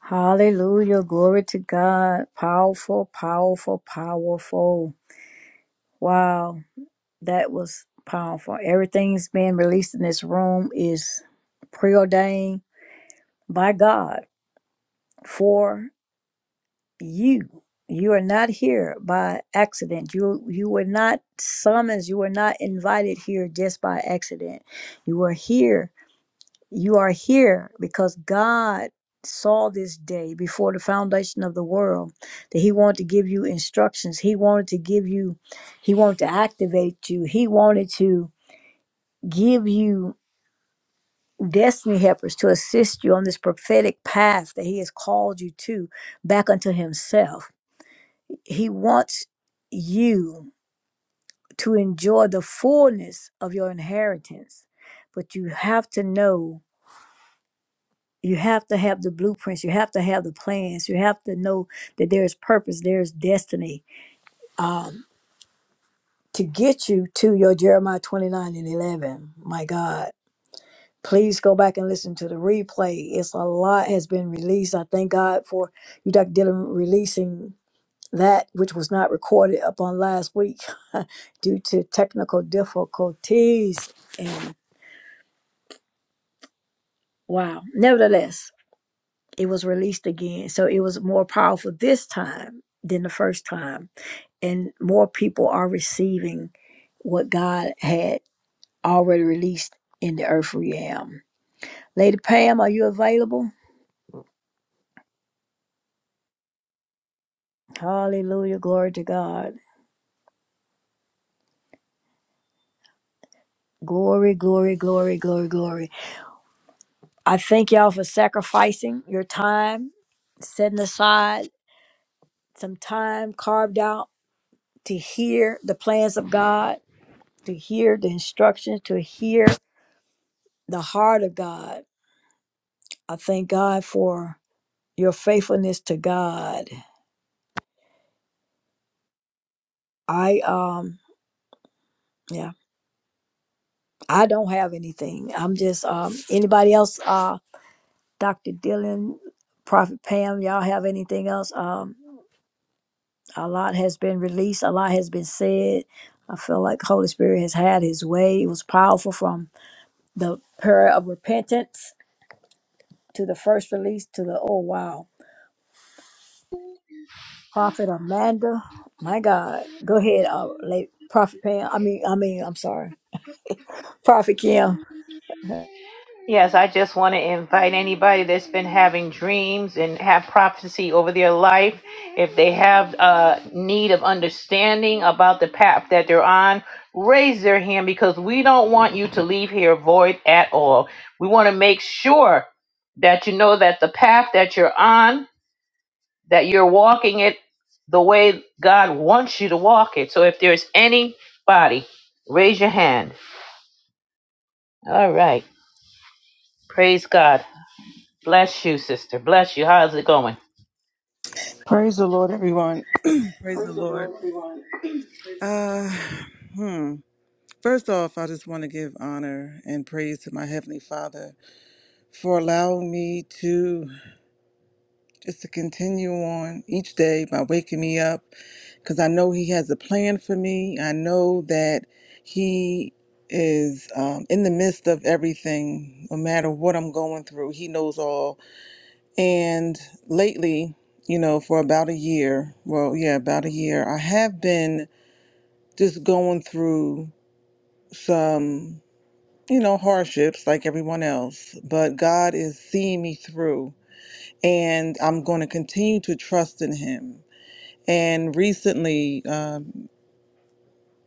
Hallelujah. Glory to God. Powerful, powerful, powerful. Wow. That was powerful. Everything's being released in this room is preordained by God for you you are not here by accident you you were not summoned you were not invited here just by accident you are here you are here because god saw this day before the foundation of the world that he wanted to give you instructions he wanted to give you he wanted to activate you he wanted to give you destiny helpers to assist you on this prophetic path that he has called you to back unto himself He wants you to enjoy the fullness of your inheritance, but you have to know, you have to have the blueprints, you have to have the plans, you have to know that there is purpose, there is destiny um, to get you to your Jeremiah 29 and 11. My God. Please go back and listen to the replay. It's a lot has been released. I thank God for you, Dr. Dillon, releasing that which was not recorded upon last week due to technical difficulties. And wow, nevertheless, it was released again. So it was more powerful this time than the first time. And more people are receiving what God had already released in the earth realm. Lady Pam, are you available? Hallelujah. Glory to God. Glory, glory, glory, glory, glory. I thank y'all for sacrificing your time, setting aside some time carved out to hear the plans of God, to hear the instructions, to hear the heart of God. I thank God for your faithfulness to God. I um yeah, I don't have anything. I'm just um anybody else uh Dr. Dylan, Prophet Pam, y'all have anything else? Um a lot has been released, a lot has been said. I feel like the Holy Spirit has had his way. It was powerful from the prayer of repentance to the first release to the oh wow. Prophet Amanda, my God. Go ahead, uh, late Prophet Pam. I mean I mean, I'm sorry. Prophet Kim. Praise the Lord, everyone. Praise the Lord. Uh, hmm. First off, I just want to give honor and praise to my Heavenly Father for allowing me to just to continue on each day by waking me up because I know He has a plan for me. I know that He is um, in the midst of everything, no matter what I'm going through. He knows all. And lately, you know, for about a year, well, yeah, about a year, I have been. just going through some, you know, hardships like everyone else, but God is seeing me through and I'm going to continue to trust in Him. And recently, um,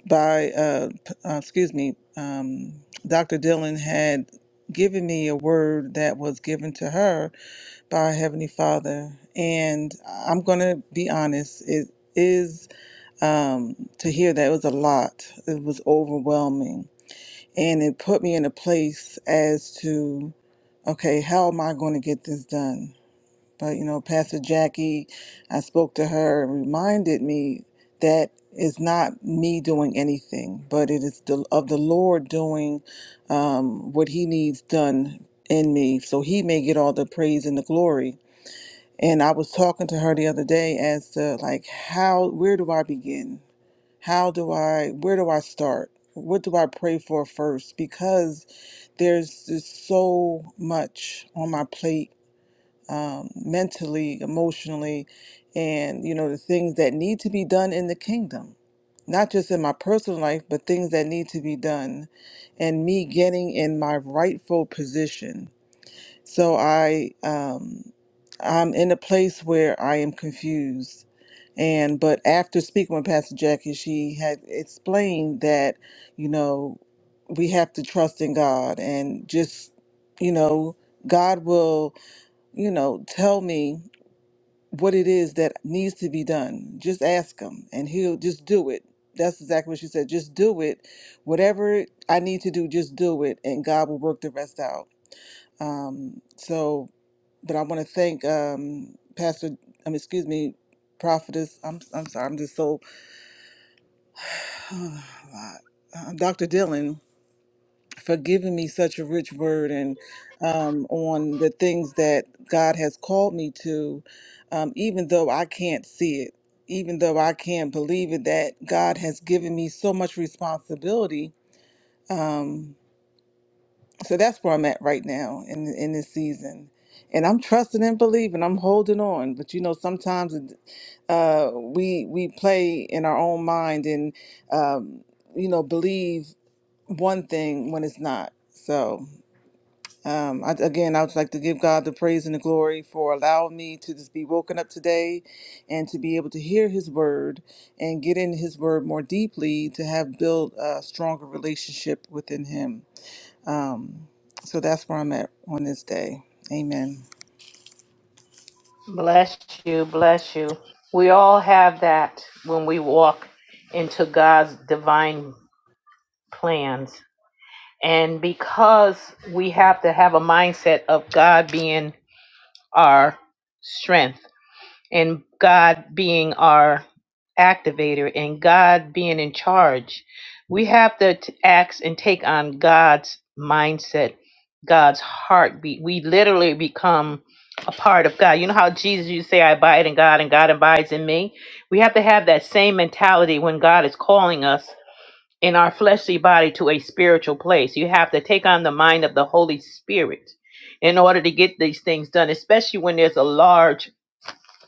by, uh, p- uh, excuse me, um, Dr. Dillon had given me a word that was given to her by Heavenly Father. And I'm going to be honest, it is um, to hear that it was a lot, it was overwhelming and it put me in a place as to okay how am i going to get this done but you know pastor jackie i spoke to her and reminded me that it's not me doing anything but it is the, of the lord doing um, what he needs done in me so he may get all the praise and the glory and i was talking to her the other day as to like how where do i begin how do I, where do I start? What do I pray for first? Because there's just so much on my plate um, mentally, emotionally, and, you know, the things that need to be done in the kingdom. Not just in my personal life, but things that need to be done, and me getting in my rightful position so I um, I'm in a place where I am confused. And but after speaking with Pastor Jackie, she had explained that, you know, we have to trust in God and just, you know, God will, you know, tell me what it is that needs to be done. Just ask him and he'll just do it. That's exactly what she said. Just do it. Whatever I need to do, just do it and God will work the rest out. Um, so but I want to thank um, Pastor. Um, excuse me, Prophetess. I'm I'm sorry. I'm just so um, Dr. Dillon for giving me such a rich word and um, on the things that God has called me to, um, even though I can't see it, even though I can't believe it. That God has given me so much responsibility. Um, so that's where I'm at right now in in this season and I'm trusting and believing. I'm holding on, but you know, sometimes uh, we we play in our own mind and um, you know believe one thing when it's not. So um, I, again, I would like to give God the praise and the glory for allowing me to just be woken up today, and to be able to hear His word and get in His word more deeply to have built a stronger relationship within Him. Um, so that's where I'm at on this day. Amen. Bless you, bless you. We all have that when we walk into God's divine plans. And because we have to have a mindset of God being our strength, and God being our activator and God being in charge. We have to t- act and take on God's mindset, God's heartbeat. We literally become a part of God. You know how Jesus you say I abide in God and God abides in me? We have to have that same mentality when God is calling us in our fleshly body to a spiritual place. You have to take on the mind of the Holy Spirit in order to get these things done, especially when there's a large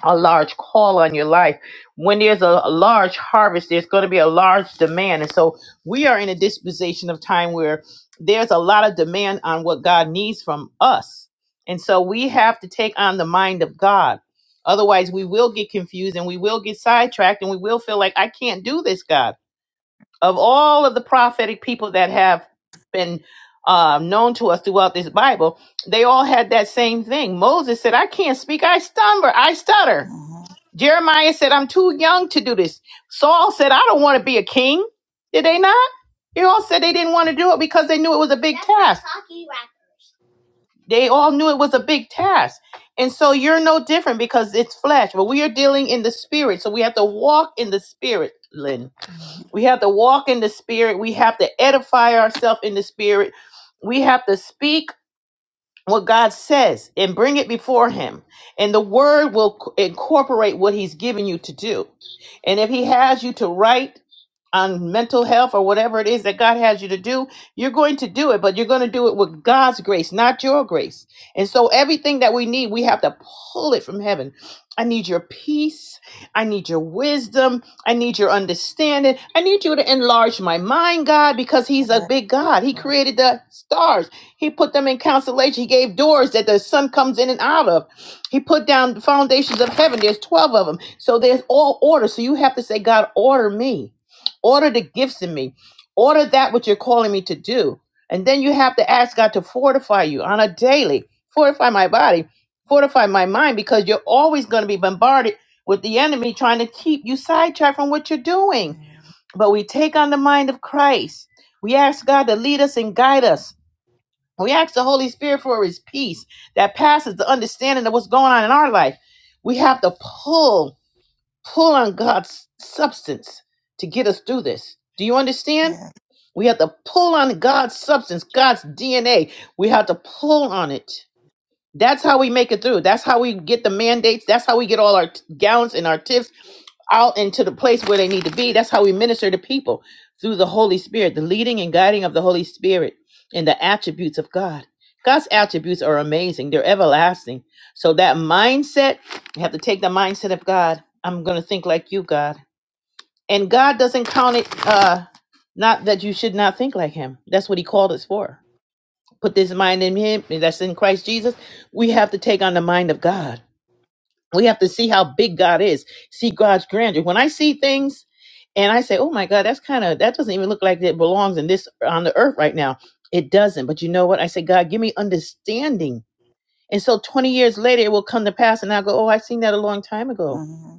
a large call on your life. When there's a, a large harvest, there's going to be a large demand. And so we are in a disposition of time where there's a lot of demand on what God needs from us. And so we have to take on the mind of God. Otherwise, we will get confused and we will get sidetracked and we will feel like, I can't do this, God. Of all of the prophetic people that have been uh, known to us throughout this Bible, they all had that same thing. Moses said, I can't speak, I stumble, I stutter. Uh-huh. Jeremiah said, I'm too young to do this. Saul said, I don't want to be a king. Did they not? They all said they didn't want to do it because they knew it was a big task. They all knew it was a big task. And so you're no different because it's flesh, but we are dealing in the spirit. So we have to walk in the spirit, Lynn. We have to walk in the spirit. We have to edify ourselves in the spirit. We have to speak what God says and bring it before Him. And the Word will c- incorporate what He's given you to do. And if He has you to write on mental health or whatever it is that God has you to do, you're going to do it, but you're going to do it with God's grace, not your grace. And so everything that we need, we have to pull it from heaven. I need your peace. I need your wisdom. I need your understanding. I need you to enlarge my mind, God, because He's a Yeah. big God. He created the stars. He put them in constellation. He gave doors that the sun comes in and out of. He put down the foundations of heaven. There's 12 of them. So there's all order. So you have to say, God, order me. Order the gifts in me. Order that what you're calling me to do. And then you have to ask God to fortify you on a daily. Fortify my body. Fortify my mind because you're always going to be bombarded with the enemy trying to keep you sidetracked from what you're doing. But we take on the mind of Christ. We ask God to lead us and guide us we ask the Holy Spirit for his peace that passes the understanding of what's going on in our life. We have to pull, pull on God's substance to get us through this. Do you understand? Yeah. We have to pull on God's substance, God's DNA. We have to pull on it. That's how we make it through. That's how we get the mandates. That's how we get all our t- gowns and our tips out into the place where they need to be. That's how we minister to people through the Holy Spirit, the leading and guiding of the Holy Spirit and the attributes of God. God's attributes are amazing, they're everlasting. So, that mindset, you have to take the mindset of God. I'm going to think like you, God. And God doesn't count it, uh, not that you should not think like Him. That's what He called us for put this mind in him that's in Christ Jesus, we have to take on the mind of God. We have to see how big God is, see God's grandeur. When I see things and I say, oh my God, that's kind of, that doesn't even look like it belongs in this, on the earth right now. It doesn't. But you know what? I say, God, give me understanding. And so 20 years later, it will come to pass and I'll go, oh, I seen that a long time ago. Uh-huh.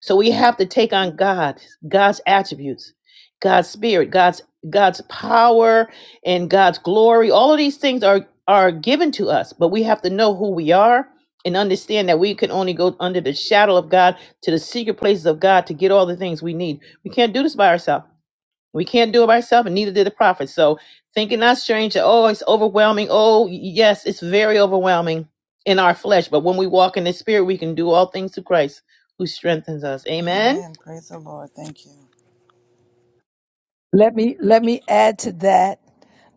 So we have to take on God, God's attributes, God's spirit, God's God's power and God's glory. All of these things are are given to us, but we have to know who we are and understand that we can only go under the shadow of God to the secret places of God to get all the things we need. We can't do this by ourselves. We can't do it by ourselves, and neither did the prophet. So, thinking not strange that, oh, it's overwhelming. Oh, yes, it's very overwhelming in our flesh. But when we walk in the spirit, we can do all things through Christ who strengthens us. Amen. Amen. Praise the Lord. Thank you. Let me let me add to that,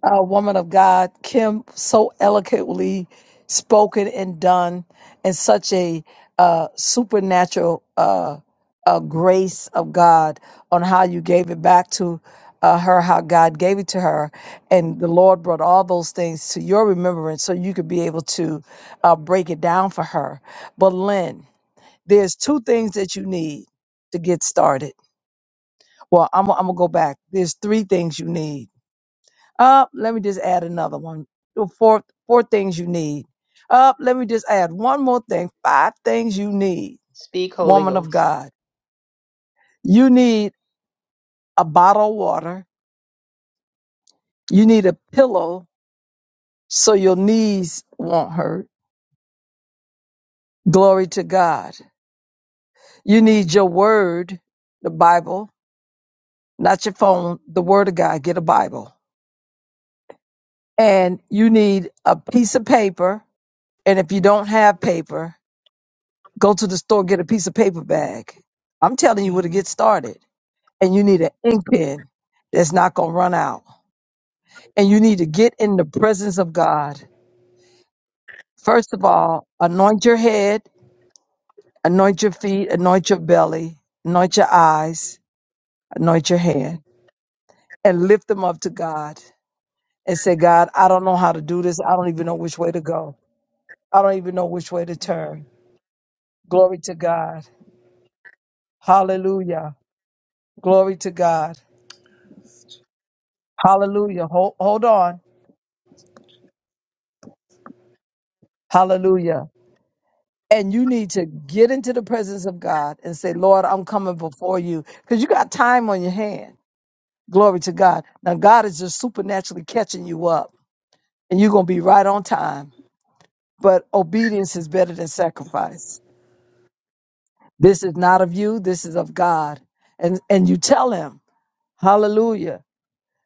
uh, woman of God, Kim, so eloquently spoken and done, and such a uh, supernatural uh, uh, grace of God on how you gave it back to uh, her, how God gave it to her, and the Lord brought all those things to your remembrance, so you could be able to uh, break it down for her. But Lynn, there's two things that you need to get started. Well, I'm, I'm gonna go back. There's three things you need uh, let me just add another one. The Four, four things you need. Uh, let me just add one more thing. Five things you need, Speak, Holy woman of Ghost. God. You need a bottle of water. You need a pillow so your knees won't hurt. Glory to God. You need your word, the Bible, not your phone, the word of God. Get a Bible. And you need a piece of paper. And if you don't have paper, Go to the store, get a piece of paper bag. I'm telling you where to Amen. get started. And you need an ink pen that's not going to run out. And you need to get in the presence of God. First of all, anoint your head, anoint your feet, anoint your belly, anoint your eyes, anoint your hand, and lift them up to God and say, God, I don't know how to do this. I don't even know which way to go. I don't even know which way to turn. Glory to God. Hallelujah. Glory to God. Hallelujah. Hold, hold on. Hallelujah. And you need to get into the presence of God and say, Lord, I'm coming before you because you got time on your hand. Glory to God. Now, God is just supernaturally catching you up and you're going to be right on time. But obedience is better than sacrifice. This is not of you. This is of God. And, and you tell him, hallelujah.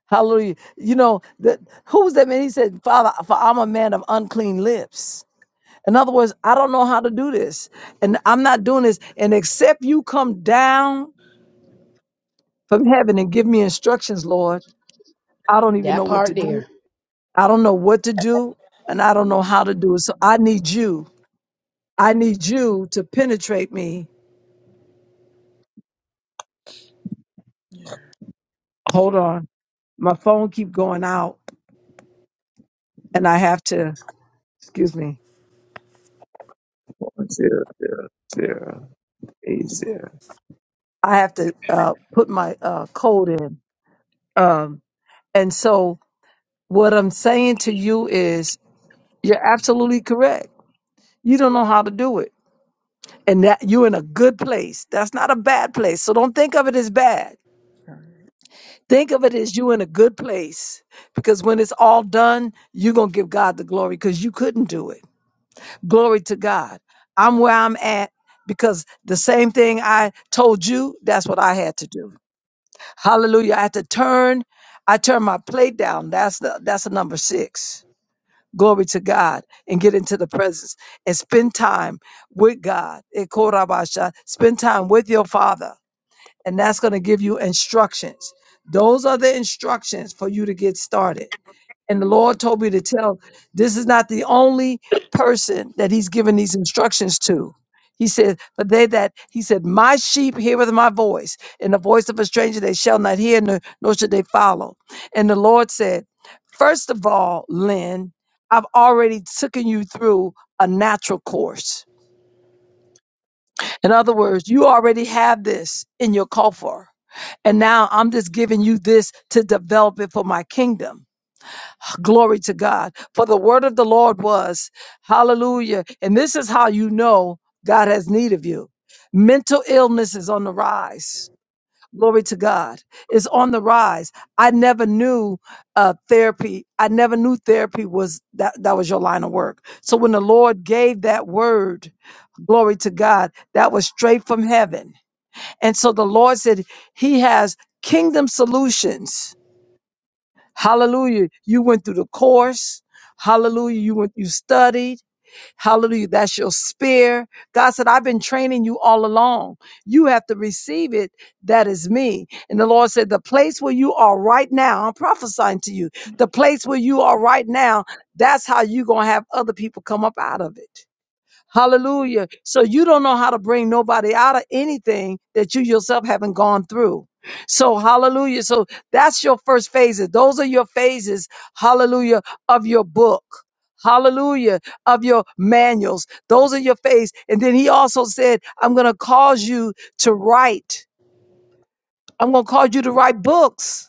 Hallelujah. You know, that who was that man? He said, Father, for I'm a man of unclean lips. In other words, I don't know how to do this. And I'm not doing this. And except you come down from heaven and give me instructions, Lord, I don't even That know what to part do. there. I don't know what to do. And I don't know how to do it. So I need you. I need you to penetrate me. Yeah. Hold on. My phone keep going out and I have to, excuse me. One, zero, zero, zero, eight, zero. I have to uh, put my uh, code in. Um, and so what I'm saying to you is You're absolutely correct. You don't know how to do it. And that you're in a good place. That's not a bad place. So don't think of it as bad. Think of it as you in a good place. Because when it's all done, you're going to give God the glory because you couldn't do it. Glory to God. I'm where I'm at because the same thing I told you, that's what I had to do. Hallelujah. I had to turn. I turned my plate down. That's the that's the number six. glory to God, and get into the presence and spend time with God. Eh, korabasha. Spend time with your Father, and that's going to give you instructions. Those are the instructions for you to get started. And the Lord told me to tell this is not the only person that He's given these instructions to. He said, But they that, He said, My sheep heareth my voice, and the voice of a stranger they shall not hear, nor, nor should they follow. And the Lord said, First of all, Lynn, I've already taken you through a natural course. In other words, you already have this in your coffer. And now I'm just giving you this to develop it for my kingdom. Glory to God. For the word of the Lord was, hallelujah. And this is how you know God has need of you. Mental illness is on the rise. Glory to God. It's on the rise. I never knew uh, therapy. I never knew therapy was that, that was your line of work. So when the Lord gave that word, glory to God, that was straight from heaven. And so the Lord said, He has kingdom solutions Hallelujah. You went through the course. Hallelujah. You went, you studied. Hallelujah. That's your spear. God said, I've been training you all along. You have to receive it. That is me. And the Lord said, the place where you are right now, I'm prophesying to you, the place where you are right now, that's how you're going to have other people come up out of it. Hallelujah. So you don't know how to bring nobody out of anything that you yourself haven't gone through. So hallelujah. So that's your first phases. Those are your phases, hallelujah, of your book. Hallelujah of your manuals. Those are your phase. And then he also said, I'm going to cause you to write. I'm going to cause you to write books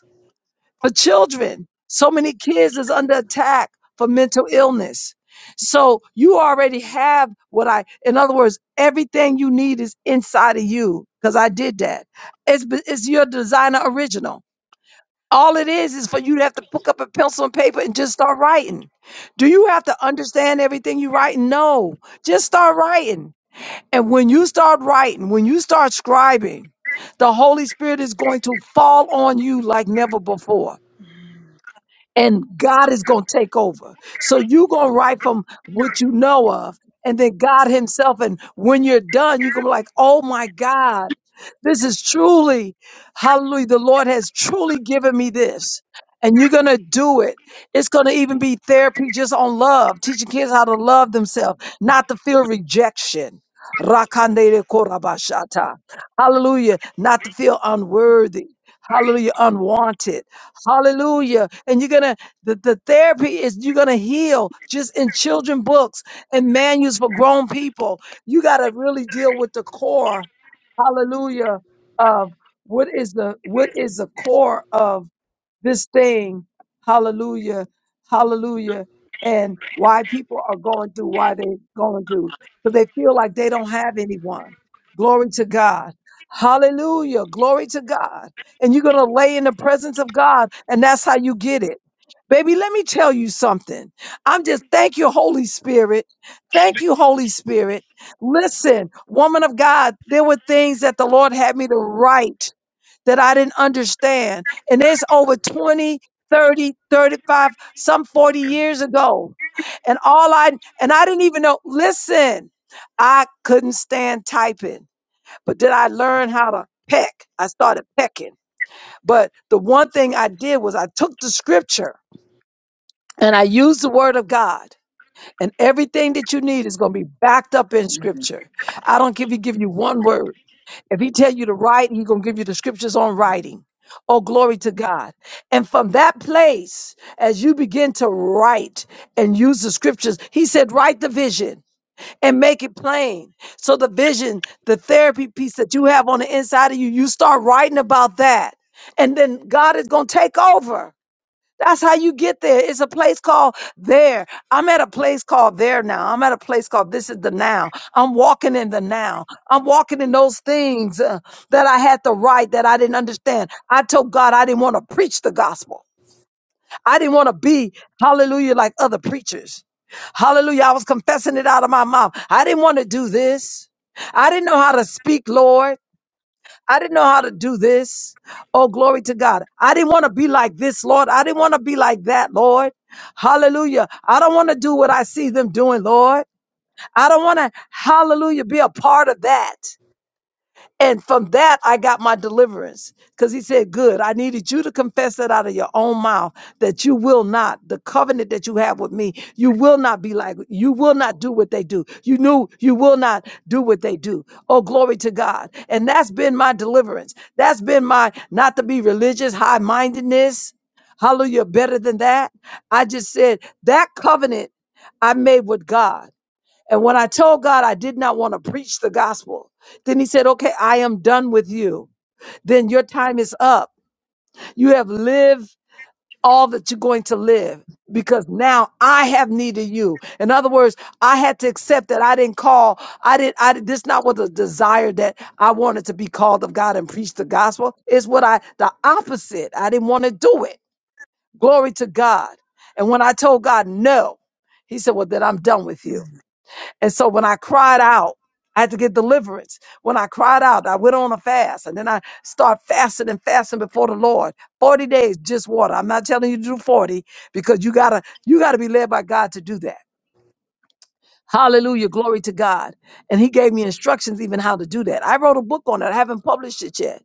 for children. So many kids is under attack for mental illness. So you already have what I, in other words, everything you need is inside of you because I did that. It's, b- it's your designer original. All it is is for you to have to pick up a pencil and paper and just start writing. Do you have to understand everything you write? No, just start writing. And when you start writing, when you start scribing, the Holy Spirit is going to fall on you like never before and God is going to take over. So you're going to write from what you know of, and then God Himself. And when you're done, you're going to be like, oh my God, this is truly, hallelujah, the Lord has truly given me this. And you're going to do it. It's going to even be therapy just on love, teaching kids how to love themselves, not to feel rejection. Rakandere korabashata. Hallelujah. Not to feel unworthy. Hallelujah. Unwanted. Hallelujah. And you're going to, the, the therapy is you're going to heal just in children books and manuals for grown people. You got to really deal with the core. Hallelujah. Of what is the, what is the core of this thing. Hallelujah. Hallelujah. And why people are going through why they going through. Because they feel like they don't have anyone. Glory to God. Hallelujah. Glory to God. And you're going to lay in the presence of God. And that's how you get it. Baby, let me tell you something. I'm just, thank you, Holy Spirit. Thank you, Holy Spirit. Listen, woman of God, there were things that the Lord had me to write that I didn't understand. And it's over 20, 30, 35, some 40 years ago. And all I and I didn't even know, listen, I couldn't stand typing. But did I learn how to peck? I started pecking. But the one thing I did was I took the scripture and I used the word of God. And everything that you need is going to be backed up in Mhm. scripture. I don't give you give you one word. If he tell you to write, he gonna give you the scriptures on writing. Oh, glory to God. And from that place, as you begin to write and use the scriptures, he said, write the vision and make it plain. So the vision, the therapy piece that you have on the inside of you, you start writing about that. And then God is gonna take over. That's how you get there. It's a place called there. I'm at a place called there now. I'm at a place called this is the now. I'm walking in the now. I'm walking in those things uh, that I had to write that I didn't understand. I told God I didn't want to preach the gospel. I didn't want to be, hallelujah, like other preachers. Hallelujah. I was confessing it out of my mouth. I didn't want to do this. I didn't know how to speak, Lord. I didn't know how to do this. Oh, glory to God. I didn't want to be like this, Lord. I didn't want to be like that, Lord. Hallelujah. I don't want to do what I see them doing, Lord. I don't want to, hallelujah, be a part of that. And from that, I got my deliverance because he said, Good, I needed you to confess that out of your own mouth that you will not, the covenant that you have with me, you will not be like, you will not do what they do. You knew you will not do what they do. Oh, glory to God. And that's been my deliverance. That's been my not to be religious, high mindedness. Hallelujah, better than that. I just said that covenant I made with God. And when I told God I did not want to preach the gospel, then he said, Okay, I am done with you. Then your time is up. You have lived all that you're going to live because now I have need of you. In other words, I had to accept that I didn't call. I didn't, I did, this not was a desire that I wanted to be called of God and preach the gospel. It's what I, the opposite. I didn't want to do it. Glory to God. And when I told God no, he said, Well, then I'm done with you. And so when I cried out, I had to get deliverance. When I cried out, I went on a fast and then I start fasting and fasting before the Lord. 40 days, just water. I'm not telling you to do 40 because you gotta, you gotta be led by God to do that. Hallelujah. Glory to God. And he gave me instructions even how to do that. I wrote a book on it. I haven't published it yet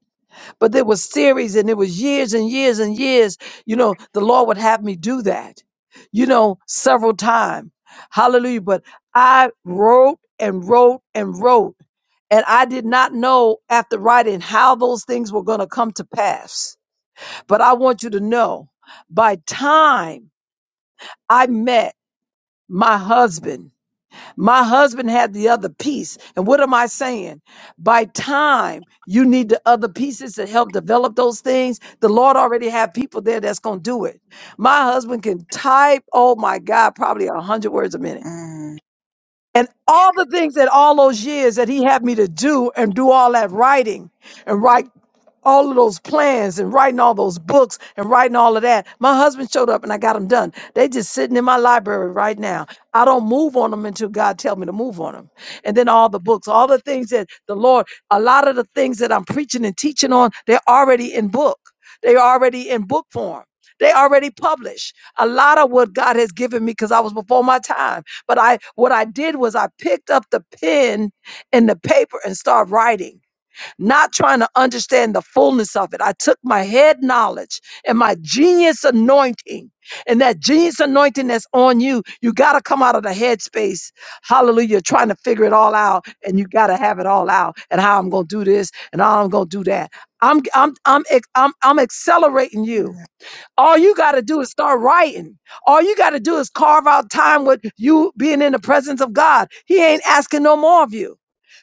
but there was series and it was years and years and years. You know, the Lord would have me do that, you know, several times. Hallelujah. But I wrote and wrote and wrote. And I did not know after writing how those things were going to come to pass. But I want you to know by time I met my husband, my husband had the other piece. And what am I saying? By time you need the other pieces to help develop those things, the Lord already have people there that's going to do it. My husband can type, oh my God, probably a hundred words a minute. Mm. And all the things that all those years that he had me to do and do all that writing and write all of those plans and writing all those books and writing all of that. My husband showed up and I got them done. They just sitting in my library right now. I don't move on them until God tell me to move on them. And then all the books, all the things that the Lord, a lot of the things that I'm preaching and teaching on, they're already in book. They're already in book form. They already published a lot of what God has given me because I was before my time. But I, what I did was I picked up the pen and the paper and started writing not trying to understand the fullness of it. I took my head knowledge and my genius anointing, and that genius anointing that's on you, you got to come out of the headspace, Hallelujah. Trying to figure it all out, and you got to have it all out, and how I'm going to do this, and how I'm going to do that. I'm, I'm, I'm, ex- I'm, I'm accelerating you. Mm. All you got to do is start writing. All you got to do is carve out time with you being in the presence of God. He ain't asking no more of you.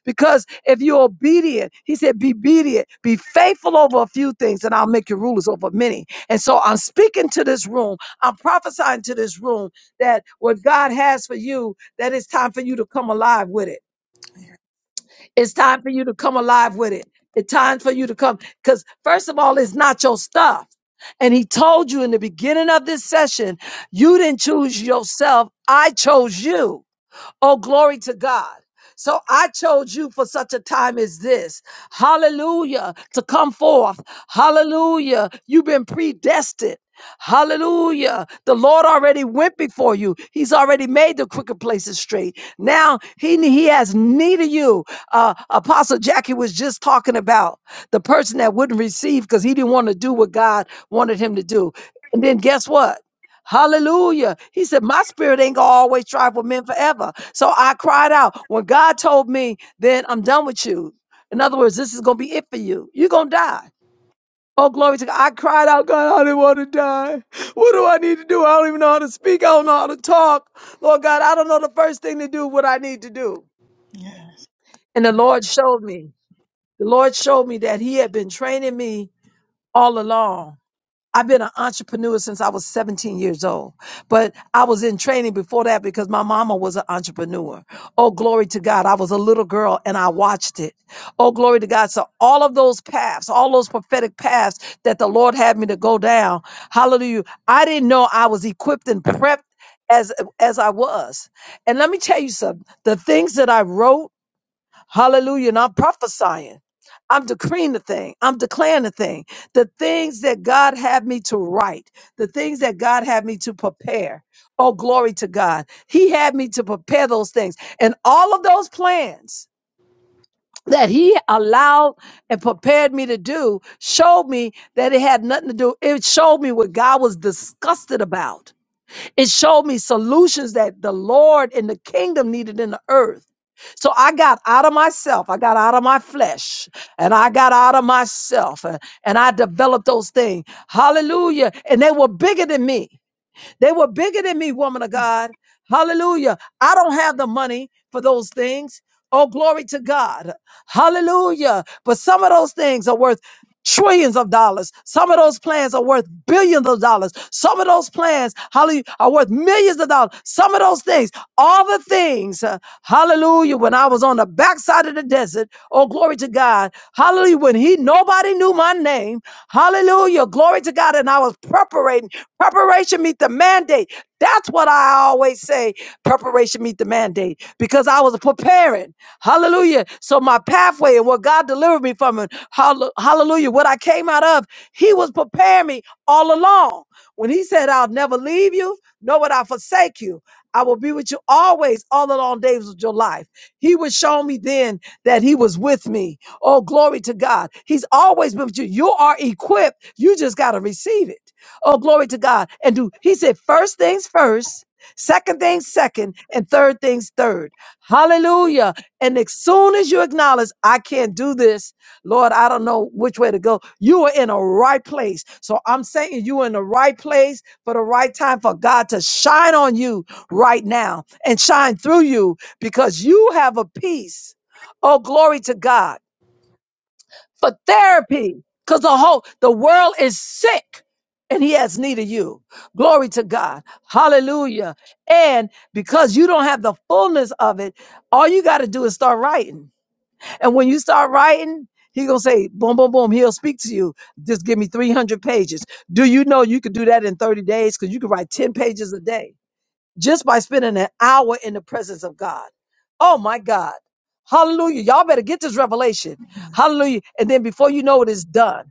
Because if you're obedient, he said, be obedient, be faithful over a few things, and I'll make you rulers over many. And so I'm speaking to this room, I'm prophesying to this room that what God has for you, that it's time for you to come alive with it Yeah. it's time for you to come alive with it. It's time for you to come. Because, first of all, it's not your stuff. And he told you in the beginning of this session, you didn't choose yourself. I chose you. Oh, glory to God. So I chose you for such a time as this. Hallelujah. To come forth. Hallelujah. You've been predestined. Hallelujah. The Lord already went before you. He's already made the crooked places straight. Now he, he has need of you. Uh, Apostle Jackie was just talking about the person that wouldn't receive because he didn't want to do what God wanted him to do. And then guess what? Hallelujah. He said, My spirit ain't gonna always strive with men forever. So I cried out. When God told me, then I'm done with you. In other words, this is gonna be it for you. You're gonna die. Oh, glory to God. I cried out, God, I didn't want to die. What do I need to do? I don't even know how to speak. I don't know how to talk. Lord God, I don't know the first thing to do, what I need to do. Yes. Yes. And the Lord showed me. The Lord showed me that He had been training me all along I've been an entrepreneur since I was 17 years old, but I was in training before that because my mama was an entrepreneur. Oh, glory to God. I was a little girl and I watched it. Oh, glory to God. So all of those paths, all those prophetic paths that the Lord had me to go down. Hallelujah. I didn't know I was equipped and prepped as, as I was. And let me tell you something, the things that I wrote, Hallelujah. And I'm prophesying. I'm decreeing the thing. I'm declaring the thing. The things that God had me to write, the things that God had me to prepare. Oh, glory to God. He had me to prepare those things. And all of those plans that He allowed and prepared me to do showed me that it had nothing to do. It showed me what God was disgusted about. It showed me solutions that the Lord and the kingdom needed in the earth. So I got out of myself, I got out of my flesh, and I got out of myself, uh, and I developed those things. Hallelujah. And they were bigger than me. They were bigger than me, woman of God. Hallelujah. I don't have the money for those things. Oh, glory to God. Hallelujah. But some of those things are worth trillions of dollars. Some of those plans are worth billions of dollars. Some of those plans, hallelujah, are worth millions of dollars. Some of those things, all the things, uh, hallelujah, when I was on the backside of the desert, oh, glory to God. Hallelujah, when he, nobody knew my name. Hallelujah, glory to God. And I was preparing. Preparation meet the mandate. That's what I always say. Preparation meet the mandate because I was preparing. Hallelujah. So my pathway and what God delivered me from and hall- hallelujah, what I came out of, he was preparing me all along. When he said, I'll never leave you, nor would I forsake you. I will be with you always, all the long days of your life. He was showing me then that he was with me. Oh, glory to God. He's always been with you. You are equipped. You just got to receive it. Oh, glory to God. And do he said first things first, second things second, and third things third. Hallelujah. And as soon as you acknowledge, I can't do this, Lord, I don't know which way to go. You are in a right place. So I'm saying you are in the right place for the right time for God to shine on you right now and shine through you because you have a peace. Oh, glory to God for therapy because the whole the world is sick and he has need of you glory to god hallelujah and because you don't have the fullness of it all you got to do is start writing and when you start writing he gonna say boom boom boom he'll speak to you just give me 300 pages do you know you could do that in 30 days because you could write 10 pages a day just by spending an hour in the presence of God. Oh my God. Hallelujah. Y'all better get this revelation. Hallelujah. And then before you know it, it's done.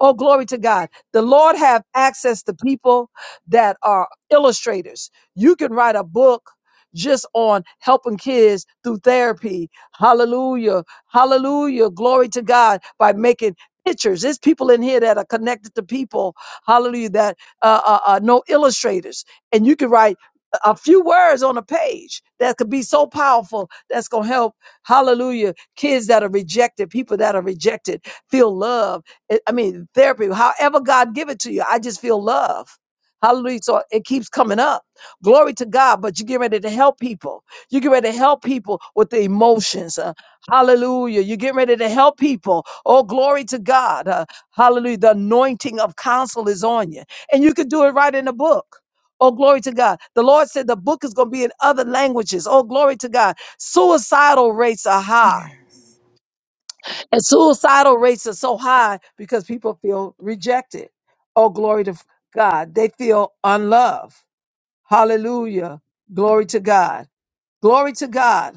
Oh, glory to God. The Lord have access to people that are illustrators. You can write a book just on helping kids through therapy. Hallelujah. Hallelujah. Glory to God by making pictures. There's people in here that are connected to people. Hallelujah. That uh, uh, uh, know illustrators. And you can write a few words on a page that could be so powerful that's going to help hallelujah kids that are rejected people that are rejected feel love it- I mean, therapy, however God give it to you. I just feel love. Hallelujah. So it keeps coming up. Glory to God. But you get ready to help people. You get ready to help people with the emotions. uh, hallelujah. You get ready to help people. Oh, glory to God. uh, hallelujah. The anointing of counsel is on you. And you can do it right in the book. Oh, glory to God. The Lord said the book is going to be in other languages. Oh, glory to God. Suicidal rates are high. Yes. And suicidal rates are so high because people feel rejected. Oh, glory to God. They feel unloved. Hallelujah. Glory to God. Glory to God.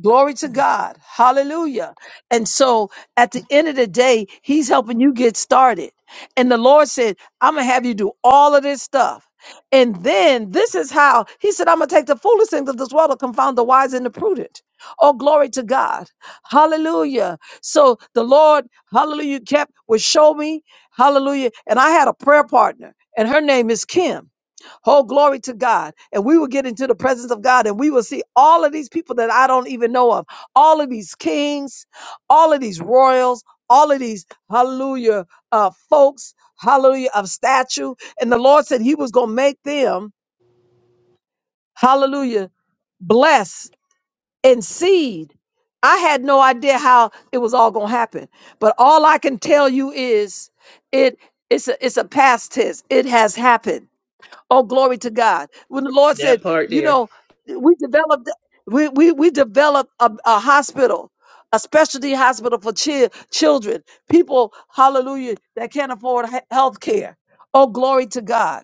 Glory to Yeah. God. Hallelujah. And so at the end of the day, he's helping you get started. And the Lord said, I'm going to have you do all of this stuff. And then this is how he said, I'm going to take the foolish things of this world to confound the wise and the prudent. Oh, glory to God. Hallelujah. So the Lord, hallelujah, kept, would show me. Hallelujah. And I had a prayer partner, and her name is Kim. Oh, glory to God. And we will get into the presence of God and we will see all of these people that I don't even know of, all of these kings, all of these royals, all of these, hallelujah, uh, folks, hallelujah, of statue. And the Lord said he was going to make them, hallelujah, bless and seed. I had no idea how it was all going to happen. But all I can tell you is it, it's a, it's a past tense. It has happened. Oh, glory to God. When the Lord That said, part you there. know, we developed we we, we developed a, a hospital, a specialty hospital for chi- children, people, hallelujah, that can't afford health care. Oh, glory to God.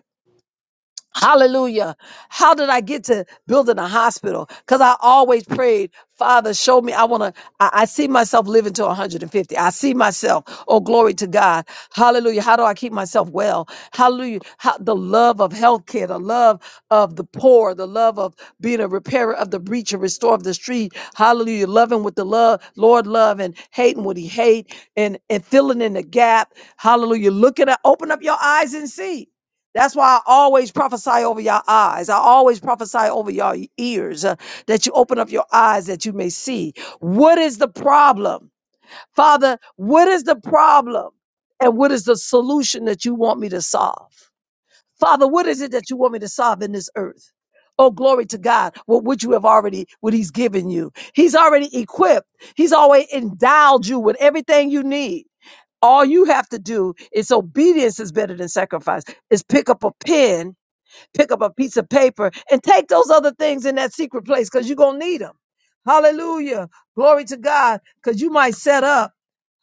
Hallelujah. How did I get to building a hospital? Because I always prayed, Father, show me. I want to, I, I see myself living to 150. I see myself. Oh, glory to God. Hallelujah. How do I keep myself well? Hallelujah. How, the love of healthcare, the love of the poor, the love of being a repairer of the breach, a restorer of the street. Hallelujah. Loving with the love, Lord love and hating what he hate and, and filling in the gap. Hallelujah. Look at it. Open up your eyes and see. That's why I always prophesy over your eyes. I always prophesy over your ears uh, that you open up your eyes that you may see. What is the problem? Father, what is the problem? And what is the solution that you want me to solve? Father, what is it that you want me to solve in this earth? Oh, glory to God. What would you have already, what he's given you? He's already equipped. He's always endowed you with everything you need. All you have to do is obedience is better than sacrifice. Is pick up a pen pick up a piece of paper and take those other things in that secret place because you're going to need them. Hallelujah. Glory to God because you might set up.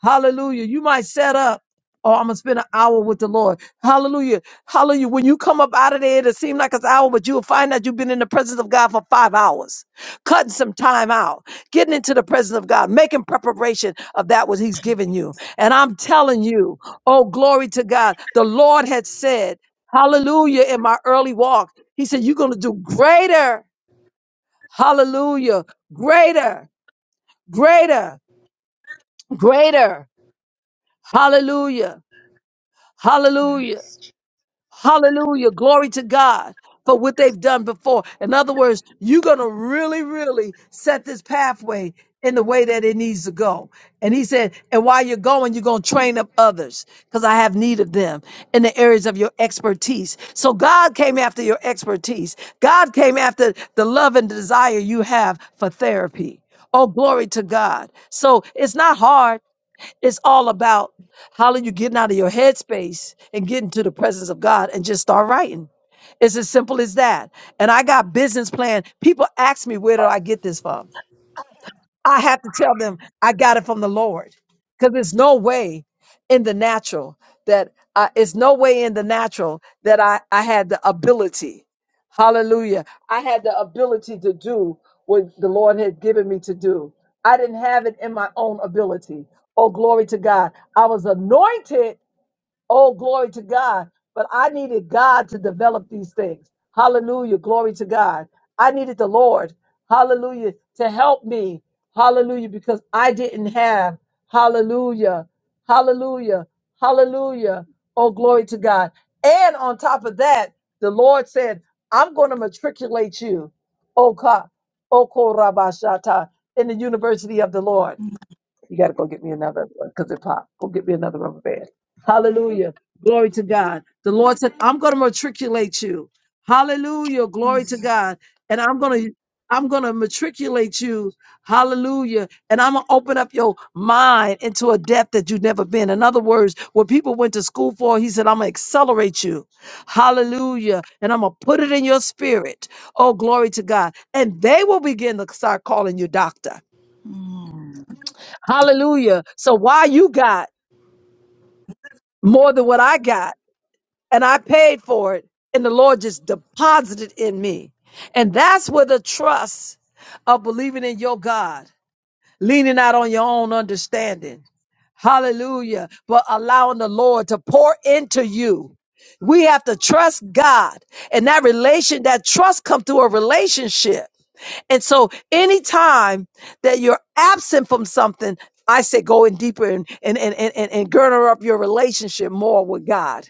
Hallelujah. You might set up. Oh, I'm gonna spend an hour with the Lord. Hallelujah. Hallelujah. When you come up out of there, it'll seem like it's an hour, but you'll find that you've been in the presence of God for five hours, cutting some time out, getting into the presence of God, making preparation of that what He's given you. And I'm telling you, oh, glory to God. The Lord had said, Hallelujah, in my early walk. He said, You're gonna do greater. Hallelujah. Greater, greater, greater. Hallelujah. Hallelujah. Yes. Hallelujah. Glory to God for what they've done before. In other words, you're going to really, really set this pathway in the way that it needs to go. And he said, and while you're going, you're going to train up others because I have need of them in the areas of your expertise. So God came after your expertise. God came after the love and desire you have for therapy. Oh, glory to God. So it's not hard. It's all about how are you getting out of your headspace and getting to the presence of God and just start writing. It's as simple as that. And I got business plan. People ask me where do I get this from? I have to tell them I got it from the Lord because there's no way in the natural that uh, it's no way in the natural that I, I had the ability. Hallelujah. I had the ability to do what the Lord had given me to do. I didn't have it in my own ability. Oh, glory to God. I was anointed Oh, glory to God. But I needed God to develop these things. Hallelujah. Glory to God. I needed the Lord. Hallelujah. To help me. Hallelujah. Because I didn't have. Hallelujah. Hallelujah. Hallelujah. Oh, glory to God. And on top of that, the Lord said, I'm going to matriculate you. Oh, God. Oh, Korabashata, in the university of the Lord. You got to go get me another because it popped. Go get me another rubber band. Hallelujah. Glory to God. The Lord said, I'm going to matriculate you. Hallelujah. Mm. Glory to God. And I'm going to. I'm going to matriculate you. Hallelujah. And I'm going to open up your mind into a depth that you've never been. In other words, what people went to school for, he said, I'm going to accelerate you. Hallelujah. And I'm going to put it in your spirit. Oh, glory to God. And they will begin to start calling you doctor. Hallelujah. So why you got more than what I got and I paid for it and the Lord just deposited in me. And that's where the trust of believing in your God, leaning out on your own understanding. Hallelujah. But allowing the Lord to pour into you. We have to trust God and that relation, that trust come through a relationship. And so anytime that you're absent from something, I say go in deeper and and and and, and, and girder up your relationship more with God.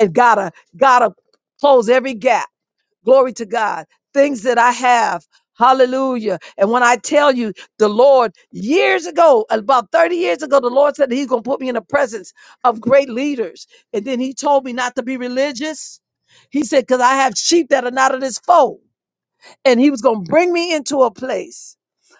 And gotta gotta close every gap. Glory to God. Things that I have. Hallelujah. And when I tell you the Lord years ago, about 30 years ago, the Lord said that He's gonna put me in the presence of great leaders. And then He told me not to be religious. He said, because I have sheep that are not of this fold and he was going to bring me into a place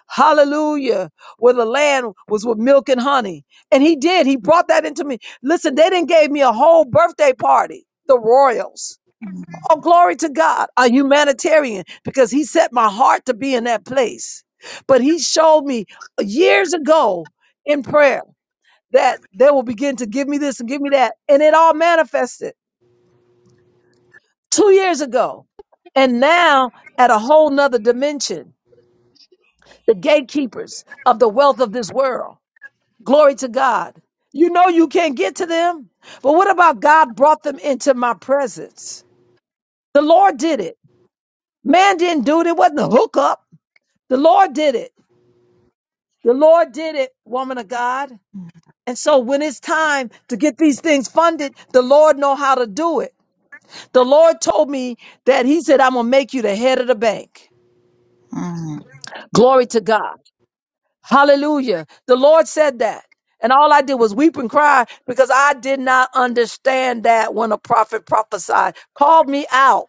hallelujah where the land was with milk and honey and he did he brought that into me listen they didn't gave me a whole birthday party the royals Mm. oh glory to god a humanitarian because he set my heart to be in that place but he showed me years ago in prayer that they will begin to give me this and give me that and it all manifested two years ago and now at a whole nother dimension the gatekeepers of the wealth of this world. Glory to God. You know you can't get to them, but what about God brought them into my presence? The Lord did it. Man didn't do it. It wasn't a hookup. The Lord did it. The Lord did it, woman of God. And so when it's time to get these things funded, the Lord know how to do it. The Lord told me that he said, I'm going to make you the head of the bank. Mm. Glory to God. Hallelujah. The Lord said that. And all I did was weep and cry because I did not understand that when a prophet prophesied. Called me out.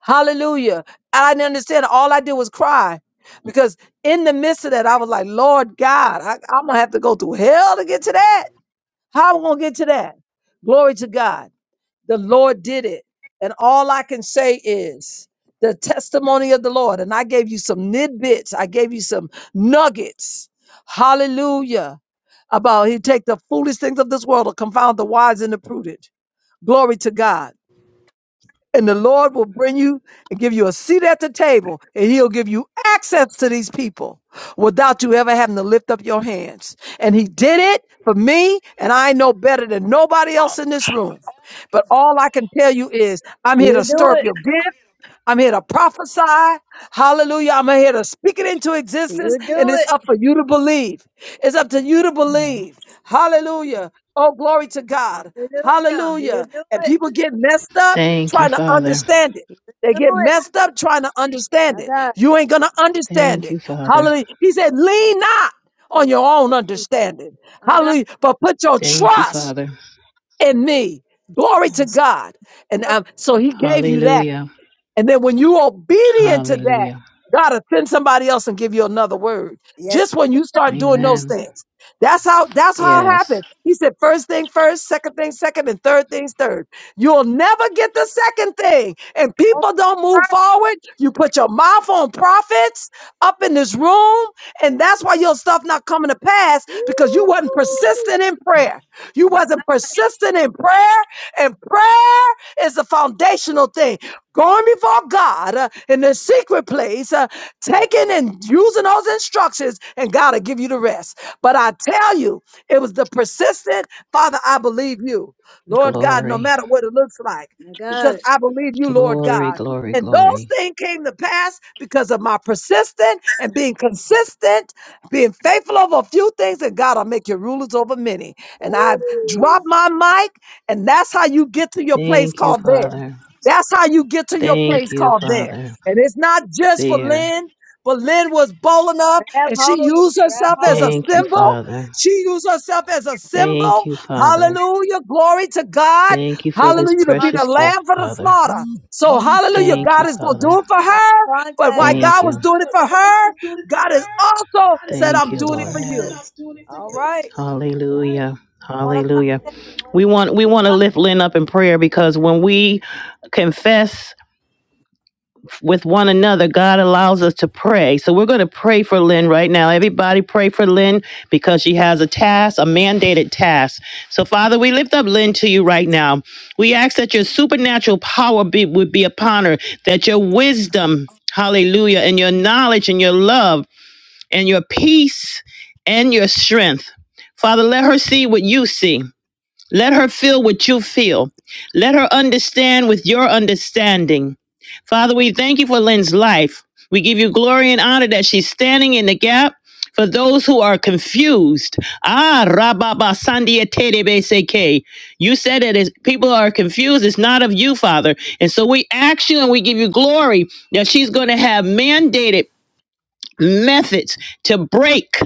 Hallelujah. I didn't understand. All I did was cry because in the midst of that, I was like, Lord God, I, I'm going to have to go through hell to get to that. How am I going to get to that? Glory to God. The Lord did it. And all I can say is the testimony of the Lord. And I gave you some nidbits, I gave you some nuggets. Hallelujah. About he take the foolish things of this world to confound the wise and the prudent. Glory to God and the Lord will bring you and give you a seat at the table, and He'll give you access to these people without you ever having to lift up your hands. And He did it for me, and I know better than nobody else in this room. But all I can tell you is, I'm here to He'll do stir up it. your gift. I'm here to prophesy. Hallelujah. I'm here to speak it into existence. He'll And do it's it. up for you to believe. It's up to you to Yeah. believe. Hallelujah. Oh, glory to God. Hallelujah. He'll Hallelujah. do And people it. get messed up Thank you, trying to Father. understand it. He'll They do get it. messed up trying to understand My it. God. You ain't going to understand Thank you, it. Father. Hallelujah. He said, lean not on He'll your own do it. understanding. My God. Hallelujah. But put your Thank you, trust Father. in me. Glory to Yes. God. And um, so he gave you that. And then when you obedient to that, God will send somebody else and give you another word. Yes, Just when you you start Thank- doing those things. That's how that's how it Yes. happens. He said first thing first, second thing second, and third things third. You'll never get the second thing. And will. Oh, people don't move my. forward. You put your mouth on prophets up in this room, and that's why your stuff not coming to pass because you wasn't persistent in prayer. You Woo. wasn't persistent in prayer, and prayer is the foundational thing going before God uh, in the secret place, uh, taking and using those instructions, and God will give you the rest. But I tell you, it was the persistent, Father, I believe you, Lord God, no matter what it looks like, My because God. I believe you, Lord God. And those things came to pass because of my persistent and being consistent, being faithful over a few things, and God, will make you rulers over many. And I dropped Ooh. my mic, and that's how you get to your place Thank you. called there. That's how you get to your Thank place called there. And it's not just for you. Lynn, but Lynn was bold enough Grab and she hold it. used Grab herself as hold a to it. symbol. She used herself as a Thank symbol. you, Father. Hallelujah. Glory to God. Thank you for Point this of Hallelujah. To be the precious contact. lamb gift, for the Father. slaughter. So, hallelujah. Thank God you, is going to Father. do it for Point of her. But why contact. Thank God was you. doing it for her, God has also said, Thank I'm you, doing it for Lord. you. Yes. All right. Hallelujah. Point of Hallelujah. contact. We want Point we want to of lift Lynn up in prayer because when we confess with one another, God allows us to pray. So we're going to pray for Lynn right now. Everybody pray for Lynn because she has a task, a mandated task. So Father, we lift up Lynn to you right now. We ask that your supernatural power be would be upon her, that your Yes. wisdom Hallelujah. And your knowledge and your love and your peace and your strength. Father, let her see what you see. Let her feel what you feel. Let her understand with your understanding. Father, we thank you for Lynn's life. We give you glory and honor that she's standing in the gap for those who are confused. Ah, Rababa Sandia Tedebeseke. You said that as people are confused, it's not of you, Father. And so we ask you and we give you glory that she's going to have mandated methods to break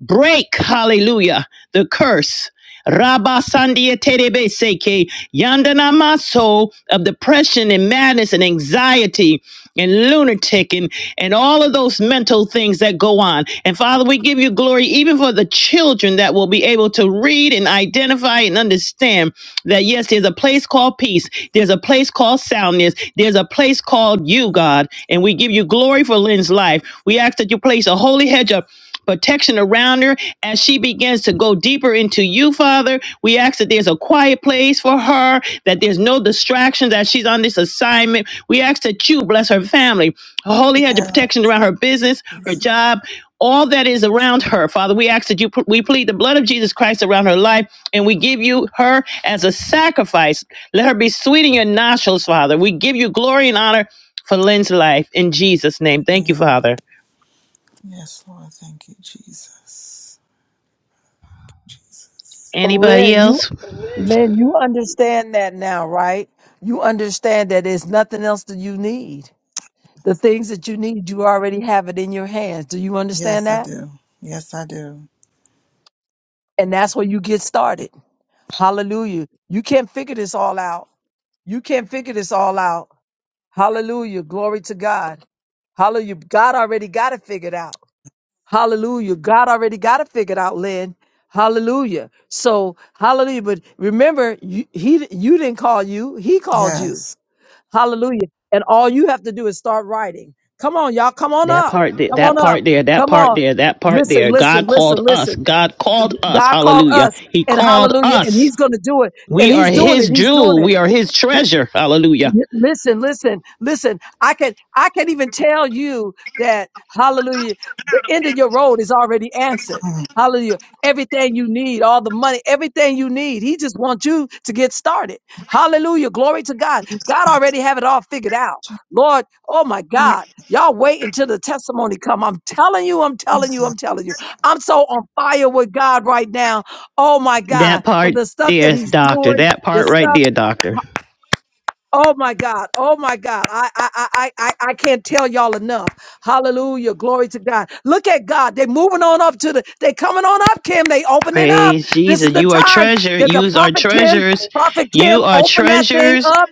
break, hallelujah, the curse. Rabba Sandia Terebe Seke, Yandana Maso of depression and madness and anxiety and lunatic and, and all of those mental things that go on. And Father, we give you glory even for the children that will be able to read and identify and understand that yes, there's a place called peace, there's a place called soundness, there's a place called you, God. And we give you glory for Lynn's life. We ask that you place a holy hedge of protection around her as she begins to go deeper into you, Father. We ask that there's a quiet place for her, that there's no distractions as she's on this assignment. We ask that you bless her family, her holy hedge of protection around her business, her It's the job, all that is around her, Father. We ask that you we plead the blood of Jesus Christ around her life, and we give you her as a sacrifice. Let her be sweet in your nostrils, Father. We give you glory and honor for Lynn's life in Jesus' name. Thank you, same. Father. Yes, Lord. Thank you, Jesus. Jesus. So, Anybody Lynn, you. else? Lynn, you understand that now, right? You understand that there's nothing else that you need. The things that you need, you already have it in your hands. Do you understand Yes, I that? do. Yes, I do. And that's where you get started. Hallelujah. You can't figure this all out. You can't figure this all out. Hallelujah. Glory to God. Hallelujah. God already got it figured out. Hallelujah. God already got it figured out, Lynn. Hallelujah. So, hallelujah. But remember, you, he, you didn't call you. He called you. Yes. Hallelujah. And all you have to do is start writing. Come on, y'all. Come on That up. part there, Come that on up. part there, that Come part on. there, that part Listen, there. listen, God listen, called us. listen. God called us. God called Hallelujah. us He and called hallelujah. And us. he's going to do it. And We are he's doing it. his He's doing it. jewel. We are his treasure. Hallelujah. Y- Listen, listen, listen. I can I can even tell you that hallelujah, the end of your road is already answered. Hallelujah. Everything you need, all the money, everything you need. He just wants you to get started. Hallelujah. Glory to God. God already have it all figured out. Lord, oh my Mm. God. Y'all wait until the testimony come. I'm telling you, I'm telling you, Jesus. I'm telling you. I'm so on fire with God right now. Oh my That God. part But the stuff there that is he's doctor. doing, That the part right stuff. there, doctor. Oh my God. Oh my God. I, I, I, I, I I can't tell y'all enough. Hallelujah. Glory to God. Look at God. They are moving on up to the, they coming on up, Kim. They opening up. Praise This is Jesus. the You are time treasure. because the Use our prophet Kim, treasures. prophet Kim You are opened that thing treasures. up.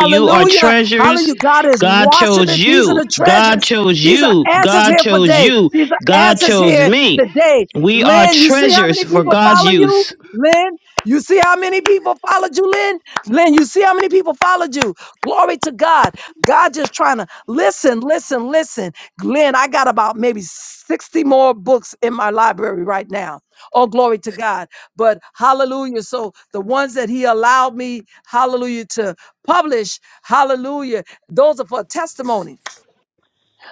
You are treasures. Hallelujah. God is God washing chose it. These are you. the God treasures. chose These are you. answers God here for chose day. you. These are God answers chose here me. today. We are Lynn, you see how treasures many for people God's follow you? use. Lynn, you see how many people followed you, Lynn? Lynn, you see how many people followed you? Glory to God. God just trying to listen, listen, listen. Glenn, I got about maybe 60 more books in my library right now. Oh, glory to God. But hallelujah. So the ones that he allowed me, hallelujah, to publish, hallelujah, those are for testimony.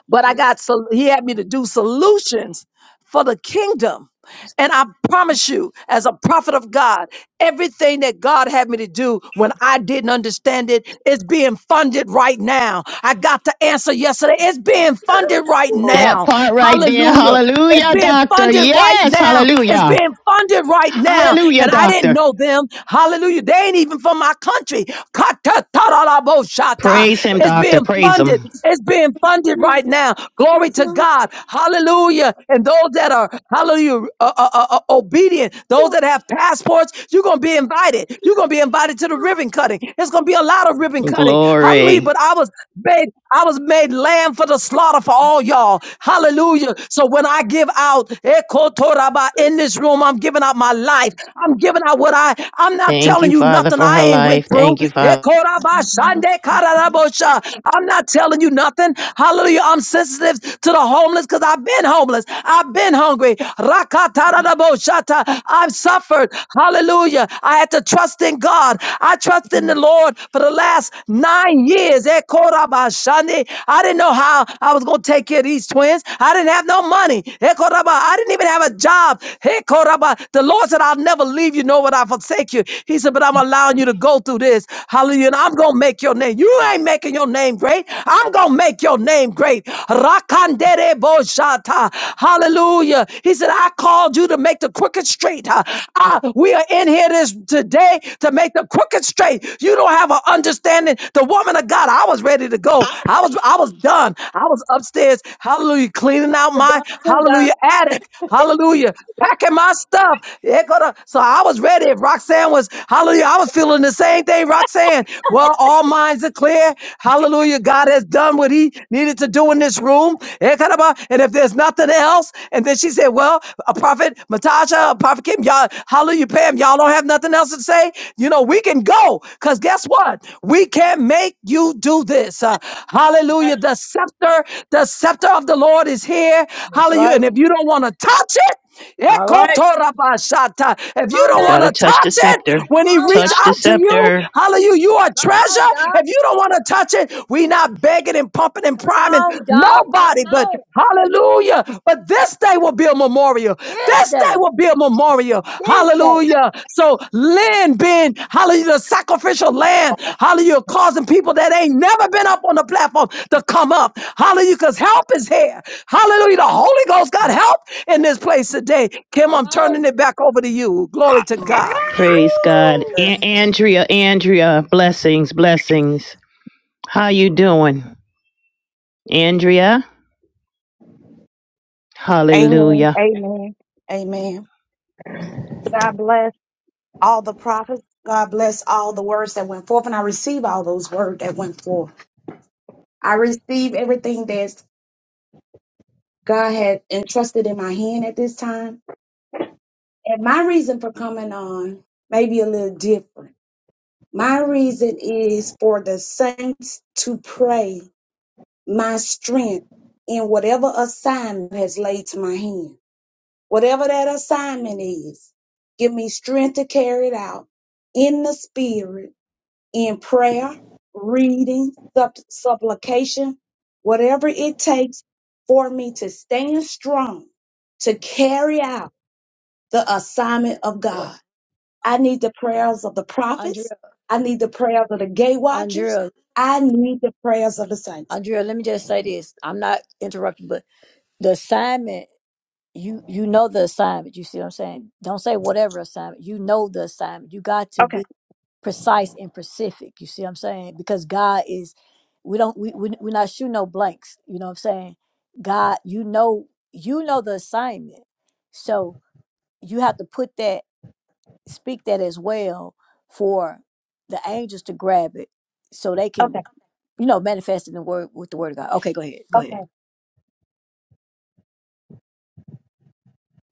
But I Jesus. got, so he had me to do solutions for the kingdom. And I promise you, as a prophet of God, everything that God had me to do when I didn't understand it is being funded right now. I got the answer yesterday. It's being Yes, funded right That now. part right there. Hallelujah. It's Hallelujah, being doctor. funded right Yes. now. It's Hallelujah. being funded right now. Hallelujah, And I didn't doctor. know them. Hallelujah. They ain't even from my country. Katatarabosata. Praise him, It's doctor. being Praise funded. him. It's being funded right now. Glory to God. Hallelujah and those that are hallelujah uh, uh, uh, uh, obedient, those that have passports, you're gonna be invited. You're gonna be invited to the ribbon cutting. It's gonna be a lot of ribbon cutting. Hallelujah! Glory. But I was made, I was made lamb for the slaughter for all y'all. Hallelujah! So when I give out ekotoraba, in this room, I'm giving out my life. I'm giving out what I. I'm not Thank telling you, you Father, nothing for I her ain't went life. through. Thank you, Father. Ekoraba shande kararabosha. I'm not telling you nothing. Hallelujah! I'm sensitive lives to the homeless because I've been homeless. I've been hungry. Rakatarabashata. I've suffered. Hallelujah. I had to trust in God. I trust in the Lord for the last nine years. Ekorabashane. I didn't know how I was going to take care of these twins. I didn't have no money. Ekoraba. I didn't even have a job. Ekoraba. The Lord said, I'll never leave you, nor will I forsake you. He said, But I'm allowing you to go through this. Hallelujah. And I'm going to make your name. You ain't making your name great. I'm going to make your name great. Rakandere boshata. Hallelujah. He said, I called you to make the crooked straight. Uh, uh, we are in here this today to make the crooked straight. You don't have an understanding. The woman of God, I was ready to go. I was, I was done. I was upstairs. Hallelujah. Cleaning out my contact, Doc. hallelujah attic. Hallelujah. Packing my stuff. It could to So I was ready. If Roxanne was, hallelujah, I was feeling the same thing, Roxanne. Well, all my minds are clear. Hallelujah. God has done what he needed to do in this room. Eh, kadaba. And if there's nothing else, and then she said, Well, a prophet, Matasha, a prophet Kim, y'all, hallelujah, Pam, y'all don't have nothing else to say. You know, we can go because guess what? We can make you do this. Uh, Right. hallelujah. The scepter, the scepter of the Lord is here. That's Hallelujah. right. And if you don't want to touch it, All right. Ekotorabashata. Come If you on don't now. want Gotta to touch the touch it scepter. Come when he on, reach Touch the Doc. out to you, scepter. hallelujah, you are Come on, treasure. Doc. If you don't want to touch it, we not begging and pumping and Come priming on, Doc. nobody, Come but on. hallelujah. But this day will be a memorial. This This day. day will be a memorial. This day. Hallelujah. So land being, hallelujah, the sacrificial land. Hallelujah, causing people that ain't never been up on the platform to come up. Hallelujah, because help is here. Hallelujah. The Holy Ghost got help in this place today. Kim, Come I'm turning on. it back over to you. Glory to God. Praise God. Woo. A- Lord. Andrea, Andrea, blessings, blessings. How you doing? Andrea? Amen. Hallelujah. Amen. Amen. God bless all the prophets. God bless all the words that went forth. And I receive all those words that went forth. I receive everything that God had entrusted in my hand at this time. And my reason for coming on may be a little different. My reason is for the saints to pray my strength in whatever assignment has laid to my hand. Whatever that assignment is, give me strength to carry it out in the spirit, in prayer, reading, supp- supplication, whatever it takes for me to stand strong to carry out the assignment of What, God. I need the prayers of the prophets. Andrea, I need the prayers of the gate watchers. Andrea, I need the prayers of the saints. Andrea, let me just say this. I'm not interrupting, but the assignment. you you know the assignment you see what i'm saying don't say whatever assignment you know the assignment you got to be Okay, precise and specific you see what i'm saying because god is we don't we, we we're not shooting no blanks you know what i'm saying god you know you know the assignment so you have to put that speak that as well for the angels to grab it so they can okay, you know manifest in the word with the word of god okay go ahead go ahead okay,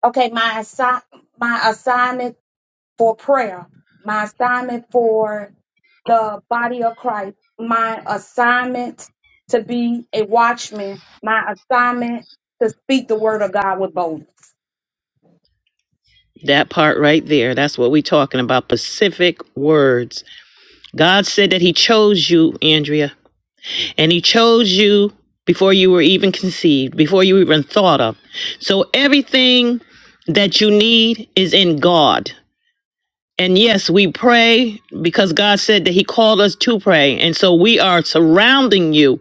okay. My assi- my assignment for prayer, my assignment for the body of Christ, my assignment to be a watchman, my assignment to speak the word of God with boldness. That part right there. That's what we are talking about. Pacific words. God said that He chose you, Andrea, and He chose you before you were even conceived, before you even thought of. So everything that you need is in God. And yes, we pray because God said that He called us to pray. And so we are surrounding you,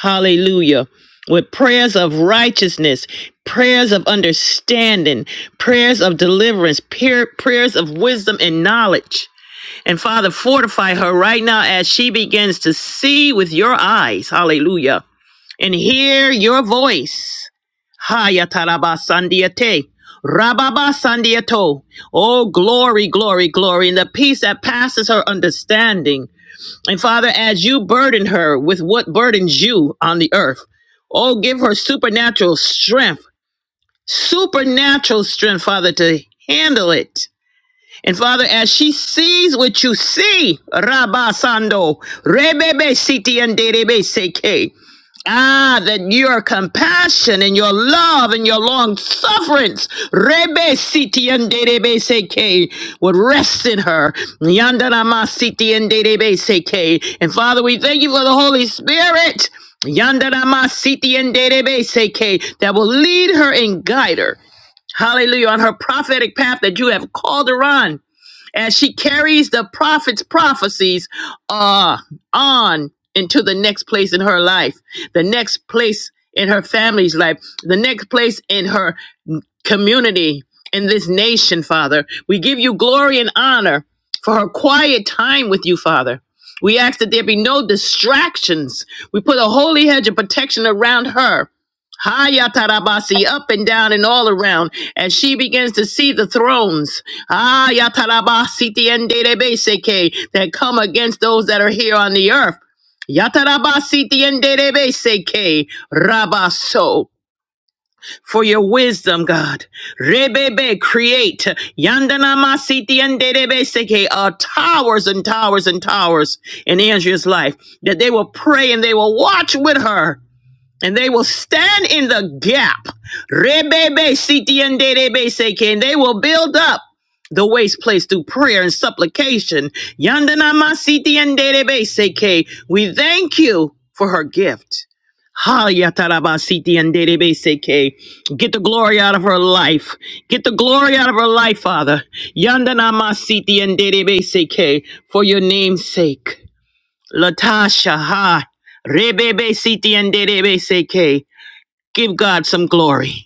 hallelujah, with prayers of righteousness, prayers of understanding, prayers of deliverance, prayer, prayers of wisdom and knowledge. And Father, fortify her right now as she begins to see with your eyes, hallelujah and hear your voice. Hayataraba sandiate. Rababa sandiato. Oh, glory, glory, glory, and the peace that passes her understanding. And Father, as you burden her with what burdens you on the earth, oh, give her supernatural strength, supernatural strength, Father, to handle it. And Father, as she sees what you see, Rabba Sando, Rebebe Siti and Derebe seke. Ah, that your compassion and your love and your long sufferance, Rebe Siti and Derebe Seke, would rest in her. Yandanama Siti and Derebe Seke. And Father, we thank you for the Holy Spirit. Yandanama Siti and Derebe Seke, that will lead her and guide her. Hallelujah, on her prophetic path that you have called her on as she carries the prophet's prophecies uh, on into the next place in her life, the next place in her family's life, the next place in her community and this nation, Father. We give you glory and honor for her quiet time with you, Father. We ask that there be no distractions. We put a holy hedge of protection around her. Hayatarabasi, up and down and all around, as she begins to see the thrones Hayatarabasi, tienderebeseke, that come against those that are here on the earth. Yatarabasi, tienderebeseke, Rabaso for your wisdom, God. Rebebe, create Yandana Masiti and Dedebeseke, uh, towers and towers and towers in Andrea's life, that they will pray and they will watch with her and they will stand in the gap. Rebebe sitiendebe seke, And they will build up the waste place through prayer and supplication. Yandanama sitiendebe seke. We thank you for her gift. Ha yataraba sitiendebe seke. Get the glory out of her life. Get the glory out of her life, Father. Yandanama sitiendebe seke, For your name's sake. Latasha, ha. Rebebe siti and derebe seke. Give God some glory.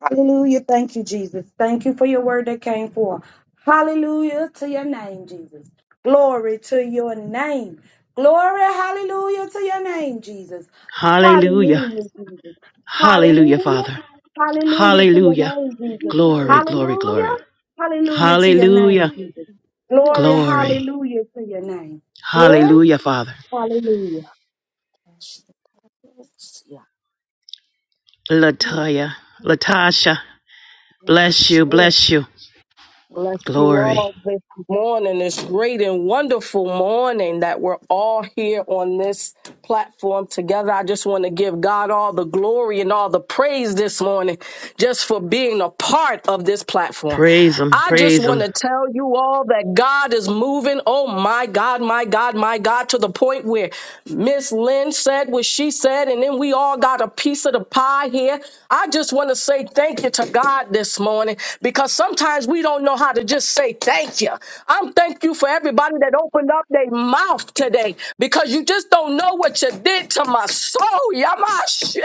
Hallelujah. Thank you, Jesus. Thank you for your word that came forth. Hallelujah to your name, Jesus. Glory to your name. Glory, hallelujah to your name, Jesus. Hallelujah. Hallelujah, Jesus. Hallelujah, Hallelujah. Father. Hallelujah to your Hallelujah. name, Yeah. Jesus. Glory, glory, Hallelujah. glory. Hallelujah to your Hallelujah. name, Jesus. Yeah. Glory, Glory. hallelujah to your name. Glory, Hallelujah, Father. hallelujah. Yeah. Lataya, Latasha, bless you, bless you. Bless you Glory. all this morning, this great and wonderful morning that we're all here on this platform together. I just want to give God all the glory and all the praise this morning just for being a part of this platform. Praise him, I just praise want him. to tell you all that God is moving. Oh my God, my God, my God, to the point where Miss Lynn said what she said, and then we all got a piece of the pie here. I just want to say thank you to God this morning because sometimes we don't know how to just say thank you. I'm thank you for everybody that opened up their mouth today because you just don't know what you did to my soul. Yamashe,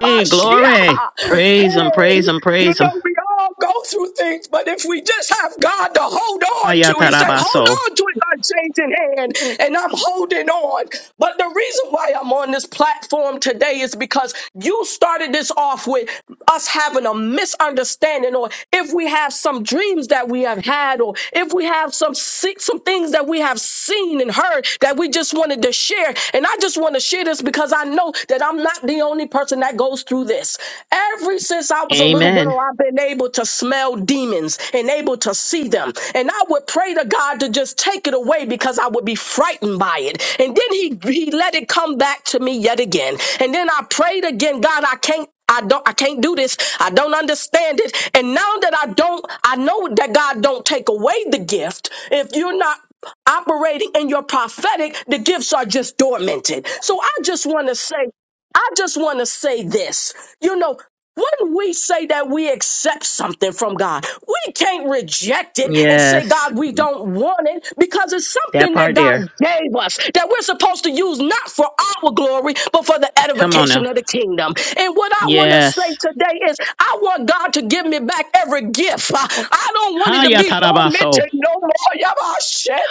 Hey, glory. Praise him, praise Hey, him, you praise him. know, we all go through things, but if we just have God to hold on to, He said, hold Ayatarabaso. on to His unchanging hand, and I'm holding on. But the reason why I'm on this platform today is because you started this off with us having a misunderstanding, or if we have some dreams that we have had, or if we have some se- some things that we have seen and heard that we just wanted to share. And I just want to share this because I know that I'm not the only person that goes through this do this. Every since I was a little Amen. girl, I've been able to smell demons and able to see them. And I would pray to God to just take it away because I would be frightened by it. And then he, he let it come back to me yet again. And then I prayed again, God, I can't I don't I can't do this. I don't understand it. And now that I don't I know that God don't take away the gift if you're not operating in your prophetic the gifts are just dormanted so i just want to say I just want to say this. You know, when we say that we accept something from God, we can't reject it and say, Yes, God, we don't want it because it's that something that part God there. gave us that we're supposed to use not for our glory, but for the Come on edification now. of the kingdom. And what I want to say Yes. today is, I want God to give me back every gift. I, I don't want it to Haya be tarabaso. tormented no more.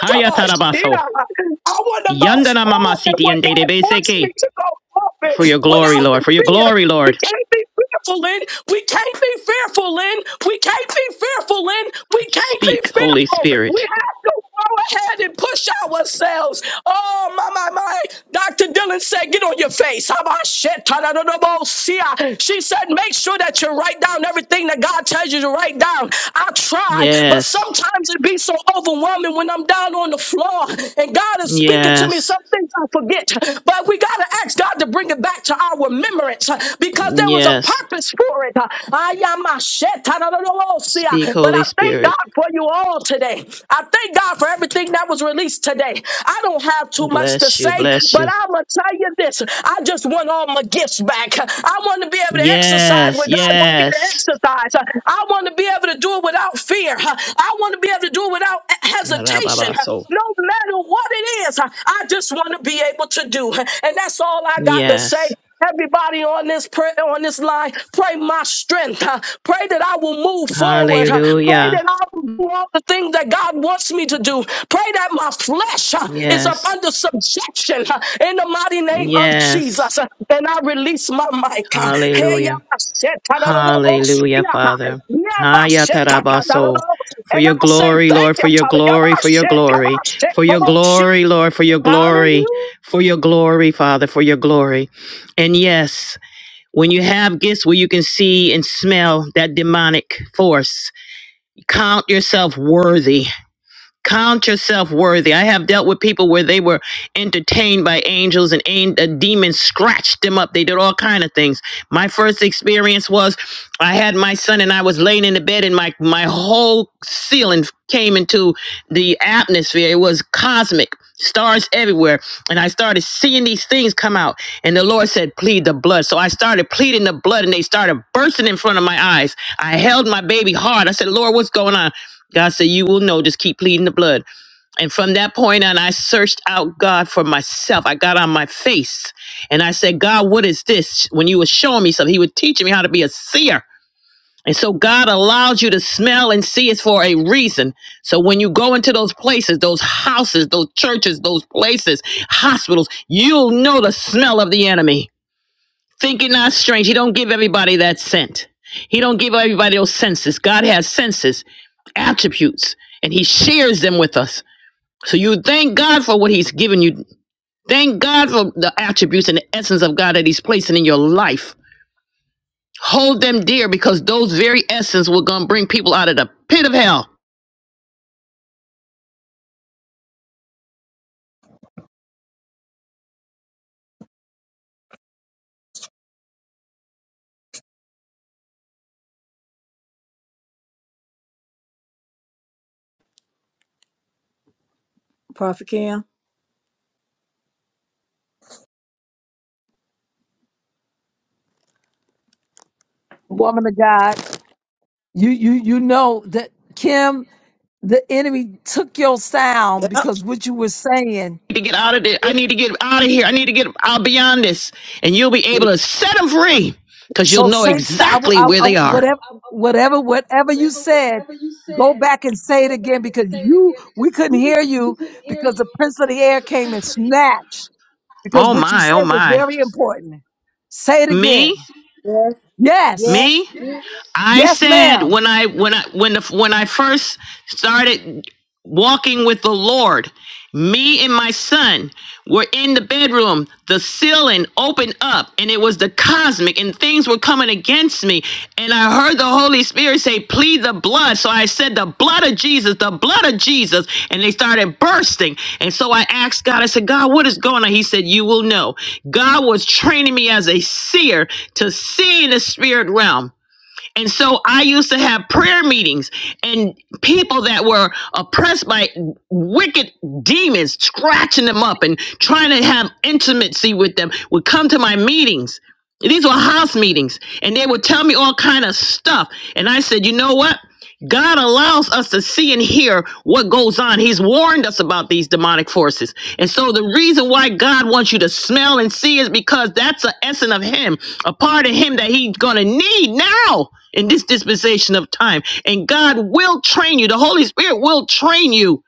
Haya tarabaso. I want to go Yandana mama forth in siti what and God database wants me ke. to to go For forward your glory, without Lord. the For your fear. glory, We Lord. can't be fearful in. We can't be fearful in. We can't be fearful in. We can't be Speak, Holy fearful. We Spirit. have to go ahead and push ourselves. Oh my my my. Dr. Dylan said, get on your face. How about shit? Ta-da-da-da-bo-sia. She said, make sure that you write down everything that God tells you to write down. I try, but Yes. sometimes it be so overwhelming when I'm down on the floor and God is speaking to me. Yes. Some things I forget. But we got to ask God to bring it back to our remembrance uh, because there was a Yes. purpose for it. Uh, Speak, ayamashetanadolosia. But I Holy thank Spirit. God for you all today. I thank God for everything that was released today. I don't have too much to Bless you. say, Bless but you. I'm going to tell you this. I just want all my gifts back. I want to be able to exercise where Yes. God wants me to Yes. exercise. I want to be able to do it without fear. I want to be able to do it without hesitation. Rababaso. No matter what it is, I just just want to be able to do. And that's all I got to Yes. say. Everybody on this prayer on this line, pray my strength. huh? Pray that I will move forward. huh? Pray that Hallelujah. I will do all the things that God wants me to do. Pray that my flesh huh, is up Yes. under subjection huh, in the mighty name of Yes. Jesus. huh? And I release my mic. huh. Hey, yeah, Hallelujah. I said, ta-da-da-da-bo- Hallelujah, yeah, huh. Father. Yeah, I Haya said, tarabaso. ta-ta-da-da-da-bo- For And I your say, glory, thank Lord, you, for your Father. Yeah, glory, I for your glory, said, for your ta-ba- glory, Lord, for your glory, Hallelujah. for your glory, Father, for your glory. And yes, when you have gifts where you can see and smell that demonic force, count yourself worthy Count yourself worthy. I have dealt with people where they were entertained by angels and an- uh, demons scratched them up. They did all kind of things. My first experience was I had my son and I was laying in the bed and my my whole ceiling came into the atmosphere. It was cosmic, stars everywhere, and I started seeing these things come out. And the Lord said, "Plead the blood." So I started pleading the blood, and they started bursting in front of my eyes. I held my baby hard. I said, "Lord, what's going on?" God said, You will know, just keep pleading the blood. And from that point on, I searched out God for myself. I got on my face and I said, God, what is this? When you were showing me something, He was teaching me how to be a seer. And so God allows you to smell and see is for a reason. So when you go into those places, those houses, those churches, those places, hospitals, you'll know the smell of the enemy. Think it not strange. He don't give everybody that scent. He don't give everybody those senses. God has senses, attributes, and he shares them with us. So you thank God for what he's given you. Thank God for the attributes and the essence of God that he's placing in your life Hold them dear because those very essence will gonna bring people out of the pit of hell. prophet kim Woman of God, you you you know that Kim, the enemy took your sound yep because what you were saying. I need to get out of this. I need to get out of here. I need to get out beyond this. And you'll be able to set them free because you'll So know thanks I, w- exactly I w- where I they w- are. whatever whatever whatever you said, go back and say it again because you we couldn't hear you because the prince of the air came and snatched because Oh what you my, oh said was my. very important. Say it Me? again. yes Yes. yes Me? yes. I Yes, said ma'am. when I when I when the, when I first started walking with the Lord, me and my son were in the bedroom. The ceiling opened up, and it was the cosmic, and things were coming against me. And I heard the Holy Spirit say, "Plead the blood." So I said, "The blood of Jesus, the blood of Jesus," and they started bursting. And so I asked God. I said, "God, what is going on?" He said, "You will know." God was training me as a seer to see in the spirit realm. And so I used to have prayer meetings and people that were oppressed by wicked demons, scratching them up and trying to have intimacy with them would come to my meetings. These were house meetings and they would tell me all kind of stuff. And I said, you know what? God allows us to see and hear what goes on. He's warned us about these demonic forces. And so the reason why God wants you to smell and see is because that's the essence of him, a part of him that he's going to need now in this dispensation of time. And God will train you. The Holy Spirit will train you.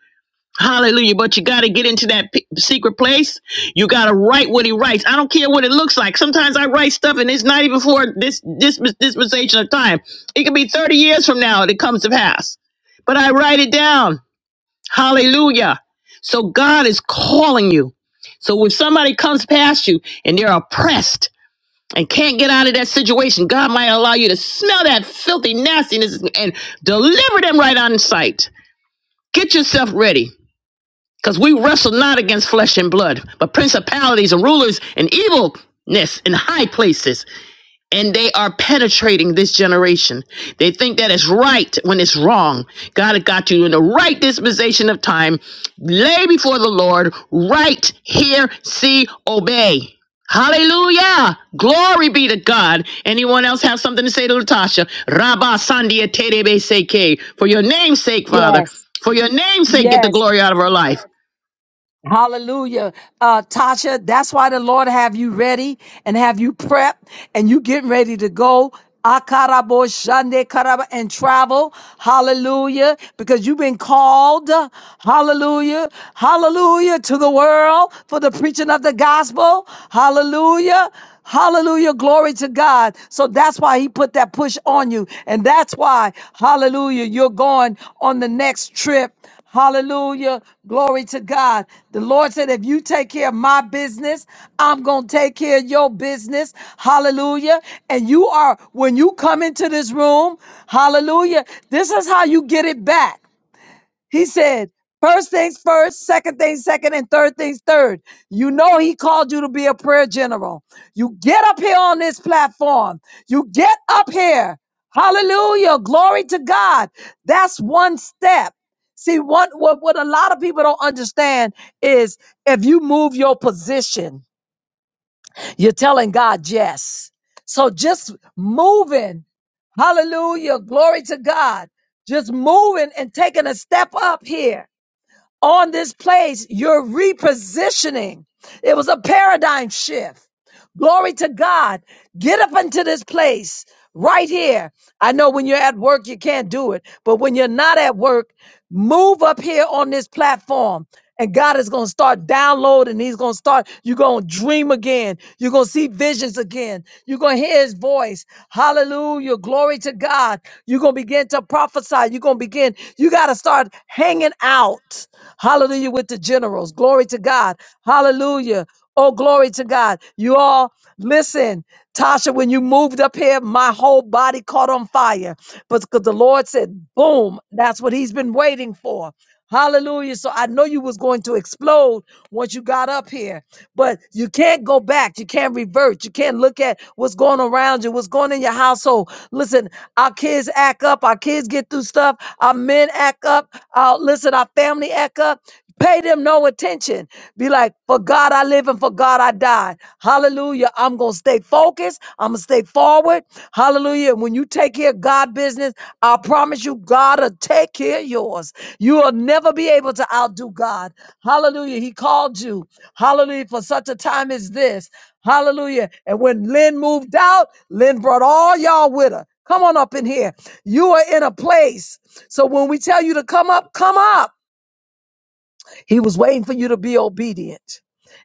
Hallelujah. But you got to get into that p- secret place. You got to write what he writes. I don't care what it looks like. Sometimes I write stuff and it's not even for this, this dispensation of time. It could be 30 years from now that it comes to pass. But I write it down. Hallelujah. So God is calling you. So when somebody comes past you and they're oppressed, and can't get out of that situation, God might allow you to smell that filthy nastiness and deliver them right on sight. Get yourself ready, because we wrestle not against flesh and blood, but principalities and rulers and evilness in high places and they are penetrating this generation. They think that it's right when it's wrong. God has got you in the right dispensation of time. Lay before the Lord, right, hear, see, obey. Hallelujah. Glory be to God. Anyone else have something to say to Latasha? Rabba Sandia Terebe Seke. For your name's sake, Father. Yes. For your name's sake, get the Yes. glory out of our life. Hallelujah. Uh, Tasha, that's why the Lord have you ready and have you prepped and you getting ready to go. Akarabo shande karaba and travel. Hallelujah. Because you've been called. Hallelujah. Hallelujah to the world for the preaching of the gospel. Hallelujah. Hallelujah. Glory to God. So that's why he put that push on you. And that's why, hallelujah, you're going on the next trip. Hallelujah. Glory to God. The Lord said, if you take care of my business, I'm going to take care of your business. Hallelujah. And you are, when you come into this room, hallelujah, this is how you get it back. He said, first things first, second things second, and third things third. You know, he called you to be a prayer general. You get up here on this platform. You get up here. Hallelujah. Glory to God. That's one step. See, one, what, what a lot of people don't understand is if you move your position, you're telling God yes. So just moving, hallelujah, glory to God, just moving and taking a step up here on this place, you're repositioning. It was a paradigm shift. Glory to God. Get up into this place right here. I know when you're at work, you can't do it, but when you're not at work, move up here on this platform. And God is going to start downloading. He's going to start, you're going to dream again. You're going to see visions again. You're going to hear his voice. Hallelujah. Glory to God. You're going to begin to prophesy. You're going to begin, you got to start hanging out. Hallelujah with the generals. Glory to God. Hallelujah. Oh, glory to God. You all listen, Tasha, when you moved up here, my whole body caught on fire. But because the Lord said, boom, that's what he's been waiting for. Hallelujah. So I know you was going to explode once you got up here, but you can't go back. You can't revert. You can't look at what's going around you, what's going in your household. Listen, our kids act up. Our kids get through stuff. Our men act up. Our, listen, our family act up. Pay them no attention. Be like, for God I live and for God I die. Hallelujah. I'm going to stay focused. I'm going to stay forward. Hallelujah. Hallelujah. When you take care of God business, I promise you, God will take care of yours. You will never be able to outdo God. Hallelujah. He called you. Hallelujah. For such a time as this. Hallelujah. And when Lynn moved out, Lynn brought all y'all with her. Come on up in here. You are in a place. So when we tell you to come up, come up. He was waiting for you to be obedient.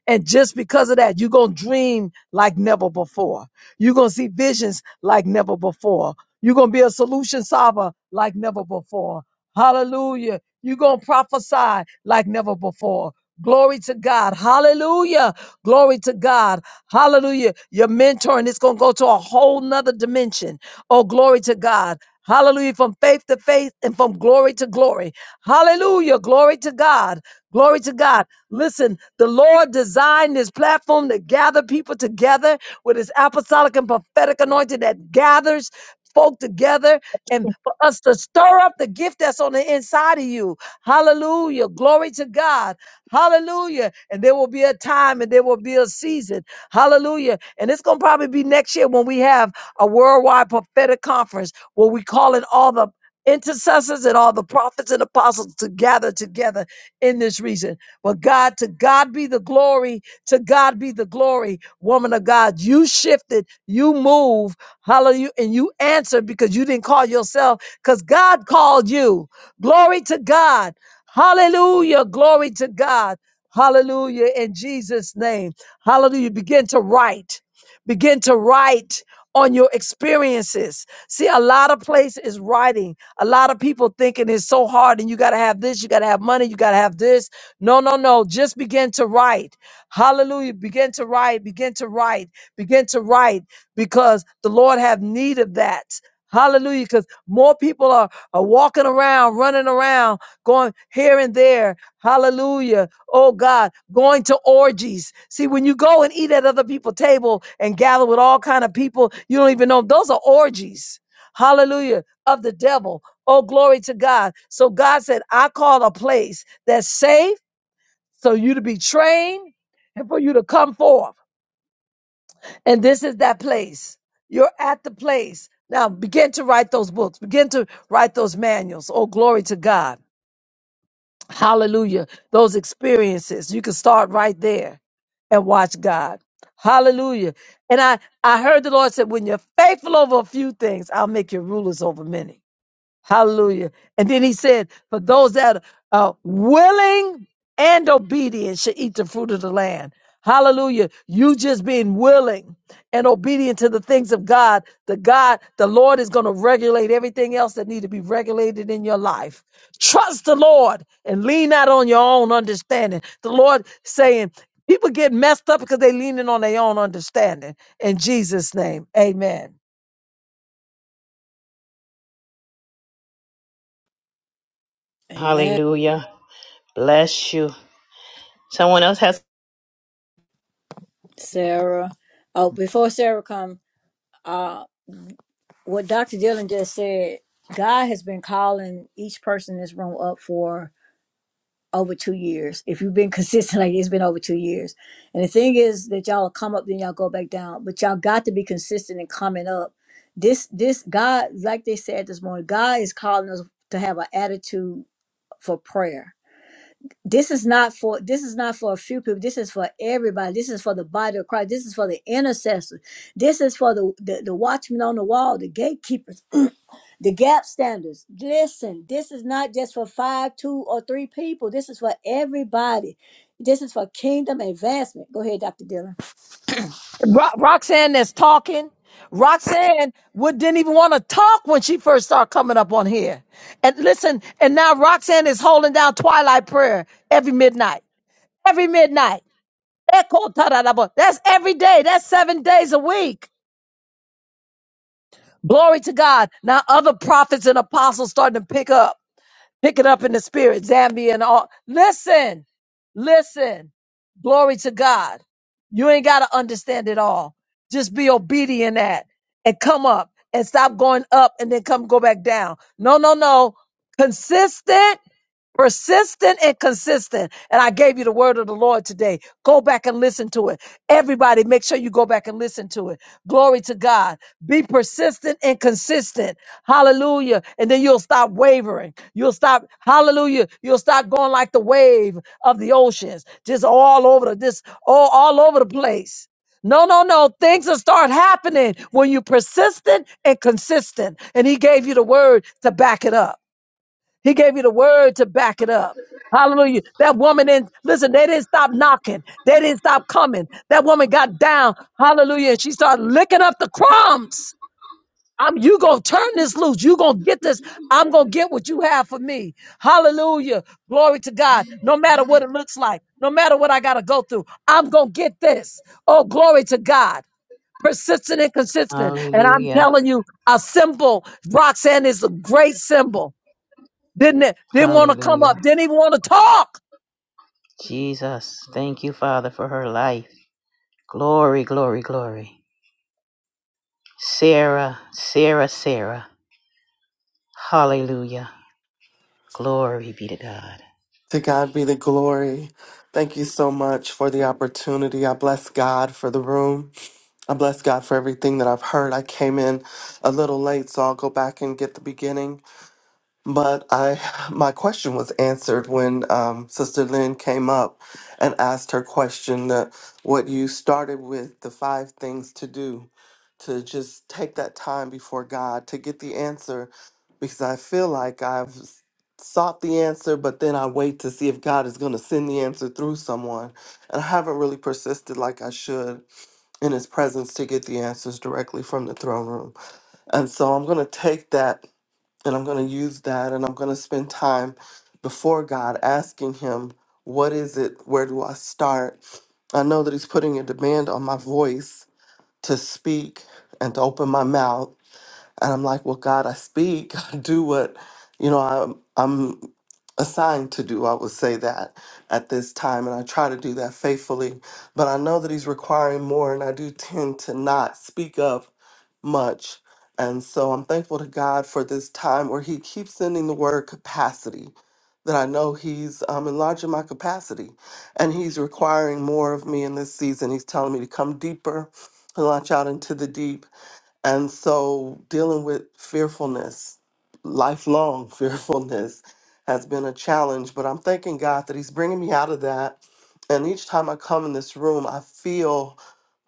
And just because of that, you're going to dream like never before. You're going to see visions like never before. You're going to be a solution solver like never before. Hallelujah. You're going to prophesy like never before. Glory to God. Hallelujah. Glory to God. Hallelujah. Your mentoring is going to go to a whole nother dimension. Oh, glory to God. Hallelujah. From faith to faith and from glory to glory. Hallelujah. Glory to God. Glory to God. Listen, the Lord designed this platform to gather people together with his apostolic and prophetic anointing that gathers folk together and for us to stir up the gift that's on the inside of you. Hallelujah. Glory to God. Hallelujah. And there will be a time and there will be a season. Hallelujah. And it's going to probably be next year when we have a worldwide prophetic conference where we call in all the intercessors and all the prophets and apostles to gather together in this reason. But God, to God be the glory. To God be the glory. Woman of God, you shifted, you move, hallelujah, and you answered because you didn't call yourself, because God called you. Glory to God. Hallelujah. Glory to God. Hallelujah. In Jesus' name. Hallelujah. Begin to write. Begin to write on your experiences. See, a lot of place is writing. A lot of people thinking it's so hard and you got to have this, you got to have money, you got to have this. No, no, no. Just begin to write. Hallelujah. Begin to write, begin to write, begin to write because the Lord have need of that. Hallelujah. Because more people are, are walking around, running around, going here and there. Hallelujah. Oh God, going to orgies. See, when you go and eat at other people's table and gather with all kind of people, you don't even know those are orgies. Hallelujah. Of the devil. Oh, glory to God. So God said, I call a place that's safe so you to be trained and for you to come forth. And this is that place. You're at the place. Now begin to write those books, begin to write those manuals. Oh, glory to God. Hallelujah. Those experiences. You can start right there and watch God. Hallelujah. And I, I heard the Lord said, when you're faithful over a few things, I'll make you rulers over many. Hallelujah. And then he said, for those that are willing and obedient should eat the fruit of the land. Hallelujah. You just being willing and obedient to the things of God, the God, the Lord is going to regulate everything else that need to be regulated in your life. Trust the Lord and lean not on your own understanding. The Lord saying, people get messed up because they leaning on their own understanding. In Jesus' name, amen. amen Hallelujah. Bless you. Someone else has. Sarah. Oh, before Sarah come, uh, what Dr. Dillon just said, God has been calling each person in this room up for over two years. If you've been consistent, like it's been over two years. And the thing is that y'all come up, then y'all go back down. But y'all got to be consistent in coming up. This this God, like they said this morning, God is calling us to have an attitude for prayer this is not for this is not for a few people this is for everybody this is for the body of christ this is for the intercessors this is for the the, the watchmen on the wall the gatekeepers the gap standers listen this is not just for five two or three people this is for everybody this is for kingdom advancement go ahead dr dillon Ro- Roxanne that's talking. Roxanne would didn't even want to talk when she first started coming up on here. And listen, and now Roxanne is holding down twilight prayer every midnight. Every midnight. Echo tararabo. That's every day. That's seven days a week. Glory to God. Now other prophets and apostles starting to pick up. Pick it up in the spirit, Zambia and all. Listen, listen. Glory to God. You ain't got to understand it all. Just be obedient at and come up and stop going up and then come go back down. No, no, no. Consistent persistent and consistent. And I gave you the word of the Lord today. Go back and listen to it. Everybody, make sure you go back and listen to it. Glory to God. Be persistent and consistent. Hallelujah. And then you'll stop wavering. You'll stop, hallelujah. You'll stop going like the wave of the oceans, just all over the, this, all, all over the place. No, no, no. Things will start happening when you're persistent and consistent. And he gave you the word to back it up. He gave you the word to back it up. Hallelujah. That woman didn't, listen, they didn't stop knocking. They didn't stop coming. That woman got down. Hallelujah. And she started licking up the crumbs. I'm, you gonna turn this loose. You gonna get this. I'm gonna get what you have for me. Hallelujah. Glory to God. No matter what it looks like, no matter what I gotta go through, I'm gonna get this. Oh, glory to God. Persistent and consistent. And I'm Hallelujah. telling you, a symbol, Roxanne is a great symbol. Didn't didn't want to come Hallelujah. up. Didn't even want to talk. Jesus, thank you, Father, for her life. Glory, glory, glory. Sarah, Sarah, Sarah. Hallelujah. Glory be to God. To God be the glory. Thank you so much for the opportunity. I bless God for the room. I bless God for everything that I've heard. I came in a little late, so I'll go back and get the beginning. But I, my question was answered when um, Sister Lynn came up and asked her question that what you started with the five things to do, to just take that time before God to get the answer, because I feel like I've s- sought the answer, but then I wait to see if God is going to send the answer through someone, and I haven't really persisted like I should in His presence to get the answers directly from the throne room. And so I'm going to take that and I'm going to use that and I'm going to spend time before God asking Him, What is it? Where do I start? I know that He's putting a demand on my voice to speak and to open my mouth. And I'm like, Well, God, I speak, I do what, you know, I'm, I'm assigned to do. I would say that at this time. And I try to do that faithfully. But I know that He's requiring more. And I do tend to not speak up much. And so I'm thankful to God for this time where He keeps sending the word capacity, that I know He's um, enlarging my capacity and He's requiring more of me in this season. He's telling me to come deeper and launch out into the deep. And so dealing with fearfulness, lifelong fearfulness, has been a challenge. But I'm thanking God that He's bringing me out of that. And each time I come in this room, I feel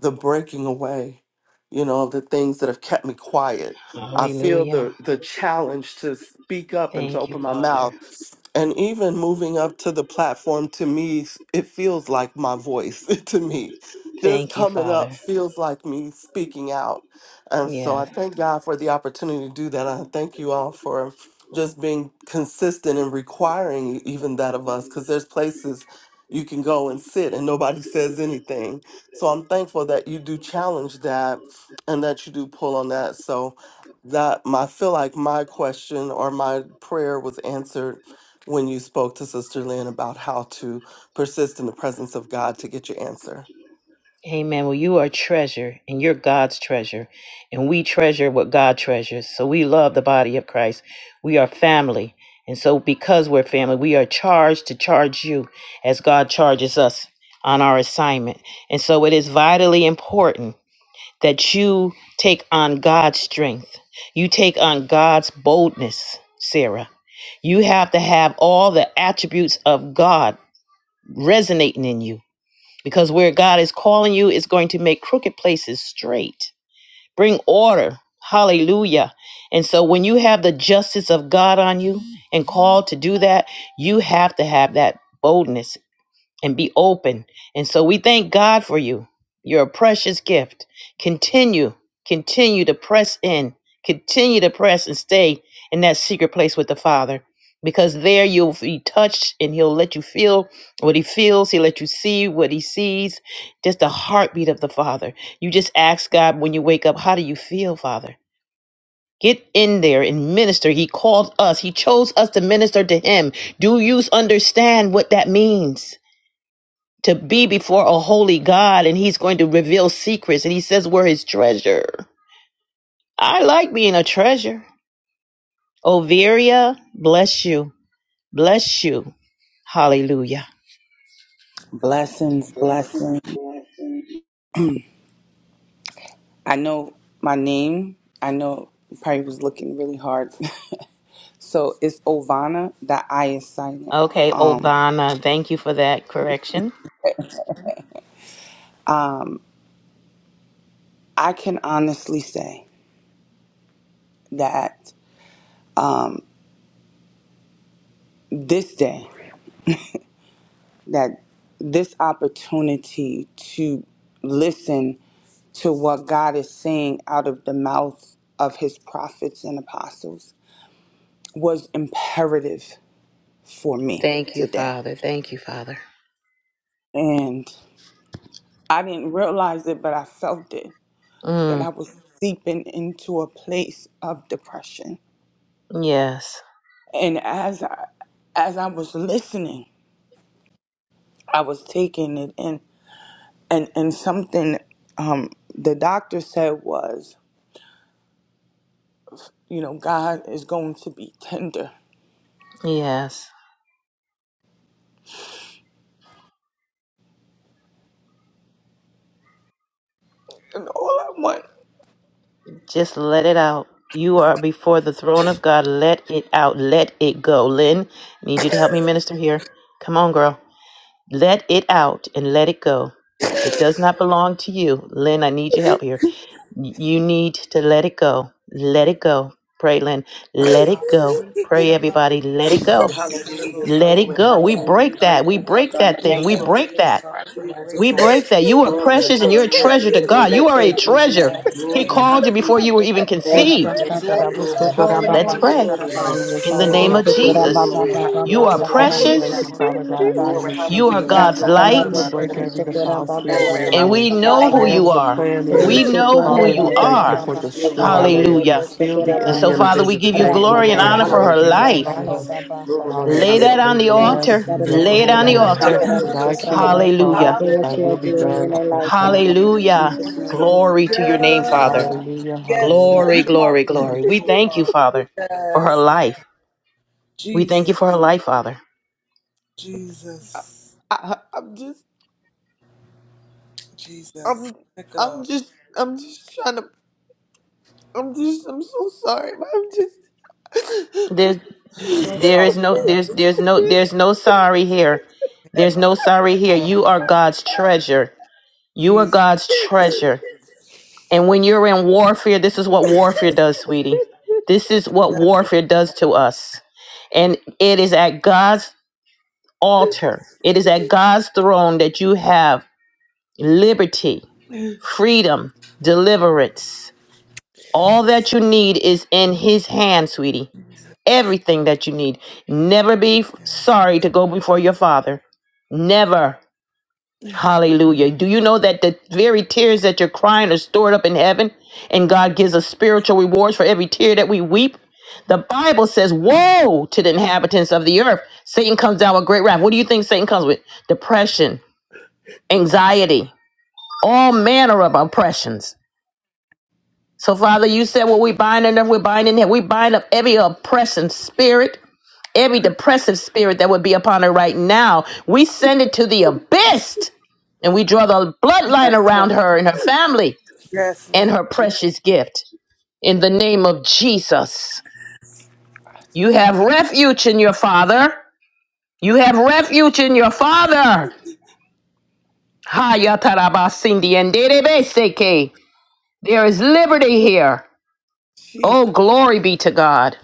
the breaking away, you know, the things that have kept me quiet. I feel Hallelujah. the, the challenge to speak up and to Thank you, open my mouth Father. and even moving up to the platform to me it feels like my voice to me just Thank you, coming up Father. feels like me speaking out and so i Yes. thank god for the opportunity to do that i thank you all for just being consistent and requiring e, even that of us because there's places you can go and sit and nobody says anything so i'm thankful that you do challenge that and that you do pull on that so that my I feel like my question or my prayer was answered when you spoke to Sister Lynn about how to persist in the presence of God to get your answer. Amen. Well, you are a treasure and you're God's treasure. And we treasure what God treasures. So we love the body of Christ. We are family. And so because we're family, we are charged to charge you as God charges us on our assignment. And so it is vitally important that you take on God's strength. You take on God's boldness, Sarah. You have to have all the attributes of God resonating in you because where God is calling you is going to make crooked places straight, bring order. Hallelujah. And so when you have the justice of God on you and called to do that, you have to have that boldness and be open. And so we thank God for you. You're a precious gift. Continue, continue to press in, continue to press and stay in that secret place with the Father. Because there you'll be touched and he'll let you feel what he feels. He'll let you see what he sees. Just the heartbeat of the Father. You just ask God when you wake up, How do you feel, Father? Get in there and minister. He called us, He chose us to minister to Him. Do you understand what that means? to be before a holy God and he's going to reveal secrets. And he says, We're his treasure. I like being a treasure. Overia, bless you. Bless you. Hallelujah. Blessings, blessings. I know my name. I know you probably was looking really hard. so it's Ovana. That I is silent. Okay, Um, Ovana, thank you for that correction. um, I can honestly say that um, this day, that this opportunity to listen to what God is saying out of the mouth of His prophets and apostles was imperative for me Thank you, today. Father. Thank you, Father. I didn't realize it, but I felt it that Mm, I was seeping into a place of depression. yes, And as I, as I was listening, I was taking it in, and and something um, the doctor said was, you know, God is going to be tender, yes. and all I want. Just let it out. You are before the throne of God. Let it out. Let it go. Lynn, I need you to help me minister here. Come on, girl. Let it out and let it go. It does not belong to you. Lynn, I need your help here. Y- You need to let it go. Let it go. Pray, Lynn. Let it go. Pray, Hallelujah, hallelujah, everybody. Let it go. hallelujah, Lord Hallelujah, Let God. it glory, go. We hallelujah. We break that. break We you, break Father, in that the We thing. name We thank of you, Lord God. We thank you, break Lord Jesus that. God, Christ for of your Nazareth, We grace and Lord. mercy. break that. You are Glory, precious and you're a hallelujah, Have treasure your yes, to way Lord. God. We You right are now, a thank you, Lord Jesus. treasure. God, in the He Glory, name of called you Jesus, before hallelujah. you were Lord even God. Thank you, Thank you, Father God, conceived. Your yes, Lord. daughter is Glory, calling Let's hallelujah. on you, pray Thank Lord you, Lord. God. Rabasatarabusotrabaya, Hallelujah, She's in the Father Thank name you, calling God, of Jesus. Jesus. Glory, Father, we give You are you we on thank precious. you, hallelujah. Father God, in the name Glory, of You are Jesus. hallelujah. Wrap God's your arms Actually, light. we around the break Holy every Spirit. defiled spirit of the Glory, and we enemy. hallelujah. know And who Thank you, you whatever the are. Jesus. plan for We is, People, know Father, who Father, in you we the name thank of you are. for Jesus. Glory, destroying hallelujah. it. We Hallelujah. Thank seal you, Lord. the And enemy so, Thank and you, Father, Jesus. we avenger give you today in the glory and name Glory, of honor the for her Lord hallelujah. We Jesus thank life. you, Lord. Christ. Glory, Lay Hallelujah. that hallelujah. We on We the thank you, bless altar. your Jesus. Lay great it on the you. Glory, name. altar. hallelujah. Thy Yes, Lord. kingdom come, Hallelujah. Hallelujah. what thy you Thank are will Hallelujah. you, be doing Jesus. done in our upon life, earth. Father. In Hallelujah. Jesus' Hallelujah. name. Glory to your name, Father. Hallelujah, Yes, hallelujah, Lord. Glory, glory, hallelujah, glory. Hallelujah, We Lord thank you, God. Father, for her Yes, Lord. life. We thank you Jesus, for her life, Father. I, Jesus, I- I'm just Jesus. I'm Let it go. I'm just I'm just trying to I'm just I'm so sorry, but I'm just There's Need to there is no apologize. there's there's no there's no sorry here. Yeah, There's no no sorry here. You apologize. are God's treasure. You are Jesus. God's treasure. And when you're in warfare, this is what warfare does, sweetie. This is what warfare does to us. And it is at God's altar, it is at God's throne that you have liberty, freedom, deliverance. All Yes, that you need is in His hand, sweetie. Everything that you need. Never be sorry to go before your Father. Never. Hallelujah. Do you know that the very tears that you're crying are stored up in heaven and God gives us spiritual rewards for every tear that we weep? The Bible says, Woe to the inhabitants of the earth. Satan comes down with great wrath. What do you think Satan comes with? Depression, anxiety, all manner of oppressions. So, Father, you said what we bind on earth, we bind in heaven. We bind up every oppression spirit every depressive spirit that would be upon her right now. We send it to the abyss and we draw the bloodline yes, around Lord. her and her family Yes, and Lord. her precious gift. In the name of Jesus, you Ah, have refuge in your Father. You have refuge in your Father. Haya tarabasindi and derebeseke. There is liberty here. jeez. Oh, glory be to God.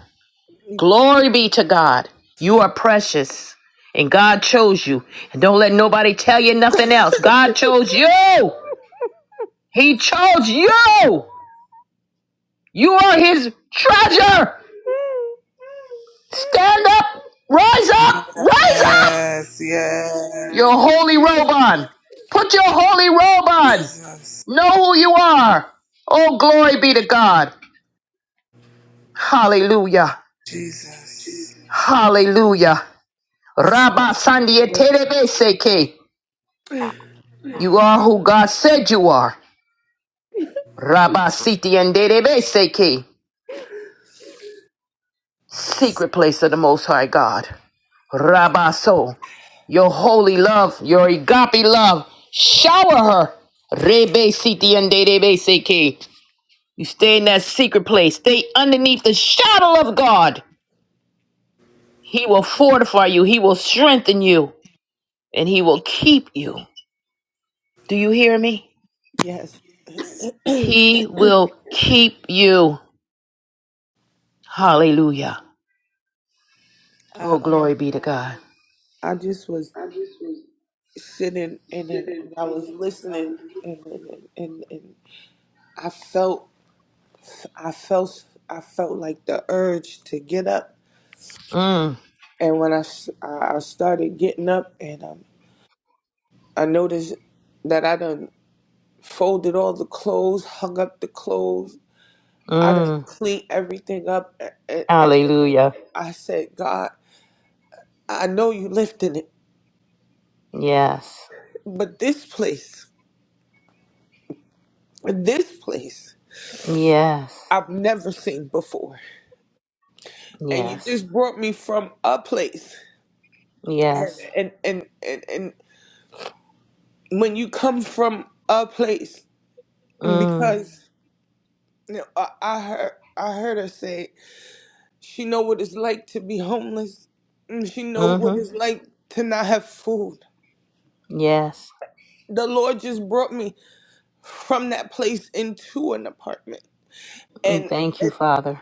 Glory be to God. You are precious. And God chose you. And don't let nobody tell you nothing else. God chose you. He chose you. You are his treasure. Stand up. Rise up. Rise up. Yes, yes. Your holy robe on. Put your holy robe on. Jesus. Know who you are. Oh, glory be to God. Hallelujah. Jesus. Hallelujah. Yes, Lord. Rabba Sandia Terebeseke. You are who God said you are. Rabba Siti and Derebe Seki, Yes. secret place of the Most High God. Rabba So, your holy love, your agape love, shower her. Rebe Siti and Derebe Seki. You stay in that secret place, stay underneath the shadow of God. He will fortify you, He will strengthen you, and He will keep you. Do you hear me? Yes. He will keep you. Hallelujah. I Oh, um, glory be to God. I just was sitting and then and I was listening and and, and and I felt I felt I felt like the urge to get up Mm, and when I, s- I I started getting up and um, I noticed that I done folded all the clothes, hung up the clothes I done mm. cleaned everything up. a- a- And, Hallelujah. I said, God, I know you lifting it, Yes. but this place, this place, Yes. I've never seen before. And you Yes. just brought me from a place. And, Yes. and, and, and, and when you come from a place, Mm. because you know, I, I heard, I heard her say she know what it's like to be homeless. and She know what Mm-hmm. it's like to not have food. Yes. The Lord just brought me. from that place into an apartment Mm, and Thank you, and Father.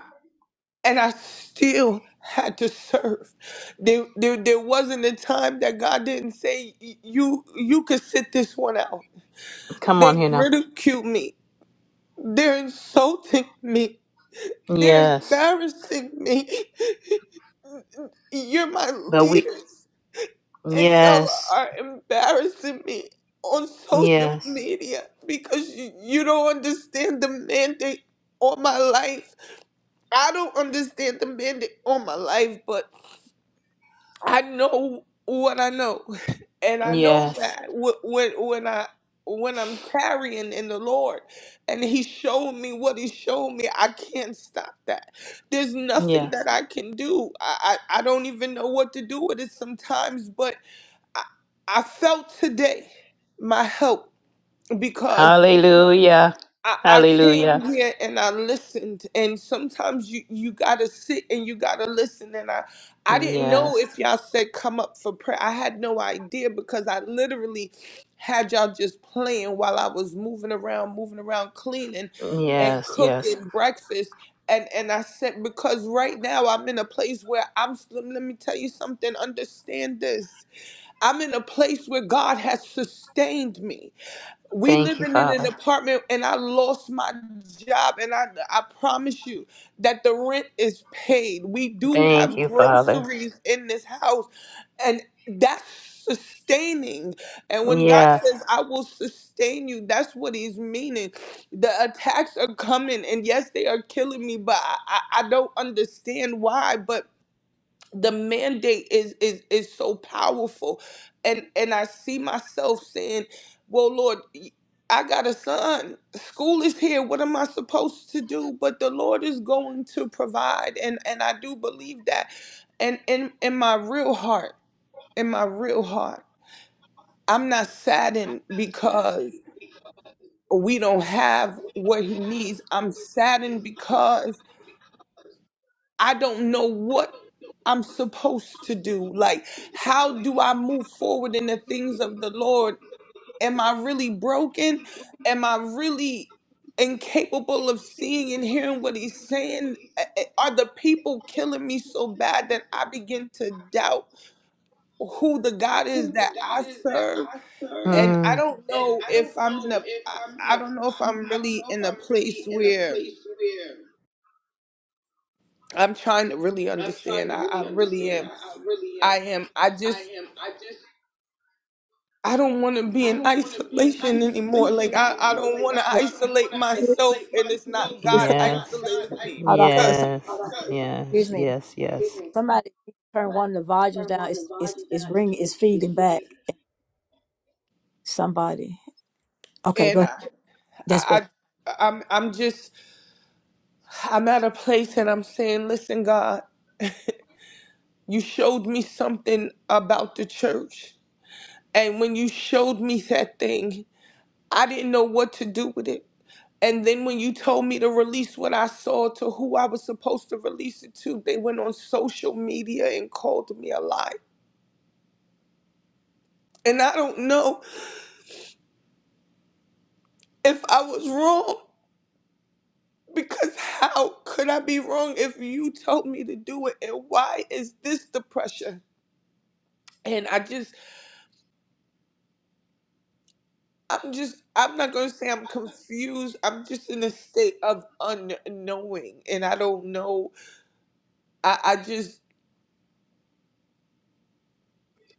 I still had to serve. There, there, there wasn't a time that God didn't say you you could sit this one out. Come on They here now. ridicule me. They're insulting me. They're Yes. embarrassing me. You're my But we leaders, and y'all Yes. are embarrassing me on social Yes. media because you, you don't understand the mandate on my life I don't understand the mandate on my life, but I know what I know, and I know Yes. that wh- when when I when I'm tarrying in the Lord, and He showed me what He showed me, I can't stop that. There's nothing Yes. that I can do. I I, I don't even know what to do with it sometimes, but I, I felt today my help because. Hallelujah. I, I Hallelujah. came here and I listened, and sometimes you you gotta sit and you gotta listen. And I I didn't know Yes. if y'all said come up for prayer. I had no idea because I literally had y'all just playing while I was moving around, moving around, cleaning and Yes. Yes. cooking breakfast. And and I said because right now I'm in a place where I'm. Let me tell you something. Understand this. I'm in a place where God has sustained me we Thank you, living in an Father. apartment and I lost my job and I I promise you that the rent is paid. We do Thank have you, Father. groceries in this house and that's sustaining. And when God Yes. says I will sustain you, that's what he's meaning. The attacks are coming and yes they are killing me, but I, I, I don't understand why. But the mandate is is is so powerful and and i see myself saying well lord i got a son school is here what am i supposed to do but the lord is going to provide and and i do believe that and in in my real heart in my real heart i'm not saddened because we don't have what he needs i'm saddened because I don't know what I'm supposed to do. Like, how do I move forward in the things of the Lord? Am I really broken? Am I really incapable of seeing and hearing what He's saying? A- a- Are the people killing me so bad that I begin to doubt who the God is that I serve? And I Mm. don't know if I'm in a, I I don't know if I'm really in a place where. I'm trying to really understand. I, I really am I am. I just I don't want to be in isolation anymore. Like I I don't want to isolate myself, and it's not it's, God isolating me hold on because it's Yes. Yes. excuse me Yes. Yes. somebody turn one of the volumes down it's it's it's ringing it's feeding back somebody okay go and ahead I that's better I I- I'm I'm just I'm at a place and I'm saying, listen, God, you showed me something about the church, and when you showed me that thing, I didn't know what to do with it. And then when you told me to release what I saw to who I was supposed to release it to, they went on social media and called me a lie. And I don't know if I was wrong because how could I be wrong if you told me to do it? And why is this the pressure? And I just, I'm just, I'm not going to say I'm confused. I'm just in a state of unknowing. And I don't know. I, I just,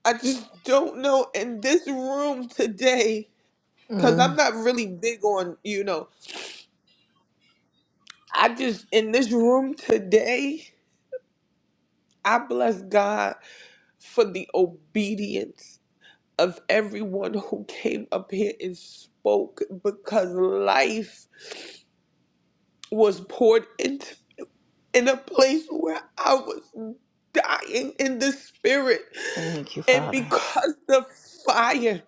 I just don't know. In this room today, Cause I'm Mm. not really big on, you know, I just in this room today, I bless God for the obedience of everyone who came up here and spoke because life was poured into in a place where I was dying in the spirit. Thank you, And Father. because the fire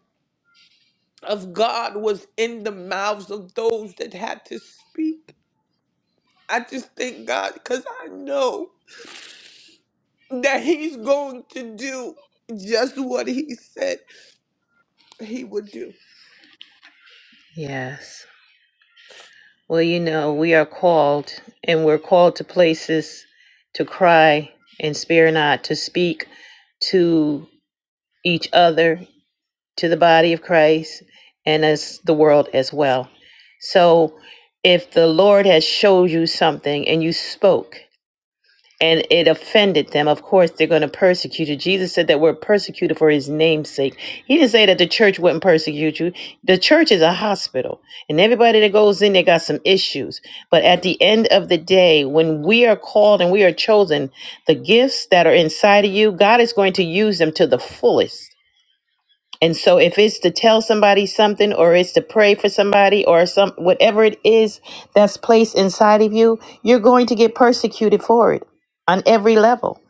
of God was in the mouths of those that had to speak, I just thank God because I know. that he's going to do just what he said he would do. Yes. Well, you know, we are called, and we're called to places to cry and spare not, to speak to each other, to the body of Christ, and as the world as well. So, if the Lord has showed you something and you spoke, and it offended them. Of course, they're going to persecute you. Jesus said that we're persecuted for his name's sake. He didn't say that the church wouldn't persecute you. The church is a hospital, and everybody that goes in they got some issues. But at the end of the day, when we are called and we are chosen, the gifts that are inside of you, God is going to use them to the fullest. And so if it's to tell somebody something or it's to pray for somebody or some whatever it is that's placed inside of you, you're going to get persecuted for it on every level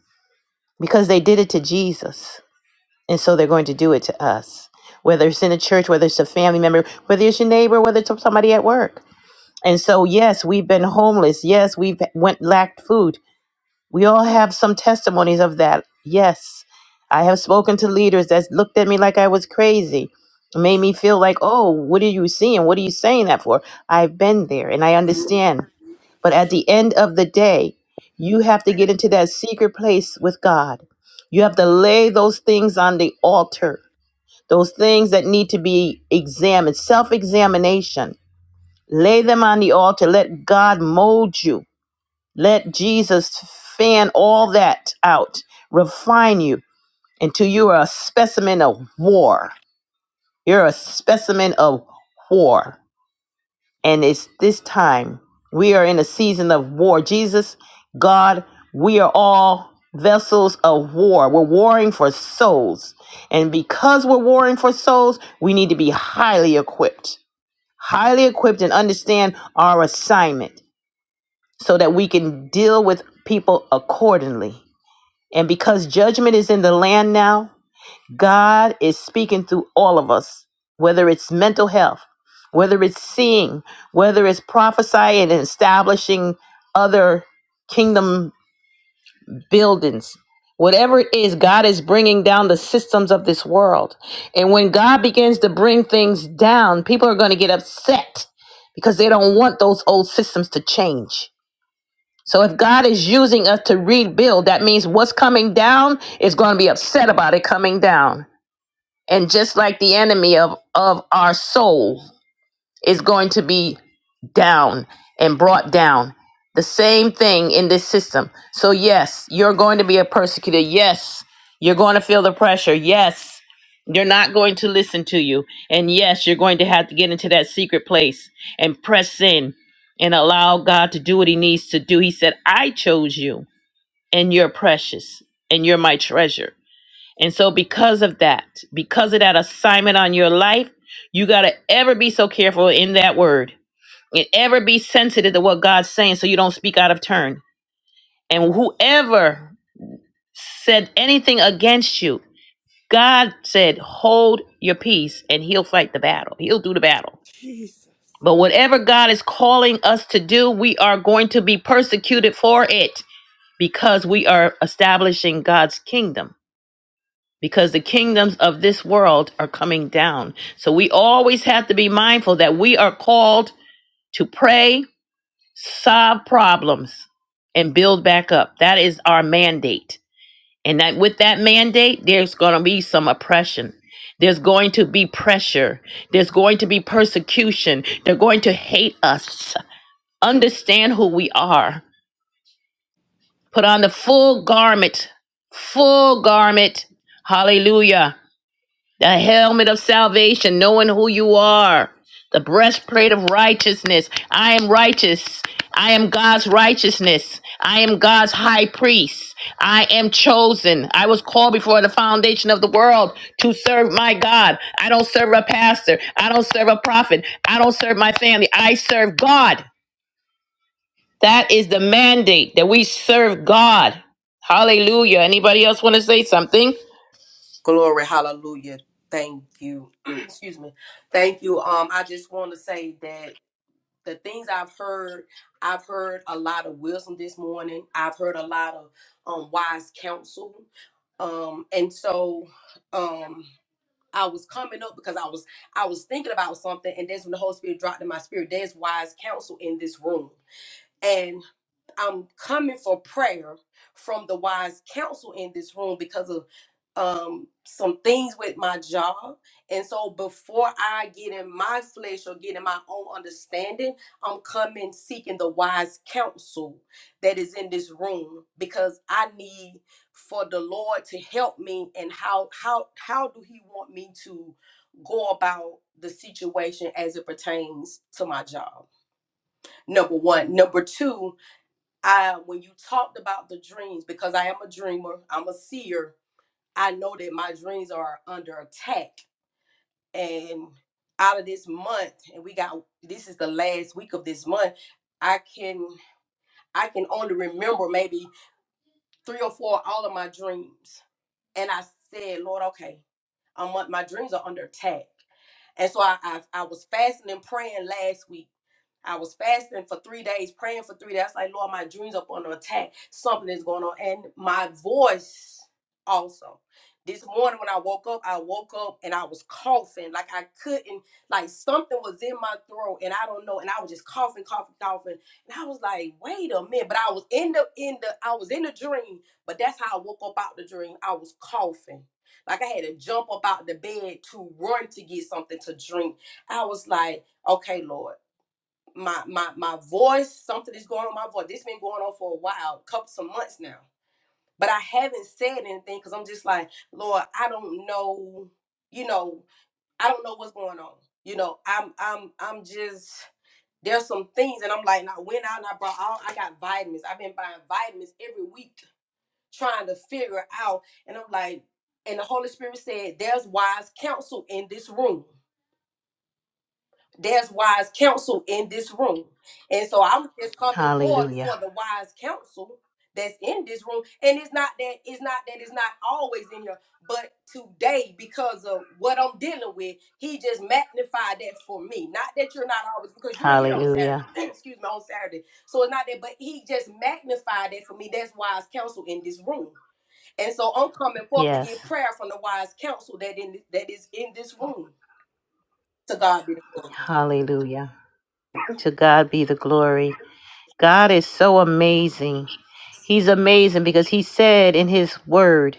because they did it to Jesus. And so they're going to do it to us. Whether it's in a church, whether it's a family member, whether it's your neighbor, whether it's somebody at work. And so yes, we've been homeless. Yes, we've went lacked food. We all have some testimonies of that. Yes, I have spoken to leaders that looked at me like I was crazy, It made me feel like, oh, what are you seeing? What are you saying that for? I've been there and I understand. But at the end of the day, you have to get into that secret place with God. You have to lay those things on the altar, those things that need to be examined, self examination. Lay them on the altar. Let God mold you. Let Jesus fan all that out, refine you until you are a specimen of war. You're a specimen of war. And it's this time. We are in a season of war. Jesus, God, we are all vessels of war. We're warring for souls. And because we're warring for souls, we need to be highly equipped, highly equipped and understand our assignment so that we can deal with people accordingly And because judgment is in the land now, God is speaking through all of us, whether it's mental health, whether it's seeing, whether it's prophesying and establishing other kingdom buildings. Whatever it is, God is bringing down the systems of this world. And when God begins to bring things down, people are going to get upset because they don't want those old systems to change so if God is using us to rebuild, that means what's coming down is going to be upset about it coming down. And just like the enemy of of our soul, is going to be down and brought down. The same thing in this system. So, yes, you're going to be a persecutor. Yes, you're going to feel the pressure. Yes, they're not going to listen to you. And yes, you're going to have to get into that secret place and press in and allow God to do what He needs to do. He said, I chose you, and you're precious, and you're my treasure. And so, because of that, because of that assignment on your life, you got to ever be so careful in that word and ever be sensitive to what God's saying so you don't speak out of turn. And whoever said anything against you, God said, hold your peace and he'll fight the battle. He'll do the battle. Jesus. But whatever God is calling us to do, we are going to be persecuted for it because we are establishing God's kingdom because the kingdoms of this world are coming down. So we always have to be mindful that we are called to pray, solve problems, and build back up. That is our mandate. And that with that mandate, there's going to be some oppression. There's going to be pressure. There's going to be persecution. They're going to hate us. Understand who we are. Put on the full garment, full garment. Hallelujah the helmet of salvation, knowing who you are, the breastplate of righteousness. I am righteous. I am God's righteousness. I am God's high priest. I am chosen. I was called before the foundation of the world to serve my God. I don't serve a pastor. I don't serve a prophet. I don't serve my family. I serve God. That is the mandate that we serve God. Hallelujah. Anybody else want to say something? Glory, hallelujah. Thank you. Excuse me. Thank you. Um, I just want to say that. the things I've heard, I've heard a lot of wisdom this morning. I've heard a lot of um, wise counsel, um, and so um, I was coming up because I was I was thinking about something, and that's when the Holy Spirit dropped in my spirit. There's wise counsel in this room, and. I'm coming for prayer from the wise counsel in this room because of um some things with my job. And so before I get in my flesh or get in my own understanding, I'm coming seeking the wise counsel that is in this room because I need for the Lord to help me and how how how do he want me to go about the situation as it pertains to my job. Number 1, number 2, I when you talked about the dreams, because I am a dreamer, I'm a seer, I know that my dreams are under attack. And out of this month, and we got this is the last week of this month, I can I can only remember maybe three or four of all of my dreams. And I said, Lord, okay, I'm un- my dreams are under attack. And so I, I I was fasting and praying last week I was fasting for three days, praying for three days. I was like, Lord, my dreams up on attack. Something is going on. And my voice also. This morning when I woke up, I woke up and I was coughing. Like I couldn't, like something was in my throat and I don't know. And I was just coughing, coughing, coughing. And I was like, wait a minute. But I was in the in the I was in the dream, but that's how I woke up out the dream. I was coughing. Like I had to jump up out the bed to run to get something to drink. I was like, okay, Lord my my my voice something is going on my voice this has been going on for a while couple some months now but i haven't said anything because i'm just like lord i don't know you know i don't know what's going on you know i'm i'm i'm just there's some things and i'm like and i went out and i brought all i got vitamins i've been buying vitamins every week trying to figure out and i'm like and the holy spirit said there's wise counsel in this room there's wise counsel in this room. And so I'm just coming forth for the wise counsel that's in this room. And it's not that it's not that it's not always in here, but today, because of what I'm dealing with, he just magnified that for me. Not that you're not always because you're here on Saturday. excuse me, on Saturday. So it's not that, but he just magnified that for me. That's wise counsel in this room. And so I'm coming forth to Yes. get prayer from the wise counsel that in that is in this room. To God be the glory. Hallelujah. To God be the glory. God is so amazing. He's amazing because he said in his word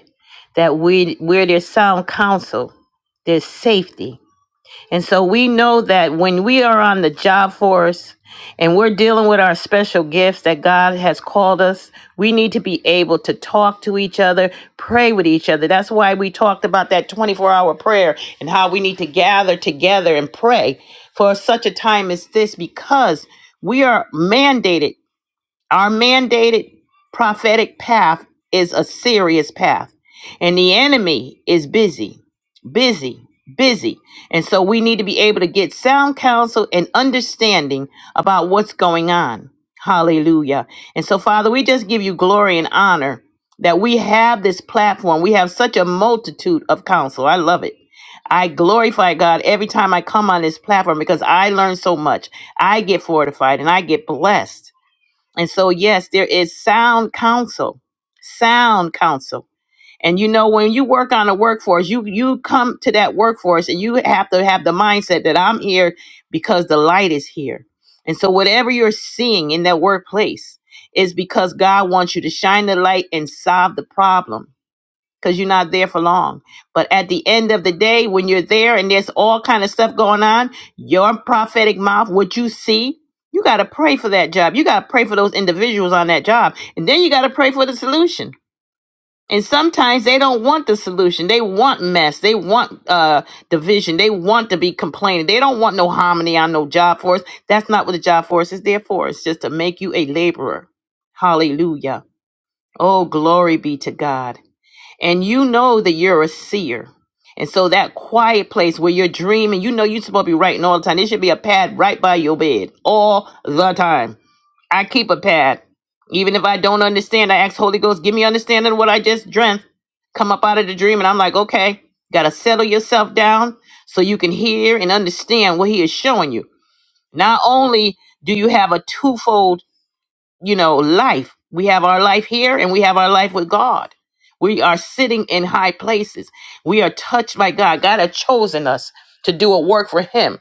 that we where there's sound counsel, there's safety. And so we know that when we are on the job force and we're dealing with our special gifts that God has called us, we need to be able to talk to each other, pray with each other. That's why we talked about that 24 hour prayer and how we need to gather together and pray for such a time as this because we are mandated our mandated prophetic path is a serious path, and the enemy is busy, busy, busy. And so we need to be able to get sound counsel and understanding about what's going on. Hallelujah. And so, Father, we just give you glory and honor that we have this platform. We have such a multitude of counsel. I love it. I glorify God every time I come on this platform because I learn so much. I get fortified and I get blessed. And so, yes, there is sound counsel, sound counsel. And you know, when you work on a workforce, you you come to that workforce and you have to have the mindset that I'm here because the light is here. And so, whatever you're seeing in that workplace is because God wants you to shine the light and solve the problem because you're not there for long. But at the end of the day, when you're there and there's all kind of stuff going on, your prophetic mouth, what you see, you got to pray for that job. You got to pray for those individuals on that job. And then you got to pray for the solution. And sometimes they don't want the solution. They want mess. They want uh, division. They want to be complaining. They don't want no harmony on no job force. That's not what the job force is there for. It's just to make you a laborer. Hallelujah. Oh, glory be to God and you know that you're a seer. And so that quiet place where you're dreaming, you know you're supposed to be writing all the time. There should be a pad right by your bed all the time. I keep a pad. Even if I don't understand, I ask Holy Ghost, give me understanding of what I just dreamt. Come up out of the dream, and I'm like, okay, gotta settle yourself down so you can hear and understand what he is showing you. Not only do you have a twofold you know, life. We have our life here and we have our life with God. We are sitting in high places. We are touched by God. God has chosen us to do a work for Him.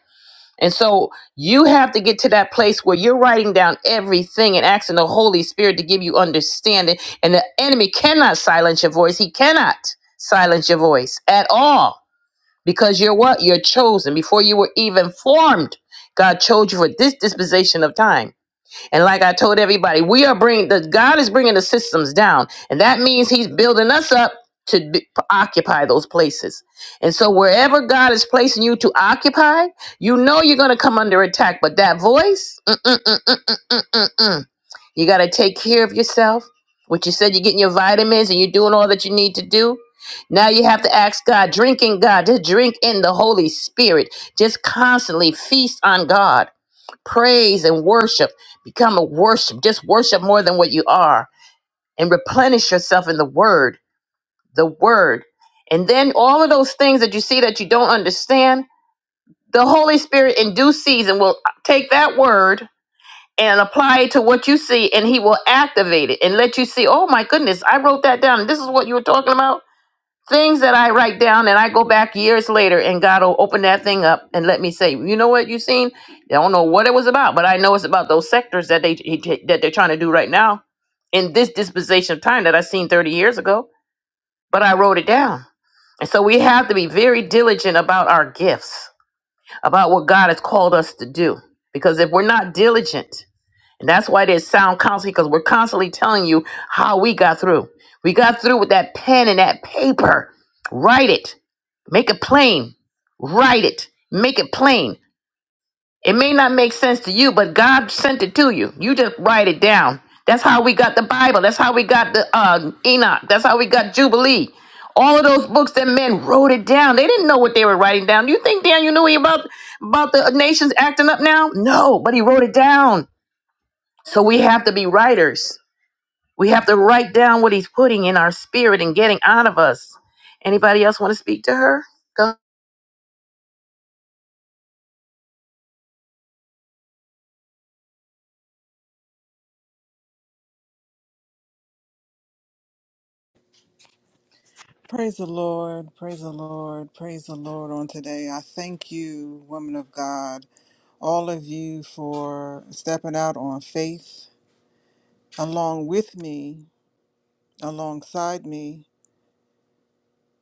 And so you have to get to that place where you're writing down everything and asking the Holy Spirit to give you understanding. And the enemy cannot silence your voice. He cannot silence your voice at all because you're what? You're chosen. Before you were even formed, God chose you for this dispensation of time. And like I told everybody, we are bringing the God is bringing the systems down, and that means He's building us up to be, occupy those places. And so, wherever God is placing you to occupy, you know you're going to come under attack. But that voice, mm, mm, mm, mm, mm, mm, mm, mm. you got to take care of yourself. What you said, you're getting your vitamins and you're doing all that you need to do. Now you have to ask God, drink in God, just drink in the Holy Spirit, just constantly feast on God praise and worship. Become a worship. Just worship more than what you are and replenish yourself in the word, the word. And then all of those things that you see that you don't understand, the Holy Spirit in due season will take that word and apply it to what you see and he will activate it and let you see, oh my goodness, I wrote that down. This is what you were talking about things that I write down and I go back years later and God will open that thing up and let me say, you know what you seen? I don't know what it was about, but I know it's about those sectors that they he- he- that they're trying to do right now in this dispensation of time that I seen 30 years ago, but I wrote it down. And so we have to be very diligent about our gifts, about what God has called us to do. Because if we're not diligent, and that's why there's sound counseling because we're constantly telling you how we got through. We got through with that pen and that paper. Write it. Make it plain. Write it. Make it plain. It may not make sense to you, but God sent it to you. You just write it down. That's how we got the Bible. That's how we got the uh, Enoch. That's how we got Jubilee. All of those books that men wrote it down. They didn't know what they were writing down. Do you think Daniel knew he about about the nations acting up now? No, but he wrote it down. So we have to be writers. We have to write down what he's putting in our spirit and getting out of us. Anybody else want to speak to her? Go. Praise the Lord. Praise the Lord. Praise the Lord on today. I thank you, woman of God, all of you for stepping out on faith along with me, alongside me.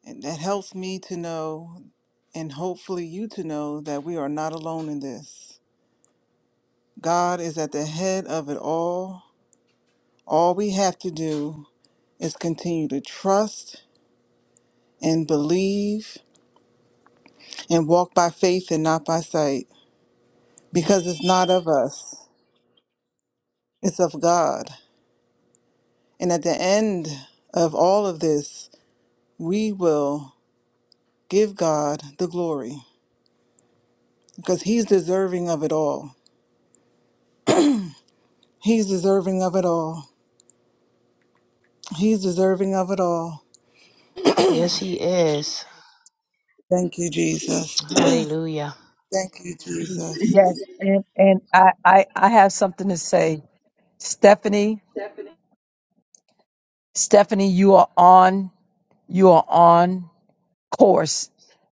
And that helps me to know, and hopefully you to know, that we are not alone in this. God is at the head of it all. All we have to do is continue to trust and believe and walk by faith and not by sight because it's not of us, it's of God. And at the end of all of this, we will give God the glory because He's deserving of it all. He's deserving of it all. He's deserving of it all. Thank you, Jesus. Thank you, Jesus. Yes, and and I, I I have something to say, Stephanie. Stephanie, you are on you are on course.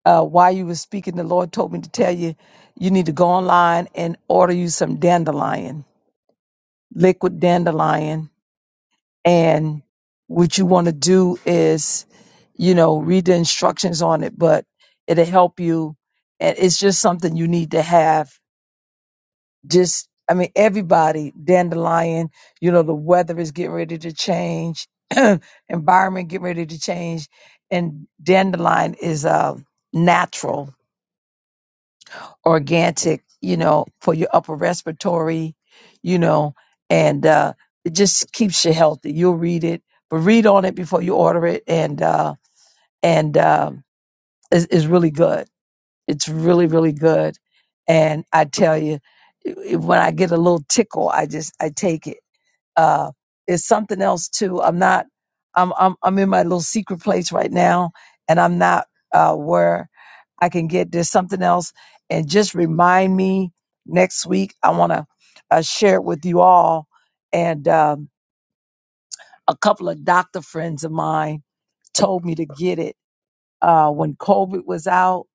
Uh, while you were speaking, the Lord told me to tell you you need to go online and order you some dandelion, liquid dandelion. And what you want to do is, you know, read the instructions on it, but it'll help you. And it's just something you need to have just I mean everybody dandelion you know the weather is getting ready to change environment getting ready to change and dandelion is uh, natural organic you know for your upper respiratory you know and uh, it just keeps you healthy you'll read it but read on it before you order it and uh and uh, is is really good it's really, really good. And I tell you, i- when I get a little tickle, I just I take it. Uh, it's something else too. I'm not. I'm I'm I'm in my little secret place right now, and I'm not uh, where I can get. There's something else, and just remind me next week. I want to uh, share it with you all. And um, a couple of doctor friends of mine told me to get it uh, when COVID was out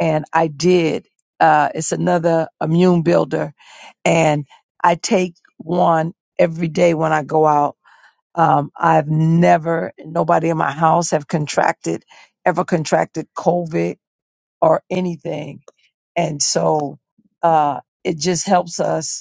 and I did. Uh, it's another immune builder, and I take one every day when I go out. Um, I've never, nobody in my house have contracted, ever contracted COVID or anything, and so uh, it just helps us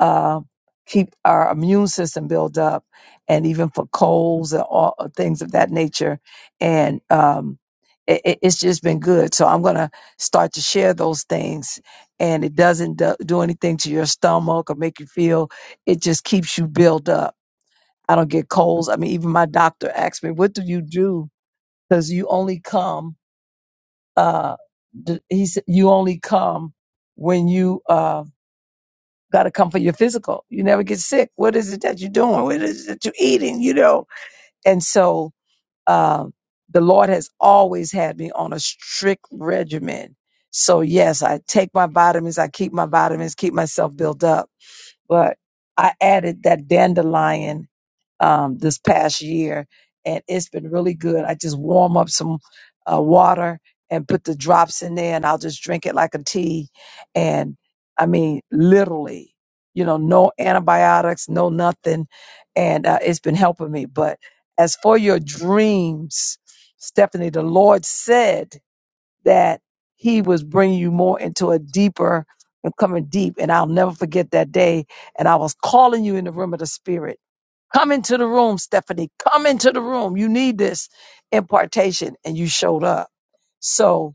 uh, keep our immune system built up, and even for colds and all uh, things of that nature. And um, it, it- it's just been good. So I'm gonna start to share those things, and it doesn't do, do anything to your stomach or make you feel. It just keeps you built up. I don't get colds. I mean, even my doctor asked me, "What do you do?" Because you only come. Uh, d- he said, "You only come when you." Uh, got to come for your physical. You never get sick. What is it that you're doing? What is it that you're eating? You know. And so um, the Lord has always had me on a strict regimen. So yes, I take my vitamins. I keep my vitamins. Keep myself built up. But I added that dandelion um, this past year, and it's been really good. I just warm up some uh, water and put the drops in there, and I'll just drink it like a tea. And I mean, literally, you know, no antibiotics, no nothing, and uh, it's been helping me. But as for your dreams, Stephanie, the Lord said that He was bringing you more into a deeper. and coming deep, and I'll never forget that day. And I was calling you in the room of the spirit Come into the room, Stephanie. Come into the room. You need this impartation. And you showed up. So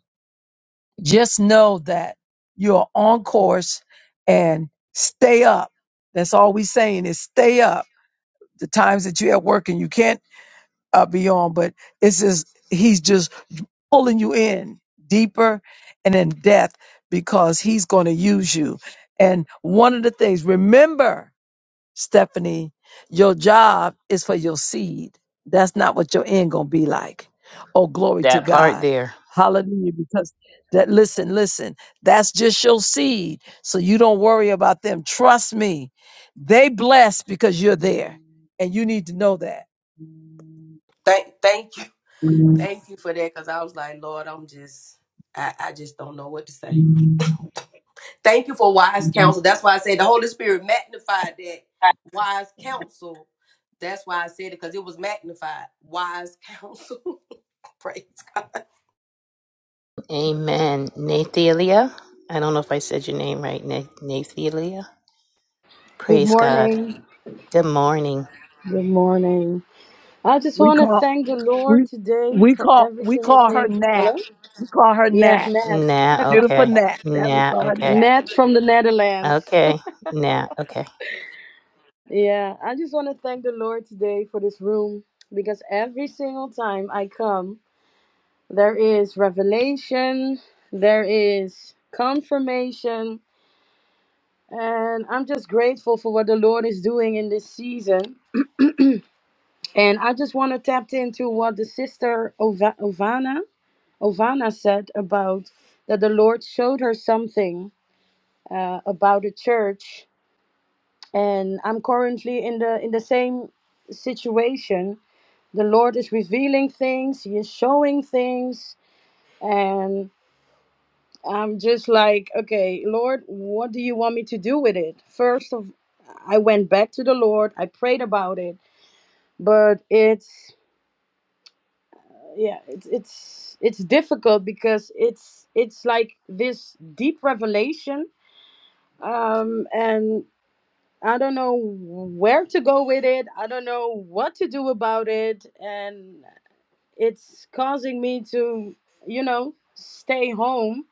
just know that you're on course and stay up. That's all we're saying is stay up. The times that you're at work and you can't uh, be on, but it's just, he's just pulling you in deeper and in depth because he's going to use you. And one of the things, remember, Stephanie, your job is for your seed. That's not what your end gonna be like. Oh, glory to That part God. there. Hallelujah. Because that listen, listen, that's just your seed. So you don't worry about them. Trust me. They bless because you're there. And you need to know that. Thank thank you. We Thank you for that because I was like, Lord, I'm just, I, I just don't know what to say. Thank you for wise counsel. That's why I said the Holy Spirit magnified that wise counsel. That's why I said it because it was magnified. Wise counsel. Praise God. Amen. Nathalia. I don't know if I said your name right, Na- Nathalia. Good Praise God. morning. Good morning. Good morning. I just want to call thank the Lord we today we for call every we single call her thing. Nat. We call her Yeah, Nat. Ned. Nah, Beautiful okay. Nat. That we Nah, call her okay. Nat. Ned from the Netherlands. Okay. Nah, okay. yeah, I just want to thank the Lord today for this room because every single time I come, there is revelation, there is confirmation, and I'm just grateful for what the Lord is doing in this season. And I just want to tap into what the sister Ova- Ovana Ovana said about that the Lord showed her something uh, about the church, and I'm currently in the in the same situation. The Lord is revealing things, He is showing things, and I'm just like, okay, Lord, what do you want me to do with it? First of, I went back to the Lord, I prayed about it, but it's yeah, it's it's it's difficult because it's it's like this deep revelation um, and I don't know where to go with it. I don't know what to do about it, and it's causing me to, you know, stay home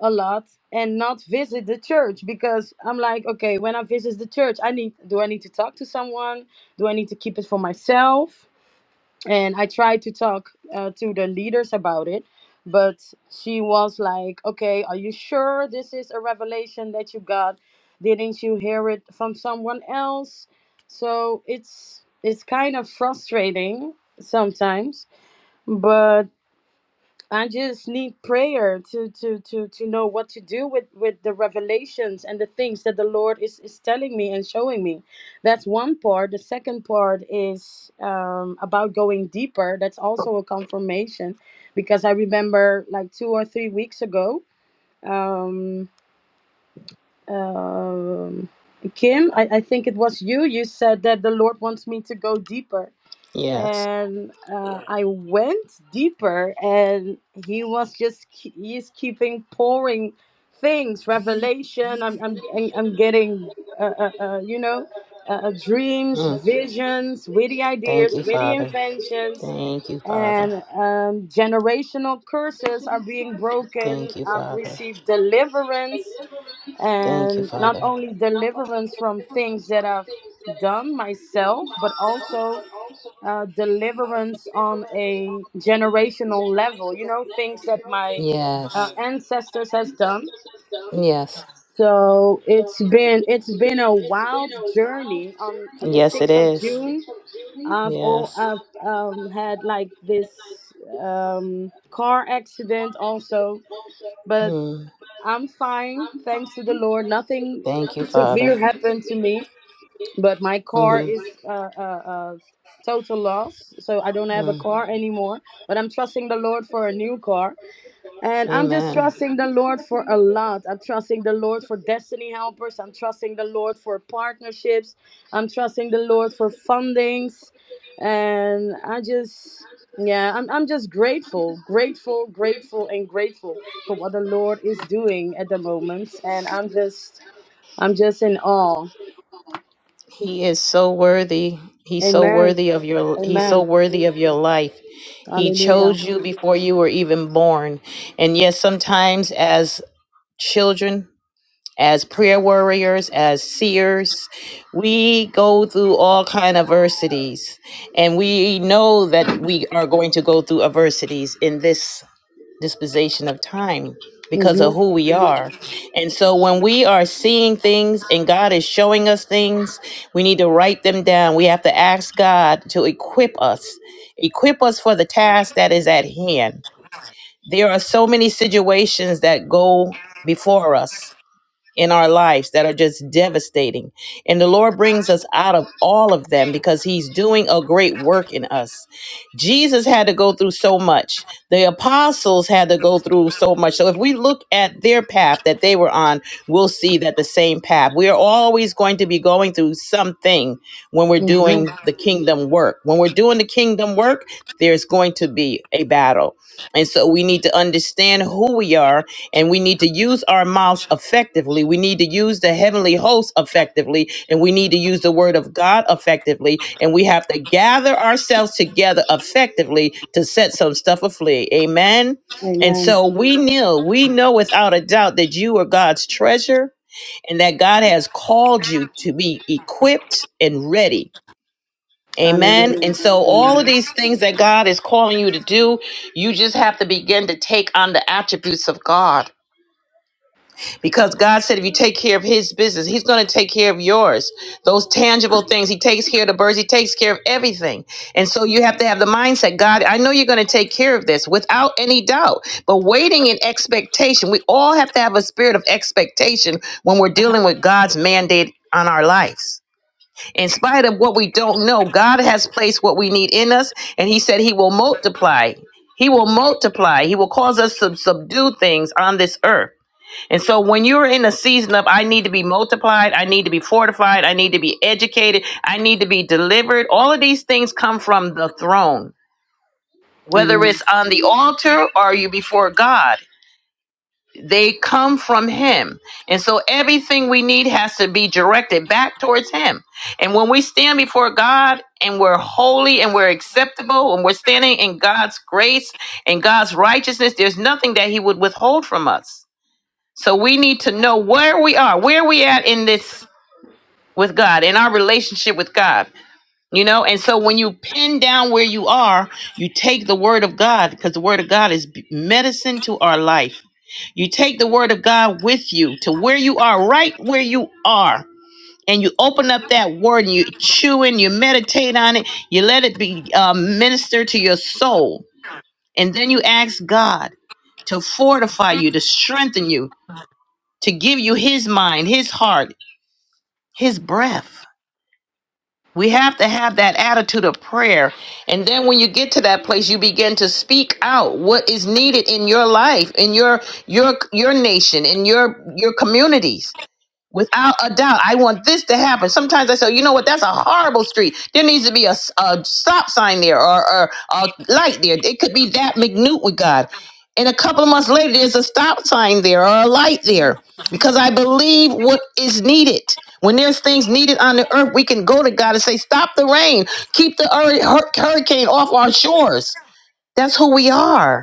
a lot and not visit the church because I'm like, okay, when I visit the church, I need do I need to talk to someone? Do I need to keep it for myself? and I tried to talk uh, to the leaders about it, but she was like, "Okay, are you sure this is a revelation that you got? Didn't you hear it from someone else?" So it's it's kind of frustrating sometimes, but I just need prayer to to to to know what to do with with the revelations and the things that the Lord is is telling me and showing me. That's one part. The second part is um, about going deeper. That's also a confirmation, because I remember like two or three weeks ago, um, um, Kim, I, I think it was you. You said that the Lord wants me to go deeper Yes. and uh, I went deeper, and he was just ke- he's keeping pouring things, revelation. I'm I'm I'm I'm getting uh, uh, uh, you know uh, uh, dreams, Mm. visions, witty Thank ideas, you, witty Father. inventions, Thank you, Father. and um, generational curses are being broken. Thank you, I've Father. received deliverance, Thank you, and not Father. only deliverance from things that I've done myself, but also uh, deliverance on a generational level you know things that my Uh, uh, ancestors has done Yes. so it's been it's been a wild journey on the 6th of june i've all Yes. i've um, had like this um, car accident also but Mm. i'm fine thanks to the lord nothing Father. severe happened to me but my car hmm is a uh, uh, uh, total loss so i don't have a car anymore but i'm trusting the lord for a new car and i'm just Amen. trusting the lord for a lot i'm trusting the lord for destiny helpers i'm trusting the lord for partnerships i'm trusting the lord for fundings and i just yeah i'm, I'm just grateful grateful grateful and grateful for what the lord is doing at the moment and i'm just i'm just in awe He is so worthy. He's so amen worthy of your he's amen so worthy of your life. He Hallelujah. chose you before you were even born. And yes, sometimes as children, as prayer warriors, as seers, we go through all kind of adversities. And we know that we are going to go through adversities in this dispensation of time because hmm of who we are. And so when we are seeing things and God is showing us things, we need to write them down. We have to ask God to equip us, equip us for the task that is at hand. There are so many situations that go before us in our lives that are just devastating. And the Lord brings us out of all of them because He's doing a great work in us. Jesus had to go through so much, the apostles had to go through so much. So if we look at their path that they were on, we'll see that the same path. We are always going to be going through something when we're hmm doing the kingdom work. When we're doing the kingdom work, there's going to be a battle. And so we need to understand who we are and we need to use our mouths effectively. We need to use the heavenly host effectively, and we need to use the word of God effectively. And we have to gather ourselves together effectively to set some stuff afloat. Amen. And Amen. so we know, we know without a doubt that you are God's treasure and that God has called you to be equipped and ready. Amen. Hallelujah. And so all Amen. of these things that God is calling you to do, you just have to begin to take on the attributes of God because God said if you take care of his business, he's going to take care of yours. Those tangible things. He takes care of the birds, he takes care of everything. And so you have to have the mindset, God, I know you're going to take care of this without any doubt. But waiting in expectation, we all have to have a spirit of expectation when we're dealing with God's mandate on our lives. In spite of what we don't know, God has placed what we need in us, and he said he will multiply. He will multiply. He will cause us to subdue things on this earth. And so when you're in a season of I need to be multiplied, I need to be fortified, I need to be educated, I need to be delivered, all of these things come from the throne. Whether Amen. it's on the altar or you before God, they come from him. And so everything we need has to be directed back towards him. And when we stand before God and we're holy and we're acceptable and we're standing in God's grace and God's righteousness, there's nothing that he would withhold from us. So we need to know where we are, where we at in this with God, in our relationship with God. You know, and so when you pin down where you are, you take the word of God because the word of God is b- medicine to our life. You take the word of God with you to where you are, right where you are. And you open up that word and you chew in, you meditate on it, you let it be uh, minister to your soul. And then you ask God to fortify you, to strengthen you, to give you his mind, his heart, his breath. We have to have that attitude of prayer. And then when you get to that place, you begin to speak out what is needed in your life, in your your your nation, in your your communities Without a doubt, I want this to happen. Sometimes I say, you know what, that's a horrible street. There needs to be a, s- a stop sign there or, or a light there. It could be that minute with God. And a couple of months later, there's a stop sign there or a light there because I believe what is needed. When there's things needed on the earth, we can go to God and say, stop the rain, keep the hur- hur- hurricane off our shores. That's who we are.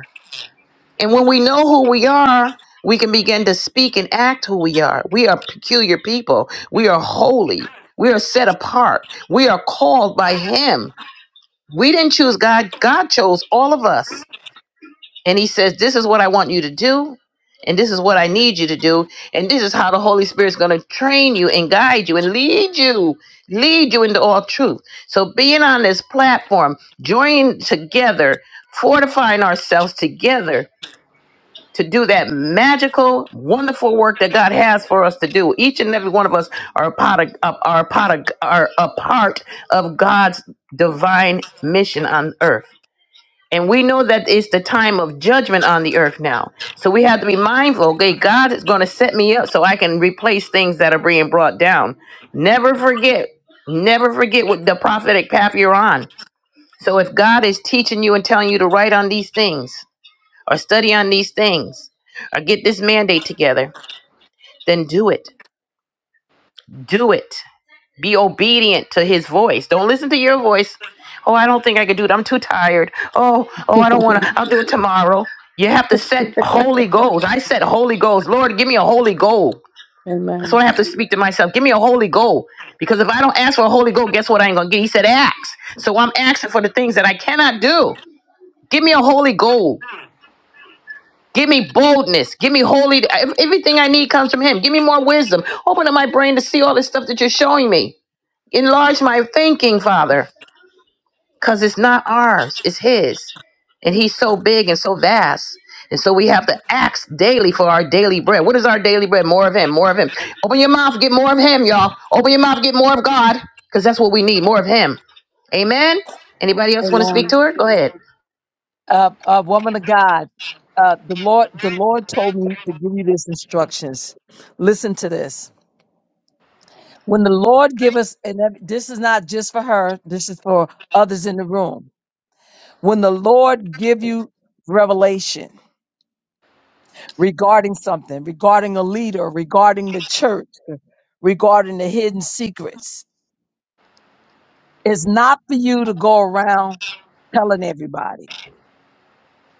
And when we know who we are, we can begin to speak and act who we are. We are peculiar people. We are holy. We are set apart. We are called by Him. We didn't choose God, God chose all of us. And He says, This is what I want you to do. And this is what I need you to do. And this is how the Holy Spirit's going to train you and guide you and lead you, lead you into all truth. So, being on this platform, joining together, fortifying ourselves together to do that magical, wonderful work that God has for us to do. Each and every one of us are a part of, are a part of, are a part of God's divine mission on earth. And we know that it's the time of judgment on the earth now. So we have to be mindful, okay, God is going to set me up so I can replace things that are being brought down. Never forget, never forget what the prophetic path you're on. So if God is teaching you and telling you to write on these things, or study on these things or get this mandate together, then do it. Do it. Be obedient to his voice. Don't listen to your voice. Oh, I don't think I can do it. I'm too tired. Oh, oh, I don't want to. I'll do it tomorrow. You have to set holy goals. I set holy goals. Lord, give me a holy goal. That's Amen. what I have to speak to myself. Give me a holy goal. Because if I don't ask for a holy goal, guess what I ain't going to get? He said, ask. So I'm asking for the things that I cannot do. Give me a holy goal Give me boldness. Give me holy. ev- Everything I need comes from Him. Give me more wisdom. Open up my brain to see all this stuff that you're showing me. Enlarge my thinking, Father, because it's not ours, it's His. And He's so big and so vast. And so we have to ask daily for our daily bread. What is our daily bread? More of Him, more of Him. Open your mouth, get more of Him, y'all. Open your mouth, get more of God, because that's what we need more of Him. Amen. Anybody else want to speak Amen. to her? Go ahead. uh, uh, woman of God, uh, the Lord, the Lord told me to give you these instructions. Listen to this. When the Lord give us, and that- this is not just for her, this is for others in the room. When the Lord give you revelation regarding something, regarding a leader, regarding the church, regarding the hidden secrets, it's not for you to go around telling everybody.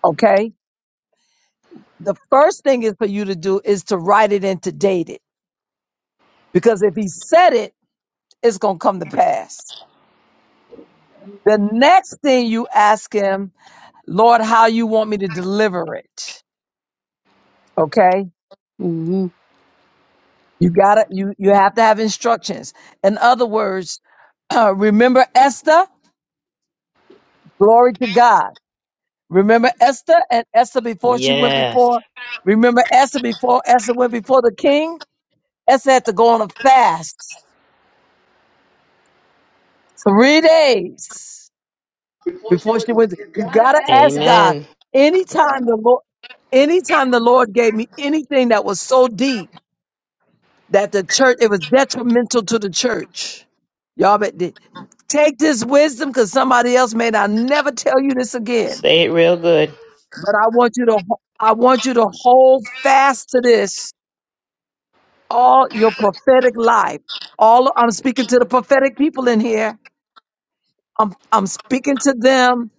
Okay. The first thing is for you to do is to write it and to date it Because if he said it, it's going to come to pass. The next thing you ask him, Lord, how you want me to deliver it. Okay. hmm You gotta, you, you have to have instructions. In other words, uh, remember Esther? Glory to God. Remember Esther and Esther before she went Yes. before? Remember Esther before Esther went before the king? Esther had to go on a fast. Three days. before she went. You gotta ask God. Anytime the Lord, anytime the Lord gave me anything that was so deep that the church, it was detrimental to the church. Y'all, but the- take this wisdom because somebody else may not never tell you this again. Say it real good. But I want you to, ho- I want you to hold fast to this all your prophetic life. All I'm speaking to the prophetic people in here. I'm I'm speaking to them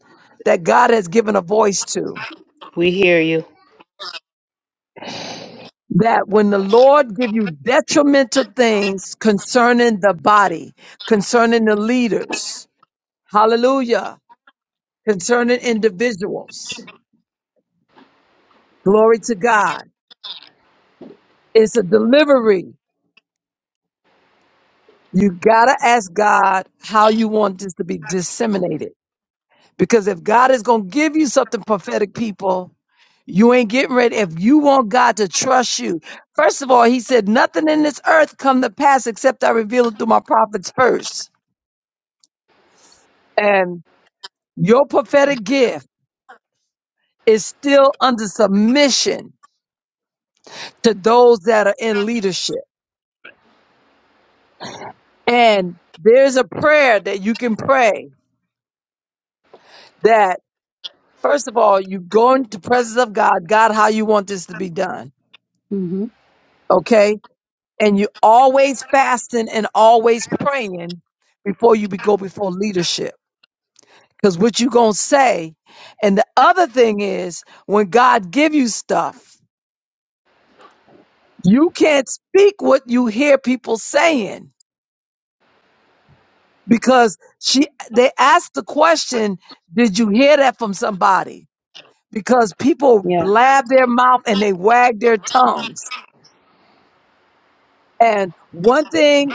that God has given a voice to. We hear you. that when the Lord give you detrimental things concerning the body, concerning the leaders, hallelujah, concerning individuals, glory to God. It's a delivery. You gotta ask God how you want this to be disseminated. Because if God is gonna give you something prophetic, people, you ain't getting ready. If you want God to trust you, first of all, he said, nothing in this earth come to pass except I reveal it through my prophets first. and. Your prophetic gift is still under submission to those that are in leadership. And there's a prayer that you can pray that, first of all, you go into the presence of God, God, how you want this to be done. hmm Okay. And you always fasting and always praying before you be- go before leadership. Because what you going to say. And the other thing is when God give you stuff, you can't speak what you hear people saying because she they asked the question did you hear that from somebody because people Yeah. blab their mouth and they wag their tongues and one thing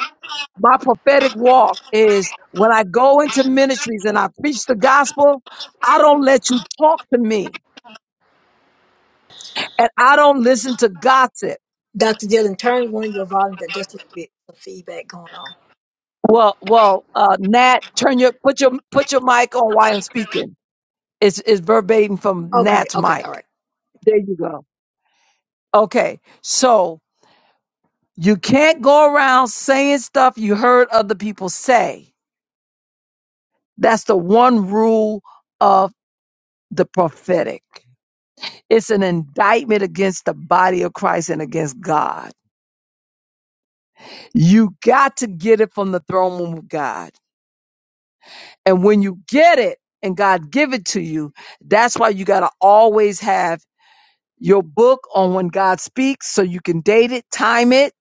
my prophetic walk is when i go into ministries and i preach the gospel i don't let you talk to me and i don't listen to gossip Dr. Dillon, turn one of your volumes There's just a little bit. of feedback going on. well well uh nat turn your put your put your mic on while i'm speaking it's, it's verbatim from Okay, nat's okay, all mic right. there you go okay so You can't go around saying stuff you heard other people say. That's the one rule of the prophetic. It's an indictment against the body of Christ and against God. You got to get it from the throne room of God. And when you get it and God give it to you, that's why you got to always have your book on when God speaks so you can date it, time it.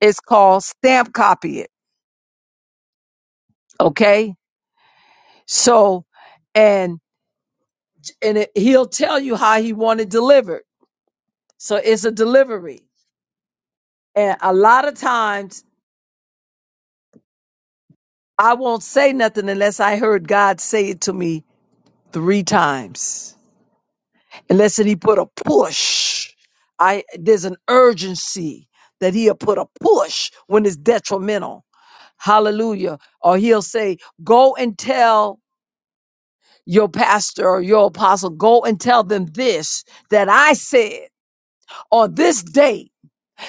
It's called stamp copy it. Okay. So, and. and it, he'll tell you how he want it delivered. So it's a delivery. And a lot of times I won't say nothing unless I heard God say it to me three times. Unless that he put a push. I there's an urgency that he'll put a push when it's detrimental. Hallelujah. Or he'll say, Go and tell your pastor or your apostle, go and tell them this that I said on this date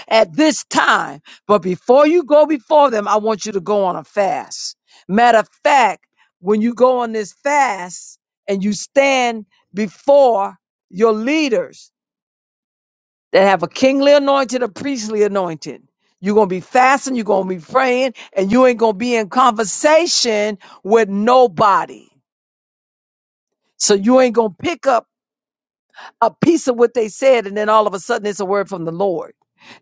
at this time. But before you go before them, I want you to go on a fast. Matter of fact, when you go on this fast and you stand before your leaders that have a kingly anointed, a priestly anointed, you're going to be fasting, you're going to be praying, and you ain't going to be in conversation with nobody. So you ain't going to pick up a piece of what they said, and then all of a sudden it's a word from the Lord.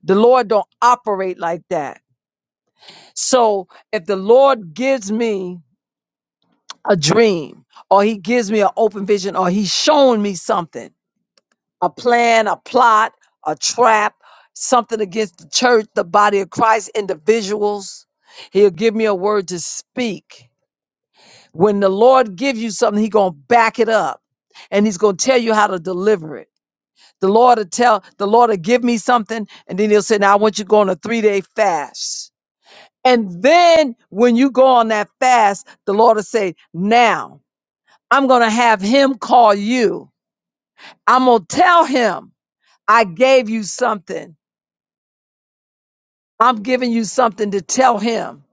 The Lord don't operate like that. So if the Lord gives me a dream or he gives me an open vision or he's showing me something, a plan, a plot, a trap, something against the church, the body of Christ, individuals, he'll give me a word to speak. When the Lord gives you something, he's gonna back it up and he's gonna tell you how to deliver it. The Lord will tell the Lord will give me something, and then he'll say, Now I want you to go on a three-day fast. And then when you go on that fast, the Lord will say, Now I'm going to have him call you. I'm going to tell him I gave you something. I'm giving you something to tell him.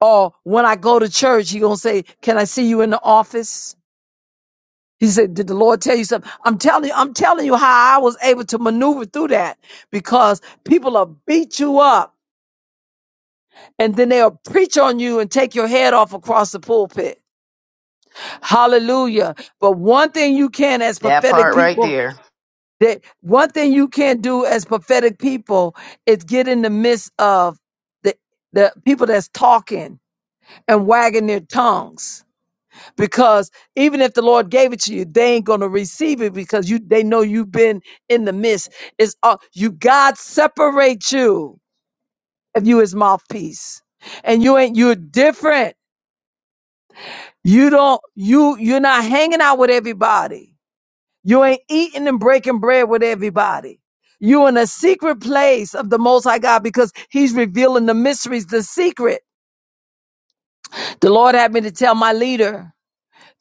Or when I go to church, he going to say, Can I see you in the office? He said, Did the Lord tell you something? I'm telling you, I'm telling you how I was able to maneuver through that because people will beat you up and then they'll preach on you and take your head off across the pulpit Hallelujah. But one thing you can as That prophetic part right people there. that one thing you can't do as prophetic people is get in the midst of the the people that's talking and wagging their tongues. Because even if the Lord gave it to you, they ain't gonna receive it because you they know you've been in the midst. It's all you God separate you if you his mouthpiece. And you ain't you're different. You don't you you're not hanging out with everybody You ain't eating and breaking bread with everybody. You in a secret place of the Most High God because He's revealing the mysteries, the secret. The Lord had me to tell my leader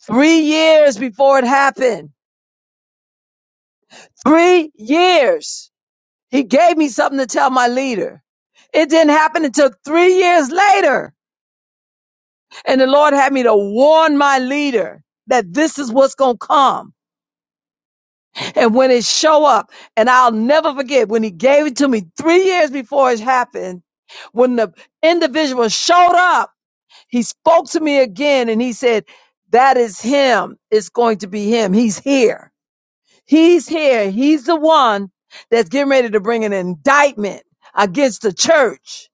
three years before it happened. Three years. He gave me something to tell my leader. It didn't happen until three years later. And the Lord had me to warn my leader that this is what's going to come. And when it show up, and I'll never forget when he gave it to me three years before it happened, when the individual showed up, he spoke to me again and he said, that is him. It's going to be him. He's here. He's here. He's the one that's getting ready to bring an indictment against the church.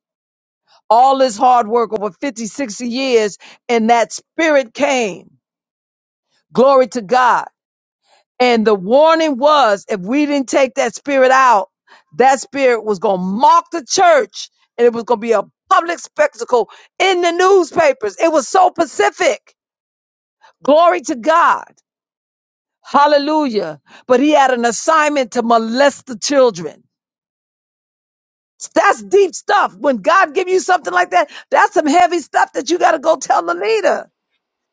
All this hard work over 50, 60 years and that spirit came. Glory to God And the warning was if we didn't take that spirit out, that spirit was going to mock the church and it was going to be a public spectacle in the newspapers. It was so pacific. Glory to God. Hallelujah. But he had an assignment to molest the children. That's deep stuff. When God give you something like that, that's some heavy stuff that you got to go tell the leader.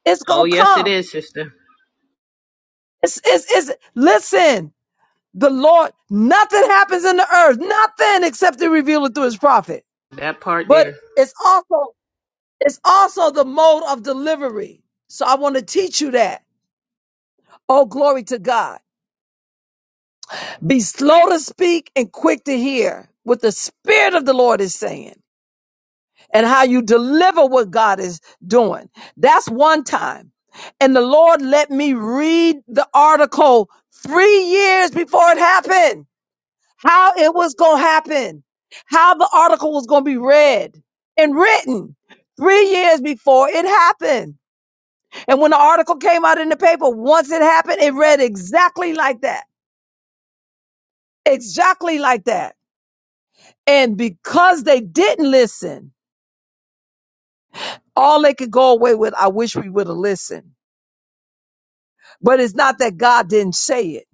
It's Oh, going to yes, it come. is, sister. It's, it's, it's, listen, The Lord, nothing happens in the earth, nothing except to reveal it through his prophet. That part But there. it's also, it's also the mode of delivery. So I want to teach you that. Oh, glory to God. Be slow to speak and quick to hear what the Spirit of the Lord is saying and how you deliver what God is doing. That's one time. And the Lord let me read the article three years before it happened. how it was going to happen, how the article was going to be read and written three years before it happened. And when the article came out in the paper, once it happened, it read exactly like that, exactly like that. And because they didn't listen, all they could go away with, I wish we would have listened. But it's not that God didn't say it.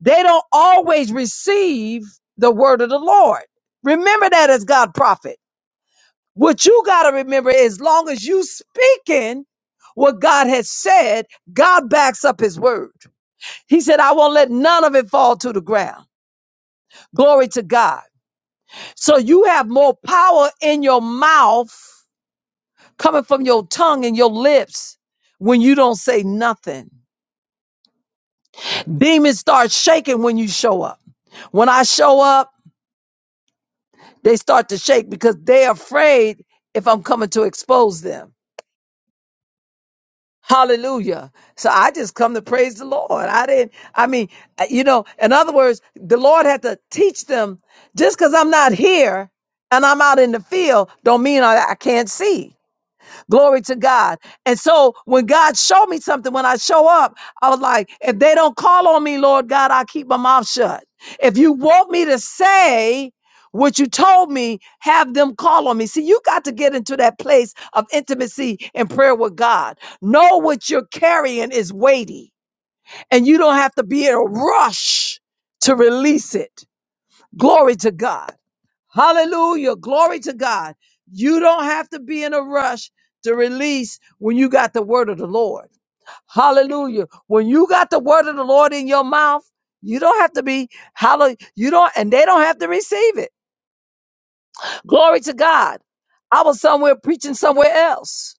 They don't always receive the word of the Lord. Remember that as God prophet. What you got to remember as long as you speaking what God has said, God backs up his word. He said, I won't let none of it fall to the ground. Glory to God. So you have more power in your mouth coming from your tongue and your lips when you don't say nothing. Demons start shaking when you show up. When I show up, they start to shake because they're afraid if I'm coming to expose them. Hallelujah. So I just come to praise the Lord. I didn't, I mean, uh, you know, in other words, the Lord had to teach them just because I'm not here and I'm out in the field, don't mean I, I can't see. Glory to God. And so when God showed me something, when I show up, I was like, if they don't call on me, Lord God, I keep my mouth shut. If you want me to say what you told me, have them call on me. See, you got to get into that place of intimacy and prayer with God. Know what you're carrying is weighty, and you don't have to be in a rush to release it. Glory to God. Hallelujah. Glory to God. You don't have to be in a rush to release when you got the word of the Lord. Hallelujah. When you got the word of the Lord in your mouth, you don't have to be hallelujah. You don't, and they don't have to receive it. Glory to God. I was somewhere preaching somewhere else.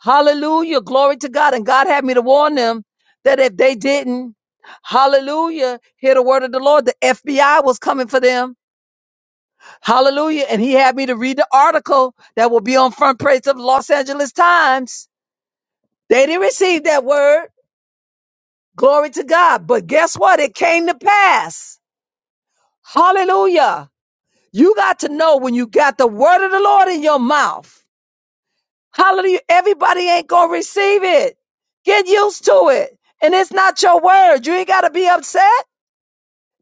Hallelujah. Glory to God. And God had me to warn them that if they didn't, hallelujah, hear the word of the Lord, the FBI was coming for them. Hallelujah. And he had me to read the article that will be on front page of the Los Angeles Times. They didn't receive that word. Glory to God. But guess what? It came to pass. Hallelujah. You got to know when you got the word of the Lord in your mouth. Hallelujah. Everybody ain't going to receive it. Get used to it. And it's not your word. You ain't got to be upset.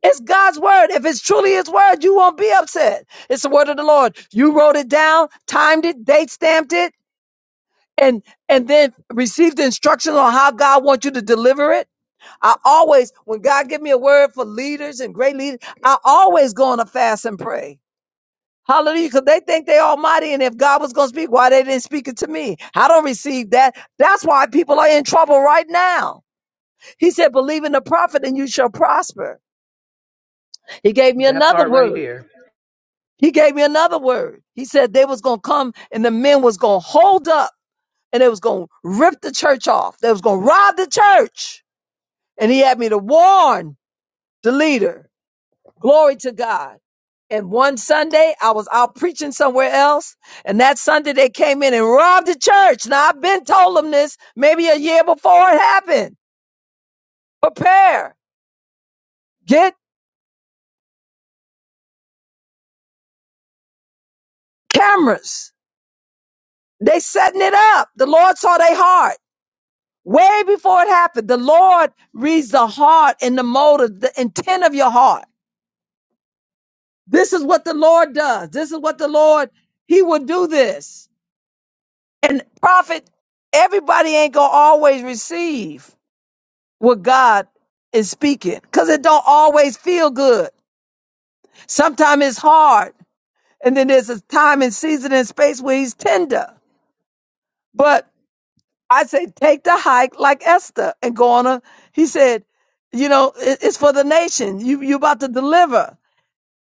It's God's word. If it's truly his word, you won't be upset. It's the word of the Lord. You wrote it down, timed it, date stamped it and and then receive the instructions on how God wants you to deliver it. I always, when God give me a word for leaders and great leaders, I always go on a fast and pray. Hallelujah, because they think they almighty, and if God was going to speak, why they didn't speak it to me? I don't receive that. That's why people are in trouble right now. He said, believe in the prophet and you shall prosper. He gave me That another part right word. there. He gave me another word. He said they was going to come and the men was going to hold up and they was going to rip the church off. They was going to rob the church And he had me to warn the leader. Glory to God. And one Sunday, I was out preaching somewhere else. And that Sunday, they came in and robbed the church. Now, I've been told them this maybe a year before it happened. Prepare, get cameras. They setting it up. The Lord saw their heart way before it happened. The Lord reads the heart and the motive, the intent of your heart. This is what the Lord does. This is what the Lord, He will do this. And prophet, everybody ain't gonna always receive what God is speaking because it don't always feel good. Sometimes it's hard, and then there's a time and season and space where he's tender. But I say take the hike like Esther and go on a. He said, you know, it- it's for the nation. You you about to deliver.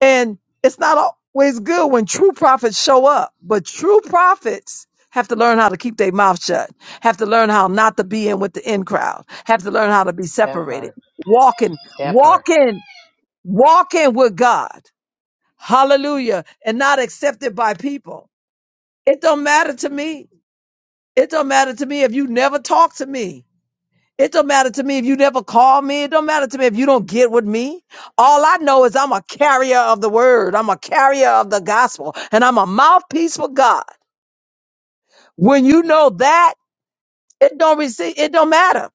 And it's not always good when true prophets show up, but true prophets have to learn how to keep their mouth shut, have to learn how not to be in with the in crowd, have to learn how to be That separated, part. walking, That part. walking, walking with God. Hallelujah. And not accepted by people. It don't matter to me. It don't matter to me if you never talk to me. It don't matter to me if you never call me. It don't matter to me if you don't get with me. All I know is I'm a carrier of the word. I'm a carrier of the gospel and I'm a mouthpiece for God. When you know that, it don't receive, it don't matter.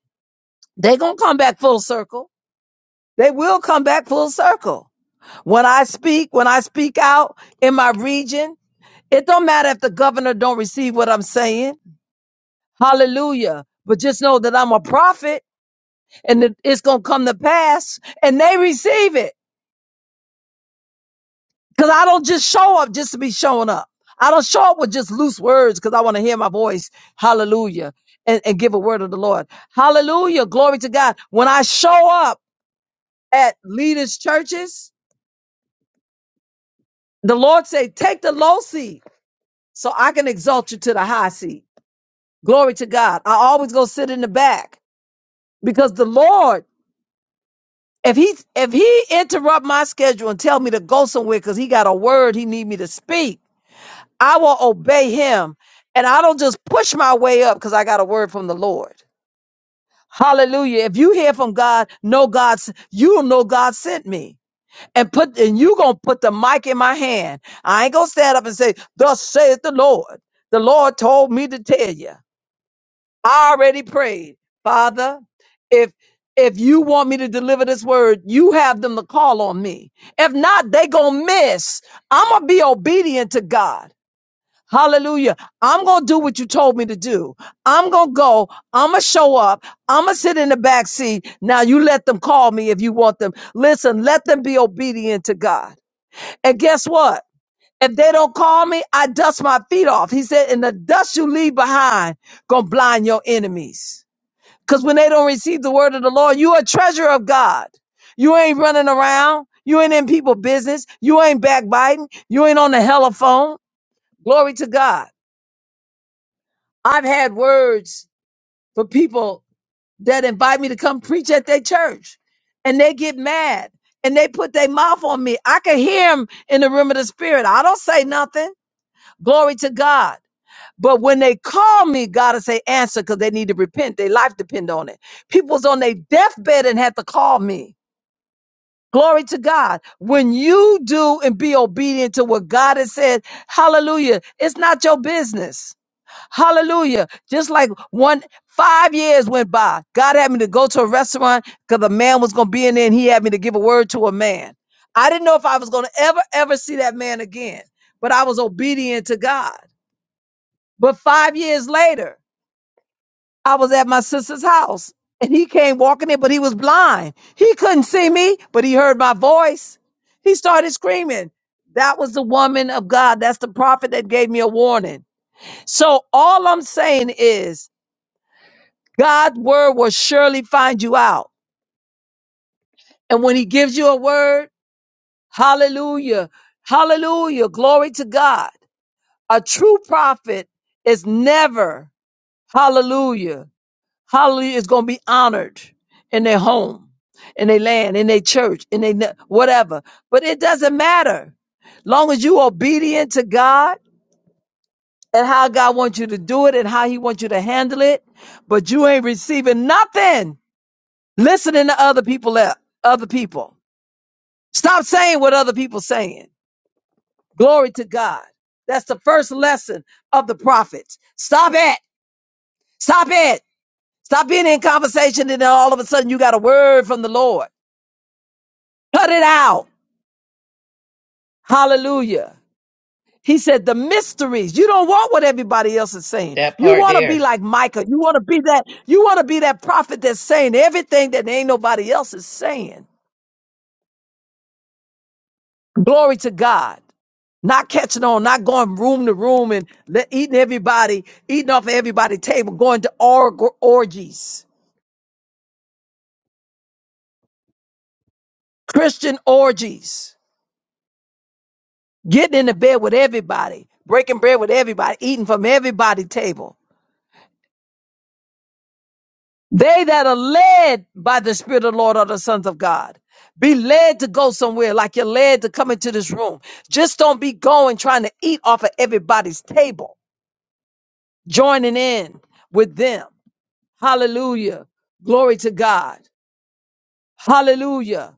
They gonna come back full circle. They will come back full circle. When I speak, when I speak out in my region, it don't matter if the governor don't receive what I'm saying. Hallelujah. But just know that I'm a prophet and it- it's gonna come to pass and they receive it. Cause I don't just show up just to be showing up. I don't show up with just loose words because I want to hear my voice. Hallelujah. And, and give a word of the Lord. Hallelujah. Glory to God. When I show up at leaders' churches, the Lord say, take the low seat so I can exalt you to the high seat. Glory to God. I always go sit in the back because the Lord, if he if he interrupt my schedule and tell me to go somewhere because he got a word he need me to speak, I will obey him. And I don't just push my way up because I got a word from the Lord. Hallelujah. If you hear from God, know God's you know God sent me. And put and you gonna put the mic in my hand. I ain't gonna stand up and say, Thus saith the Lord. The Lord told me to tell you. I already prayed, Father, if if you want me to deliver this word, you have them to call on me. If not, they gonna miss. I'm gonna be obedient to God. Hallelujah. I'm going to do what you told me to do. I'm going to go. I'm going to show up. I'm going to sit in the back seat. Now you let them call me if you want them. Listen, let them be obedient to God. And guess what? If they don't call me, I dust my feet off. He said, and the dust you leave behind going to blind your enemies. Because when they don't receive the word of the Lord, you are a treasure of God. You ain't running around. You ain't in people business. You ain't backbiting. You ain't on the hella phone. Glory to God. I've had words for people that invite me to come preach at their church and they get mad and they put their mouth on me. I can hear them in the room of the spirit. I don't say nothing. Glory to God. But when they call me, God will say answer because they need to repent. Their life depend on it. People's on their deathbed and had to call me. Glory to God. When you do and be obedient to what God has said, hallelujah, it's not your business. Hallelujah. Just like one, five years went by. God had me to go to a restaurant because a man was going to be in there and he had me to give a word to a man. I didn't know if I was going to ever, ever see that man again, but I was obedient to God. But five years later, I was at my sister's house and he came walking in, but he was blind. He couldn't see me, but he heard my voice. He started screaming. That was the woman of God. That's the prophet that gave me a warning. So all I'm saying is, God's word will surely find you out. And when he gives you a word, hallelujah, hallelujah, glory to God. A true prophet is never, hallelujah, hallelujah, is going to be honored in their home, in their land, in their church, in their ne- whatever. But it doesn't matter. Long as you obedient to God and how God wants you to do it and how he wants you to handle it, but you ain't receiving nothing listening to other people other people stop saying what other people saying glory to god that's the first lesson of the prophets stop it stop it stop being in conversation and then all of a sudden you got a word from the lord cut it out hallelujah he said the mysteries you don't want what everybody else is saying That you part want to there. be like micah you want to be that you want to be that prophet that's saying everything that ain't nobody else is saying glory to god not catching on, not going room to room and let, eating everybody, eating off of everybody's table, going to org- orgies, Christian orgies, getting in the bed with everybody, breaking bread with everybody, eating from everybody's table. They that are led by the Spirit of the Lord are the sons of God. Be led to go somewhere like you're led to come into this room. Just don't be going trying to eat off of everybody's table, joining in with them. Hallelujah. Glory to God. Hallelujah.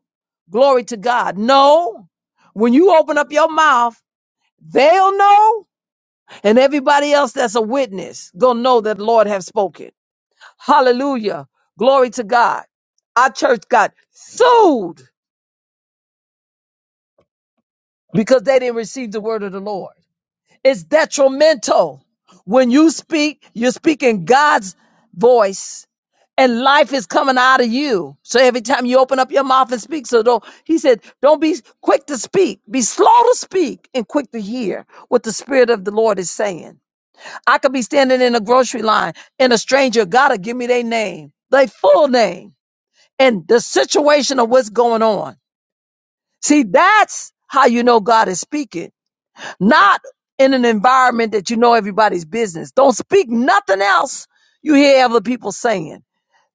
Glory to God. No, when you open up your mouth, they'll know, and everybody else that's a witness gonna know that the Lord have spoken. Hallelujah. Glory to God. Our church got sued because they didn't receive the word of the Lord. It's detrimental. When you speak, you're speaking God's voice and life is coming out of you. So every time you open up your mouth and speak, so don't, he said, don't be quick to speak, be slow to speak and quick to hear what the Spirit of the Lord is saying. I could be standing in a grocery line and a stranger, gotta give me their name, their full name, and the situation of what's going on. See, that's how you know God is speaking not in an environment that you know everybody's business. Don't speak nothing else you hear other people saying.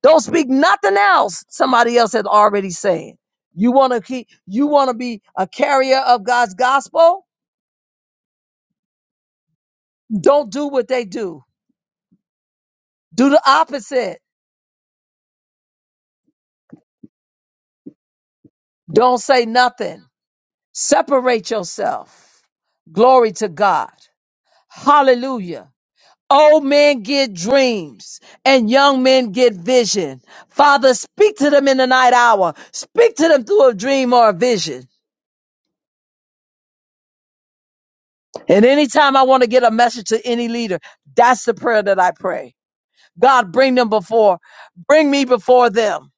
Don't speak nothing else somebody else has already said. You want to keep you want to be a carrier of God's gospel? Don't do what they do. Do the opposite. Don't say nothing. Separate yourself. Glory to God. Hallelujah. Old men get dreams and young men get vision. Father, speak to them in the night hour. Speak to them through a dream or a vision. And anytime I want to get a message to any leader, that's the prayer that I pray. God, bring them before, bring me before them.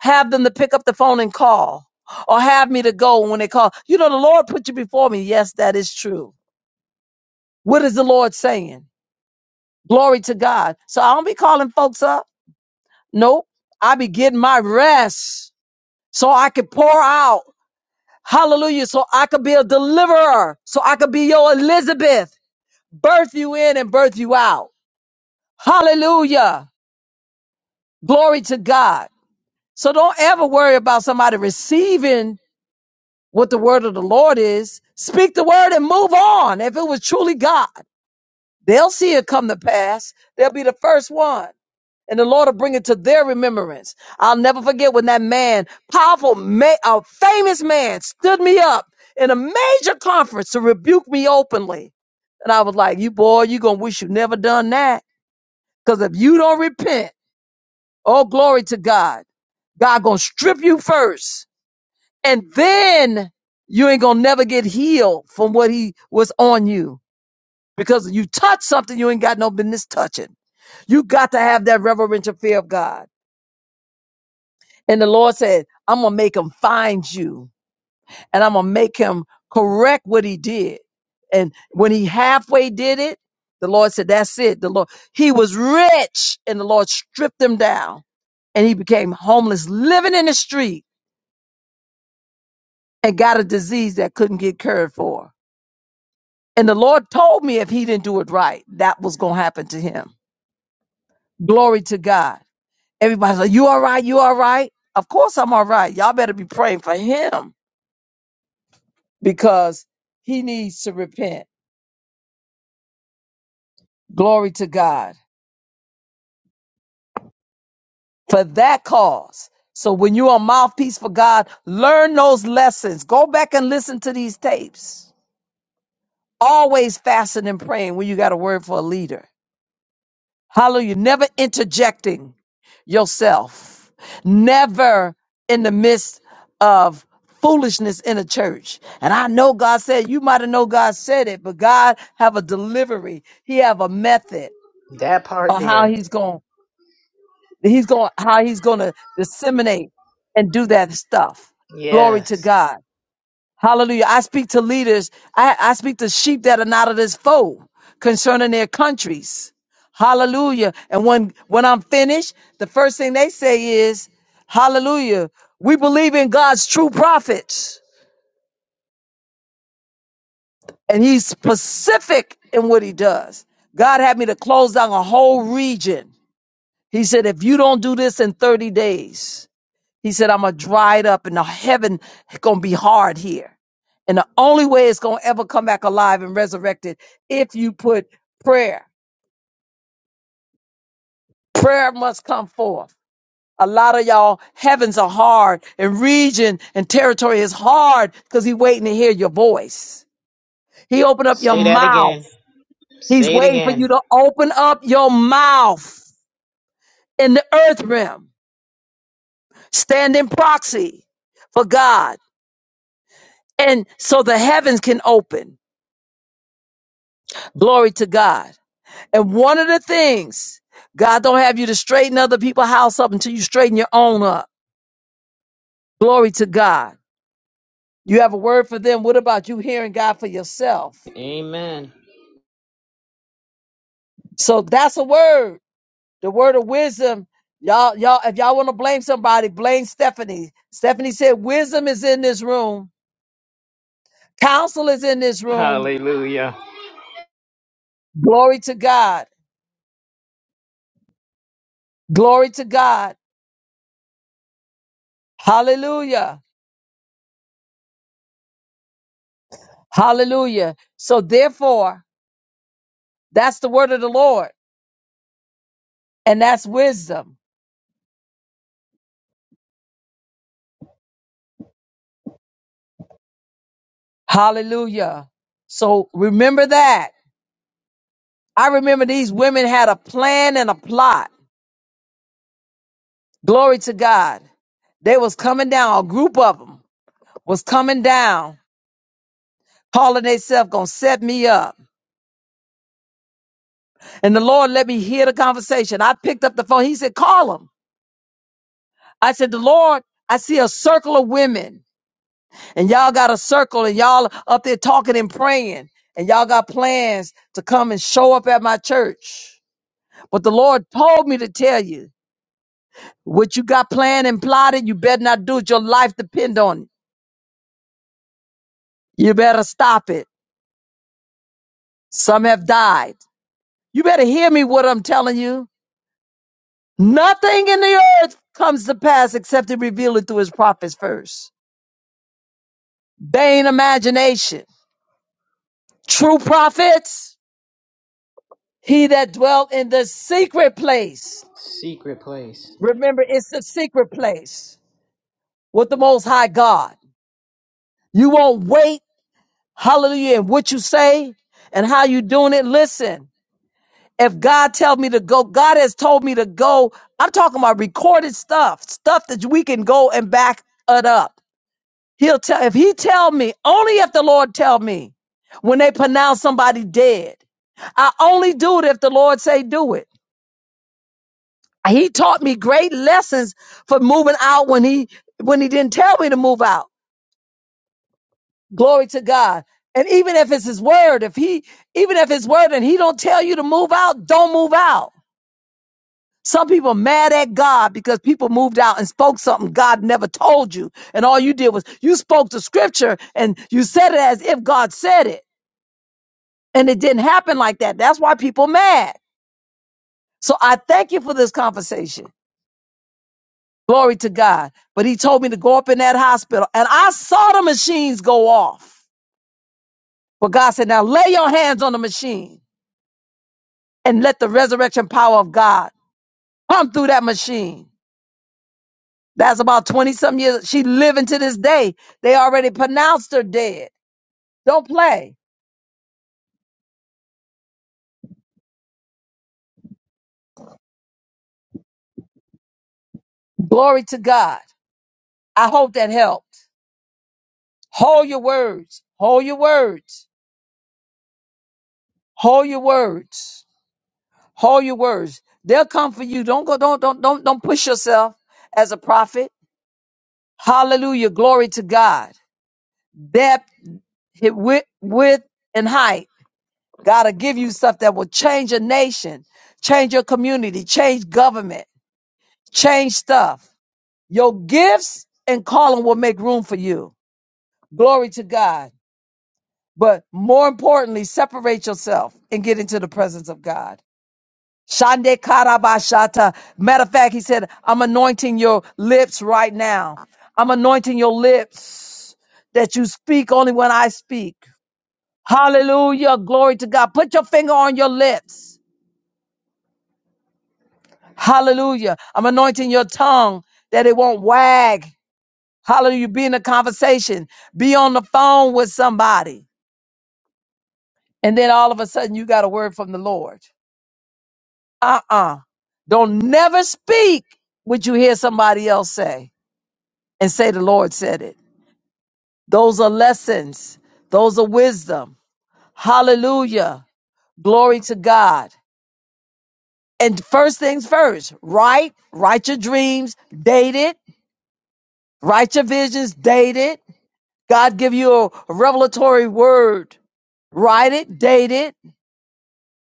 Have them to pick up the phone and call or have me to go when they call. You know, the Lord put you before me. Yes, that is true. What is the Lord saying? Glory to God. So I don't be calling folks up. Nope. I be getting my rest. so I could pour out. Hallelujah. So I could be a deliverer. So I could be your Elizabeth. Birth you in and birth you out. Hallelujah. Glory to God. So don't ever worry about somebody receiving what the word of the Lord is. Speak the word and move on. If it was truly God, they'll see it come to pass. They'll be the first one. and the Lord will bring it to their remembrance. I'll never forget when that man, powerful, ma- a famous man, stood me up in a major conference to rebuke me openly. And I was like, you boy, you going to wish you never done that. Because if you don't repent, oh, glory to God, God going to strip you first. And then you ain't going to never get healed from what he was on you. Because you touch something you ain't got no business touching. You got to have that reverential fear of God. And the Lord said, I'm going to make him find you and I'm going to make him correct what he did. And when he halfway did it, the Lord said, that's it. The Lord, he was rich and the Lord stripped him down and he became homeless, living in the street and got a disease that couldn't get cured for. And the Lord told me if he didn't do it right, that was going to happen to him. Glory to God. Everybody's like, you all right? You all right? Of course I'm all right. Y'all better be praying for him because he needs to repent. Glory to God for that cause. So when you're a mouthpiece for God, learn those lessons. Go back and listen to these tapes. Always fasting and praying when you got a word for a leader. Hallelujah. Never interjecting yourself. Never in the midst of foolishness in a church. And I know God said, you might have know God said it, but God have a delivery. He have a method of how he's going. He's going how he's going to disseminate and do that stuff. Glory to Yes. God. Hallelujah. I speak to leaders. I, I speak to sheep that are not of this fold concerning their countries. Hallelujah. And when when I'm finished, the first thing they say is, Hallelujah. We believe in God's true prophets. And he's specific in what he does. God had me to close down a whole region. He said, if you don't do this in 30 days, He said, I'm going to dry it up and the heaven going to be hard here. And the only way it's going to ever come back alive and resurrected if you put prayer. Prayer must come forth. A lot of y'all, heavens are hard and region and territory is hard because he's waiting to hear your voice. He opened up your Say that mouth. again. He's Say it waiting for again. you to open up your mouth in the earth realm. Stand in proxy for God. And so the heavens can open. Glory to God. And one of the things, God don't have you to straighten other people's house up until you straighten your own up. Glory to God. You have a word for them. What about you hearing God for yourself? So that's a word. The word of wisdom. Y'all, y'all, if y'all want to blame somebody, blame Stephanie. Stephanie said, wisdom is in this room. Counsel is in this room. Glory to God. Glory to God. Hallelujah. Hallelujah. So therefore, that's the word of the Lord. And that's wisdom. Hallelujah. So remember that. I remember these women had a plan and a plot. Glory to God. They was coming down, a group of them was coming down, calling themselves gonna set me up. And the Lord let me hear the conversation. I picked up the phone. He said, call them. I said, the Lord, I see a circle of women and y'all got a circle and y'all up there talking and praying and y'all got plans to come and show up at my church. But the Lord told me to tell you What you got planned and plotted, you better not do it. Your life depend on it. You better stop it. Some have died. You better hear me what I'm telling you. Nothing in the earth comes to pass except he reveal it through his prophets first. Vain imagination. True prophets, he that dwelt in the secret place. Secret place. Remember, it's the secret place with the most high God. You won't wait, hallelujah, and what you say and how you doing it. Listen, If God tells me to go, God has told me to go. I'm talking about recorded stuff, stuff that we can go and back it up. He'll tell if he tell me, only if the Lord tell me when they pronounce somebody dead. I only do it if the Lord say do it. He taught me great lessons for moving out when he when he didn't tell me to move out. Glory to God. And even if it's his word, if he even if it's word and he don't tell you to move out, don't move out. Some people are mad at God because people moved out and spoke something God never told you. And all you did was you spoke the scripture and you said it as if God said it. And it didn't happen like that. That's why people mad. So I thank you for this conversation. Glory to God. But he told me to go up in that hospital and I saw the machines go off. But God said, now lay your hands on the machine and let the resurrection power of God come through that machine. That's about 20 something years. She living to this day. They already pronounced her dead. Don't play. Glory to God. I hope that helped. Hold your words. Hold your words. Hold your words. Hold your words. They'll come for you. Don't go, don't, don't, don't, don't push yourself as a prophet. Hallelujah. Glory to God. Depth, hit width, width, and height. God will give you stuff that will change a nation, change your community, change government, change stuff. Your gifts and calling will make room for you. Glory to God. But more importantly, separate yourself and get into the presence of God. Shande karabashata. Matter of fact, he said, I'm anointing your lips right now. I'm anointing your lips that you speak only when I speak. Hallelujah. Glory to God. Put your finger on your lips. Hallelujah. I'm anointing your tongue that it won't wag. Hallelujah. Be in a conversation, be on the phone with somebody. And then all of a sudden you got a word from the Lord. Uh uh do not never speak what you hear somebody else say and say the Lord said it. Those are lessons, those are wisdom. Hallelujah. Glory to God. And first things first, write, write your dreams, date it, write your visions, date it. God give you a revelatory word. Write it, date it,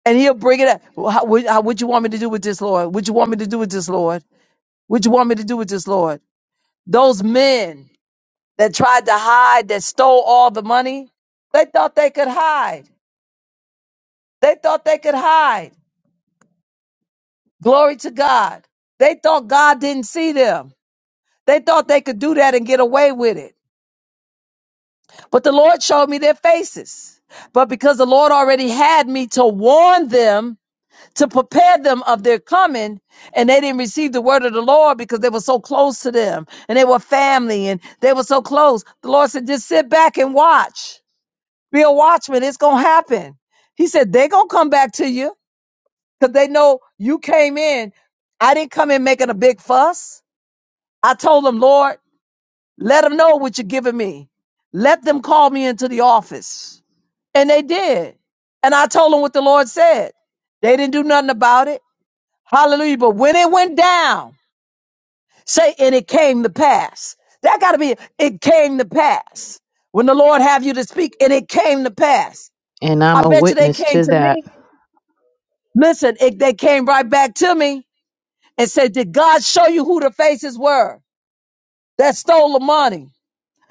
And he'll bring it up. Well, How, what, how, what you want me to do with this, Lord? What you want me to do with this, Lord? What you want me to do with this, Lord? Those men that tried to hide, that stole all the money, they thought they could hide. They thought they could hide. Glory to God. They thought God didn't see them. They thought they could do that and get away with it. But the Lord showed me their faces. But because the Lord already had me to warn them, to prepare them of their coming and they didn't receive the word of the lord because they were so close to them and they were family and they were so close the lord said just sit back and watch be a watchman it's gonna happen he said they're gonna come back to you because they know you came in i didn't come in making a big fuss i told them lord let them know what you're giving me let them call me into the office and they did and i told them what the lord said they didn't do nothing about it Hallelujah. But when it went down, say, and it came to pass. That got to be, it came to pass. When the Lord have you to speak, and it came to pass. And I I'm a bet you they witness came to to that. me. Listen, it, they came right back to me and said, Did God show you who the faces were that stole the money?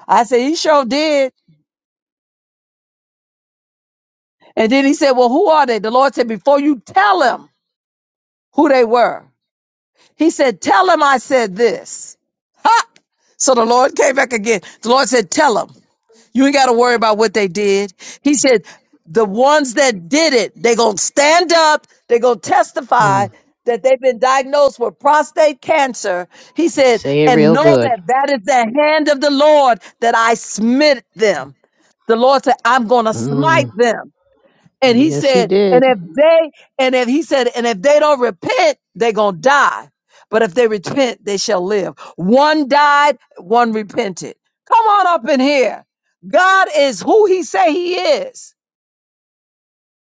I said, He sure did. And then he said, Well, who are they? The Lord said, Before you tell him who they were, he said, Tell him I said this. Ha! So the Lord came back again. The Lord said, Tell him. You ain't got to worry about what they did. He said, the ones that did it, they going to stand up. they going to testify Mm. that they've been diagnosed with prostate cancer. He said, Say it and real know good. that that is the hand of the Lord that I smit them. The Lord said, I'm going to Mm. smite them. And he Yes, he said, and did. if they, and if he said, and if they don't repent, they're going to die. But if they repent, they shall live. One died, one repented. Come on up in here. God is who he say he is.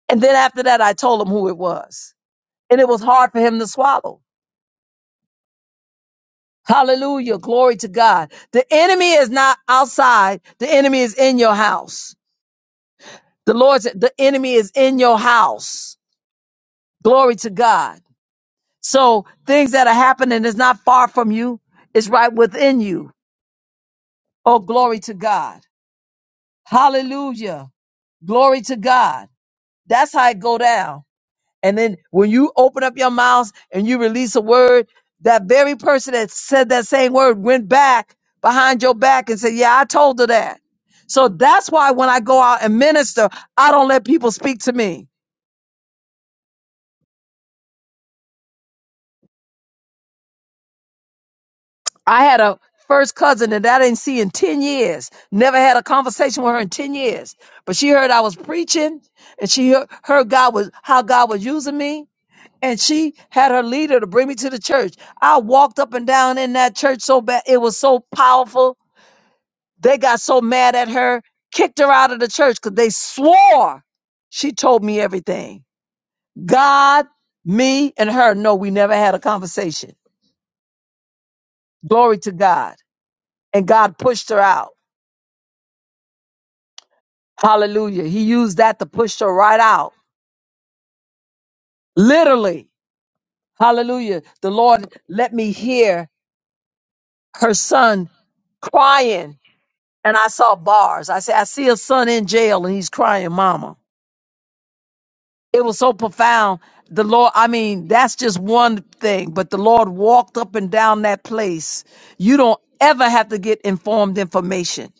And then after that, I told him who it was. And it was hard for him to swallow. Hallelujah. Glory to God. The enemy is not outside. The enemy is in your house. The Lord's, the enemy is in your house. Glory to God. So things that are happening is not far from you, it's right within you. Oh, glory to God. Hallelujah. Glory to God. That's how it go down. And then when you open up your mouth and you release a word, that very person that said that same word went back behind your back and said, Yeah, I told her that. So that's why when I go out and minister, I don't let people speak to me. I had a first cousin that I didn't see in 10 years. Never had a conversation with her in 10 years. But she heard I was preaching and she hear- heard God was how God was using me. And she had her leader to bring me to the church. I walked up and down in that church so bad. It was so powerful. They got so mad at her, kicked her out of the church because they swore she told me everything. God, me, and her. No, we never had a conversation. Glory to God. And God pushed her out. Hallelujah. He used that to push her right out. Literally. Hallelujah. The Lord let me hear her son crying. And I saw bars. I said, I see a son in jail and he's crying, mama. It was so profound. The Lord, I mean, that's just one thing, but the Lord walked up and down that place. You don't ever have to get informed information.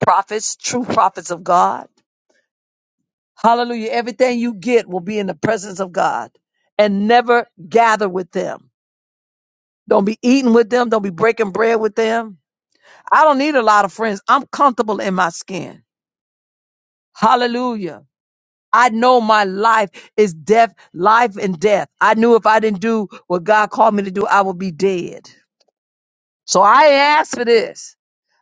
Prophets, true prophets of God. Hallelujah. Everything you get will be in the presence of God and never gather with them. Don't be eating with them. Don't be breaking bread with them. I don't need a lot of friends. I'm comfortable in my skin. Hallelujah. I know my life is death, life and death. I knew if I didn't do what God called me to do, I would be dead. So I asked for this.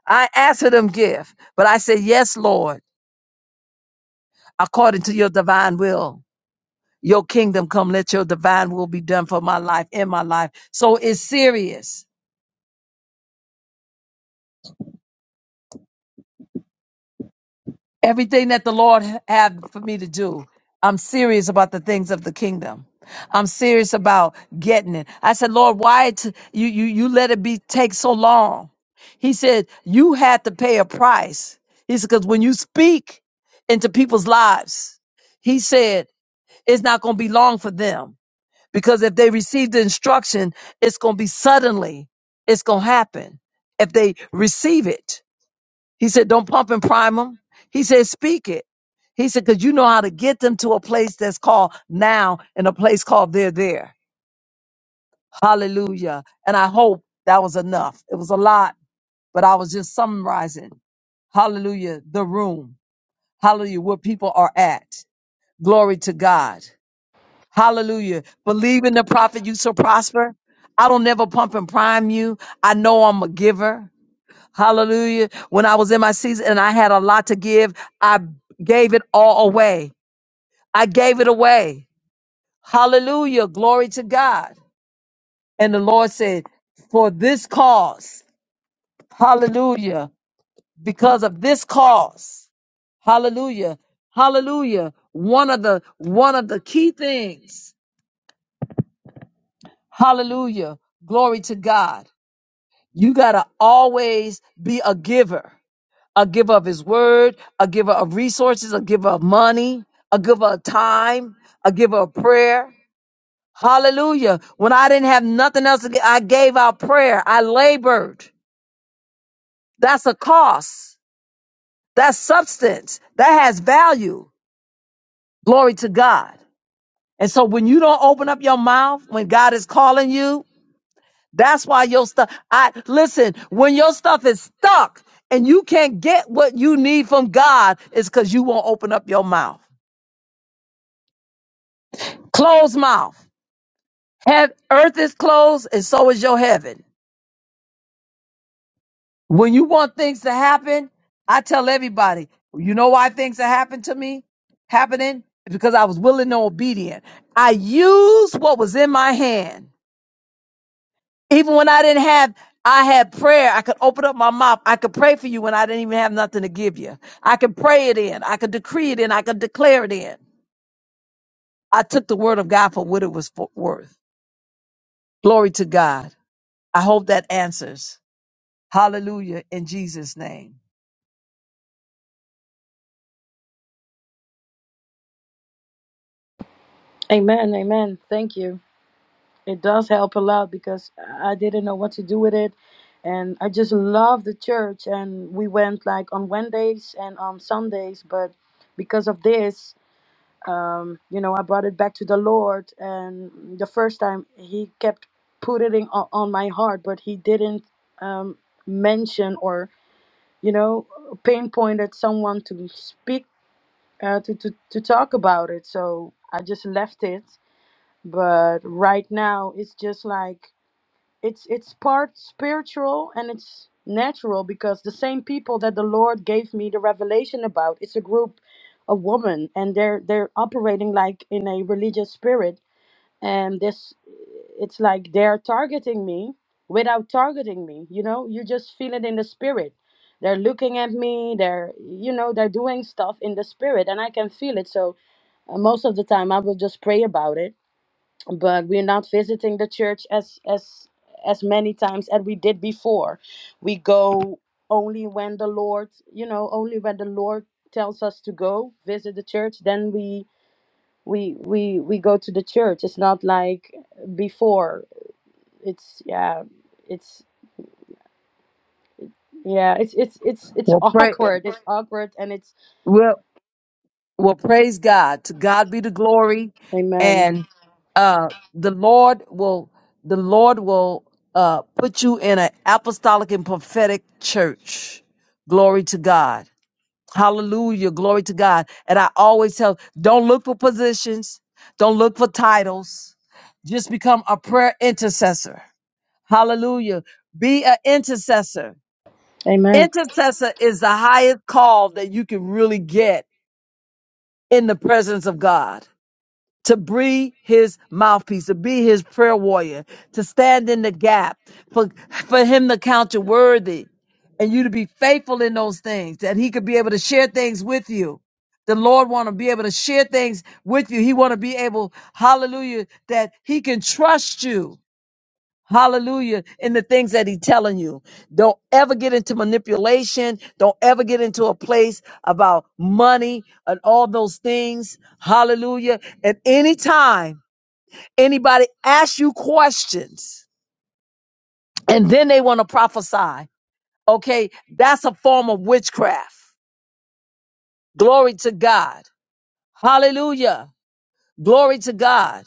I asked for them gift, but I said, yes, Lord, according to your divine will. Your kingdom come, let your divine will be done for my life in my life. So it's serious. Everything that the Lord had for me to do, I'm serious about the things of the kingdom. I'm serious about getting it. I said, Lord, why t- you you you let it be take so long? He said, you had to pay a price. He said, because when you speak into people's lives, he said, it's not going to be long for them Because if they receive the instruction, it's going to be suddenly, it's going to happen if they receive it. He said, don't pump and prime them. He said, speak it. He said, because you know how to get them to a place that's called now and a place called there, there. Hallelujah. And I hope that was enough. It was a lot, but I was just summarizing. Hallelujah. The room. Hallelujah. Where people are at. Glory to God. Hallelujah. Believe in the prophet, you shall prosper. I don't never pump and prime you. I know I'm a giver. Hallelujah. When I was in my season and I had a lot to give, I gave it all away. I gave it away. Hallelujah. Glory to God. And the Lord said, For this cause, hallelujah, because of this cause, hallelujah, hallelujah. One of the one of the key things, hallelujah, glory to God You got to always be a giver, a giver of his word, a giver of resources, a giver of money, a giver of time, a giver of prayer. Hallelujah. When I didn't have nothing else, to give, I gave out prayer. I labored. That's a cost. That's substance. That has value. Glory to God. And so when you don't open up your mouth, when God is calling you, That's why your stuff. I listen. When your stuff is stuck and you can't get what you need from God, it's because you won't open up your mouth. Closed mouth. Heav- earth is closed, and so is your heaven. When you want things to happen, I tell everybody. You know why things have happened to me? Happening because I was willing and obedient. I used what was in my hand. Even when I didn't have, I had prayer. I could open up my mouth. I could pray for you when I didn't even have nothing to give you. I could pray it in. I could decree it in. I could declare it in. I took the word of God for what it was for, worth. Glory to God. I hope that answers. Hallelujah in Jesus' name. Amen. Amen. Thank you. It does help a lot because I didn't know what to do with it. And I just love the church. And we went like on Wednesdays and on Sundays. But because of this, um, you know, I brought it back to the Lord, and the first time He kept putting it on, on my heart, but He didn't um, mention or, you know, pinpointed someone to speak uh, to, to to talk about it. So I just left it. But right now, it's just like it's it's part spiritual and it's natural because the same people that the lord gave me the revelation about it's a group of women and they're they're operating like in a religious spirit and this it's like they're targeting me without targeting me you know you just feel it in the spirit they're looking at me they're you know they're doing stuff in the spirit and i can feel it so uh, most of the time i will just pray about it but we're not visiting the church as as as many times as we did before we go only when the lord you know only when the lord tells us to go visit the church then we we we we go to the church it's not like before it's yeah it's yeah it's it's it's it's Well, pray. awkward it's awkward and it's Well. Well, praise God. To God be the glory. amen And uh the Lord will the Lord will uh put you in an apostolic and prophetic church. Glory to God. Hallelujah. Glory to God. And I always tell don't look for positions, don't look for titles. Just become a prayer intercessor. Hallelujah. Be an intercessor. amen Intercessor is the highest call that you can really get in the presence of God to be his mouthpiece, to be his prayer warrior, to stand in the gap for, for him to count you worthy and you to be faithful in those things, that he could be able to share things with you. The Lord want to be able to share things with you. He want to be able, hallelujah, that he can trust you Hallelujah. In the things that he's telling you. Don't ever get into manipulation. Don't ever get into a place about money and all those things. Hallelujah. At any time, anybody asks you questions and then they want to prophesy, okay, that's a form of witchcraft. Glory to God. Hallelujah. Glory to God.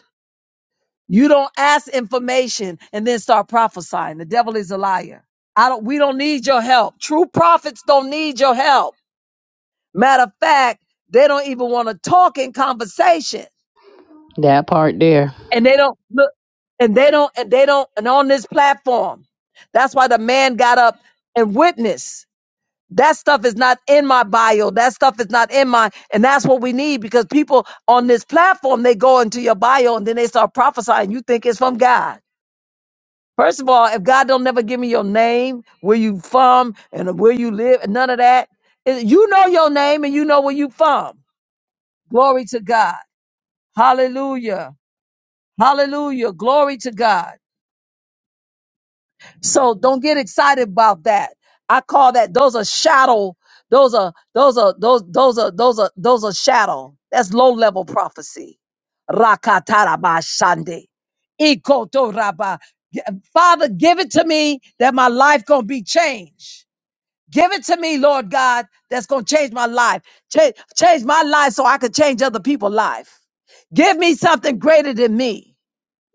You don't ask information and then start prophesying. The devil is a liar. I don't we don't need your help. True prophets don't need your help. Matter of fact, they don't even want to talk in conversation. That part there. And they don't look and they don't and they don't and on this platform. That's why the man got up and witnessed. That stuff is not in my bio. That stuff is not in my and that's what we need because people on this platform they go into your bio and then they start prophesying. You think it's from God. First of all, if God don't never give me your name, where you from, and where you live, and none of that, eh, you know your name and you know where you from. Glory to God. Hallelujah. Hallelujah. Glory to God. So don't get excited about that. I call that those are shadow. Those are those are those those are those are those are shadow. That's low level prophecy. Rakatarabashande. Ikotoraba. Father, give it to me that my life gonna be changed. Give it to me, Lord God, that's going to change my life. Change, change my life so I can change other people's life. Give me something greater than me.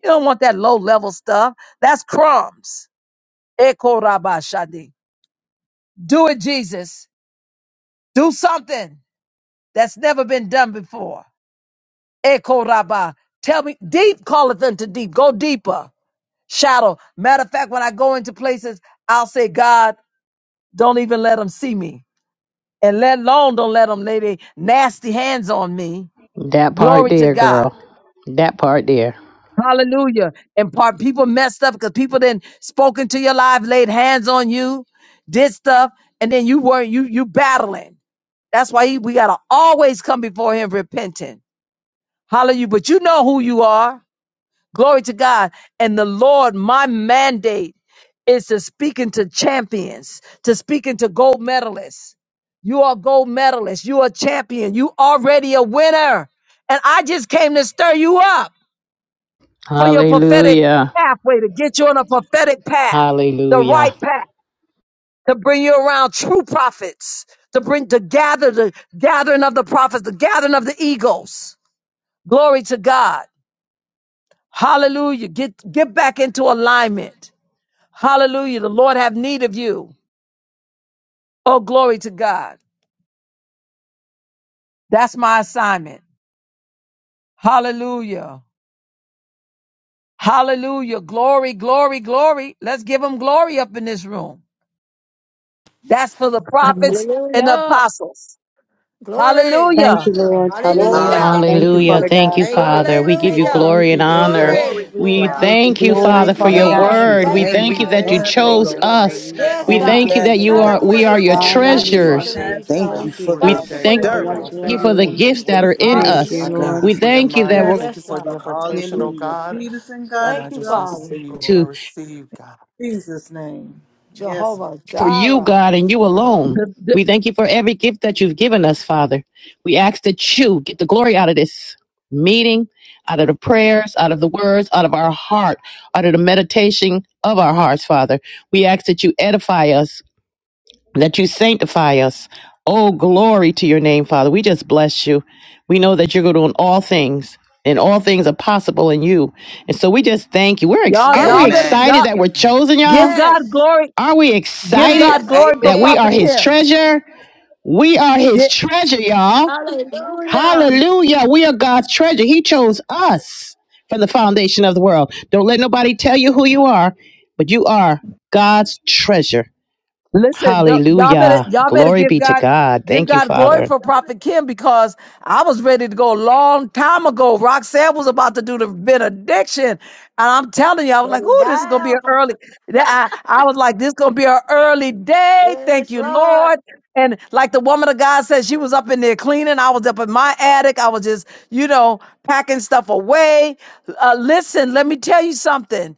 You don't want that low level stuff. That's crumbs. Eko raba shadi. Do it, Jesus. Do something that's never been done before. Eko raba. Tell me, deep calleth unto deep. Go deeper. Shadow. Matter of fact, when I go into places, I'll say, God, don't even let them see me. and let alone don't let them lay their nasty hands on me. That part Glory to there, God. girl. That part there. Hallelujah. And part people messed up because people didn't spoken to your life, laid hands on you, did stuff, and then you weren't you you battling. That's why he, we gotta always come before him repenting. Hallelujah. But you know who you are. Glory to God. And the Lord, my mandate is to speaking to champions, to speaking to gold medalists. You are gold medalists. You are champion. You already a winner. And I just came to stir you up for your prophetic Hallelujah. pathway to get you on a prophetic path, the Hallelujah. right path, to bring you around true prophets, to bring to gather the gathering of the prophets, the gathering of the eagles. Glory to God. Hallelujah. Get get back into alignment. Hallelujah. The Lord have need of you. Oh, glory to God. That's my assignment. Hallelujah. Hallelujah. Glory, glory, glory. Let's give him glory up in this room. That's for the prophets and the Hallelujah. apostles. Glory. thank Hallelujah. you lord Glory, Hallelujah. hallelujah thank you Hallelujah. Hallelujah. father hallelujah. Thank god you, Thank you, Glory, Father. Lord. We give you Thank you, Hallelujah. glory. glory Thank and you, Jesus. honor. Jesus. Thank Glory, Glory. you, We glory, We God. give you thank you, hallelujah. glory, Father, Thank for you, Father your We thank God, Lord. Thank and you, we you, word. give We Lord. Thank you, you We thank thank you you, that praise, you bless Father. you. thank Have your way, you, Thank Lord. chose you, hallelujah, Lord. Lord. Lord. Thank us. you, hallelujah, Have Yes, your We way, Father. Jesus. Thank I God. thank you, you that Father Yes, thank Lord. you Father. Thank Have are you. you God. Glory, your for we are way, this your hallelujah. day. Father Lord. God, Thank I Thank you, you just for Lord. Hallelujah. the treasures. Have Thank receive release, you, what you your Thank way, God. have you Jesus. Thank Lord you, for poured the God. We Thank you Father, today, for We thank Thank your for Father you, what stirring. Lord God. I you anointing. are you thank God. for you the for doing. your gifts Speaking that in are wisdom. in the tongues Thank today. Yes, you, I us. thank Hallelujah. God. Lord. you We for your thank you that mind. I we're Yes, thank you Yes, Lord for God. the God. impartation, Continue oh Hallelujah. to God. lead us and guide And us Thank I you, just throughout the Father. way, receive, I to Lord. receive, God. Jesus' name. Yes, Lord. Jehovah for you, Jireh. God, and you alone. The- the- We thank you for every gift that you've given us, Father. We ask that you get the glory out of this meeting, out of the prayers, out of the words, out of our heart, out of the meditation of our hearts, Father. We ask that you edify us, that you sanctify us. Oh, glory to your name, Father. We just bless you. We know that you're going to do in all things. And all things are possible in you. And so we just thank you. We're ex- y'all, aren't we y'all better Yes. Amen. excited y'all that And we're chosen, give y'all? God Yes. glory. Are we Give excited God Yes. glory for that we Amen. Prophet are his Kim. treasure? We are his treasure, y'all. Hallelujah. Hallelujah. We are God's treasure. He chose us from the foundation of the world. Don't let nobody tell you who you are, but you are God's treasure. Listen, don't- y'all better Hallelujah. y'all better Glory give be to God God. give Thank you, God glory Father. for Prophet Kim because I was ready to go a long time ago. Roxanne was about to do the benediction, and I'm telling you, I was Put like, it "Ooh, this is gonna be an down. early." that- I, I was like, "This is gonna be an early day." Thank Yes, you, Lord. Lord. And like the woman of God said, she was up in there cleaning. I was up in my attic. I was just, you know, packing stuff away. Uh, listen, let me tell you something.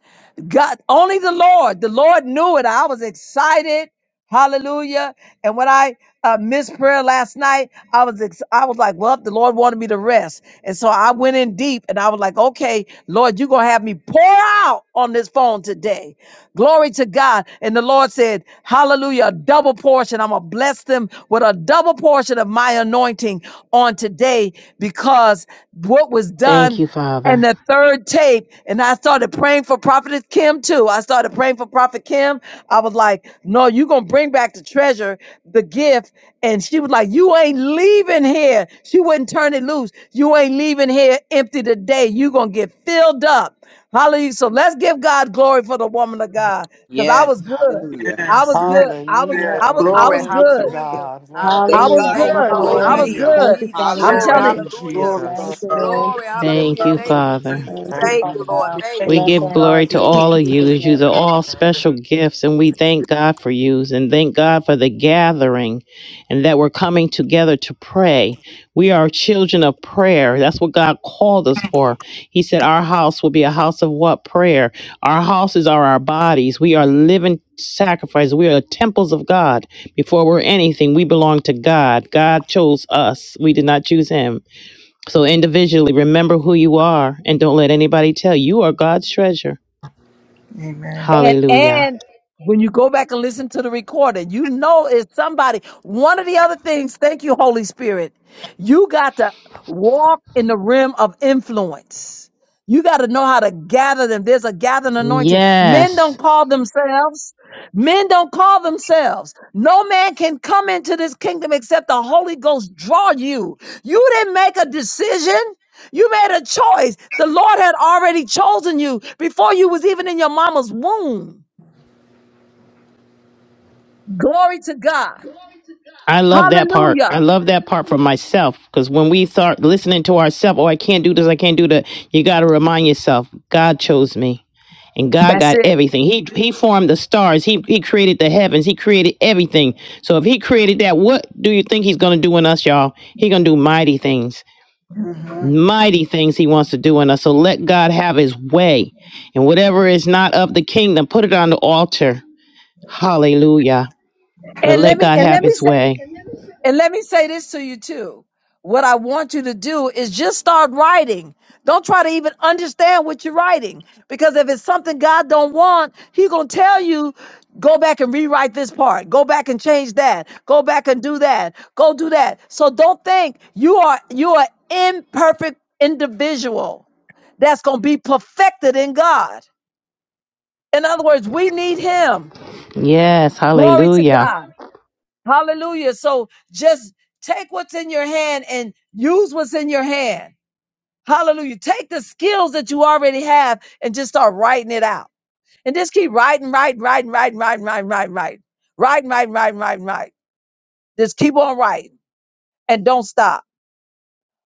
God, only the Lord. The Lord knew it. I was excited. Hallelujah. And when I uh, missed prayer last night, I was ex- I was like, well, the Lord wanted me to rest. And so I went in deep and I was like, okay, Lord, you're going to have me pour out on this phone today. Glory to God. And the Lord said, hallelujah, a double portion. I'm going to bless them with a double portion of my anointing on today because what was Thank done. you, And Father. the third tape, and I started praying for Prophetess Kim too. I started praying for Prophet Kim. I was like, no, you going to bring back the treasure, the gift. And she was like, you ain't leaving here. She wouldn't turn it loose. You ain't leaving here empty today. you going to get filled up. Hallelujah. So let's give God glory for the woman of God because I yes, was good. hallelujah. I yes, was yes, good. I was, yes, Hallelujah I and was, I Glory. was glory to good. Hallelujah. God. Lord, I I thank Hallelujah. was Hallelujah. God Thank you. for Thank good. you, you, her Lord. I Lord. was Thank obedience. you, Hallelujah. good. Thank you, Jesus. Father, I'm for yes. Glory. telling Thank you. Hallelujah. praying. you, Hallelujah. Glory, Lord Thank Jesus. you, God. We Lord. Glory. Thank Hallelujah. you, God for the Thank you, Father. Jesus. Thank Thank you, Thank you, Father you. Lord. God. Thank thank We you, you, Bless give Lord our God. glory heart, Jesus. to Lord, in all of you. Jesus' as name. You're all special gifts, and we thank God for yous and thank God for the gathering and that we're coming together to pray. We are children of prayer. That's what God called us for. He said, Our house will be a house of what? Prayer. Our houses are our bodies. We are living sacrifices. We are temples of God. Before we're anything, we belong to God. God chose us, we did not choose Him. So individually, remember who you are and don't let anybody tell you you are God's treasure. Amen. And Hallelujah. and when you go back and listen to the recording, you know it's somebody. One of the other things, thank you, Holy Spirit, you got to walk in the rim of influence. You got to know how to gather them. There's a gathering anointing. Men don't Yes. call themselves. Men don't call themselves. No man can come into this kingdom except the Holy Ghost draw you. You didn't make a decision. You made a choice. The Lord had already chosen you before you was even in your mama's womb. Glory to God. I love that part. I Hallelujah. love that part for myself because when we start listening to ourselves, oh, I can't do this, I can't do that, you got to remind yourself, God chose me and God That's got it. everything. He He formed the stars, He, he created the heavens, He created everything. So if He created that, what do you think He's going to do in us, y'all? He going to do mighty things. hmm mighty things he wants to do in us. So let God have his way. And whatever is not of the kingdom, put it on the altar. Hallelujah. But And let let me God and have let me his say way. And let me say this to you too. What I want you to do is just start writing. Don't try to even understand what you're writing because if it's something God don't want, he going to tell you go back and rewrite this part. Go back and change that. Go back and do that. Go do that. So don't think you are you are imperfect individual that's going to be perfected in God. In other words, we need him. Yes, Glory to hallelujah. God. Hallelujah. So just take what's in your hand and use what's in your hand. Hallelujah. Take the skills that you already have and just start writing it out. And just keep writing, writing, writing, writing, writing, writing, writing, writing, writing, writing, writing, writing, writing. Just keep on writing and don't stop.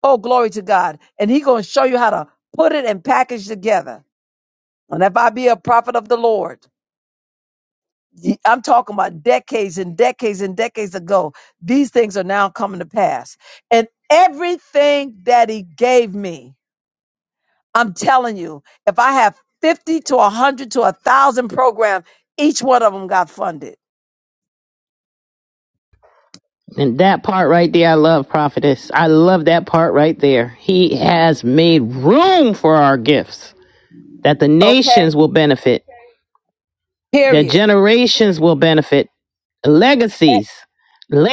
Oh, glory to God. And He's going to show you how to put it and package together. And if I be a prophet of the Lord, Ye- I'm talking about decades and decades and decades ago. These things are now coming to pass. And everything that he gave me, I'm telling you, if I have 50 to 100 to 1,000 programs, each one of them got funded. And that part right there, I love prophetess. I love that part right there. He has made room for our gifts that the Okay? nations will benefit, that Period. generations will benefit, And, legacies,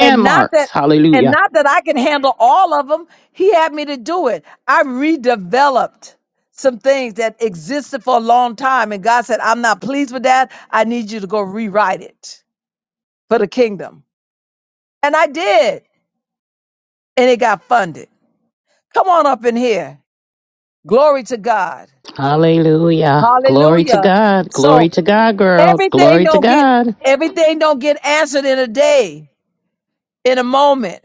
and not that and Hallelujah not that I can handle all of them. He had me to do it. I redeveloped some things that existed for a long time and God said, "I'm not pleased with that. I need you to go rewrite it." for the kingdom. And I did. And it got funded. Come on up in here. Glory to God. Hallelujah. Glory to Hallelujah. God. So Glory to God, girl. everything Glory to don't get God. everything don't get answered in a day, in a moment.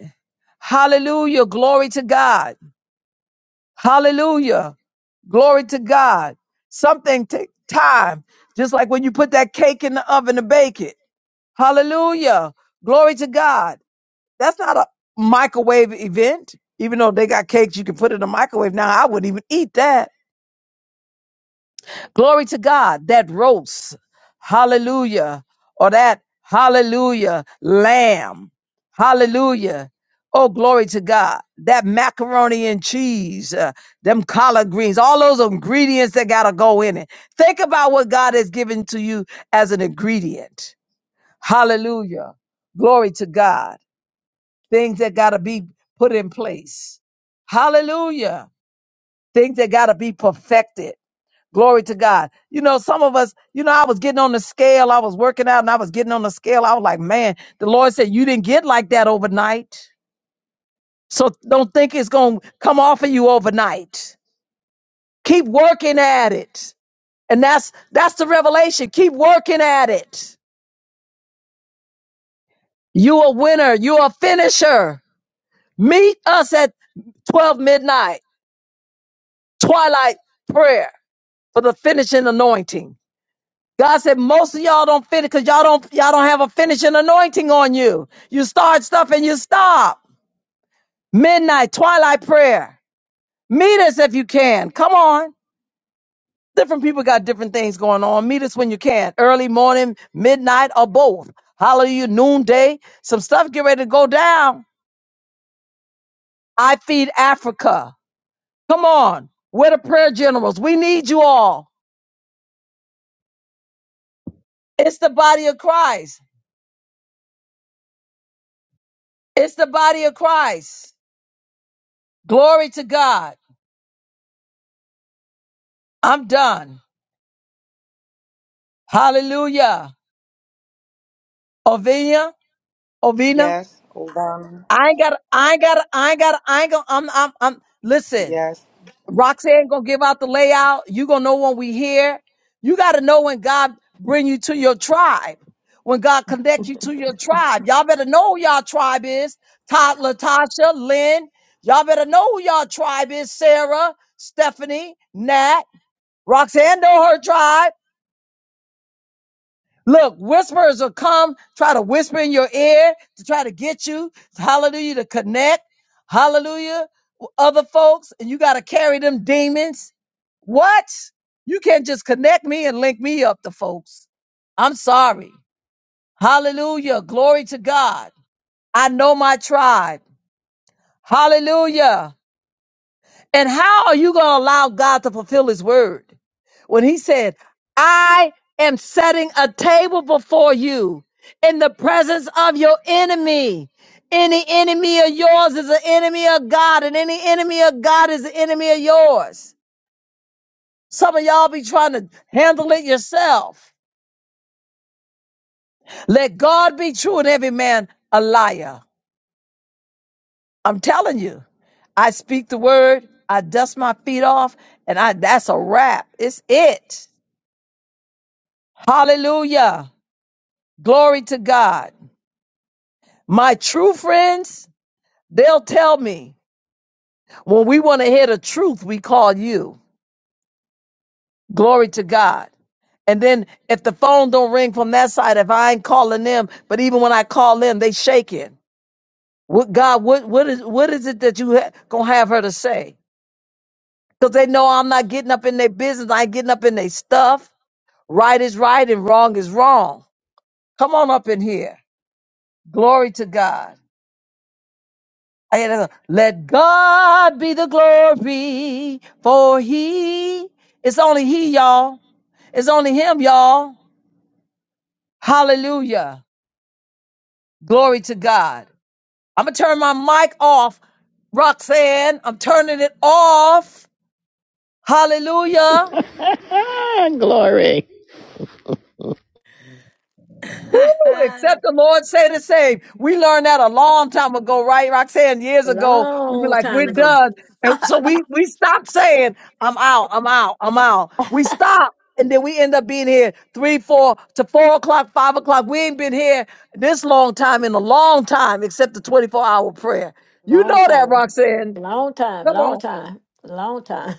Hallelujah. Glory to God. Hallelujah. Glory to God. Something take time. Just like when you put that cake in the oven to bake it. Hallelujah. Glory to God. That's not a microwave event. Even though they got cakes you can put it in the microwave now, I wouldn't even eat that. Glory to God. That roast, hallelujah, or that hallelujah lamb, hallelujah. Oh, glory to God. That macaroni and cheese, uh, them collard greens, all those ingredients that got to go in it. Think about what God has given to you as an ingredient. Hallelujah. Glory to God things that got to be put in place. Hallelujah. Things that got to be perfected. Glory to God. You know, some of us, you know, I was getting on the scale. I was working out and I was getting on the scale. I was like, man, the Lord said, you didn't get like that overnight. So don't think it's going to come off of you overnight. Keep working at it. And that's, that's the revelation. Keep working at it. You a winner. You a finisher. Meet us at 12 midnight, twilight prayer for the finishing anointing. God said most of y'all don't finish because y'all don't y'all don't have a finishing anointing on you. You start stuff and you stop. Midnight, twilight prayer. Meet us if you can. Come on. Different people got different things going on. Meet us when you can. Early morning, midnight, or both. Hallelujah, noonday. Some stuff get ready to go down. I feed Africa. Come on. We're the prayer generals. We need you all. It's the body of Christ. It's the body of Christ. Glory to God. I'm done. Hallelujah. Ovina, Ovina. Yes, oh God. I ain't got. I ain't got. I ain't got. I ain't gonna. I'm. I'm. I'm. Listen, Yes. Roxanne gonna give out the layout. You gonna know when we here. You gotta know when God bring you to your tribe. When God connect you to your tribe, y'all better know who y'all tribe is. Todd, Latasha, Lynn. Y'all better know who y'all tribe is. Sarah, Stephanie, Nat, Roxanne know her tribe. Look, whisperers will come, try to whisper in your ear to try to get you, hallelujah, to connect, hallelujah, with other folks, and you got to carry them demons. What? You can't just connect me and link me up to folks. I'm sorry. Hallelujah. Glory to God. I know my tribe. Hallelujah. And how are you going to allow God to fulfill his word when he said, I am setting a table before you in the presence of your enemy? Any enemy of yours is an enemy of God, and any enemy of God is an enemy of yours. Some of y'all be trying to handle it yourself. Let God be true and every man a liar. I'm telling you, I speak the word, I dust my feet off, and I that's a wrap. It's it. Hallelujah. Glory to God. My true friends, they'll tell me when we want to hear the truth, we call you. Glory to God. And then if the phone don't ring from that side, if I ain't calling them, but even when I call them, they shaking. What God, what what is what is it that you ha- gonna have her to say? Because they know I'm not getting up in their business. I ain't getting up in their stuff. Right is right and wrong is wrong. Come on up in here. Glory to God. I had another, Let God be the glory, for He, it's only He, y'all. It's only Him, y'all. Hallelujah. Glory to God. I'm going to turn my mic off, Roxanne. I'm turning it off. Hallelujah. Ah, glory. Ooh, A except the Lord say the same. We learned that a long time ago, right, Roxanne? Years ago, we were long like, we're time ago. done. And so we, we stopped saying, I'm out, I'm out, I'm out. We stopped. And then we end up being here three, four to four o'clock, five o'clock. We ain't been here this long time in a long time, except the 24 hour prayer. You Long know that, time. Roxanne. Long time, Come long on. time, long time.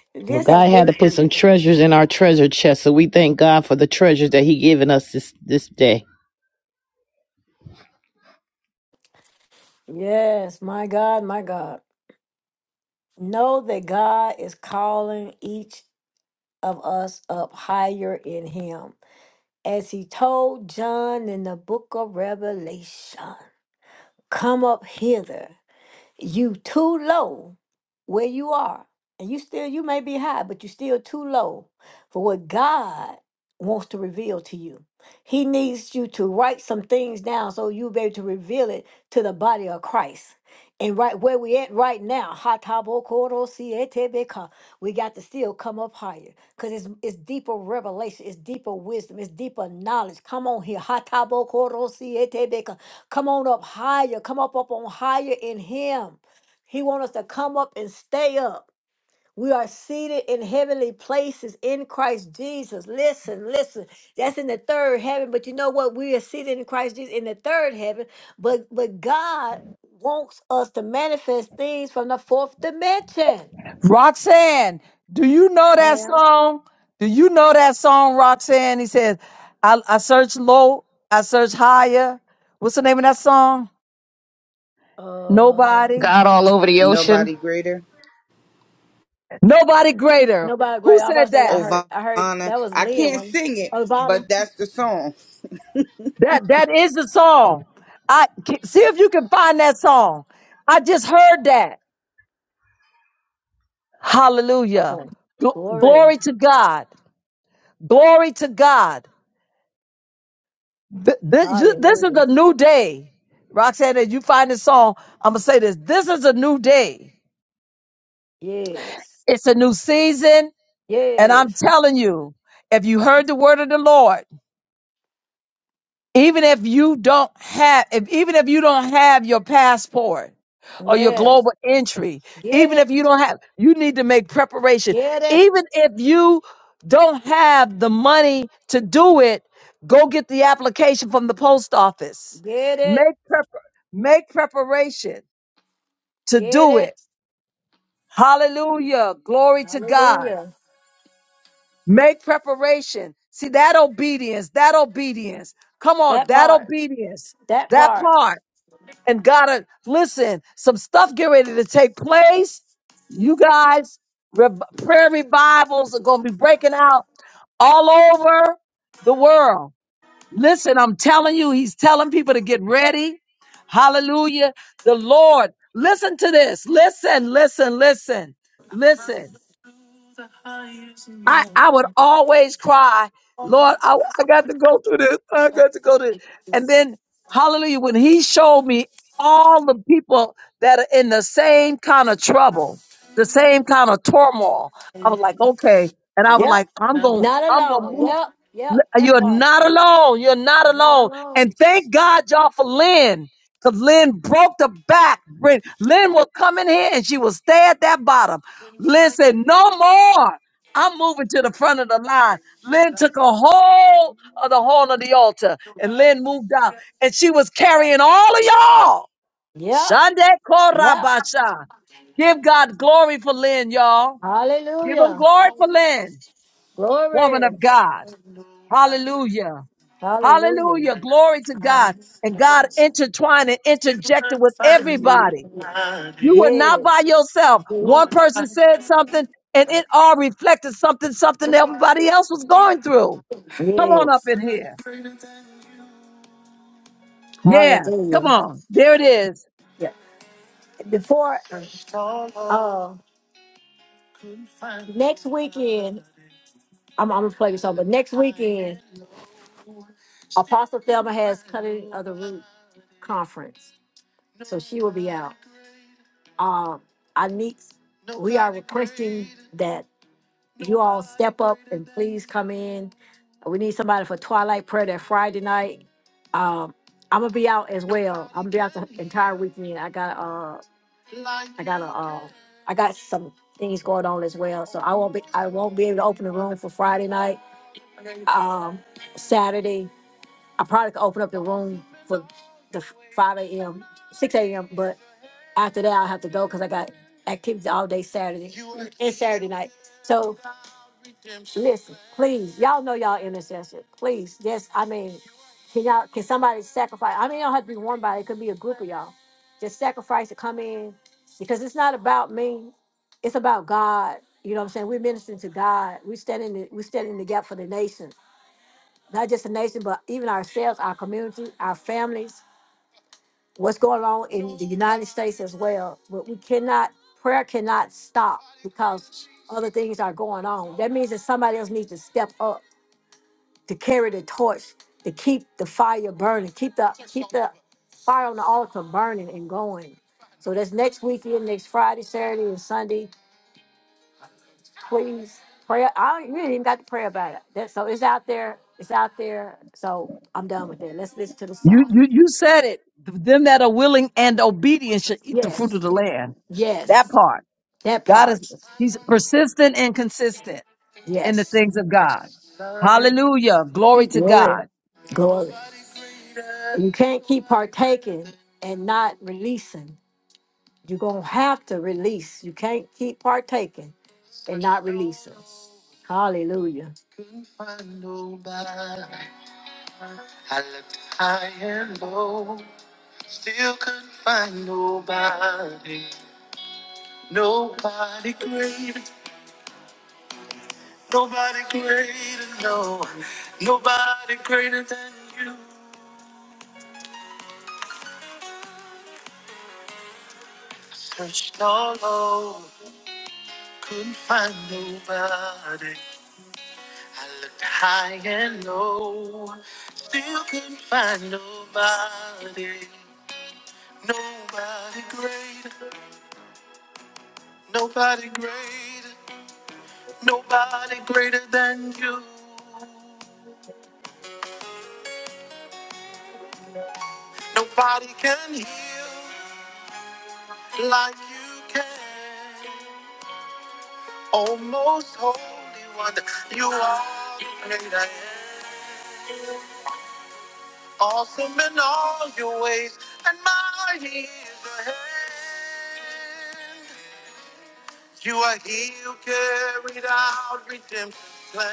Well, this has God had been to put some good. treasures in our treasure chest, so we thank God for the treasures that He given us this, this day. Yes, my God, my God. Know that God is calling each of us up higher in Him. As He told John in the book of Revelation, come up hither. you too low where you are and you still you may be high but you still too low for what god wants to reveal to you he needs you to write some things down so you'll be able to reveal it to the body of christ and right where we at right now, hatabokorosietebeka, we got to still come up higher because it's, it's deeper revelation, it's deeper wisdom, it's deeper knowledge. Come on here. Come on up higher. Come up up on higher in him. He wants us to come up and stay up. We are seated in heavenly places in Christ Jesus. Listen, listen. That's in the third heaven, but you know what? We are seated in Christ Jesus in the third heaven, but but God wants us to manifest things from the fourth dimension. Roxanne, do you know that Ma'am. song? Do you know that song, Roxanne? He says, I, I search low, I search higher. What's the name of that song? Uh Nobody. God all over the ocean. Nobody greater. Nobody greater. nobody Who great. I am about to said say I that? heard I heard Ovana. that was I Leah can't one. sing it, Oh, Ivana. but that's the song. That that is the song. I see if you can find that song. I just heard that. Hallelujah. Okay. Gl- Glory. glory to God. Glory to God. Th- This, this is Hallelujah. a new day. Roxanne, as you find this song, I'm going to say this. This is a new day. Yes. It's a new season. And I'm Yes. telling you, if you heard the word of the Lord, Even if you don't have, if, even if you don't have your passport or your Yes. global entry, Get even if it. you don't have, you need to make preparation. Get it. Even if you don't have the money to do it, go get the application from the post office. Get it. Make prep, make preparation to Get do it. it. Hallelujah. Glory to God. Hallelujah. Make preparation. See that obedience, that obedience. Come on, That that part. obedience, That that part. part. And gotta listen, some stuff get ready to take place. You guys, re- prayer revivals are gonna be breaking out all over the world. Listen, I'm telling you, he's telling people to get ready. Hallelujah. The Lord, listen to this. Listen, listen, listen, listen. I, I would always cry, Lord, I, I got to go through this. I got to go to this. And then, hallelujah, when he showed me all the people that are in the same kind of trouble, the same kind of turmoil, I was like, okay. And I was Yep. like, I'm going, Not I'm going to alone. move Yep. Yep. That you're part. not alone. You're not You're not alone. And alone. thank God, y'all, for Lynn. Because Lynn broke the back. Lynn Lynn will come in here and she will stay at that bottom. Lynn said, No more. I'm moving to the front of the line. Lynn took a hold of the horn of the altar and Lynn moved out. And she was carrying all of y'all. Yep. Shande Yep. Korabasha. Give God glory for Lynn, y'all. Give him Hallelujah. glory for Lynn, woman of Glory. God. Hallelujah. Hallelujah. Hallelujah. Glory to God. And God intertwined and interjected with everybody. You were not by Yes. yourself. One person said something and it all reflected something, something everybody else was going through. Come on up Yes. in here. Yeah. Come Hallelujah. on. There it is. Yeah. Before uh next weekend, I'm, I'm gonna play this song, but next weekend, Apostle Thelma has cutting of the roots. conference. So she will be out. Um, I need, we are requesting that you all step up and please come in. We need somebody for twilight prayer that Friday night. Um, I'm gonna be out as well. I'm gonna be out the entire weekend. I got uh, I got a, uh, I got some things going on as well. So I won't be, I won't be able to open the room for Friday night. Um, Saturday, I probably could open up the room for the 5 a.m., 6 a.m., But After that, I'll have to go because I got activities all day Saturday and Saturday night. So listen, please, y'all know y'all intercessor. Please, yes, I mean, can y'all can somebody sacrifice? I mean, it don't have to be one body. It could be a group of y'all. Just sacrifice to come in because it's not about me. It's about God. You know what I'm saying? We're ministering to God. We standing the, we standing in the gap for the nation, not just the nation, but even ourselves, our community, our families what's going on in the United States as well. But we cannot, prayer cannot stop because other things are going on. That means that somebody else needs to step up to carry the torch, to keep the fire burning, keep the keep the fire on the altar burning and going. So that's next weekend, next Friday, Saturday, and Sunday. Please pray. I don't, you ain't even got to pray about it. That, so it's out there. It's out there. So I'm done with that. Let's listen to the You, song. you, you said it. Them that are willing and obedient shall eat the fruit Yes, of the land. That yes, part. that God is, part. he's persistent and consistent in the Yes. things of God. Hallelujah. Glory to Glory, God. glory. You can't keep partaking and not releasing. You're going to have to release. You can't keep partaking and not releasing. Hallelujah. I looked high and low, still couldn't find nobody. Nobody greater, nobody greater, no, nobody greater than you. Searched all over, couldn't find nobody. I looked high and low, still couldn't find nobody. Nobody great, nobody great, nobody greater than you. Nobody can heal like you can. Oh, most holy one, you are the great I am. Awesome in all your ways, and mighty is your hand. You are he who carried out redemption plan.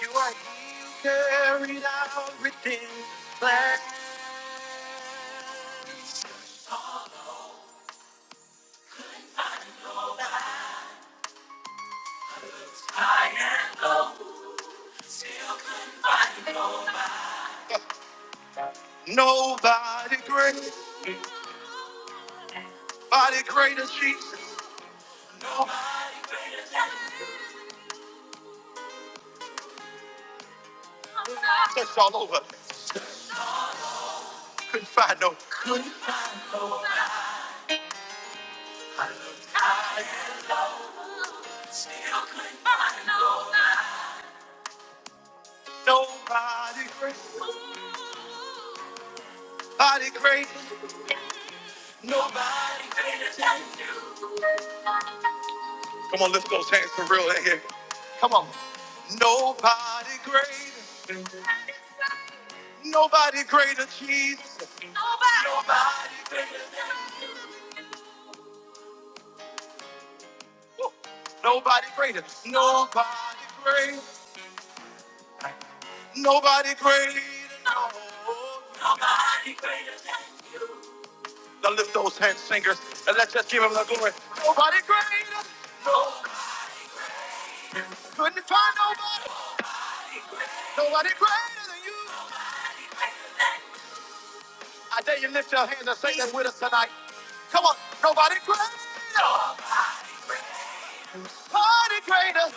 You are he who carried out redemption plan. Nobody great, body greater Jesus. That's all over. Couldn't find no nobody great, body great, nobody. Come on, lift those hands for real in here. Nobody greater, nobody greater Jesus. Nobody greater, nobody greater, nobody greater. no. Now lift those hands, singers, and let's just give him the glory. Nobody greater. Couldn't find nobody. Nobody greater than you. I dare you lift your hands and sing that with us tonight. Come on. Nobody greater. Nobody greater.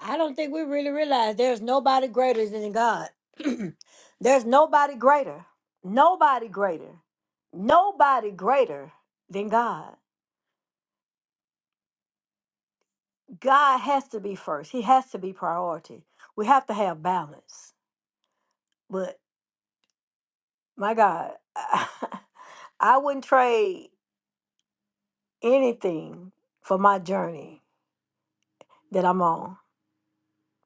I don't think we really realize there's nobody greater than God. there's nobody greater. Nobody greater. Nobody greater than God. God has to be first. He has to be priority. We have to have balance. but. My God, I wouldn't trade anything for my journey that I'm on.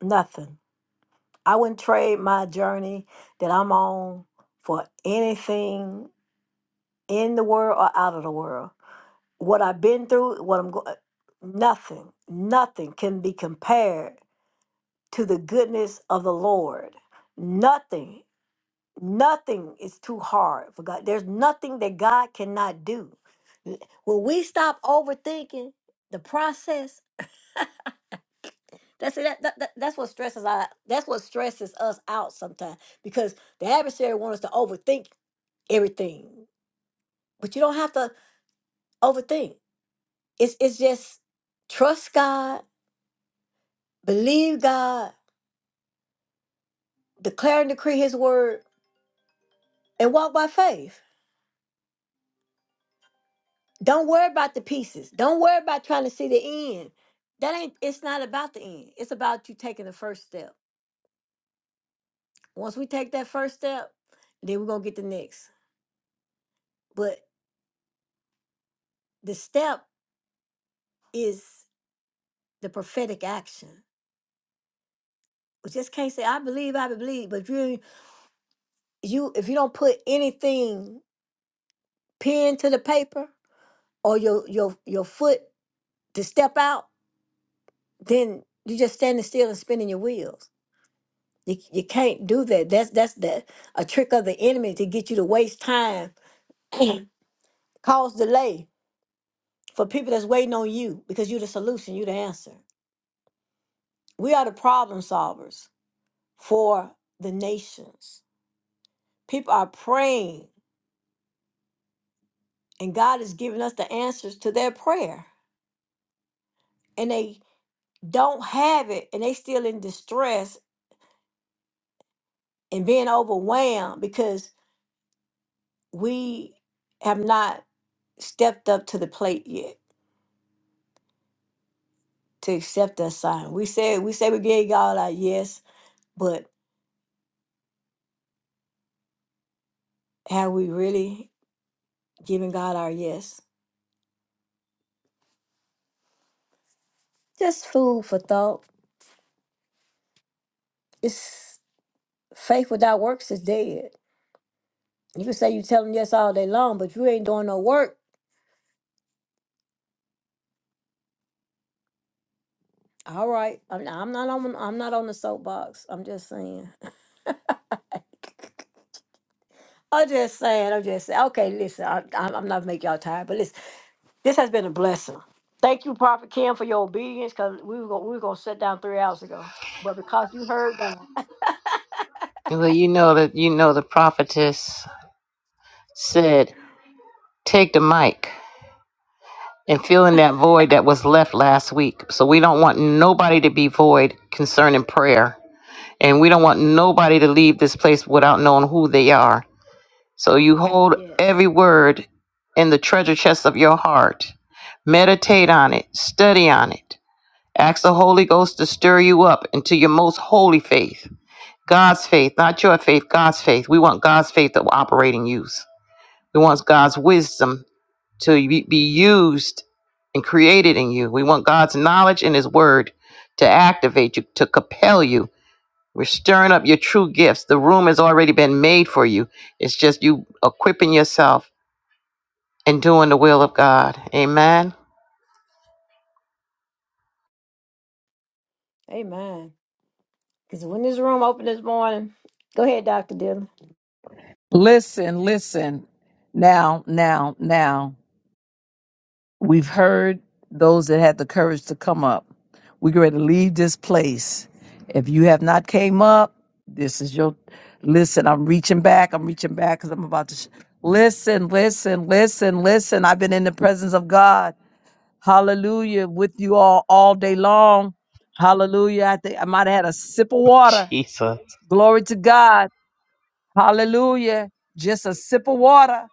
Nothing. I wouldn't trade my journey that I'm on for anything in the world or out of the world. What I've been through, what I'm going, nothing, nothing can be compared to the goodness of the Lord. Nothing Nothing is too hard for God. There's nothing that God cannot do. When we stop overthinking the process, that's that, that, that- that's what stresses out. That's what stresses us out sometimes because the adversary wants us to overthink everything. But you don't have to overthink. It's it's just trust God, believe God, declare and decree His word, and walk by faith. Don't worry about the pieces. Don't worry about trying to see the end. That ain't it's not about the end. It's about you taking the first step. Once we take that first step, then we're gonna get the next. But the step is the prophetic action. We just can't say I believe, I believe, but if you you if you don't put anything pen to the paper or your your your foot to step out, then you're just standing still and spinning your wheels. You, you can't do that. That's that's the a trick of the enemy to get you to waste time, cause delay for people that's waiting on you because you're the solution, you're the answer. We are the problem solvers for the nations. People are praying, and God is giving us the answers to their prayer, and they don't have it, and they still in distress and being overwhelmed because we have not stepped up to the plate yet to accept that sign. We say we say we gave God our yes, but have we really given God our yes? Just food for thought. It's faith without works is dead. You can say you tell him yes all day long, but you ain't doing no work. All right, I'm, I'm not on. I'm not on the soapbox. I'm just saying. I'm just saying. I'm just saying. Okay, listen. I, I'm I'm not make y'all tired, but listen. This has been a blessing. Thank you, Prophet Kim, for your obedience, because we were gonna, we were gonna sit down three hours ago, but because you heard God. Well, you know that you know the prophetess said, "Take the mic." and filling that void that was left last week. So we don't want nobody to be void concerning prayer. And we don't want nobody to leave this place without knowing who they are. So you hold Yes. every word in the treasure chest of your heart. Meditate on it, study on it. Ask the Holy Ghost to stir you up into your most holy faith. God's faith, not your faith, God's faith. We want God's faith to operate in use. We want God's wisdom to be be used and created in you. We want God's knowledge and His word to activate you, to compel you. We're stirring up your true gifts. The room has already been made for you. It's just you equipping yourself and doing the will of God. Amen. Amen. Because when this room opened this morning, go ahead, Dr. Dillon. Listen, listen. Now, now, now. We've heard those that had the courage to come up. We're going to leave this place. If you have not came up, this is your listen. I'm reaching back. I'm reaching back because I'm about to sh- listen, listen, listen, listen. I've been in the presence of God. Hallelujah. With you all all day long. Hallelujah. I think I might have had a sip of water. Jesus, Glory to God. Hallelujah. Just a sip of water.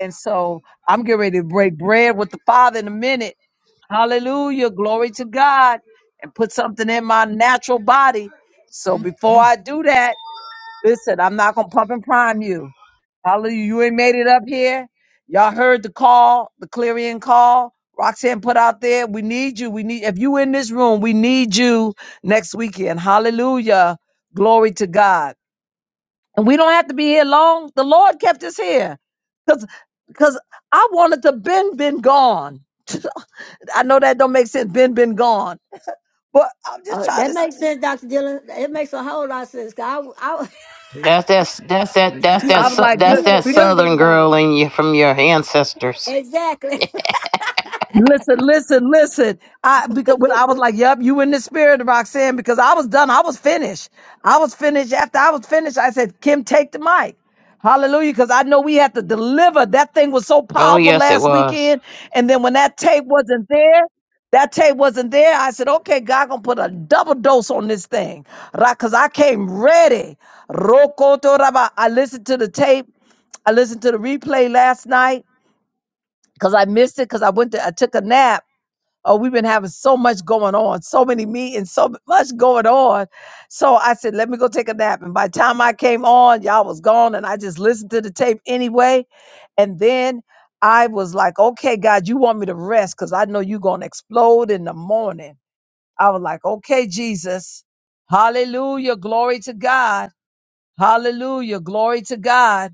And so I'm getting ready to break bread with the Father in a minute. Hallelujah. Glory to God. And put something in my natural body. So before I do that, listen, I'm not going to pump and prime you. Hallelujah. You ain't made it up here. Y'all heard the call, the clarion call. Roxanne put out there, we need you. We need, if you in this room, we need you next weekend. Hallelujah. Glory to God and we don't have to be here long. The Lord kept us here because because I wanted to been been gone. I know that don't make sense. Been been gone, but I'm just Uh, trying to that makes say. sense, Dr. Dillon. It makes a whole lot of sense. 'cause I, w- I w- that's that. That's that. That's that. I yeah, was sou- like, we That's good. would that have We got been been Southern girl gone. in you from your ancestors. Exactly. Listen, listen, listen. I because when I was like, "Yep, you in the spirit, Roxanne," because I was done. I was finished. I was finished. After I was finished, I said, "Kim, take the mic." Hallelujah, because I know we have to deliver. That thing was so Oh powerful yes, it last was. weekend, and then when that tape wasn't there, that tape wasn't there. I said, "Okay, God gonna put a double dose on this thing," right? because I came ready. Rokoto raba. I listened to the tape. I listened to the replay last night because I missed it because I went to I took a nap Oh, we've been having so much going on, so many meetings, so much going on. So I said, let me go take a nap. And by the time I came on, y'all was gone, and I just listened to the tape anyway. And then I was like, okay, God, you want me to rest because I know you're going to explode in the morning. I was like, okay, Jesus. Hallelujah. Glory to God. Hallelujah. Glory to God.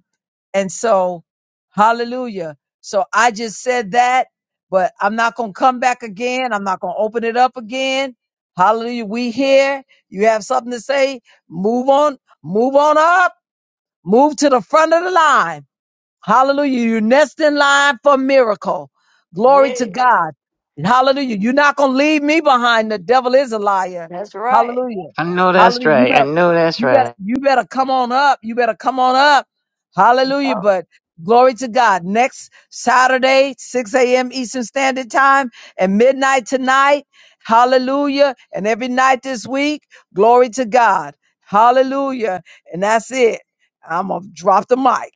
And so, hallelujah. So I just said that, but I'm not going to come back again. I'm not going to open it up again. Hallelujah. We here. You have something to say? Move on. Move on up. Move to the front of the line Hallelujah. You're next in line for miracle. Glory to God. hallelujah. You're not going to leave me behind. The devil is a liar. That's right. Hallelujah. I know that's Hallelujah. You right. I better, know that's you better, right. you better come on up. You better come on up. Hallelujah. Oh. But glory to God. Next Saturday, 6 a.m. Eastern Standard Time and midnight tonight. Hallelujah. And every night this week, glory to God. Hallelujah. And that's it. I'm going to drop the mic.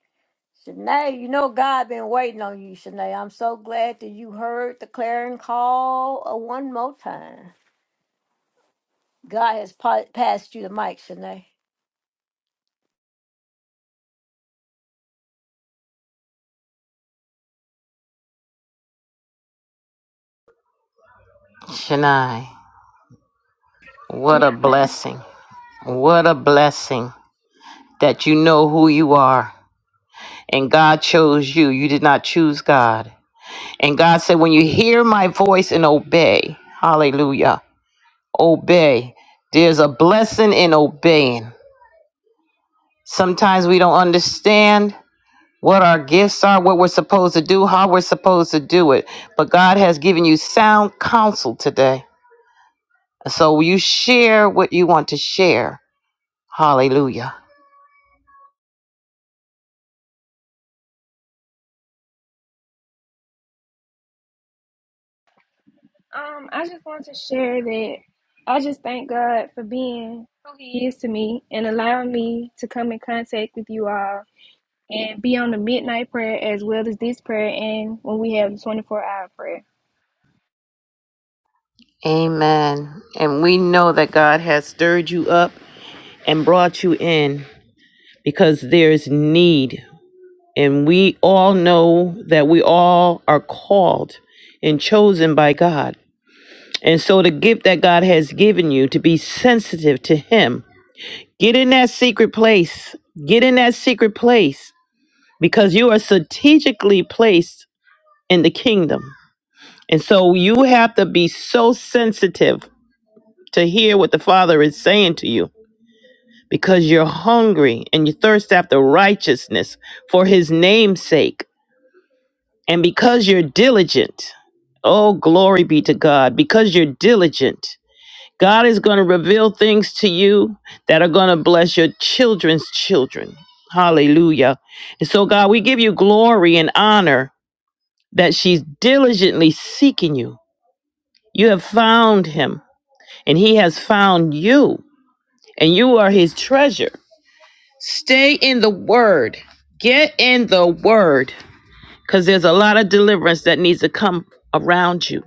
Shanae, you know God been waiting on you, Shanae. I'm so glad that you heard the clarion call uh, one more time. God has pa- passed you the mic, Shanae. Shania, what Yes, a ma'am. blessing. What a blessing that you know who you are and God chose you. You did not choose God. And God said, when you hear my voice and obey, hallelujah, obey. There's a blessing in obeying. Sometimes we don't understand what our gifts are, what we're supposed to do, how we're supposed to do it. But God has given you sound counsel today. So you share what you want to share. Hallelujah. Um, I just want to share that I just thank God for being who He is to me and allowing me to come in contact with you all and be on the midnight prayer as well as this prayer and when we have the 24 hour prayer. Amen. And we know that God has stirred you up and brought you in because there's need. And we all know that we all are called and chosen by God. And so, the gift that God has given you to be sensitive to Him, get in that secret place. Get in that secret place because you are strategically placed in the kingdom. And so, you have to be so sensitive to hear what the Father is saying to you because you're hungry and you thirst after righteousness for his name's sake, and because you're diligent. Oh, glory be to God, because you're diligent. God is going to reveal things to you that are going to bless your children's children. Hallelujah. And so, God, we give you glory and honor that she's diligently seeking you. You have found him, and he has found you, and you are his treasure. Stay in the word. Get in the word because there's a lot of deliverance that needs to come around you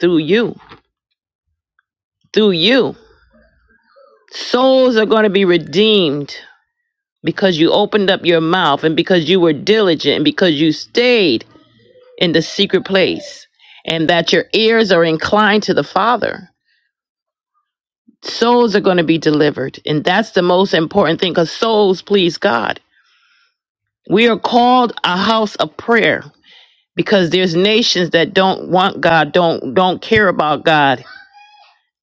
through you. Through you. Souls are going to be redeemed because you opened up your mouth and because you were diligent and because you stayed in the secret place and that your ears are inclined to the Father. Souls are going to be delivered. And that's the most important thing because souls please God. We are called a house of prayer. because there's nations that don't want God, don't don't care about God.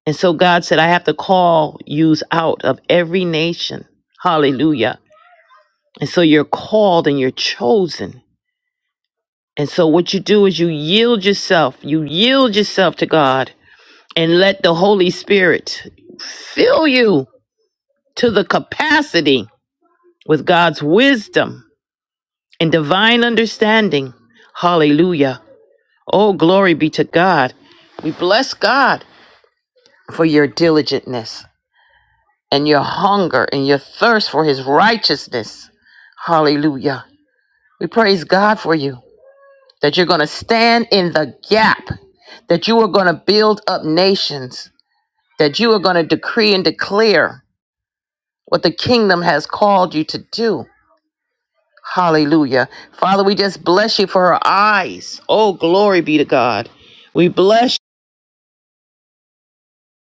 And so God said, I have to call yous out of every nation. Hallelujah. And so you're called and you're chosen. And so what you do is you yield yourself, you yield yourself to God and let the Holy Spirit fill you to the capacity with God's wisdom and divine understanding. Hallelujah. Oh, glory be to God. We bless God. for your diligentness and your hunger and your thirst for his righteousness. Hallelujah. We praise God for you that you're going to stand in the gap, that you are going to build up nations, that you are going to decree and declare what the kingdom has called you to do. Hallelujah. Father, we just bless you for her eyes. Oh, glory be to God. We bless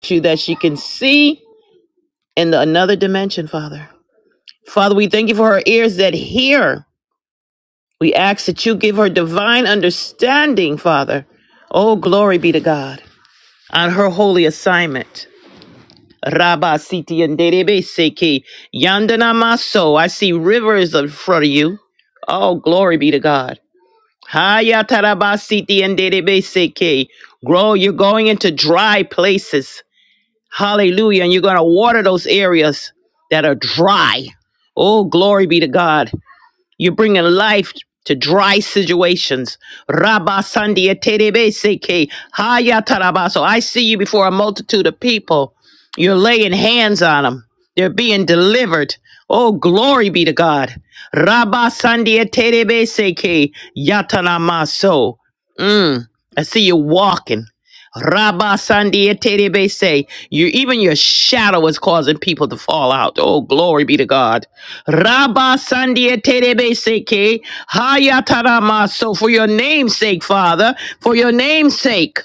you that she can see in the another dimension, Father. Father, we thank you for her ears that hear We ask that you give her divine understanding, Father. Oh, glory be to God on her holy assignment. Rabba Siti and Derebe Seki Yandana Maso. I see rivers in front of you. Oh, glory be to God. Haya Taraba Siti and Derebe Seki. Grow, you're going into dry places. Hallelujah. And you're going to water those areas that are dry. Oh, glory be to God. You're bringing life to dry situations. Rabba Sandia Terebeseke Hayatarabaso. I see you before a multitude of people. You're laying hands on them. They're being delivered. Oh, glory be to God. Rabba Sandia Terebeseke Yatanamaso. Mm. I see you walking. Rabba Sandia Terebese. You even your shadow is causing people to fall out. Oh, glory be to God. Rabba Sandia Terebe Seke. Hayatarama. So for your name's sake, Father, for your name's sake.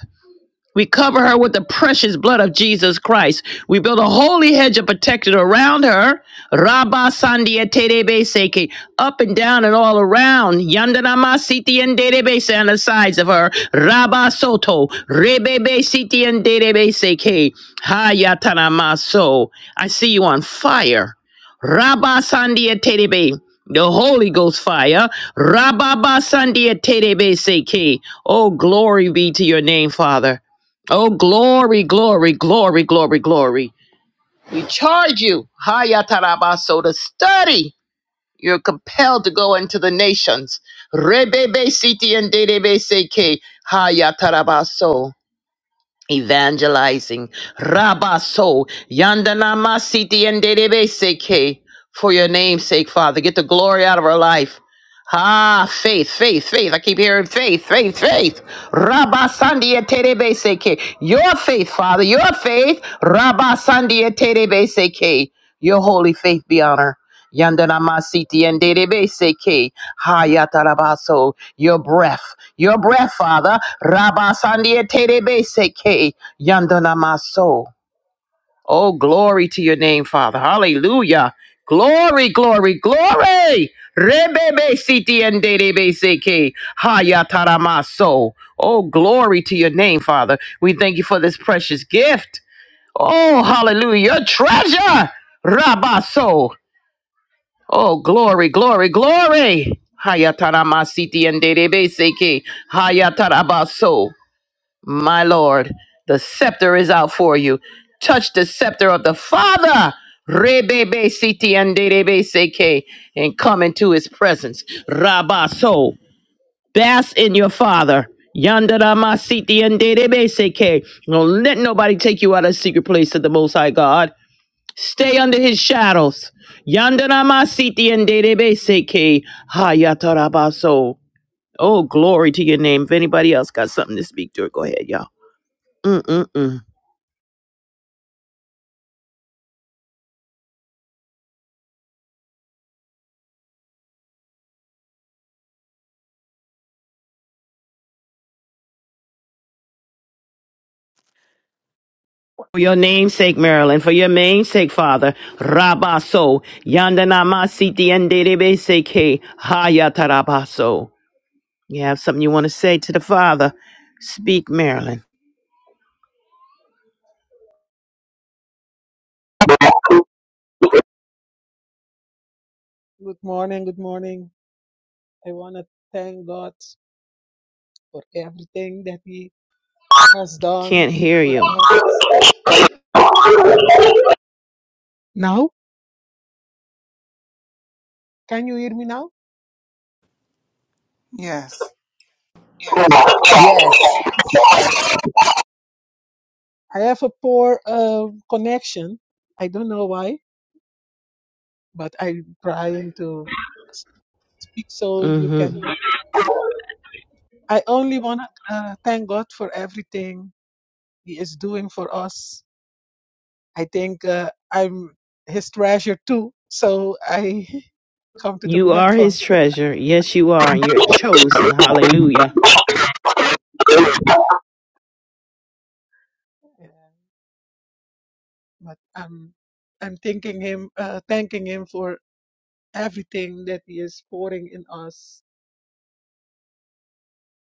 We cover her with the precious blood of Jesus Christ. We build a holy hedge of protection around her. Rabba Sandia Terebe Seke, up and down and all around. Yandanama Siti and Derebe se on the sides of her. Rabba Soto, Rebebe Siti and Derebe Seke. Hayatanama So. I see you on fire. Rabba Sandia Terebe. The Holy Ghost fire. Rabba Sandia Terebe Seke. Oh, glory be to your name, Father. Oh, glory, glory, glory, glory, glory. We charge you, Hayatarabaso, to study. You're compelled to go into the nations. Rebebe siti and dedebe seke, Hayatarabaso evangelizing rabaso yandanama siti and seke for your name's sake father get the glory out of our life ah faith faith faith i keep hearing faith faith faith Rabba Sandia terebe seke your faith father your faith Rabba Sandia terebe seke your holy faith be honor yandanama siti and Derebe seke hayatarabaso your breath your breath father Rabasandia Tedebeseke Yandana Maso. Oh, glory to your name, Father. Hallelujah. Glory, glory, glory. Rebebe siti and dedebeseke hayataramaso. Oh, glory to your name, Father. We thank you for this precious gift. Oh, hallelujah. Your treasure. Rabaso. Oh, glory, glory, glory. Hayataramasiti and dedebeseke hayatarabaso. My Lord, the scepter is out for you. Touch the scepter of the Father. Rebebe siti and derebe seke and come into his presence. Rabaso. Bask in your father. Yandara masiti and derebe seke. Don't let nobody take you out of the secret place of the most high God. Stay under his shadows. Yandara masiti and derebe seke. Hayatarabaso. Oh, glory to your name. If anybody else got something to speak to, go ahead, y'all. Mm-mm-mm. For your namesake, Marilyn, for your namesake, Father, Rabaso, Yandanamasiti and Derebeseke, Hayatarabaso. You have something you want to say to the Father? Speak, Marilyn. Good morning, good morning. I want to thank God for everything that He has done Can't hear for you. us. Now, can you hear me now? Yes. Yes. I have a poor uh, connection. I don't know why, but I'm trying to speak so you hmm can I only want to uh, thank God for everything He is doing for us. I think uh, I'm His treasure too. So I come to the You are platform. his treasure. Yes, you are. And you're chosen. Hallelujah. but I'm I'm thanking him, uh, thanking him for everything that he is pouring in us,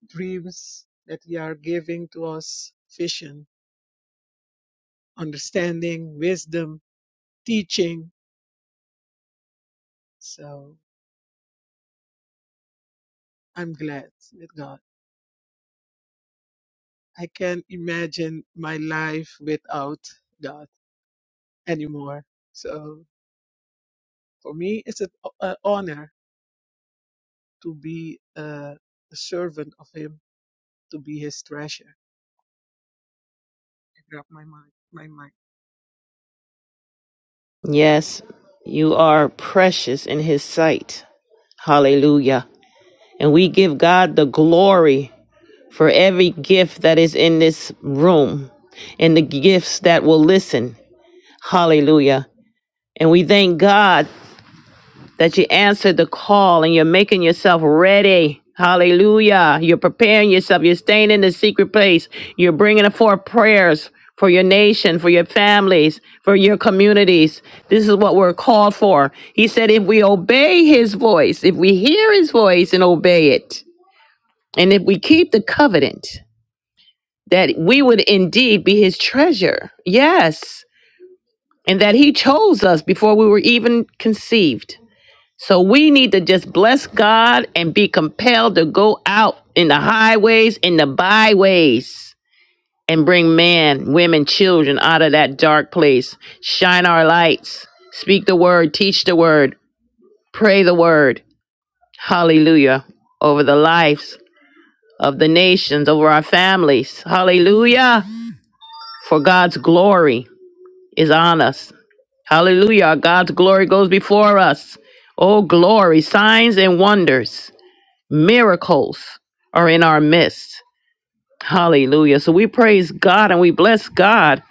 dreams that he are giving to us, vision, understanding, wisdom, teaching. So I'm glad with God. I can't imagine my life without God anymore. So for me, it's an an honor to be uh, a servant of Him, to be His treasure. I drop my mind, my Yes, you are precious in his sight. Hallelujah. And we give God the glory. for every gift that is in this room and the gifts that will listen. Hallelujah. And we thank God that you answered the call and you're making yourself ready. Hallelujah. You're preparing yourself. You're staying in the secret place. You're bringing forth prayers for your nation, for your families, for your communities. This is what we're called for. He said, if we obey his voice, if we hear his voice and obey it, and if we keep the covenant, that we would indeed be his treasure. Yes. And that he chose us before we were even conceived. So we need to just bless God and be compelled to go out in the highways, in the byways, and bring men, women, children out of that dark place. Shine our lights. Speak the word, teach the word, pray the word. Hallelujah. Over the lives of the nations, over our families. Hallelujah. For God's glory. is on us. Hallelujah. God's glory goes before us. Oh, glory. Signs and wonders, miracles are in our midst. Hallelujah. So we praise God and we bless God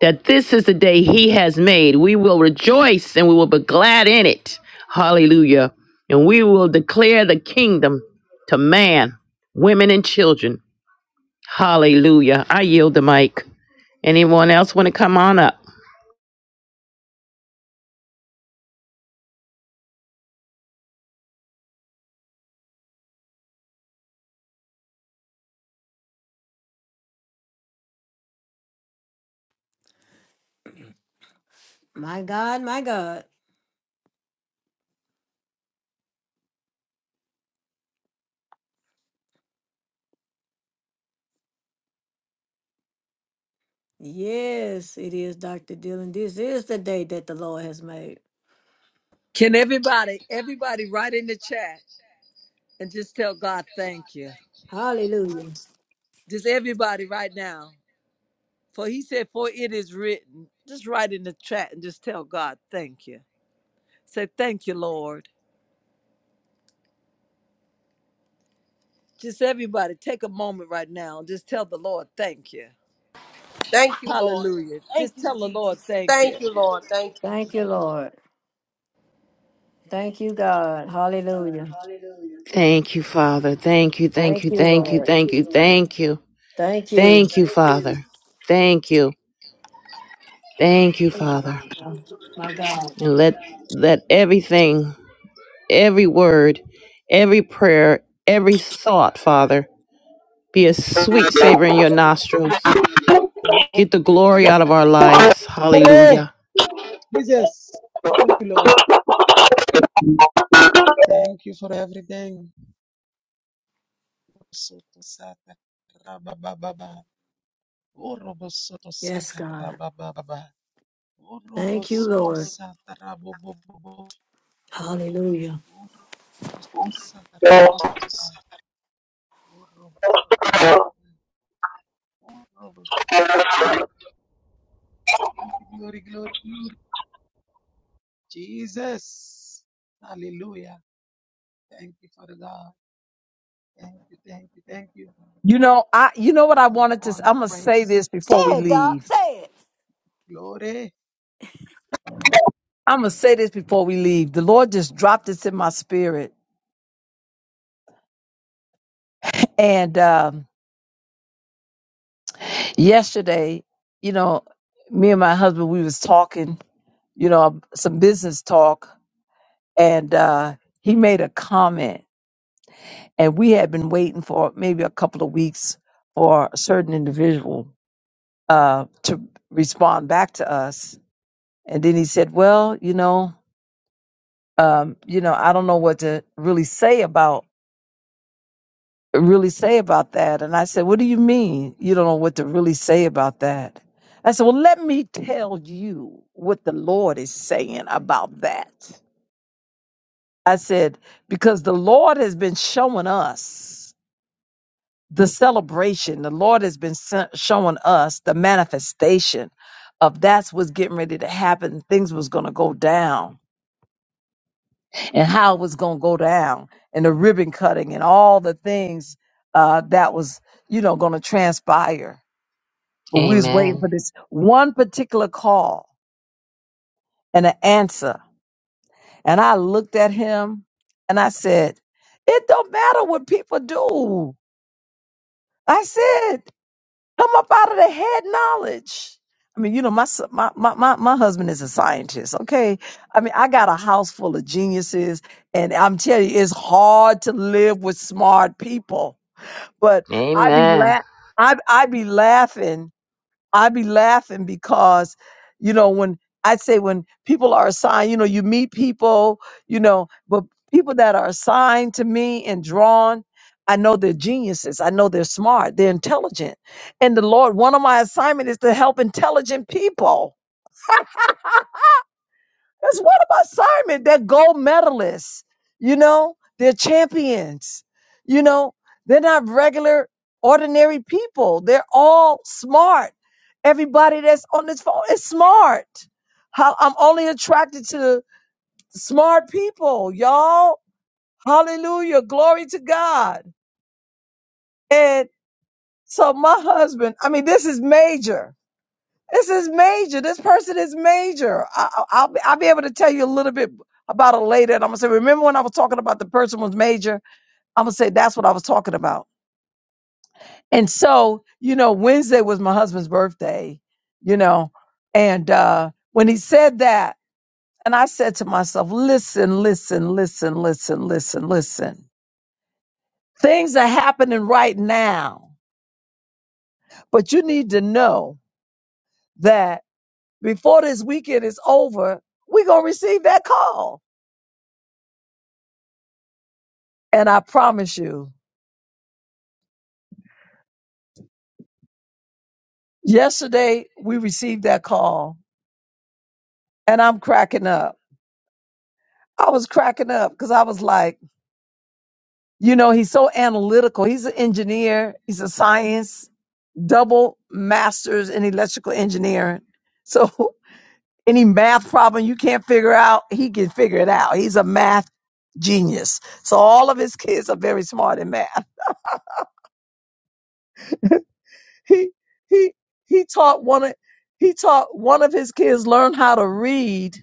that this is the day He has made. We will rejoice and we will be glad in it. Hallelujah. And we will declare the kingdom to man, women, and children. Hallelujah. I yield the mic. Anyone else want to come on up? My God, my God. Yes, it is, Dr. Dillon. This is the day that the Lord has made. Can everybody, everybody write in the chat and just tell God thank you? Hallelujah. Just everybody right now. For he said, For it is written. Just write in the chat and just tell God thank you. Say, Thank you, Lord. Just everybody take a moment right now. and Just tell the Lord thank you. Thank you, Lord. Hallelujah. Thank Just you, tell the Lord Jesus. thank you. Thank you, Lord. Thank you, Thank you, Jesus. Lord. Thank you, God. Hallelujah. Thank you, Father. Thank you, thank Thank you, you, thank you, Lord. thank you, thank you. Thank you. Thank you, Father. Thank you. Thank you, Father. My God. And let let everything, every word, every prayer, every thought, Father, be a sweet savor in your nostrils. Get the glory out of our lives. mind. Hallelujah. Jesus. Thank you, Lord. Thank you for everything. Soto sata rabababa. Orobo soto Yes, sata God. rabababa. Orobo Thank you, soto Lord. sata rabobobobo. Hallelujah. Orobo soto sata rab- Orobo. Orobo. Glory, glory, glory. Jesus. Hallelujah. Thank you, Father God. Thank you, thank you, thank you. You know, I you know what I All the wanted to honor, I'm gonna say praise this before to Say we you. it, Doc. leave. Say it. Glory. I'm gonna say this before we leave. The Lord just dropped this in my spirit. And um yesterday, you know, me and my husband we was talking, you know, some business talk and uh he made a comment and we had been waiting for maybe a couple of weeks for a certain individual uh to respond back to us. And then he said, "Well, you know, um, you know, I don't know what to really say about really say about that. And I said, What do you mean you don't know what to really say about that? I said, Well, let me tell you what the Lord is saying about that. I said, because the Lord has been showing us the celebration. The Lord has been se- showing us the manifestation of that's what's getting ready to happen. Things was going to go down and how it was going to go down and the ribbon cutting and all the things uh, that was, you know, going to transpire. But we was waiting for Amen. this one particular call and an answer. And I looked at him and I said, it don't matter what people do. I said, Come up out of the head knowledge. I mean, you know, my, s- my my my my husband is a scientist. Okay, I mean, I got a house full of geniuses, and I'm telling you, it's hard to live with smart people. But I be Amen. la- I I be laughing I be laughing because, you know, when I say when people are assigned, you know, you meet people, you know, but people that are assigned to me and drawn, I know they're geniuses. I know they're smart. They're intelligent. And the Lord, one of my assignment is to help intelligent people that's what about Simon? They're gold medalists, you know, they're champions, you know, they're not regular, ordinary people. They're all smart. Everybody that's on this phone is smart. How I'm only attracted to smart people, y'all. Hallelujah. Glory to God. And so my husband, I mean, this is major This is major. This person is major. I, I- I'll be, I'll be able to tell you a little bit about it later, and I'm gonna say, remember when I was talking about the person was major? I'm gonna say that's what I was talking about. And so, you know, Wednesday was my husband's birthday, you know, and uh, when he said that, and I said to myself, listen, listen, listen, listen, listen, listen. Things are happening right now, but you need to know that before this weekend is over, we're gonna receive that call And I promise you, yesterday we received that call and I'm cracking up. I was cracking up because I was like, you know, he's so analytical. He's an engineer, he's a science, double master's in electrical engineering. So any math problem you can't figure out, he can figure it out. He's a math genius. So all of his kids are very smart in math. He he he taught one of he taught one of his kids learn how to read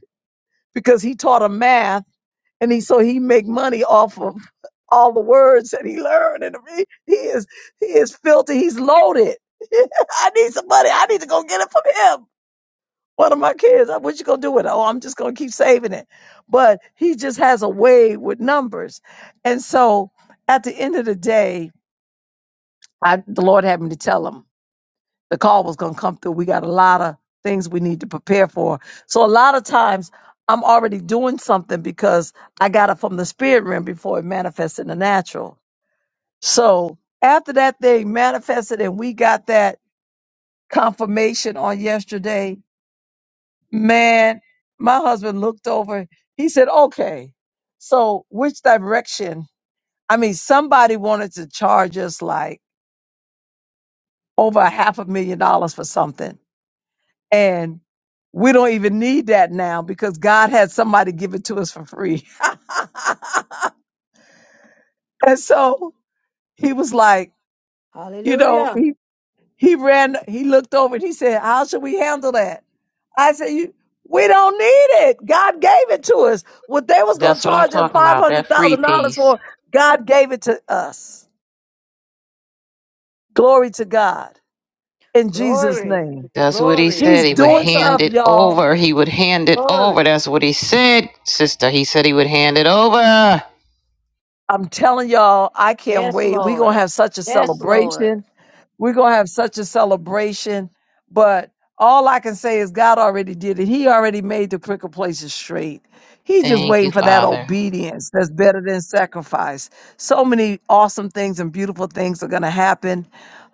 because he taught him math and he so he make money off of all the words that he learned and he, he is he is filthy he's loaded i need some money i need to go get it from him one of my kids "Uh, what you gonna do with it oh i'm just gonna keep saving it but he just has a way with numbers and so at the end of the day I, the lord had me to tell him the call was going to come through. We got a lot of things we need to prepare for. So a lot of times I'm already doing something because I got it from the spirit realm before it manifests in the natural. So after that thing manifested and we got that confirmation on yesterday, man, my husband looked over. He said, okay, so which direction? I mean, somebody wanted to charge us like over a half a million dollars for something And we don't even need that now because God had somebody give it to us for free. And so he was like, you know, Hallelujah. he, he ran, he looked over and he said, how should we handle that? I said, you, we don't need it. God gave it to us. What they was going That's to what I'm charge us talking about. That free $500,000 peace. for, God gave it to us. Glory to God in Jesus Glory. name. That's what he Glory. He's said. He would doing Favor. stuff, hand it y'all. over. He would hand it Glory. over. That's what he said, sister. He said he would hand it over. I'm telling y'all, I can't Yes, wait. We're going Lord. to have such a Yes, Lord. celebration. We're going to have such a celebration. But all I can say is God already did it. He already made the crooked places straight. He's just Thank you, waiting for that Father. obedience that's better than sacrifice. So many awesome things and beautiful things are going to happen.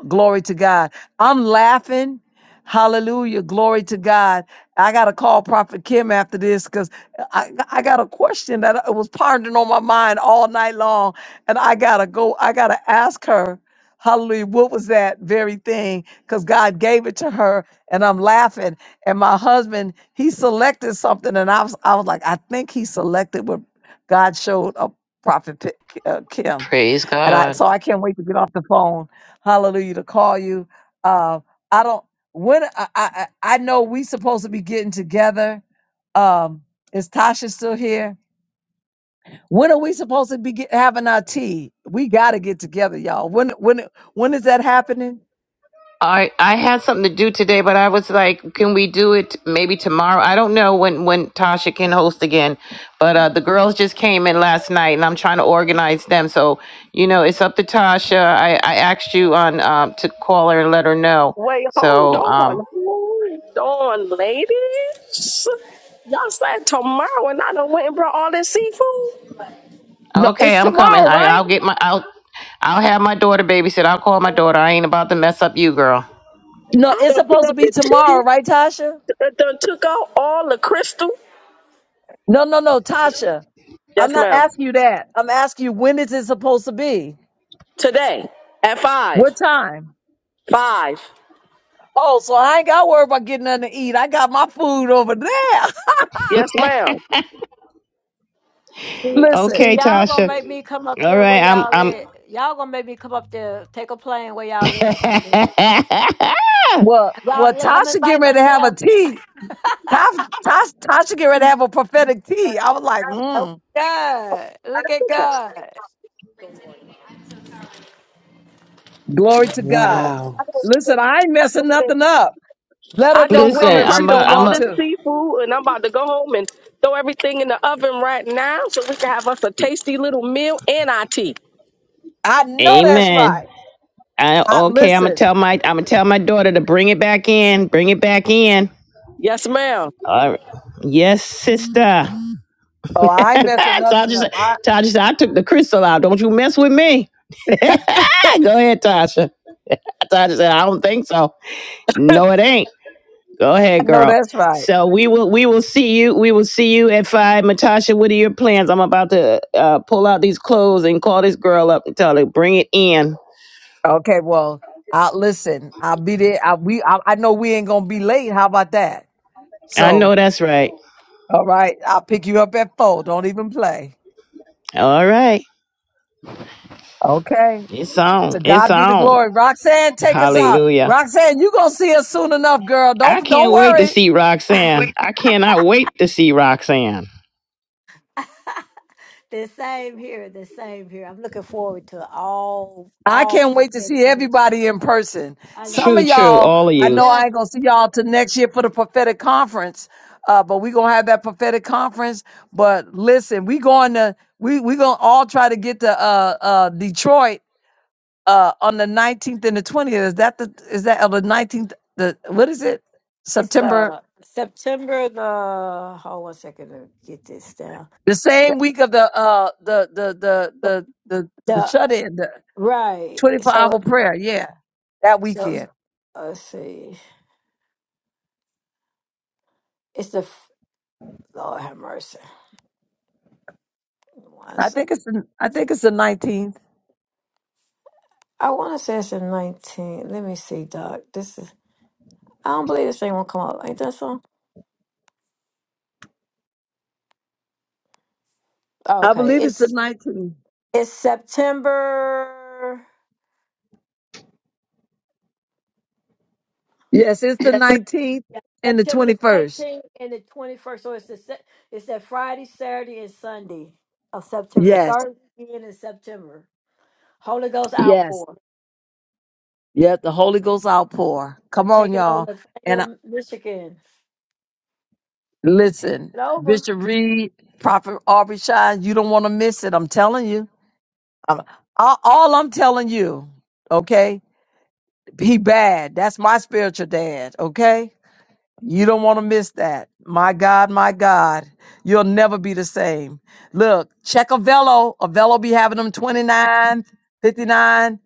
Glory to God. I'm laughing. Hallelujah. Glory to God. I got to call Prophet Kim after this because I, I got a question that was pondering on my mind all night long. And I got to go, I got to ask her Hallelujah. What was that very thing? Because God gave it to her, and I'm laughing. And my husband, he selected something, and I was, I was like, I think he selected what God showed a prophet Pi- uh, Kim. Praise And I, God. so I can't wait to get off the phone. Hallelujah to call you. Uh, I don't. When I, I I I know we supposed to be getting together. Um, is Tasha still here? When are we supposed to be get, having our tea? We got to get together, y'all. When when when is that happening? I I had something to do today, but I was like, can we do it maybe tomorrow? I don't know when when Tasha can host again, but uh, the girls just came in last night, and I'm trying to organize them. So you know, it's up to Tasha. I I asked you on um, to call her and let her know. Wait, hold So on. um, Hold on, ladies. Y'all said tomorrow and I done went and brought all this seafood. No, Okay, it's I'm coming. tomorrow, I, right? I'll get my. I'll. I'll have my daughter babysit. I'll call my daughter. I ain't about to mess up you, girl. No, I it's done put supposed to up be the tomorrow, tent. right, Tasha? I done took out all the crystal. No, no, no, Tasha. I'm Yes, not ma'am. asking you that. I'm asking you when is it supposed to be? Today at five. What time? Five. Oh, so I ain't got to worry about getting nothing to eat. I got my food over there. Yes, ma'am. See, see, Listen, Okay, y'all gonna make Tasha. me come up All there where right, I'm. y'all I'm. at. Y'all gonna make me come up there, take a plane where y'all at. well, well, Y'all, I'm Tasha getting invite ready to have myself. a tea. Tasha, Tasha, Tasha getting ready to have a prophetic tea. I was like, mm. Oh, God. I Look at done took that. God. Glory to God. Wow. Listen, I ain't messing nothing up. Let her I just don't went come and Listen, if she I'm. A, purchased don't I'm. all want A, this to. seafood and I'm about to go home and throw everything in the oven right now so we can have us a tasty little meal and our tea. I know that's amen. right. I, I okay, I'm gonna listen. tell my. I'm gonna tell my daughter to bring it back in. Bring it back in. Yes, ma'am. All right. Yes, sister. Oh, I ain't messing nothing Tasha, up. said- I, Tasha said, I took the crystal out. Don't you mess with me. Go ahead, Tasha. Tasha said, I don't think so. No, it ain't. Go I ahead, know girl. that's right. So we will we will see you. We will see you at five. Matasha, what are your plans? I'm about to uh, pull out these clothes and call this girl up and tell her bring it in. Okay, well, I listen. I'll be there. I, we I, I know we ain't gonna be late. How about that? I know So, that's right. all right, I'll pick you up at four. Don't even play. All right, Okay. it's To on. It's God be the on. glory. Roxanne, take us out. Hallelujah. Roxanne, you gonna see us soon enough, girl. I Don't don't can't wait to worry. see Roxanne. I cannot wait to see Roxanne. The same here, the same here. I'm looking forward to all I all can't wait to see prophetic connection. everybody in person. I know Some it, of True, true. y'all, All of I it you. know I does. ain't gonna see y'all till next year for the prophetic conference. Uh, but we gonna have that prophetic conference. But listen, we going to we we gonna all try to get to uh uh Detroit uh on the nineteenth and the twentieth. Is that the is that on the nineteenth the what is it? It's September uh September the hold one second to get this down. the The, same week of the uh the the the the the, the the- shut in the right. twenty four So hour prayer, yeah. That so weekend. let's see. It's the f- Lord have mercy. One I sec. think it's the, I think it's the 19th. I want to say it's in 19. Let me see, Doc. This is. I don't believe this thing won't come up. Ain't that so? I Okay, believe it's the it's 19th. It's September. Yes, it's the Yes. 19th Yeah, and the September the 21st. nineteenth and the twenty first. So it's the se- it's that Friday, Saturday, and Sunday of September. The Yes, third weekend in September. Holy Ghost yes. outpour. Yep, the Holy Ghost outpour. They're Come on, taking y'all. over And I, Lafayette, Michigan. They take listen, it over. Bishop Reed, Prophet Aubrey Shine, you don't want to miss it. I'm telling you. I'm, all, all I'm telling you, okay? He bad. That's my spiritual dad, okay? You don't want to miss that. My God, my God, you'll never be the same. Look, check Avello. Avello be having them 29, 59,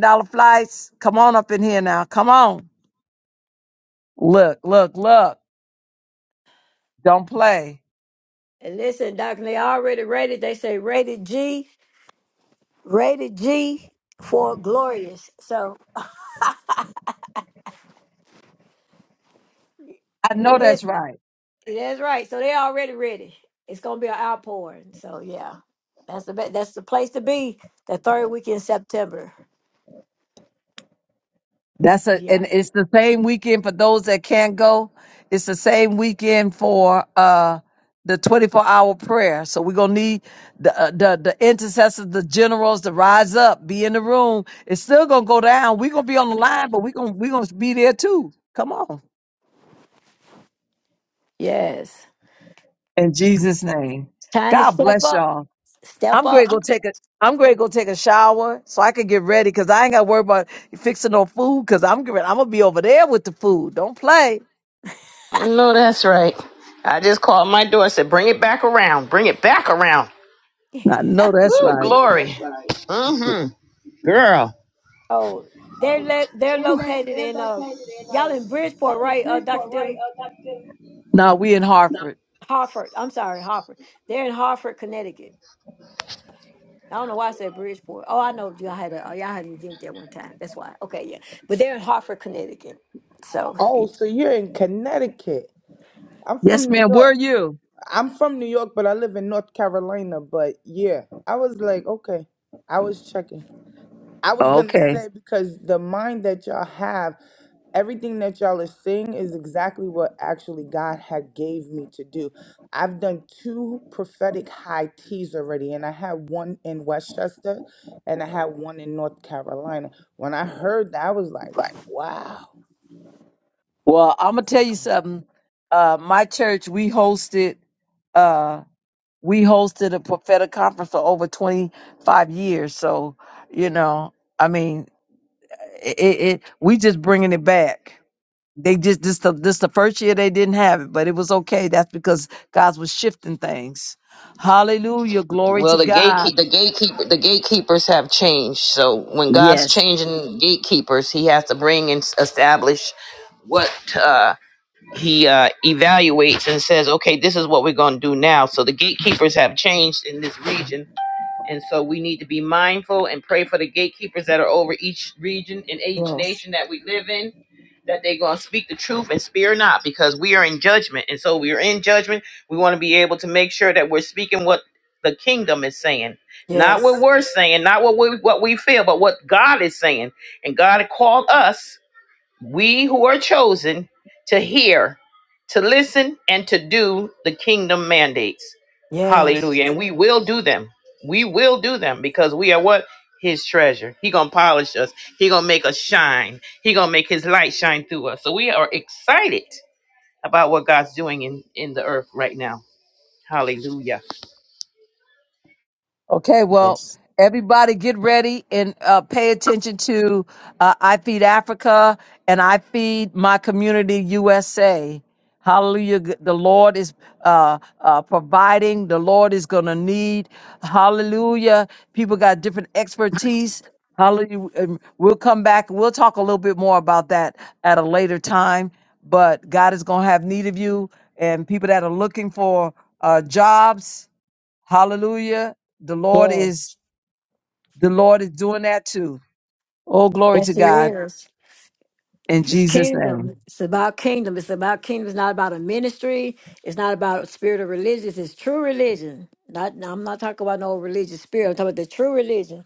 dollars flights. Come on up in here now. Come on. Look, look, look. Don't play. And listen, Doc, they already rated. They say rated G, rated G for glorious. So I know that's listen. right. That's right. So they're already ready. It's gonna be an outpouring. So yeah, that's the be- that's the place to be. The third week in September. That's a Yeah. and it's the same weekend for those that can't go. It's the same weekend for uh the 24 hour prayer. So we're gonna need the uh, the the intercessors, the generals to rise up, be in the room. It's still gonna go down. We're gonna be on the line, but we're gonna we're gonna be there too. Come on. Yes. In Jesus' name. Time to God step bless up. y'all. Step I'm going up. to go take a I'm going to go take a shower so I can get ready because I ain't got to worry about fixing no food because I'm getting, I'm gonna be over there with the food. Don't play. No, that's right. I just called my door. Said bring it back around. Bring it back around. I know that's Woo, right. glory. Mm-hmm. Girl. Oh, they're le- they're located in uh y'all in Bridgeport, right? Uh, Dr. Dillon Now we in Hartford. Hartford. I'm sorry, Hartford. They're in Hartford, Connecticut. I don't know why I said Bridgeport. Oh, I know y'all had a oh, y'all had an event there one time. That's why. Okay, yeah. But they're in Hartford, Connecticut. So Oh, so you're in Connecticut. I'm Yes, from New ma'am. Where are York. you? I'm from New York, but I live in North Carolina. But yeah, I was like, okay, I was checking. I was gonna Okay. say because the mind that y'all have, everything that y'all are seeing is exactly what actually God had gave me to do. I've done two prophetic high teas already, and I had one in Westchester and I had one in North Carolina. When I heard that, I was like, wow. Well, I'm gonna tell you something. Uh, my church, we hosted, uh, we hosted a prophetic conference for over 25 years. So, you know, I mean, it, it, we just bringing it back. They just this the this the first year they didn't have it, but it was okay. That's because God was shifting things. Hallelujah, glory to Well, the God. gatekeep the gatekeeper the gatekeepers have changed. So when God's Yes. changing gatekeepers, He has to bring and s- establish what uh, He uh, evaluates and says, okay, this is what we're going to do now. So the gatekeepers have changed in this region. And so we need to be mindful and pray for the gatekeepers that are over each region and each yes, nation that we live in, that they're going to speak the truth and spear not, because we are in judgment. And so we are in judgment. We want to be able to make sure that we're speaking what the kingdom is saying, not yes, what we're saying, not what we, what we feel, but what God is saying. And God called us we who are chosen to hear, to listen, and to do the kingdom mandates. yes. Hallelujah. And we will do them. We will do them because we are what? His treasure. He gonna polish us. He gonna make us shine. He gonna make his light shine through us. So we are excited about what God's doing in, in the earth right now. Hallelujah. Okay, well, Yes. everybody get ready and uh, pay attention to uh, I Feed Africa and I Feed My Community USA. Hallelujah. G- The Lord is uh, uh, providing, the Lord is going to need. Hallelujah. People got different expertise. Hallelujah. And We'll come back. We'll talk a little bit more about that at a later time. But God is going to have need of you and people that are looking for uh, jobs Hallelujah. The Lord is Yes. the Lord is doing that too. Oh, glory to Yes, he God is. in It's Jesus' name. kingdom. It's about kingdom. It's about kingdom. It's not about a ministry. It's not about a spirit of religion. It's true religion. Not no, I'm not talking about no religious spirit. I'm talking about the true religion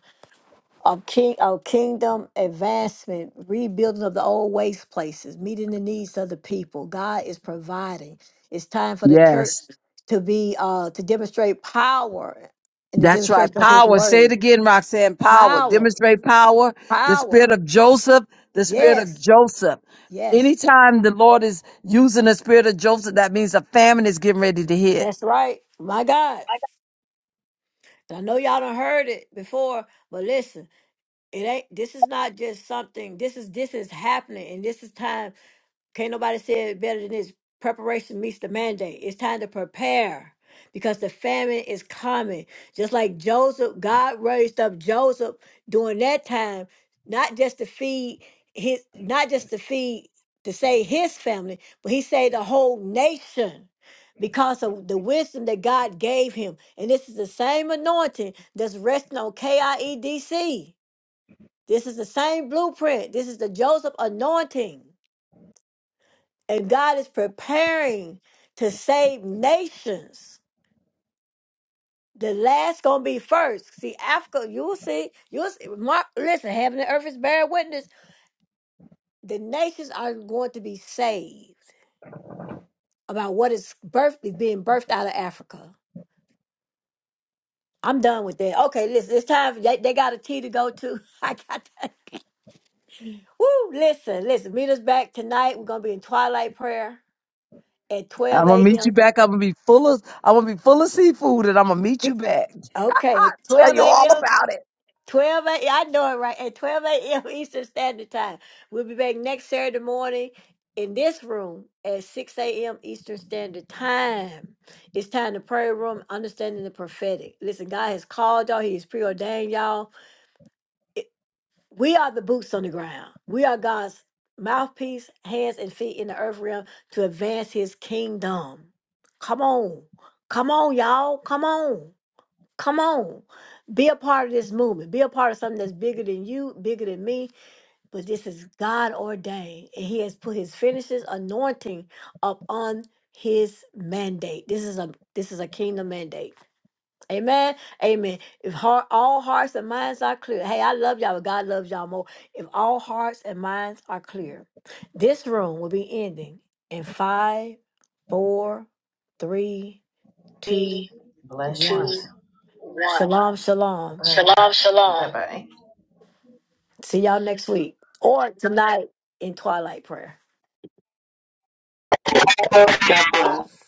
of king of kingdom advancement, rebuilding of the old waste places, meeting the needs of the people. God is providing. It's time for the church Yes. to be uh to demonstrate power in the That's right. demonstration of his Power. Say word. it again, Roxanne. Power. Power. Demonstrate power. The spirit Power. of Joseph. The spirit of Yes. Joseph. Yes, Anytime the Lord is using the spirit of Joseph, that means a famine is getting ready to hit. that's right. My God. I know y'all done heard it before, but listen, it ain't this is not just something. This is this is happening and this is time Can't nobody say it better than this. Preparation meets the mandate. It's time to prepare because the famine is coming. Just like Joseph, God raised up Joseph during that time, not just to feed his, not just to feed to save his family, but he saved the whole nation because of the wisdom that God gave him. And this is the same anointing that's resting on KIEDC. This is the same blueprint. This is the Joseph anointing and God is preparing to save nations. The last gonna be first. See, Africa, you'll see, you'll see. Mark, listen, heaven and earth is bearing witness. The nations are going to be saved about what is birth is being birthed out of Africa. I'm done with that. Okay, listen, it's time. They, they got a tea to go to. I got that. Woo! Listen, listen. Meet us back tonight. We're gonna be in twilight prayer at I'm 12 gonna meet you a.m. back. I'm gonna be full of I'm gonna be full of seafood and I'm gonna meet You- you back. Okay, I'll tell 12 you all a.m. about it. 12 a.m. I know it right. At 12 a.m. Eastern Standard Time. We'll be back next Saturday morning in this room at 6 a.m. Eastern Standard Time. It's time to prayer room, understanding the prophetic. Listen, God has called y'all. He has preordained y'all. It- We are the boots on the ground. We are God's mouthpiece, hands and feet in the earth realm to advance his kingdom. Come on. Come on, y'all. Come on. Come on. Be a part of this movement. Be a part of something that's bigger than you, bigger than me. But this is God ordained. And He has put his finishes anointing upon his mandate. This is a this is a kingdom mandate. Amen. Amen. If heart, all hearts and minds are clear. Hey, I love y'all, but God loves y'all more. If all hearts and minds are clear, this room will be ending in five, four, three, two, one. Shalom, shalom. See y'all next week or tonight in twilight prayer. God bless.